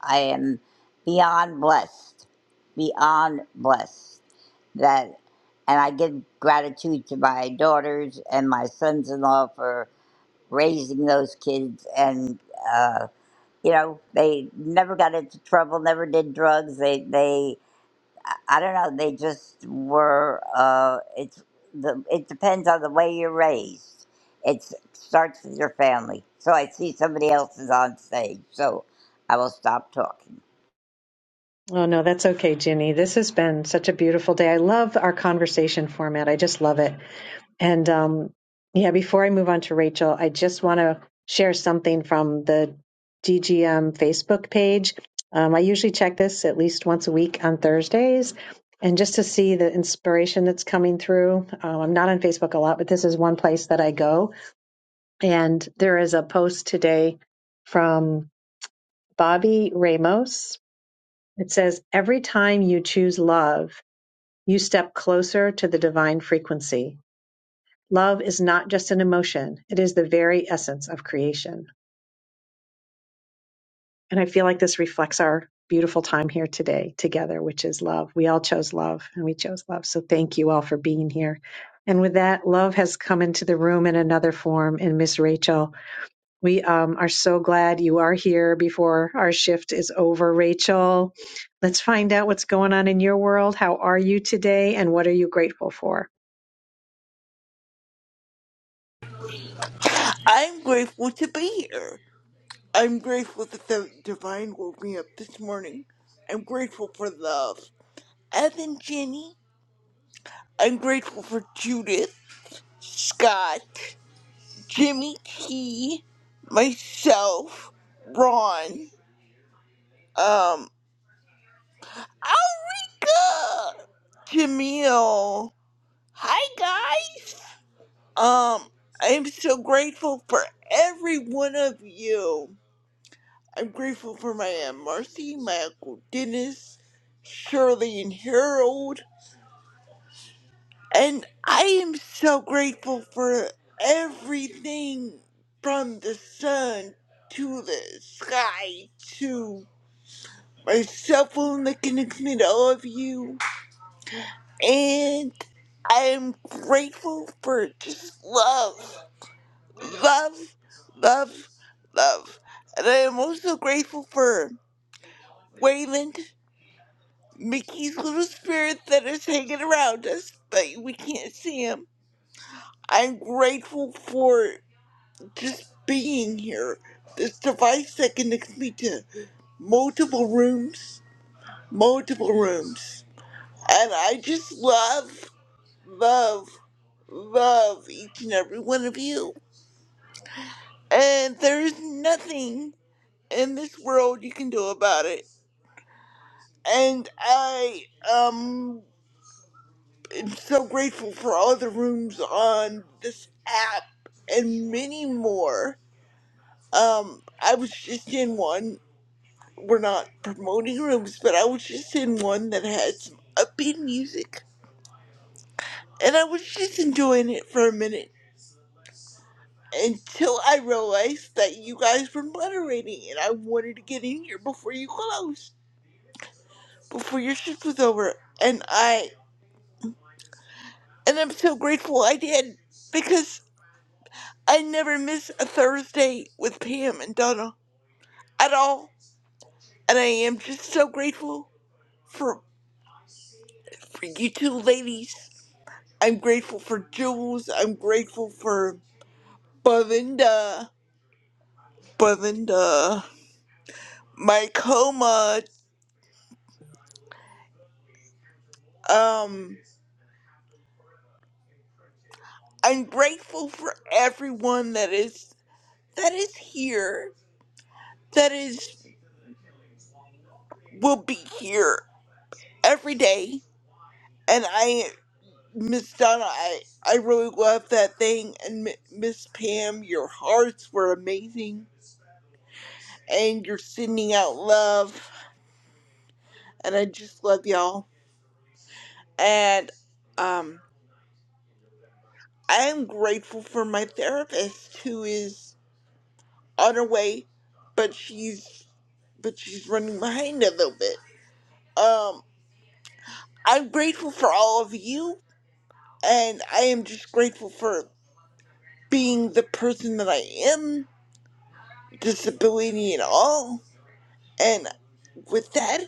I am beyond blessed, beyond blessed that, and I give gratitude to my daughters and my sons-in-law for raising those kids, and uh, you know they never got into trouble, never did drugs. They, they, I don't know, they just were. Uh, it's the, it depends on the way you're raised. It starts with your family. So I see somebody else is on stage, so I will stop talking.
Oh, no, that's okay, Ginny. This has been such a beautiful day. I love our conversation format. I just love it. And um, yeah, before I move on to Rachel, I just want to share something from the DGM Facebook page. Um, I usually check this at least once a week on Thursdays. And just to see the inspiration that's coming through, um, I'm not on Facebook a lot, but this is one place that I go. And there is a post today from Bobby Ramos, it says, Every time you choose love, you step closer to the divine frequency. Love is not just an emotion, it is the very essence of creation. And I feel like this reflects our beautiful time here today together, which is love. We all chose love and we chose love. So thank you all for being here. And with that, love has come into the room in another form. And Miss Rachel, We um, are so glad you are here before our shift is over, Rachel. Let's find out what's going on in your world. How are you today, and what are you grateful for?
I'm grateful to be here. I'm grateful that the divine woke me up this morning. I'm grateful for love. Evan Jenny. I'm grateful for Judith, Scott, Jimmy T, myself, Ron, um, Alrika, Jamil. Hi guys. Um, I'm so grateful for every one of you. I'm grateful for my Aunt Marcy, my Uncle Dennis, Shirley, and Harold. And I am so grateful for everything from the sun to the sky to my cell phone that connects me to all of you. And I am grateful for just love, love, love, love. And I am also grateful for Wayland. Mickey's little spirit that is hanging around us, but we can't see him. I'm grateful for just being here. This device that connects me to multiple rooms, multiple rooms. And I just love, love, love each and every one of you. And there's nothing in this world you can do about it. And I, um. i am so grateful for all the rooms on this app and many more. Um, I was just in one. We're not promoting rooms, but I was just in one that had some upbeat music, and I was just enjoying it for a minute until I realized that you guys were moderating, and I wanted to get in here before you closed, before your shift was over, and I and I'm so grateful I did because. I never miss a Thursday with Pam and Donna at all. And I am just so grateful for, for you two ladies. I'm grateful for Jules. I'm grateful for Belinda. Belinda. My coma. Um I'm grateful for everyone that is that is here. That is will be here every day. And I Miss Donna, I, I really loved that thing. And M- Miss Pam, your hearts were amazing. And you're sending out love. And I just love y'all. And um, I am grateful for my therapist who is on her way, but she's but she's running behind a little bit. Um, I'm grateful for all of you. And I am just grateful for being the person that I am, disability and all With that,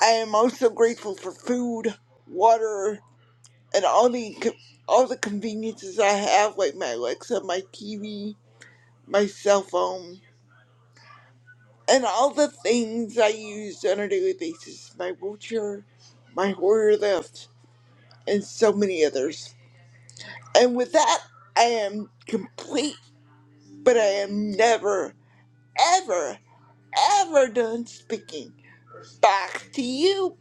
I am also grateful for food, water, and all the co- all the conveniences I have, like my Alexa, my TV, my cell phone, and all the things I use on a daily basis. My wheelchair, my Hoyer lift, and so many others. And with that, I am complete, but I am never, ever, ever done speaking. Back to you,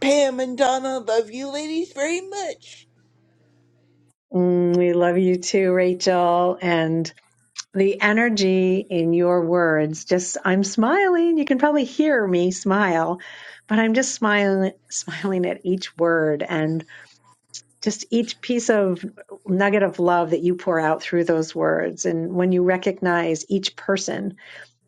Pam and Donna. Love you, ladies, very much.
Mm, we love you too, Rachel. And the energy in your words just i'm smiling you can probably hear me smile but i'm just smiling smiling at each word and just each piece of nugget of love that you pour out through those words and when you recognize each person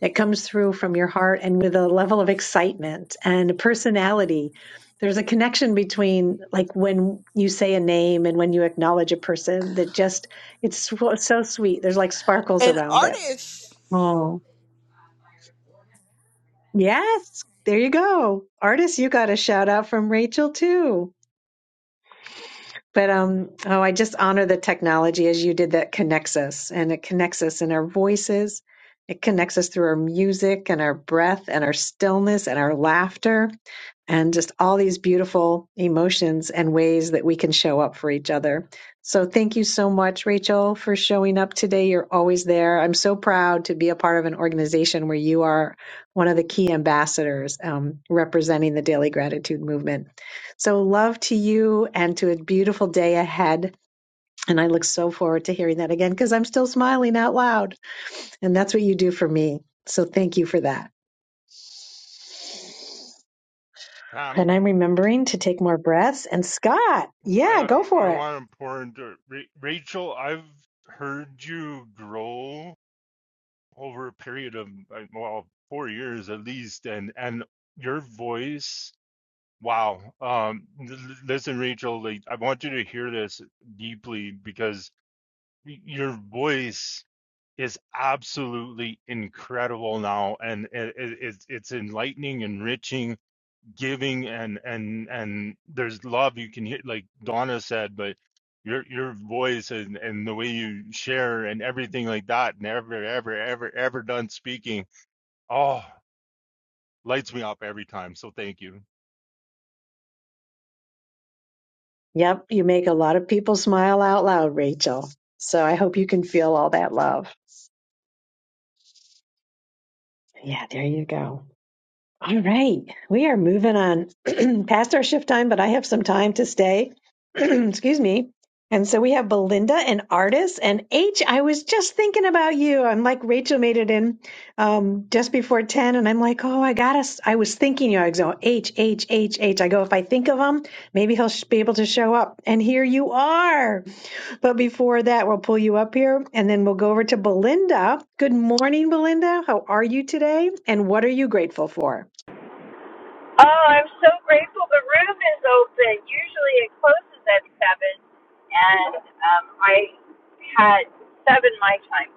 that comes through from your heart and with a level of excitement and personality there's a connection between like when you say a name and when you acknowledge a person that just it's so, so sweet there's like sparkles
An
around it
artist.
Oh, yes. There you go. Artists, you got a shout out from Rachel too. But um, oh, I just honor the technology as you did that connects us and it connects us in our voices. It connects us through our music and our breath and our stillness and our laughter. and just all these beautiful emotions and ways that we can show up for each other. So thank you so much, Rachel, for showing up today. You're always there. I'm so proud to be a part of an organization where you are one of the key ambassadors um, representing the Daily Gratitude Movement. So love to you and to a beautiful day ahead. And I look so forward to hearing that again because I'm still smiling out loud. And that's what you do for me. So thank you for that. And
Tam,
I'm remembering to take more breaths. And Scott,
I
yeah, go
gotta,
for
I
it.
want to pour into Ra- Rachel. I've heard you grow over a period of like, well, four years at least, and and your voice Wow. Um, l- l- listen, Rachel, like I want you to hear this deeply because y- your voice is absolutely incredible now, and it, it, it's it's enlightening, enriching, giving, and and and there's love you can hear, like Donna said, but your your voice and and the way you share and everything like that, never ever ever ever done speaking. Oh, lights me up every time. So thank you.
Yep, you make a lot of people smile out loud, Rachel. So I hope you can feel all that love. Yeah, there you go. All right, we are moving on past our shift time, but I have some time to stay. Excuse me. And so we have Belinda and Artis and H. I was just thinking about you. I'm like Rachel made it in um, just before ten, and I'm like, oh, I gotta. us. I was thinking you. know, I go H H H H. I go if I think of him, maybe he'll sh- be able to show up. And here you are. But before that, we'll pull you up here, and then we'll go over to Belinda. Good morning, Belinda. How are you today? And what are you grateful for?
Oh, I'm so grateful the room is open. Usually it closes at 7, and um, I had 7 my time.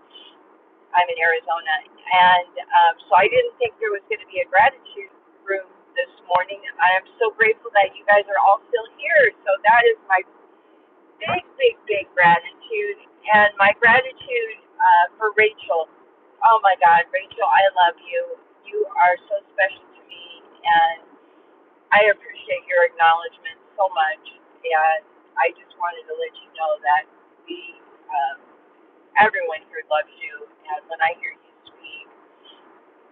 I'm in Arizona, and um, so I didn't think there was going to be a gratitude room this morning. I'm so grateful that you guys are all still here. So that is my big, big, big gratitude, and my gratitude uh, for Rachel. Oh my God, Rachel, I love you. You are so special to me, and. I appreciate your acknowledgement so much, and I just wanted to let you know that we, um, everyone here loves you, and when I hear you speak,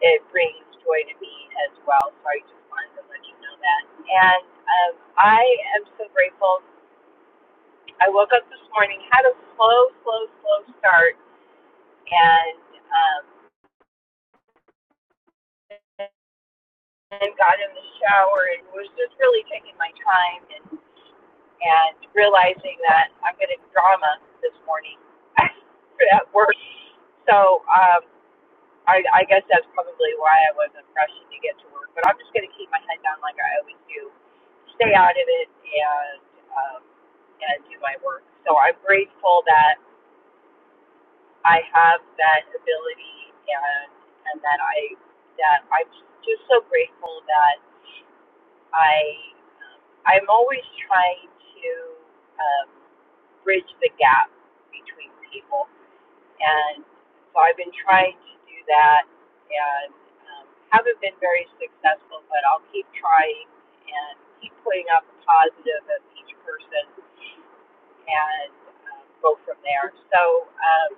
it brings joy to me as well. So I just wanted to let you know that. And um, I am so grateful. I woke up this morning, had a slow, slow, slow start, and um, and got in the shower and was just really taking my time and and realizing that I'm getting drama this morning at work. So um, I, I guess that's probably why I wasn't rushing to get to work. But I'm just going to keep my head down like I always do, stay out of it, and um, and do my work. So I'm grateful that I have that ability, and and that I that I'm just so grateful that I um, I'm always trying to um, bridge the gap between people, and so I've been trying to do that, and um, haven't been very successful, but I'll keep trying and keep putting up the positive of each person, and um, go from there. So. Um,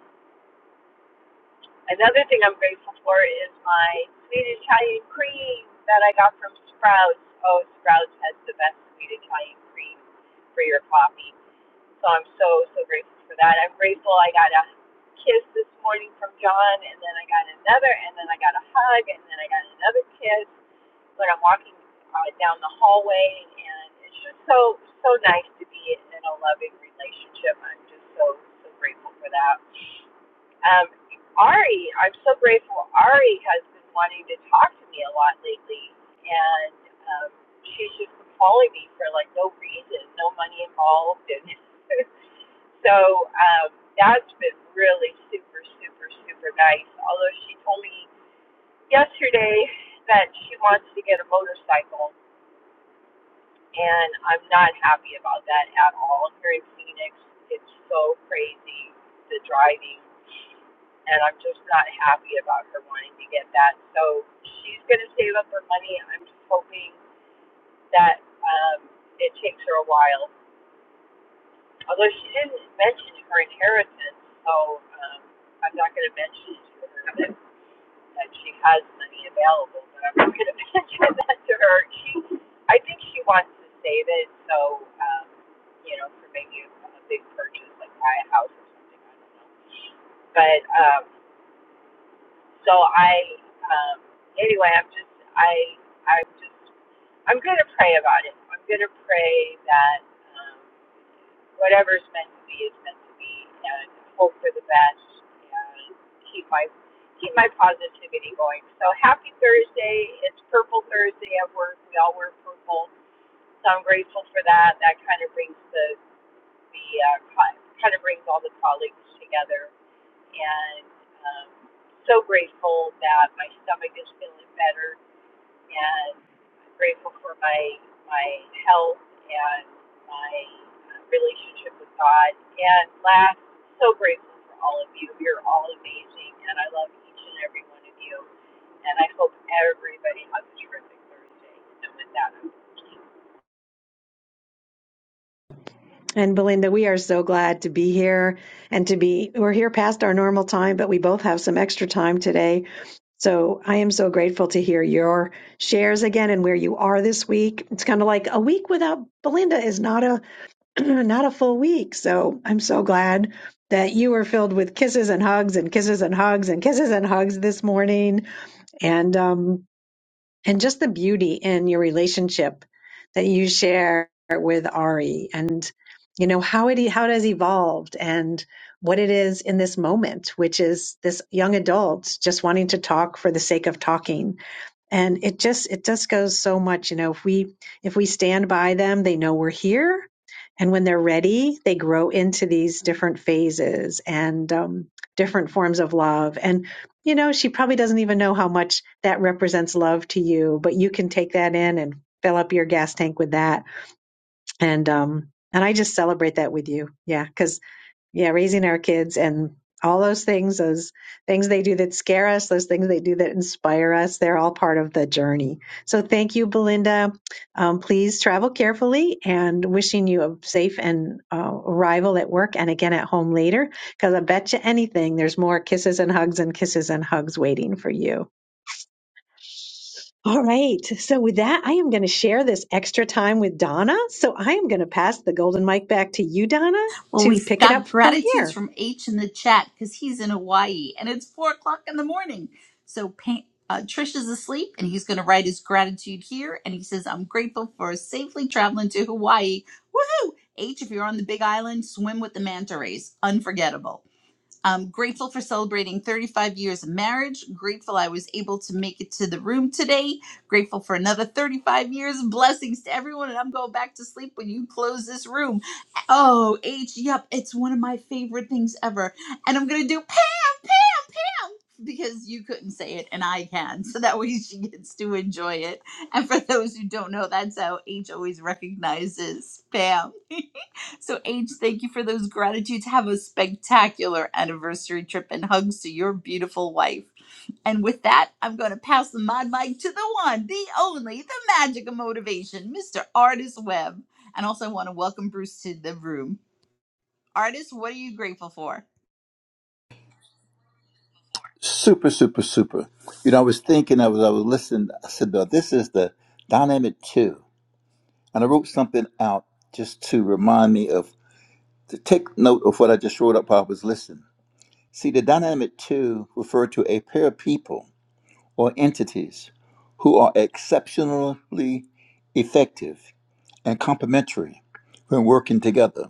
Another thing I'm grateful for is my sweet Italian cream that I got from Sprouts. Oh, Sprouts has the best sweet Italian cream for your coffee. So I'm so, so grateful for that. I'm grateful I got a kiss this morning from John, and then I got another, and then I got a hug, and then I got another kiss when I'm walking uh, down the hallway. And it's just so, so nice to be in a loving relationship. I'm just so, so grateful for that. Um, Ari, I'm so grateful. Ari has been wanting to talk to me a lot lately, and um, she's just been calling me for like no reason, no money involved, and so um, that's been really super, super, super nice. Although she told me yesterday that she wants to get a motorcycle, and I'm not happy about that at all. Here in Phoenix, it's so crazy the driving and I'm just not happy about her wanting to get that. So she's going to save up her money. I'm just hoping that um, it takes her a while. Although she didn't mention her inheritance, so um, I'm not going to mention it to her that, that she has money available, but I'm not going to mention that to her. She, I think she wants to save it, so um, you know, for maybe a, a big purchase like buy a house or something. I don't know but um, So I, um, anyway, I'm just, I, I'm just, I'm going to pray about it. I'm going to pray that um, whatever's meant to be is meant to be, and hope for the best, and keep my keep my positivity going. So happy Thursday! It's Purple Thursday at work. We all wear purple, so I'm grateful for that. That kind of brings the the uh, co- kind of brings all the colleagues together and um, so grateful that my stomach is feeling better, and I'm grateful for my my health and my uh, relationship with God. And last, so grateful for all of you. You're all amazing, and I love each and every one of you. And I hope everybody has a terrific Thursday. And with that, I'm
And Belinda, we are so glad to be here and to be, we're here past our normal time, but we both have some extra time today. So I am so grateful to hear your shares again and where you are this week. It's kind of like a week without Belinda is not a, not a full week. So I'm so glad that you were filled with kisses and hugs and kisses and hugs and kisses and hugs this morning. And, um, and just the beauty in your relationship that you share with Ari and you know how it e, how it has evolved and what it is in this moment which is this young adult just wanting to talk for the sake of talking and it just it just goes so much you know if we if we stand by them they know we're here and when they're ready they grow into these different phases and um, different forms of love and you know she probably doesn't even know how much that represents love to you but you can take that in and fill up your gas tank with that and um and i just celebrate that with you yeah because yeah, raising our kids and all those things, those things they do that scare us, those things they do that inspire us, they're all part of the journey. So thank you, Belinda. Um, please travel carefully and wishing you a safe and uh, arrival at work and again at home later, because I bet you anything there's more kisses and hugs and kisses and hugs waiting for you. All right. So with that, I am going to share this extra time with Donna. So I am going to pass the golden mic back to you, Donna,
Well,
to
we've
pick it up
got
from here.
gratitudes from H in the chat because he's in Hawaii and it's four o'clock in the morning. So pa uh, Trish is asleep and he's going to write his gratitude here. And he says, I'm grateful for safely traveling to Hawaii. Woohoo! H, if you're on the big island, swim with the manta rays. Unforgettable. I'm grateful for celebrating 35 years of marriage. Grateful I was able to make it to the room today. Grateful for another 35 years. of Blessings to everyone. And I'm going back to sleep when you close this room. Oh, H, yep. It's one of my favorite things ever. And I'm going to do Pam because you couldn't say it and I can. So that way she gets to enjoy it. And for those who don't know, that's how H always recognizes Pam. So, H, thank you for those gratitudes. Have a spectacular anniversary trip and hugs to your beautiful wife. And with that, I'm going to pass the mod mic to the one, the only, the magic of motivation, Mr. Artist Webb. And also, I want to welcome Bruce to the room. Artist, what are you grateful for?
Super, super, super. You know, I was thinking, I was, I was listening. I said, "Now, this is the dynamic two," And I wrote something out just to remind me of, to take note of what I just wrote up while I was listening. See, the dynamic two refer to a pair of people or entities who are exceptionally effective and complementary when working together,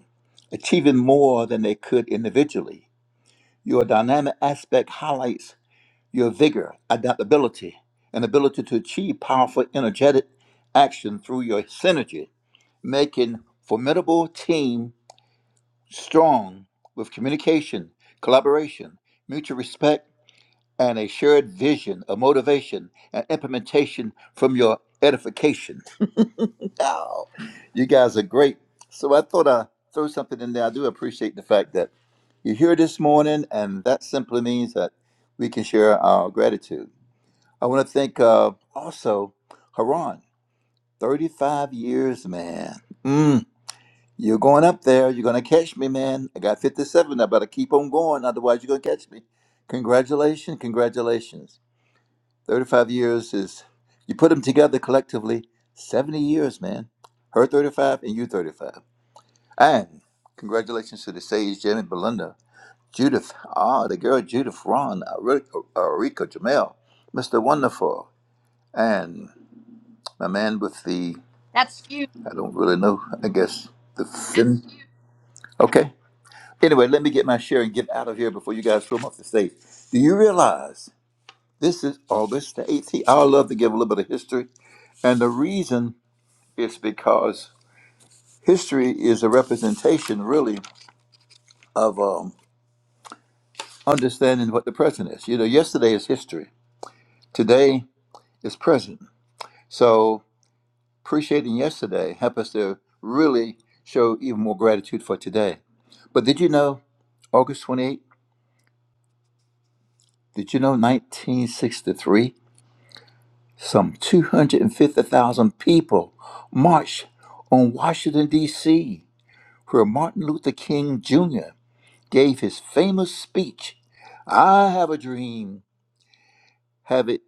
achieving more than they could individually. Your dynamic aspect highlights Your vigor, adaptability, and ability to achieve powerful, energetic action through your synergy, making formidable team strong with communication, collaboration, mutual respect, and a shared vision of motivation and implementation from your edification. Oh, you guys are great. So I thought I'd throw something in there. I do appreciate the fact that you're here this morning, and that simply means that we can share our gratitude. I want to thank uh, also Haran. 35 years, man. Mm, you're going up there. You're going to catch me, man. I got 57. I better keep on going. Otherwise, you're going to catch me. Congratulations. Congratulations. 35 years is, you put them together collectively, 70 years, man. Her 35 and you 35. And congratulations to the sage, Jim and Belinda. Judith, ah, the girl Judith Ron, Erica Jamel, Mr. Wonderful, and. my man with the
That's few.
I don't really know. I guess the fin. Okay. Anyway, let me get my share and get out of here before you guys throw me off the stage. Do you realize this is August the 18th? I love to give a little bit of history, and the reason is because history is a representation, really, of um, understanding what the present is. You know, yesterday is history, today is present. So appreciating yesterday help us to really show even more gratitude for today. But did you know, August 28th, did you know 1963, some 250,000 people marched on Washington, D.C., where Martin Luther King Jr. gave his famous speech, I Have a Dream, Have It.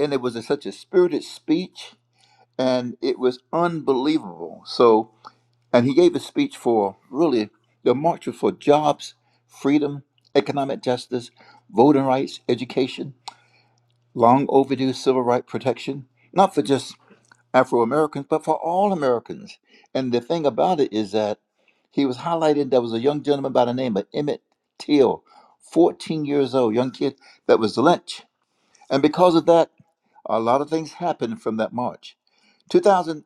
And it was a, such a spirited speech, and it was unbelievable. So, And he gave a speech for really the march was for jobs, freedom, economic justice, voting rights, education, long overdue civil rights protection, not for just Afro Americans, but for all Americans. And the thing about it is that he was highlighted there was a young gentleman by the name of Emmett Till, 14 years old, young kid that was lynched. And because of that, a lot of things happened from that march. 2000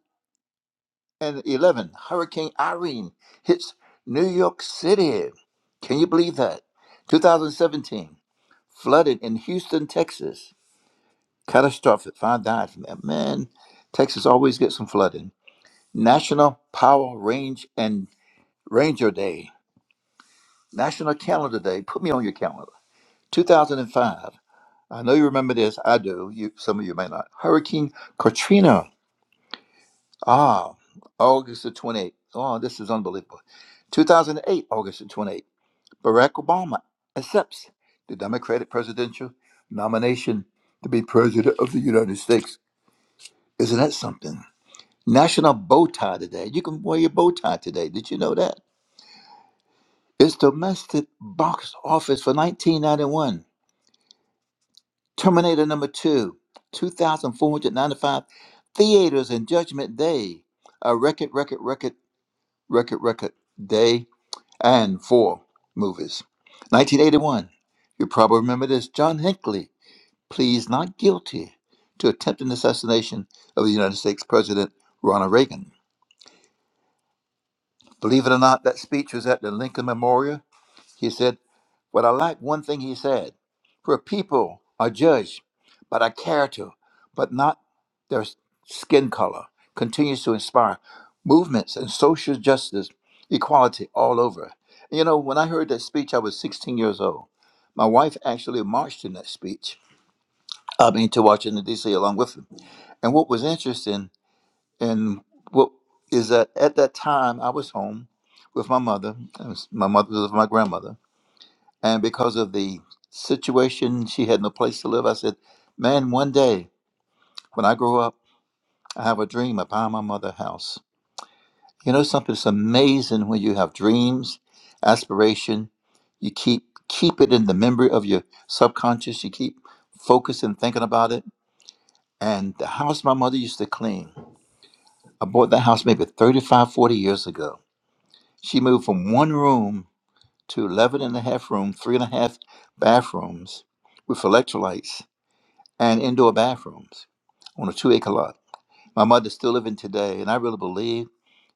eleven, Hurricane Irene hits New York City. Can you believe that? 2017, flooded in Houston, Texas. Catastrophic. Five died from that. Man, Texas always gets some flooding. National Power Range and Ranger Day. National Calendar Day. Put me on your calendar. 2005. I know you remember this. I do. You, some of you may not. Hurricane Katrina Ah, August the 28th. Oh, this is unbelievable. 2008, August the 28th. Barack Obama accepts the Democratic presidential nomination to be president of the United States. Isn't that something? National Bow Tie Today. You can wear your bow tie today. Did you know that? It's domestic box office for 1991. Terminator number 2, 2,495 theaters in Judgment Day. A record, record, record, record, record day and four movies. 1981, you probably remember this. John Hinckley pleads not guilty to attempted assassination of the United States President Ronald Reagan. Believe it or not, that speech was at the Lincoln Memorial he said, But I like one thing he said for people are judged by their character, but not their skin color, continues to inspire movements and social justice, equality all over. You know, when I heard that speech, I was 16 years old. My wife actually marched in that speech, I mean, to Washington, D.C., along with him. And what was interesting and what is that at that time I was home with my mother, and my mother was with my grandmother, and because of the situation, she had no place to live. I said, Man, one day when I grow up, I have a dream of buying my mother a house. You know something? It's amazing when you have dreams, aspiration, you keep keep it in the memory of your subconscious, you keep focusing, thinking about it. And the house my mother used to clean, I bought that house maybe 35, 40 years ago. She moved from one room to 11 and a half room, three and a half bathrooms with electrolytes and indoor bathrooms on a two acre lot. My mother's still living today, and I really believe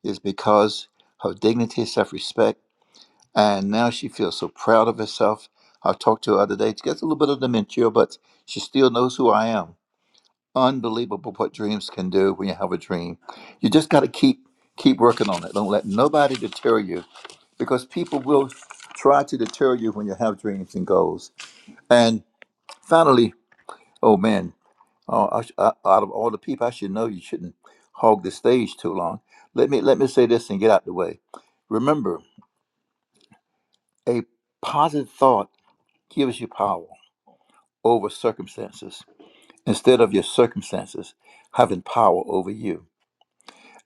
it's because her dignity, self respect, and now she feels so proud of herself. I talked to her the other day. She gets a little bit of dementia, but she still knows who I am. Unbelievable what dreams can do when you have a dream. You just got to keep keep working on it. Don't let nobody deter you because people will try to deter you when you have dreams and goals. And finally, oh man. Oh, I, sh- I, out of all the people, I should know you shouldn't hog the stage too long. Let me let me say this and get out the way. Remember, a positive thought gives you power over circumstances instead of your circumstances having power over you.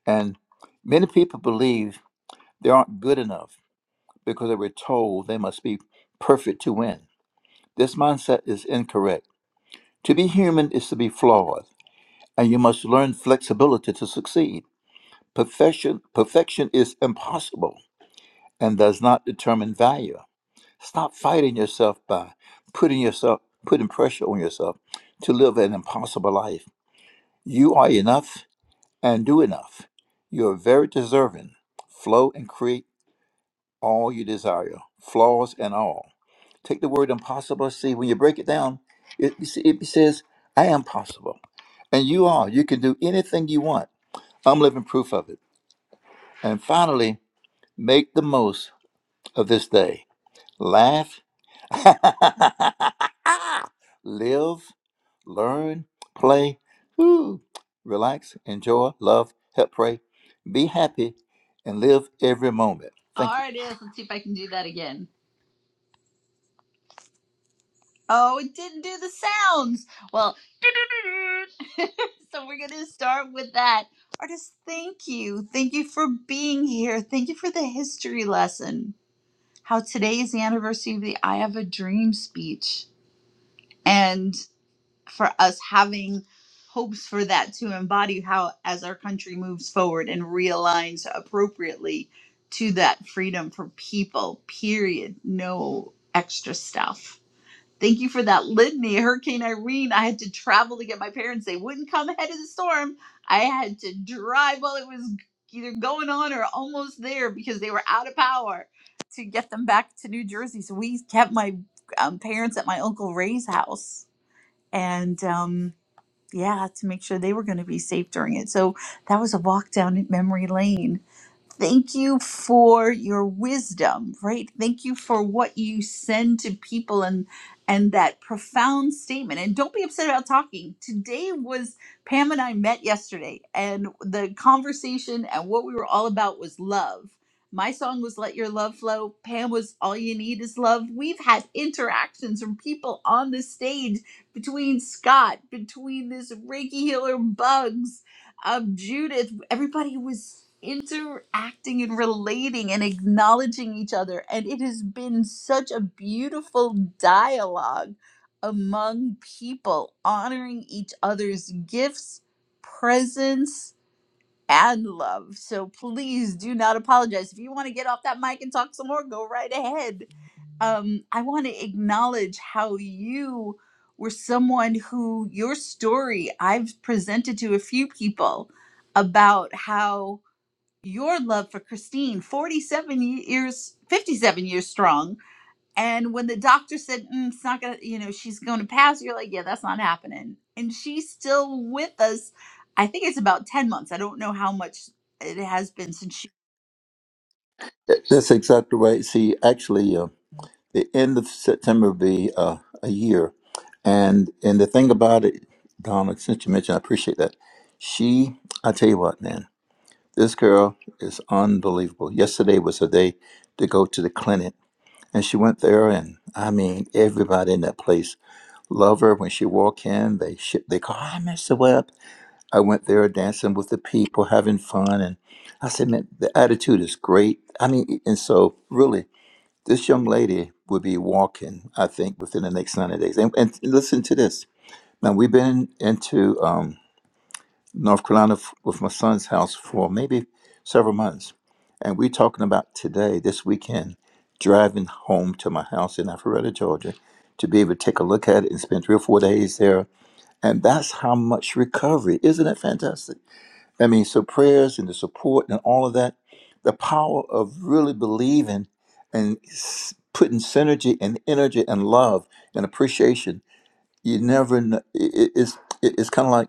And many people believe they aren't good enough because they were told they must be perfect to win. This mindset is incorrect. To be human is to be flawed, and you must learn flexibility to succeed. Perfection, perfection is impossible and does not determine value. Stop fighting yourself by putting yourself putting pressure on yourself to live an impossible life. You are enough and do enough. You are very deserving. Flow and create all you desire, flaws and all. Take the word impossible. See, when you break it down, it, it says, I am possible. And you are. You can do anything you want. I'm living proof of it. And finally, make the most. of this day. Laugh, live, learn, play, woo, relax, enjoy, love, help pray, be happy, and live every moment. Thank you.
Artist, let's see if I can do that again. Oh, it didn't do the sounds. Well, so we're going to start with that. Artist, thank you. Thank you for being here. Thank you for the history lesson. How today is the anniversary of the I Have a Dream speech. And for us having hopes for that to embody how, as our country moves forward and realigns appropriately to that freedom for people, period. No extra stuff. Thank you for that litany, Hurricane Irene. I had to travel to get my parents. They wouldn't come ahead of the storm. I had to drive while it was either going on or almost there because they were out of power to get them back to New Jersey. So we kept my um, parents at my Uncle Ray's house and, um, yeah, to make sure they were going to be safe during it. So that was a walk down memory lane Thank you for your wisdom, right? Thank you for what you send to people and and that profound statement. And don't be upset about talking. Today was Pam and I met yesterday and the conversation and what we were all about was love. My song was Let Your Love Flow. Pam was All You Need Is Love. We've had interactions from people on the stage between Scott, between this Reiki healer bugs, of Judith, everybody was interacting and relating and acknowledging each other. And it has been such a beautiful dialogue among people, honoring each other's gifts, presence, and love. So please do not apologize. If you want to get off that mic and talk some more, go right ahead um, I want to acknowledge how you were someone who your story I've presented to a few people about how your love for Christine, 47 years, 57 years strong. And when the doctor said, "Mm, it's not going to, you know, she's going to pass, you're like, yeah, that's not happening. And she's still with us. I think it's about 10 months. I don't know how much it has been since she.
That's exactly right. See, actually, uh, the end of September will be uh, a year. And and the thing about it, Donna, since you mentioned, I appreciate that. She, I tell you what, man, this girl is unbelievable. Yesterday was her day to go to the clinic And she went there, and I mean, everybody in that place loved her. When she walked in, they sh- they called, "Hi, Mr. Webb." I went there dancing with the people, having fun, and I said, "Man, the attitude is great." I mean, and so really, this young lady will be walking, I think, within the next ninety days. And, and listen to this. Now we've been into. Um, North Carolina f- with my son's house for maybe several months. And we're talking about today, this weekend, driving home to my house in Alpharetta, Georgia, to be able to take a look at it and spend three or four days there. And that's how much recovery. Isn't it fantastic? I mean, so prayers and the support and all of that, the power of really believing and s- putting synergy and energy and love and appreciation. You never know. It, it- it's, it- it's kind of like,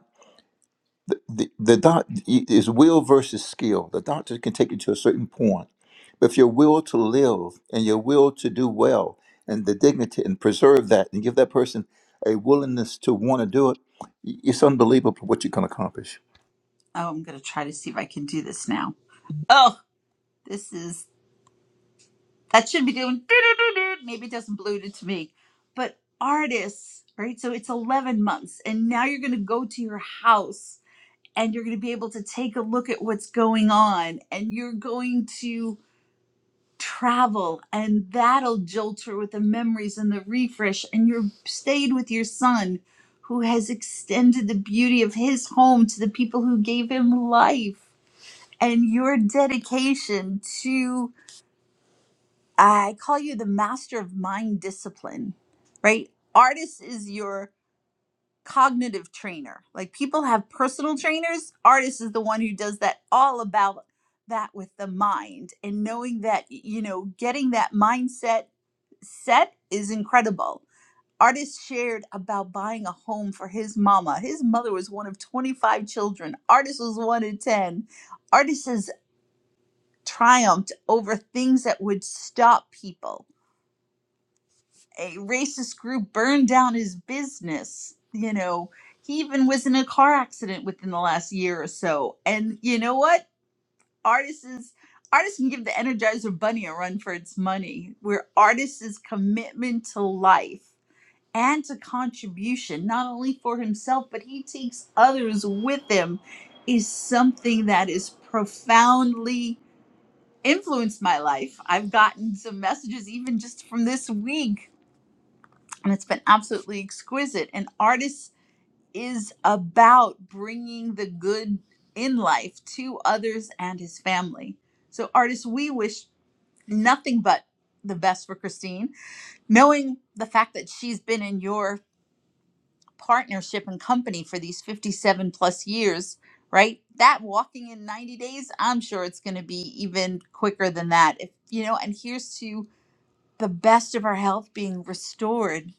the, the, the doc is will versus skill. The doctor can take you to a certain point, but if your will to live and your will to do well and the dignity and preserve that and give that person a willingness to want to do it, it's unbelievable what you can accomplish.
Oh, I'm going to try to see if I can do this now. Oh, this is that should be doing doo-doo-doo-doo. maybe it doesn't balloon to me but artists right so it's 11 months and now you're going to go to your house and you're going to be able to take a look at what's going on and you're going to travel and that'll jolt her with the memories and the refresh and you're stayed with your son who has extended the beauty of his home to the people who gave him life and your dedication to. I call you the master of mind discipline, right? Artist is your cognitive trainer. Like people have personal trainers, artist is the one who does that all about that with the mind and knowing that, you know, getting that mindset set is incredible. Artist shared about buying a home for his mama. His mother was one of 25 children. Artist was one in 10. Artist has triumphed over things that would stop people a racist group burned down his business. You know, he even was in a car accident within the last year or so. And you know what? Artists is artists can give the Energizer Bunny a run for its money. Where artists' commitment to life and to contribution, not only for himself, but he takes others with him, is something that is profoundly influenced my life. I've gotten some messages even just from this week and it's been absolutely exquisite. And artist is about bringing the good in life to others and his family. So, artists, we wish nothing but the best for Christine, knowing the fact that she's been in your partnership and company for these 57 plus years, right? That walking in 90 days, I'm sure it's going to be even quicker than that. If you know, and here's to the best of our health being restored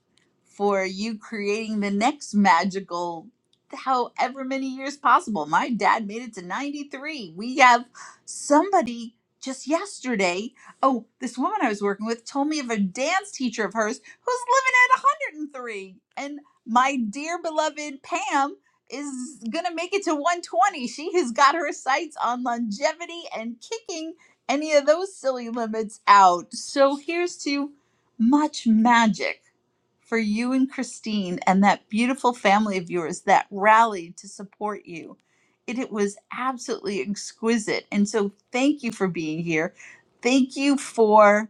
for you creating the next magical however many years possible. My dad made it to 93. We have somebody just yesterday. Oh, this woman I was working with told me of a dance teacher of hers who's living at 103. And my dear beloved Pam is going to make it to 120. She has got her sights on longevity and kicking any of those silly limits out. So here's to much magic for you and Christine and that beautiful family of yours that rallied to support you. It, it was absolutely exquisite. And so thank you for being here. Thank you for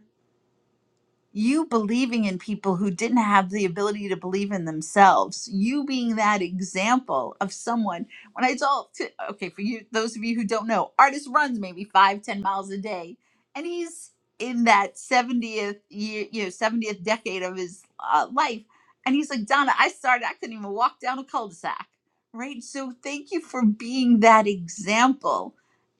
you believing in people who didn't have the ability to believe in themselves you being that example of someone when i told to, okay for you those of you who don't know artist runs maybe five ten miles a day and he's in that 70th year you know 70th decade of his uh, life and he's like donna i started i couldn't even walk down a cul-de-sac right so thank you for being that example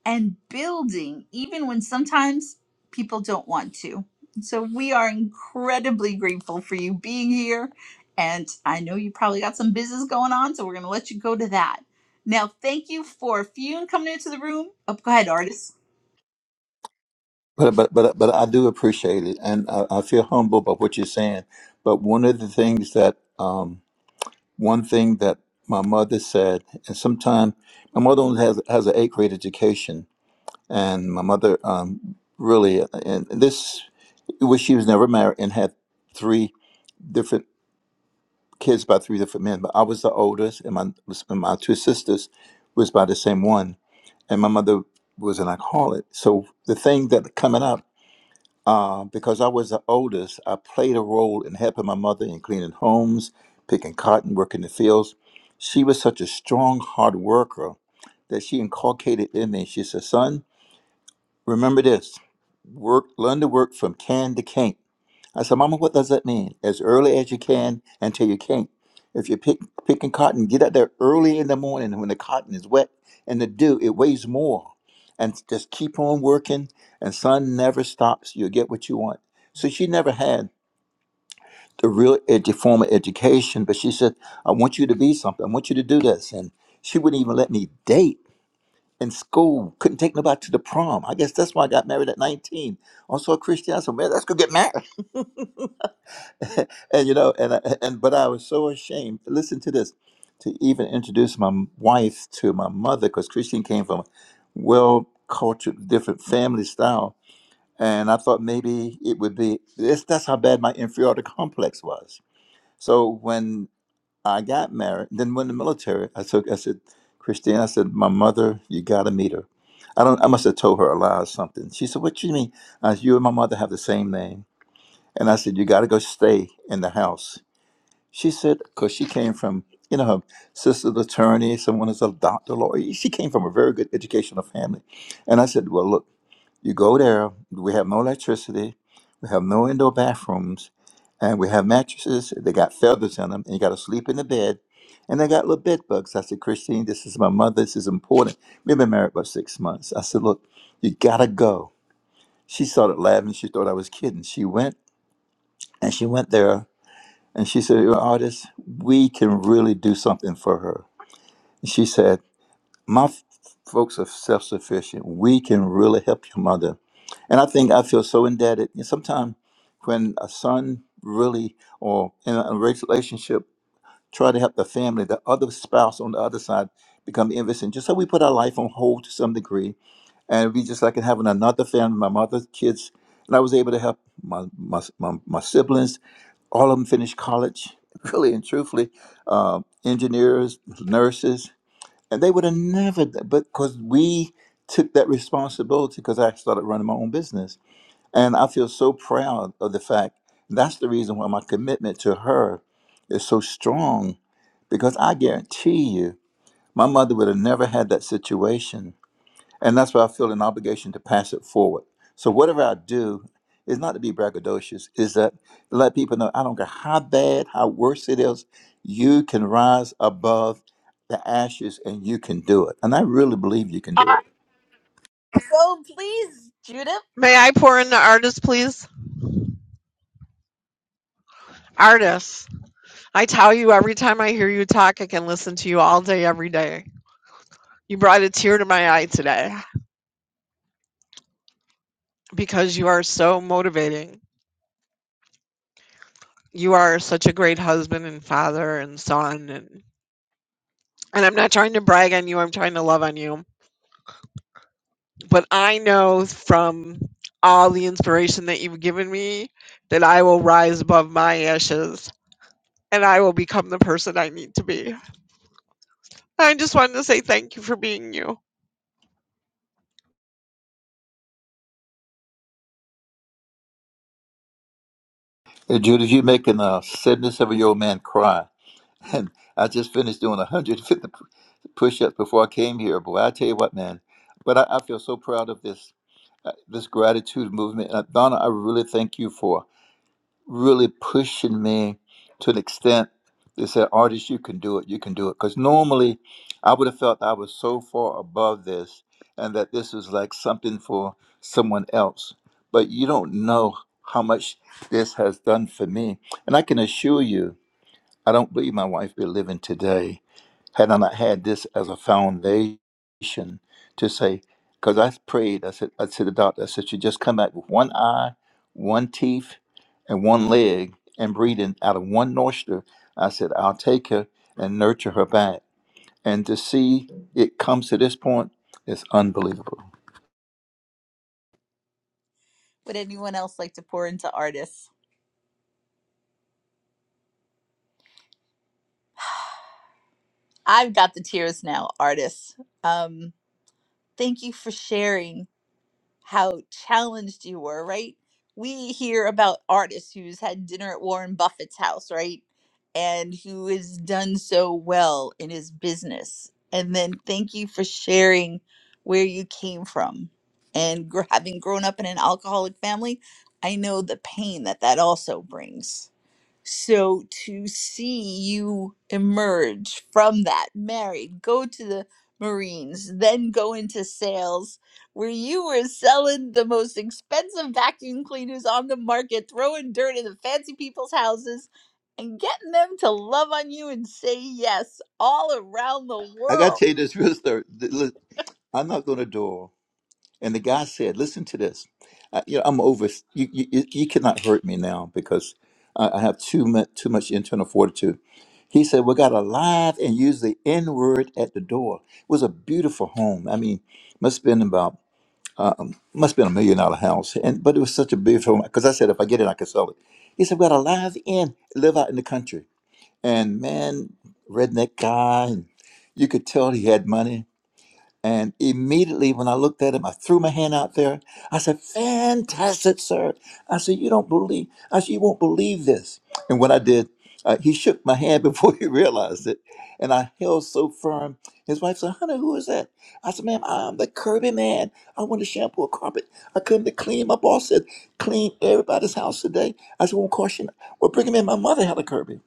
and building even when sometimes people don't want to so we are incredibly grateful for you being here. And I know you probably got some business going on, so we're going to let you go to that. Now, thank you for Fune coming into the room. Oh, go ahead, artist.
But but but but I do appreciate it, and I, I feel humble by what you're saying. But one of the things that um, one thing that my mother said, and sometimes my mother only has has an eighth grade education, and my mother um, really uh, and this was she was never married and had three different kids by three different men but i was the oldest and my and my two sisters was by the same one and my mother was an alcoholic so the thing that coming up uh, because i was the oldest i played a role in helping my mother in cleaning homes picking cotton working the fields she was such a strong hard worker that she inculcated in me she said son remember this work, learn to work from can to can't. I said, Mama, what does that mean? As early as you can until you can't. If you're pick, picking cotton, get out there early in the morning when the cotton is wet and the dew, it weighs more. And just keep on working, and sun never stops. You'll get what you want. So she never had the real edu- formal education, but she said, I want you to be something. I want you to do this. And she wouldn't even let me date in school. Couldn't take nobody to the prom. I guess that's why I got married at 19. I saw Christian. I said, man, let's go get married. and you know, and I, and but I was so ashamed. Listen to this. To even introduce my m- wife to my mother, because Christine came from a well cultured, different family style. And I thought maybe it would be this, that's how bad my inferiority complex was. So when I got married. Then went in the military. I took. I said, Christine. I said, my mother. You got to meet her. I don't. I must have told her a lie or something. She said, What you mean? I said, you and my mother have the same name. And I said, You got to go stay in the house. She said, because she came from, you know, her sister's attorny, someone is a doctor, lawyer. She came from a very good educational family. And I said, Well, look. You go there, we have no electricity, we have no indoor bathrooms, and we have mattresses. They got feathers in them, and you got to sleep in the bed. And they got little bed bugs. I said, Christine, this is my mother. This is important. We've been married about six months. I said, look, you got to go. She started laughing. She thought I was kidding. She went, and she went there, and she said, "Your artist, we can really do something for her. And She said my f- folks are self-sufficient we can really help your mother and i think i feel so indebted and sometimes when a son really or in a relationship try to help the family the other spouse on the other side become envious and just so we put our life on hold to some degree and we just like in having another family my mother's kids and i was able to help my my, my, my siblings all of them finish college really and truthfully uh, engineers nurses and they would have never, d- but because we took that responsibility because I started running my own business. And I feel so proud of the fact that's the reason why my commitment to her is so strong because I guarantee you, my mother would have never had that situation and that's why I feel an obligation to pass it forward. So whatever I do is not to be braggadocious, is that let people know I don't care how bad, how worse it is, you can rise above the ashes and you can do it. And I really believe you can
Uh,
do it.
so please, Judith,
May I pour in the artist, please? Artist. I tell you every time I hear you talk, I can listen to you all day, every day. You brought a tear to my eye today because you are so motivating. You are such a great husband and father and son and and I'm not trying to brag on you, I'm trying to love on you. But I know from all the inspiration that you've given me that I will rise above my ashes and I will become the person I need to be. I just wanted to say thank you for being you.
Hey, Judith, you're making a 77 year old man cry. And I just finished doing 150 push ups before I came here. Boy, I tell you what, man. But I, I feel so proud of this uh, this gratitude movement. Uh, Donna, I really thank you for really pushing me to an extent. They said, "Artist, you can do it. You can do it." Because normally, I would have felt I was so far above this, and that this was like something for someone else. But you don't know how much this has done for me, and I can assure you, I don't believe my wife be living today had I not had this as a foundation to say, because I prayed, I said, I said to the doctor, I said, you just come back with one eye, one teeth, and one leg, and breathing out of one nostril. I said, I'll take her and nurture her back. And to see it comes to this point is unbelievable.
would anyone else like to pour into artists? I've got the tears now, artists. Um, thank you for sharing how challenged you were, right? We hear about artists who's had dinner at Warren Buffett's house, right? And who has done so well in his business. And then thank you for sharing where you came from. And gr- having grown up in an alcoholic family, I know the pain that that also brings. So to see you emerge from that, married, go to the Marines, then go into sales, where you were selling the most expensive vacuum cleaners on the market, throwing dirt in the fancy people's houses, and getting them to love on you and say yes all around the
I got to
world.
tell you this real story. Th- Look, I knocked on the door And the guy said, "Listen to this. I, you know, I'm over. You, you, you you cannot hurt me now because I, I have too much too much internal fortitude." He said, "We got a live and use the N word at the door. It was a beautiful home. I mean, must have been about um, must have been a million dollar house, and but it was such a beautiful home because I said if I get it, I can sell it." He said, "We got a live in, live out in the country, and man, redneck guy, and you could tell he had money." And immediately when I looked at him, I threw my hand out there. I said, Fantastic, sir. I said, You don't believe, I said, You won't believe this. And what I did, uh, he shook my hand before he realized it. And I held so firm. His wife said, Honey, who is that? I said, Ma'am, I'm the Kirby man. I want to shampoo a carpet. I come to clean. My boss said, Clean everybody's house today. I said, Won't cost you. Well, bring him in. My mother had a Kirby.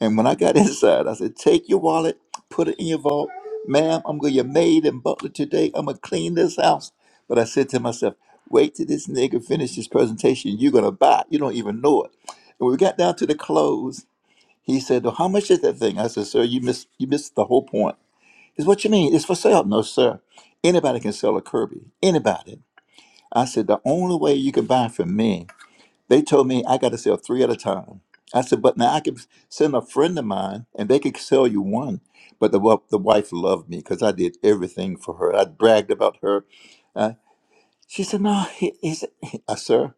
And when I got inside, I said, Take your wallet, put it in your vault. Ma'am, I'm going to your maid and butler today. I'm going to clean this house. But I said to myself, Wait till this nigga finish his presentation. You're going to buy. it. You don't even know it. And when we got down to the close, he said, well, How much is that thing? I said, Sir, you missed, you missed the whole point. Is what you mean? It's for sale. No, sir. Anybody can sell a Kirby. Anybody. I said, The only way you can buy from me they told me I got to sell three at a time. I said, but now I can send a friend of mine and they could sell you one. But the, wa- the wife loved me because I did everything for her. I bragged about her. Uh, she said, no, he, he said, uh, sir,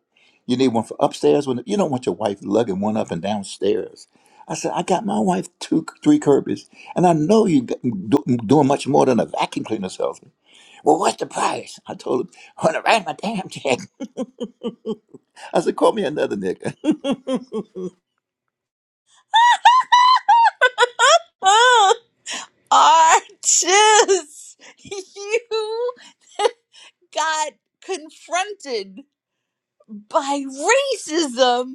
you need one for upstairs. When You don't want your wife lugging one up and downstairs. I said, I got my wife two, three Kirby's, and I know you got- do, doing much more than a vacuum cleaner salesman. Well, what's the price? I told him, 100 right in my damn check. I said, call me another nigga.
Oh, artists, you got confronted by racism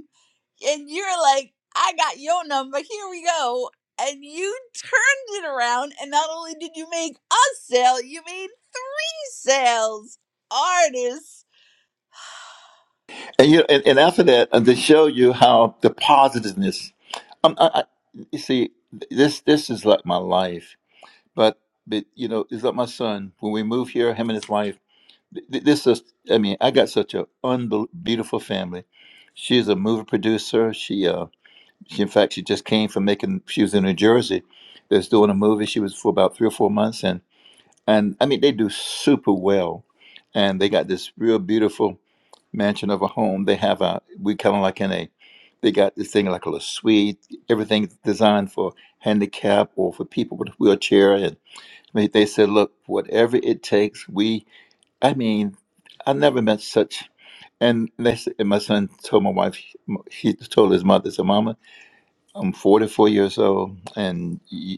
and you're like i got your number here we go and you turned it around and not only did you make us sell you made me sales artists
And you and, and after that, uh, to show you how the positiveness. Um, I, I, you see, this this is like my life. But but you know, it's like my son. When we moved here, him and his wife. th- th- This is. I mean, I got such a unbel- beautiful family. She's a movie producer. She uh, she in fact, she just came from making. She was in New Jersey. They was doing a movie. She was for about three or four months, and and I mean, they do super well, and they got this real beautiful mansion of a home. They have a we kind of like in a they got this thing like a little suite. Everything's designed for handicap or for people with a wheelchair. And they they said, look, whatever it takes, we. I mean, I never met such. And they said, and my son told my wife, he told his mother, so Mama, I'm 44 years old, and you,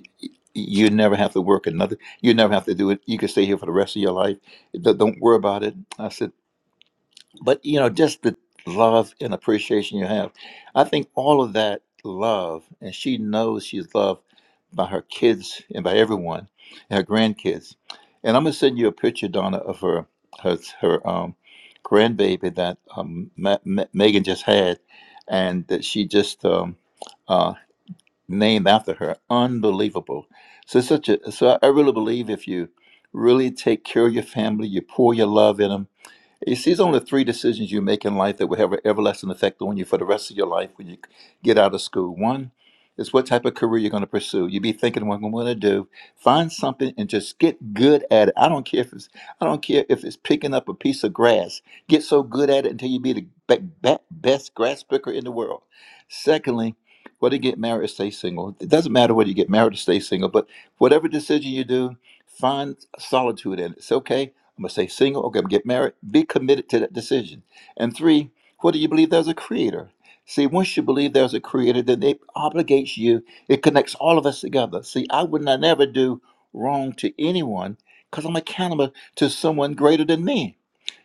you never have to work another. You never have to do it. You can stay here for the rest of your life. Don't don't worry about it. I said but you know just the love and appreciation you have i think all of that love and she knows she's loved by her kids and by everyone and her grandkids and i'm going to send you a picture donna of her her, her um grandbaby that um, Ma- Ma- megan just had and that she just um, uh, named after her unbelievable so it's such a so i really believe if you really take care of your family you pour your love in them. You see, it's only three decisions you make in life that will have an everlasting effect on you for the rest of your life when you get out of school. One is what type of career you're going to pursue. You be thinking, "What am I going to do?" Find something and just get good at it. I don't care if it's I don't care if it's picking up a piece of grass. Get so good at it until you be the be- be- best grass picker in the world. Secondly, whether you get married or stay single, it doesn't matter whether you get married or stay single. But whatever decision you do, find solitude in it. It's okay I'm gonna say single, okay, get married, be committed to that decision. And three, whether you believe there's a creator. See, once you believe there's a creator, then it obligates you, it connects all of us together. See, I would not never do wrong to anyone because I'm accountable to someone greater than me.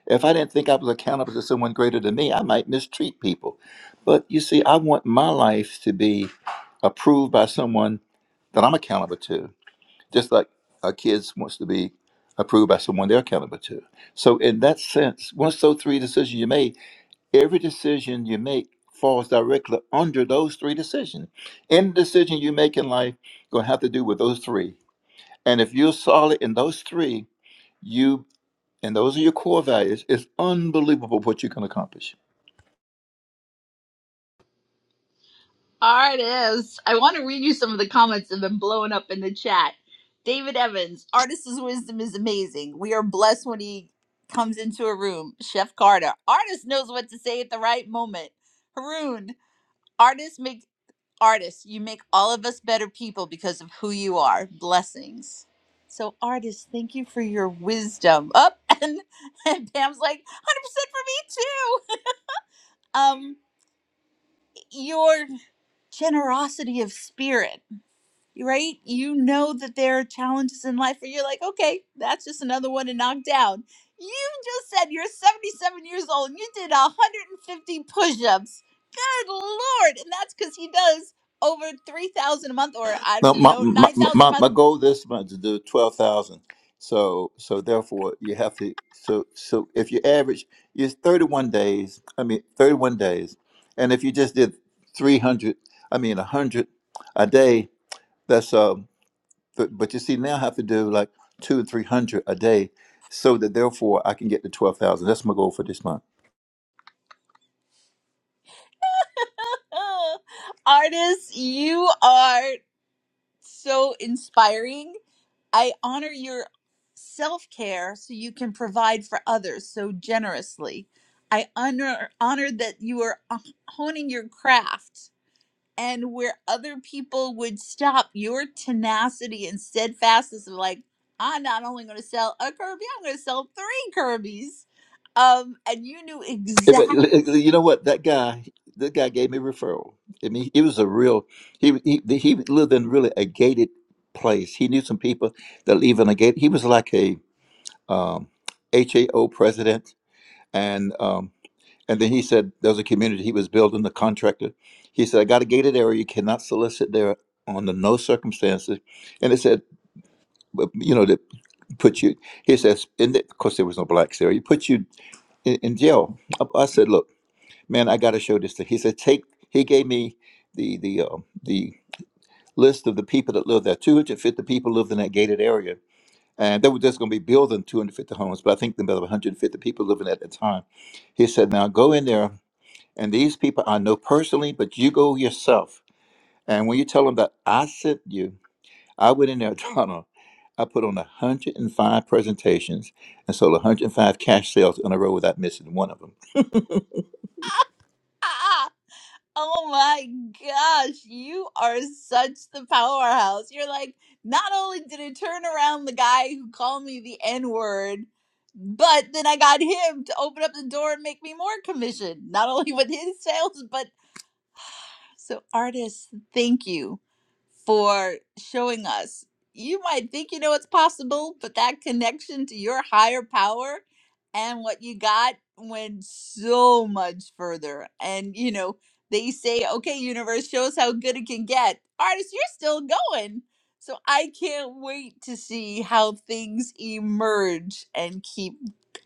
If I didn't think I was accountable to someone greater than me, I might mistreat people. But you see, I want my life to be approved by someone that I'm accountable to just like our kids wants to be approved by someone they're accountable to. So in that sense, once those three decisions you made, every decision you make falls directly under those three decisions. Any decision you make in life gonna have to do with those three. And if you're solid in those three, you and those are your core values, it's unbelievable what you can accomplish.
artists i want to read you some of the comments that have been blowing up in the chat david evans artist's wisdom is amazing we are blessed when he comes into a room chef carter artist knows what to say at the right moment haroon artist makes. artists, you make all of us better people because of who you are. Blessings. So, artists, thank you for your wisdom. Up and, and Pam's like, 100% for me too. Um, your generosity of spirit right? You know that there are challenges in life where you're like, okay, that's just another one to knock down. You just said you're 77 years old and you did 150 push ups. Good Lord. And that's because he does over 3,000 a month or I
No,
don't
my
know,
my
9,000 a
my, my
month.
goal this month is to do twelve thousand. So so therefore you have to so so if you average it's thirty one days. I mean thirty one days, and if you just did three hundred, I mean hundred a day. That's um. But, but you see now I have to do like two or three hundred a day, so that therefore I can get to twelve thousand. That's my goal for this month.
Ugh. Artists, you are so inspiring I honor your self care so you can provide for others so generously. I honor, honor that you are uh, honing your craft and where other people would stop your tenacity and steadfastness of like, I'm not only going to sell a Kirby, I'm going to sell three Kirby's. Um, and you knew
Yeah, but
exactly.
l- l- You know what? That guy, that guy gave me a referral. I mean, he was a real. He he he lived in really a gated place. He knew some people that live in a gate. He was like a um, HAO president, and um, and then he said there was a community he was building. The contractor, he said, I got a gated area. You cannot solicit there under no circumstances. And it said, but, you know, that put you. He says, and of course there was no blacks there. He put you in, in jail. I, I said, look man, I got to show this to. He said, take. He gave me the the uh, the list of the people that lived there. Two hundred fifty people lived in that gated area, and they were just going to be building two hundred fifty homes. But I think there were one hundred fifty people living at the time. He said, now go in there, and these people I know personally, but you go yourself. And when you tell them that I sent you, I went in there, Donald. I put on 105 presentations and sold 105 cash sales in a row without missing one of them.
Oh my gosh, you are such the powerhouse. You're like, not only did it turn around the guy who called me the N word, but then I got him to open up the door and make me more commission, not only with his sales, but so, artists, thank you for showing us. You might think you know it's possible, but that connection to your higher power and what you got went so much further. And, you know, they say, okay, universe, show us how good it can get. Artists, you're still going. So, I can't wait to see how things emerge and keep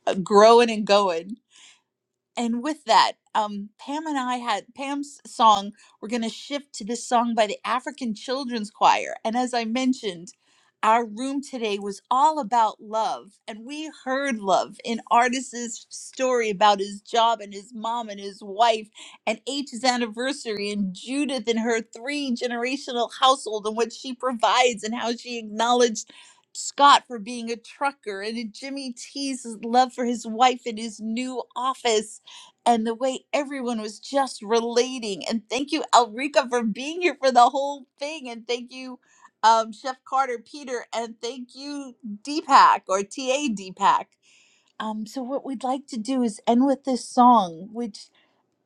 uh, growing and going and with that, um, Pam and I had Pam's song. We're going to shift to this song by the African Children's Choir. And as I mentioned, our room today was all about love. And we heard love in Artis's story about his job and his mom and his wife and H's anniversary and Judith and her three generational household and what she provides and how she acknowledged. Scott for being a trucker and Jimmy T's love for his wife and his new office and the way everyone was just relating. And thank you, Alrika, for being here for the whole thing. And thank you, um, Chef Carter, Peter, and thank you, Deepak or TA Deepak. Um, so, what we'd like to do is end with this song, which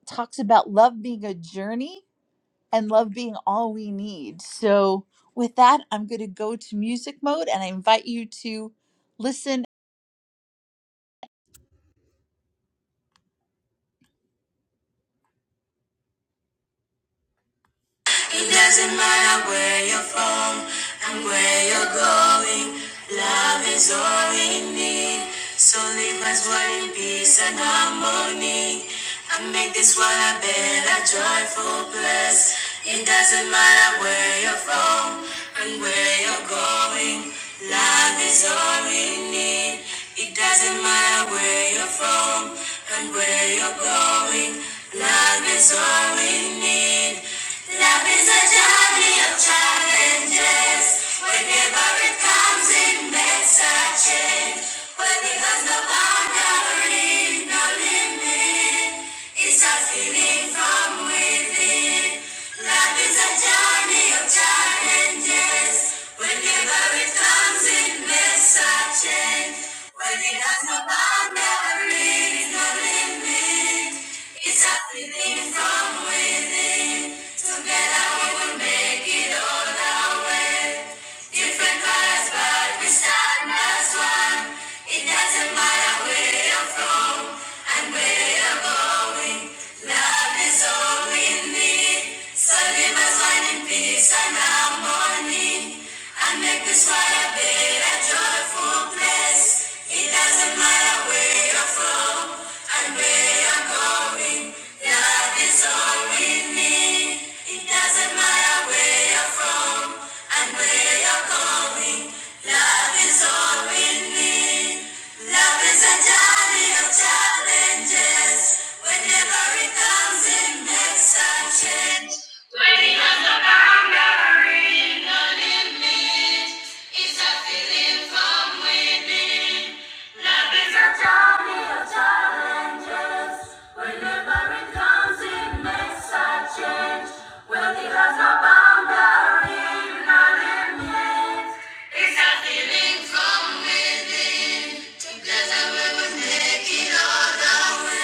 talks about love being a journey and love being all we need. So, with that, I'm going to go to music mode and I invite you to listen It doesn't matter where you're from and where you're going. Love is all we need. So leave us one in peace and harmony. And make this world a better, joyful place. It doesn't matter where you're from and where you're going. Love is all we need. It doesn't matter where you're from and where you're going. Love is all we need. Love is a journey of challenges. Whenever it comes, it makes a change. But because no boundary, no limit, it's a feeling from within. Love is a journey of challenges. Whenever it comes, it makes a change endless searching when it has no boundary, no limit. It's everything from within. Together we will make it all our way. Different colors, but we stand as one. It doesn't matter where you're from and where you're going. Love is all we need. So leave us one peace and harmony. And make this world a better, joyful place. It doesn't matter where you're from and where you're going. Love is all we need. It doesn't matter where you're from and where you're going. Love is all we need. Love is a journey of challenges. Whenever it comes, it makes a change. It's a feeling from within. Love is a journey of challenges. Whenever it comes, it makes a change. Well, it has no boundary, no limit. It's a feeling from within. That's how we will make it all the way.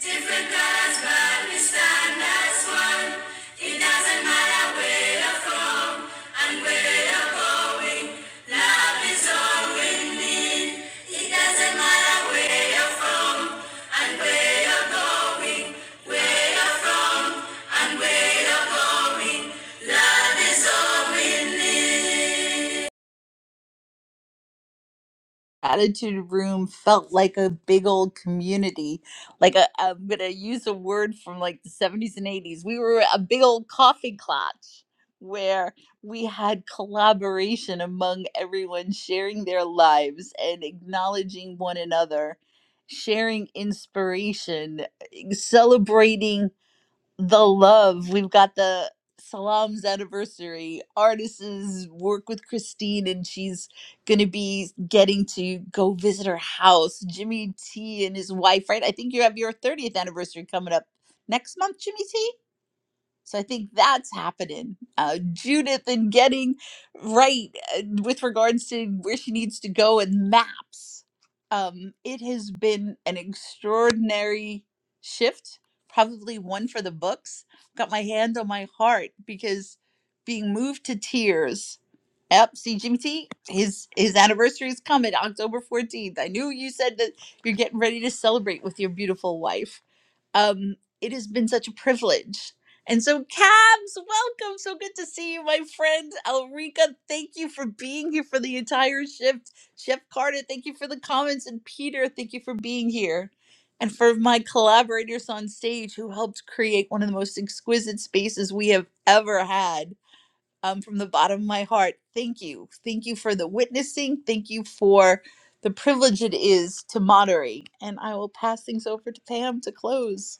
Different colors, but we stand as one. It doesn't matter where you're from and where you're going. Love is all we need. It doesn't matter where you're from and where you're going. Where you're from and where you're going. Love is all we need. Attitude Room felt like a big old community. Like i am am gonna use a word from like the 70s and 80s. We were a big old coffee clutch where we had collaboration among everyone sharing their lives and acknowledging one another, sharing inspiration, eh, celebrating the love. We've got the Salam's anniversary. Artists work with Christine, and she's going to be getting to go visit her house. Jimmy T and his wife, right? I think you have your 30th anniversary coming up next month, Jimmy T. So I think that's happening. Uh, Judith and getting right uh, with regards to where she needs to go and maps. Um, it has been an extraordinary shift, probably one for the books. Got my hand on my heart because being moved to tears. Yep, see Jimmy T, his his anniversary is coming, October 14th. I knew you said that you're getting ready to celebrate with your beautiful wife um, it has been such a privilege. And so, Cabs, welcome. So good to see you, my friend. Elrica, thank you for being here for the entire shift. Chef Carter, thank you for the comments. And Peter, thank you for being here. And for my collaborators on stage who helped create one of the most exquisite spaces we have ever had. Um, from the bottom of my heart, thank you. Thank you for the witnessing. Thank you for the privilege it is to moderate. And I will pass things over to Pam to close.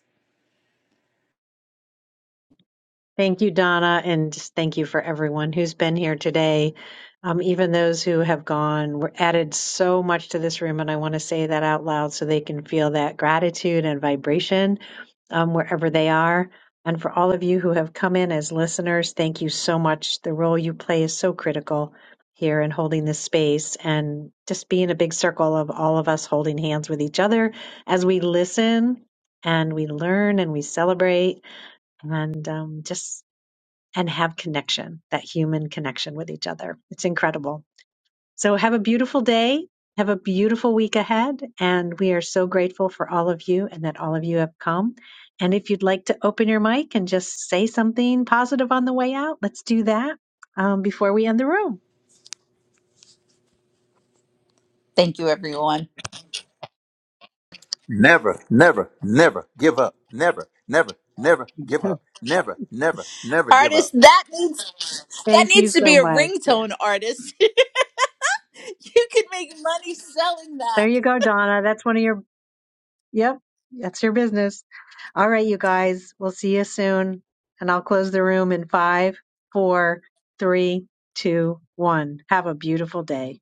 Thank you, Donna, and just thank you for everyone who's been here today. Um, even those who have gone, we're added so much to this room, and I want to say that out loud so they can feel that gratitude and vibration um, wherever they are. And for all of you who have come in as listeners, thank you so much. The role you play is so critical here in holding this space and just being a big circle of all of us holding hands with each other as we listen and we learn and we celebrate and um, just and have connection, that human connection with each other. It's incredible. So have a beautiful day. Have a beautiful week ahead. And we are so grateful for all of you and that all of you have come. And if you'd like to open your mic and just say something positive on the way out, let's do that um, before we end the room.
Thank you, everyone.
Never, never, never give up. Never, never, never give up. Never, never, never give up.
Artist, that needs that
Thank you
needs to
so
be a
much. Yeah.
ringtone, artist. you could make money selling that.
There you go, Donna. That's one of your Yep, that's your business. All right, you guys, we'll see you soon. And I'll close the room in five, four, three, two, one. Have a beautiful day.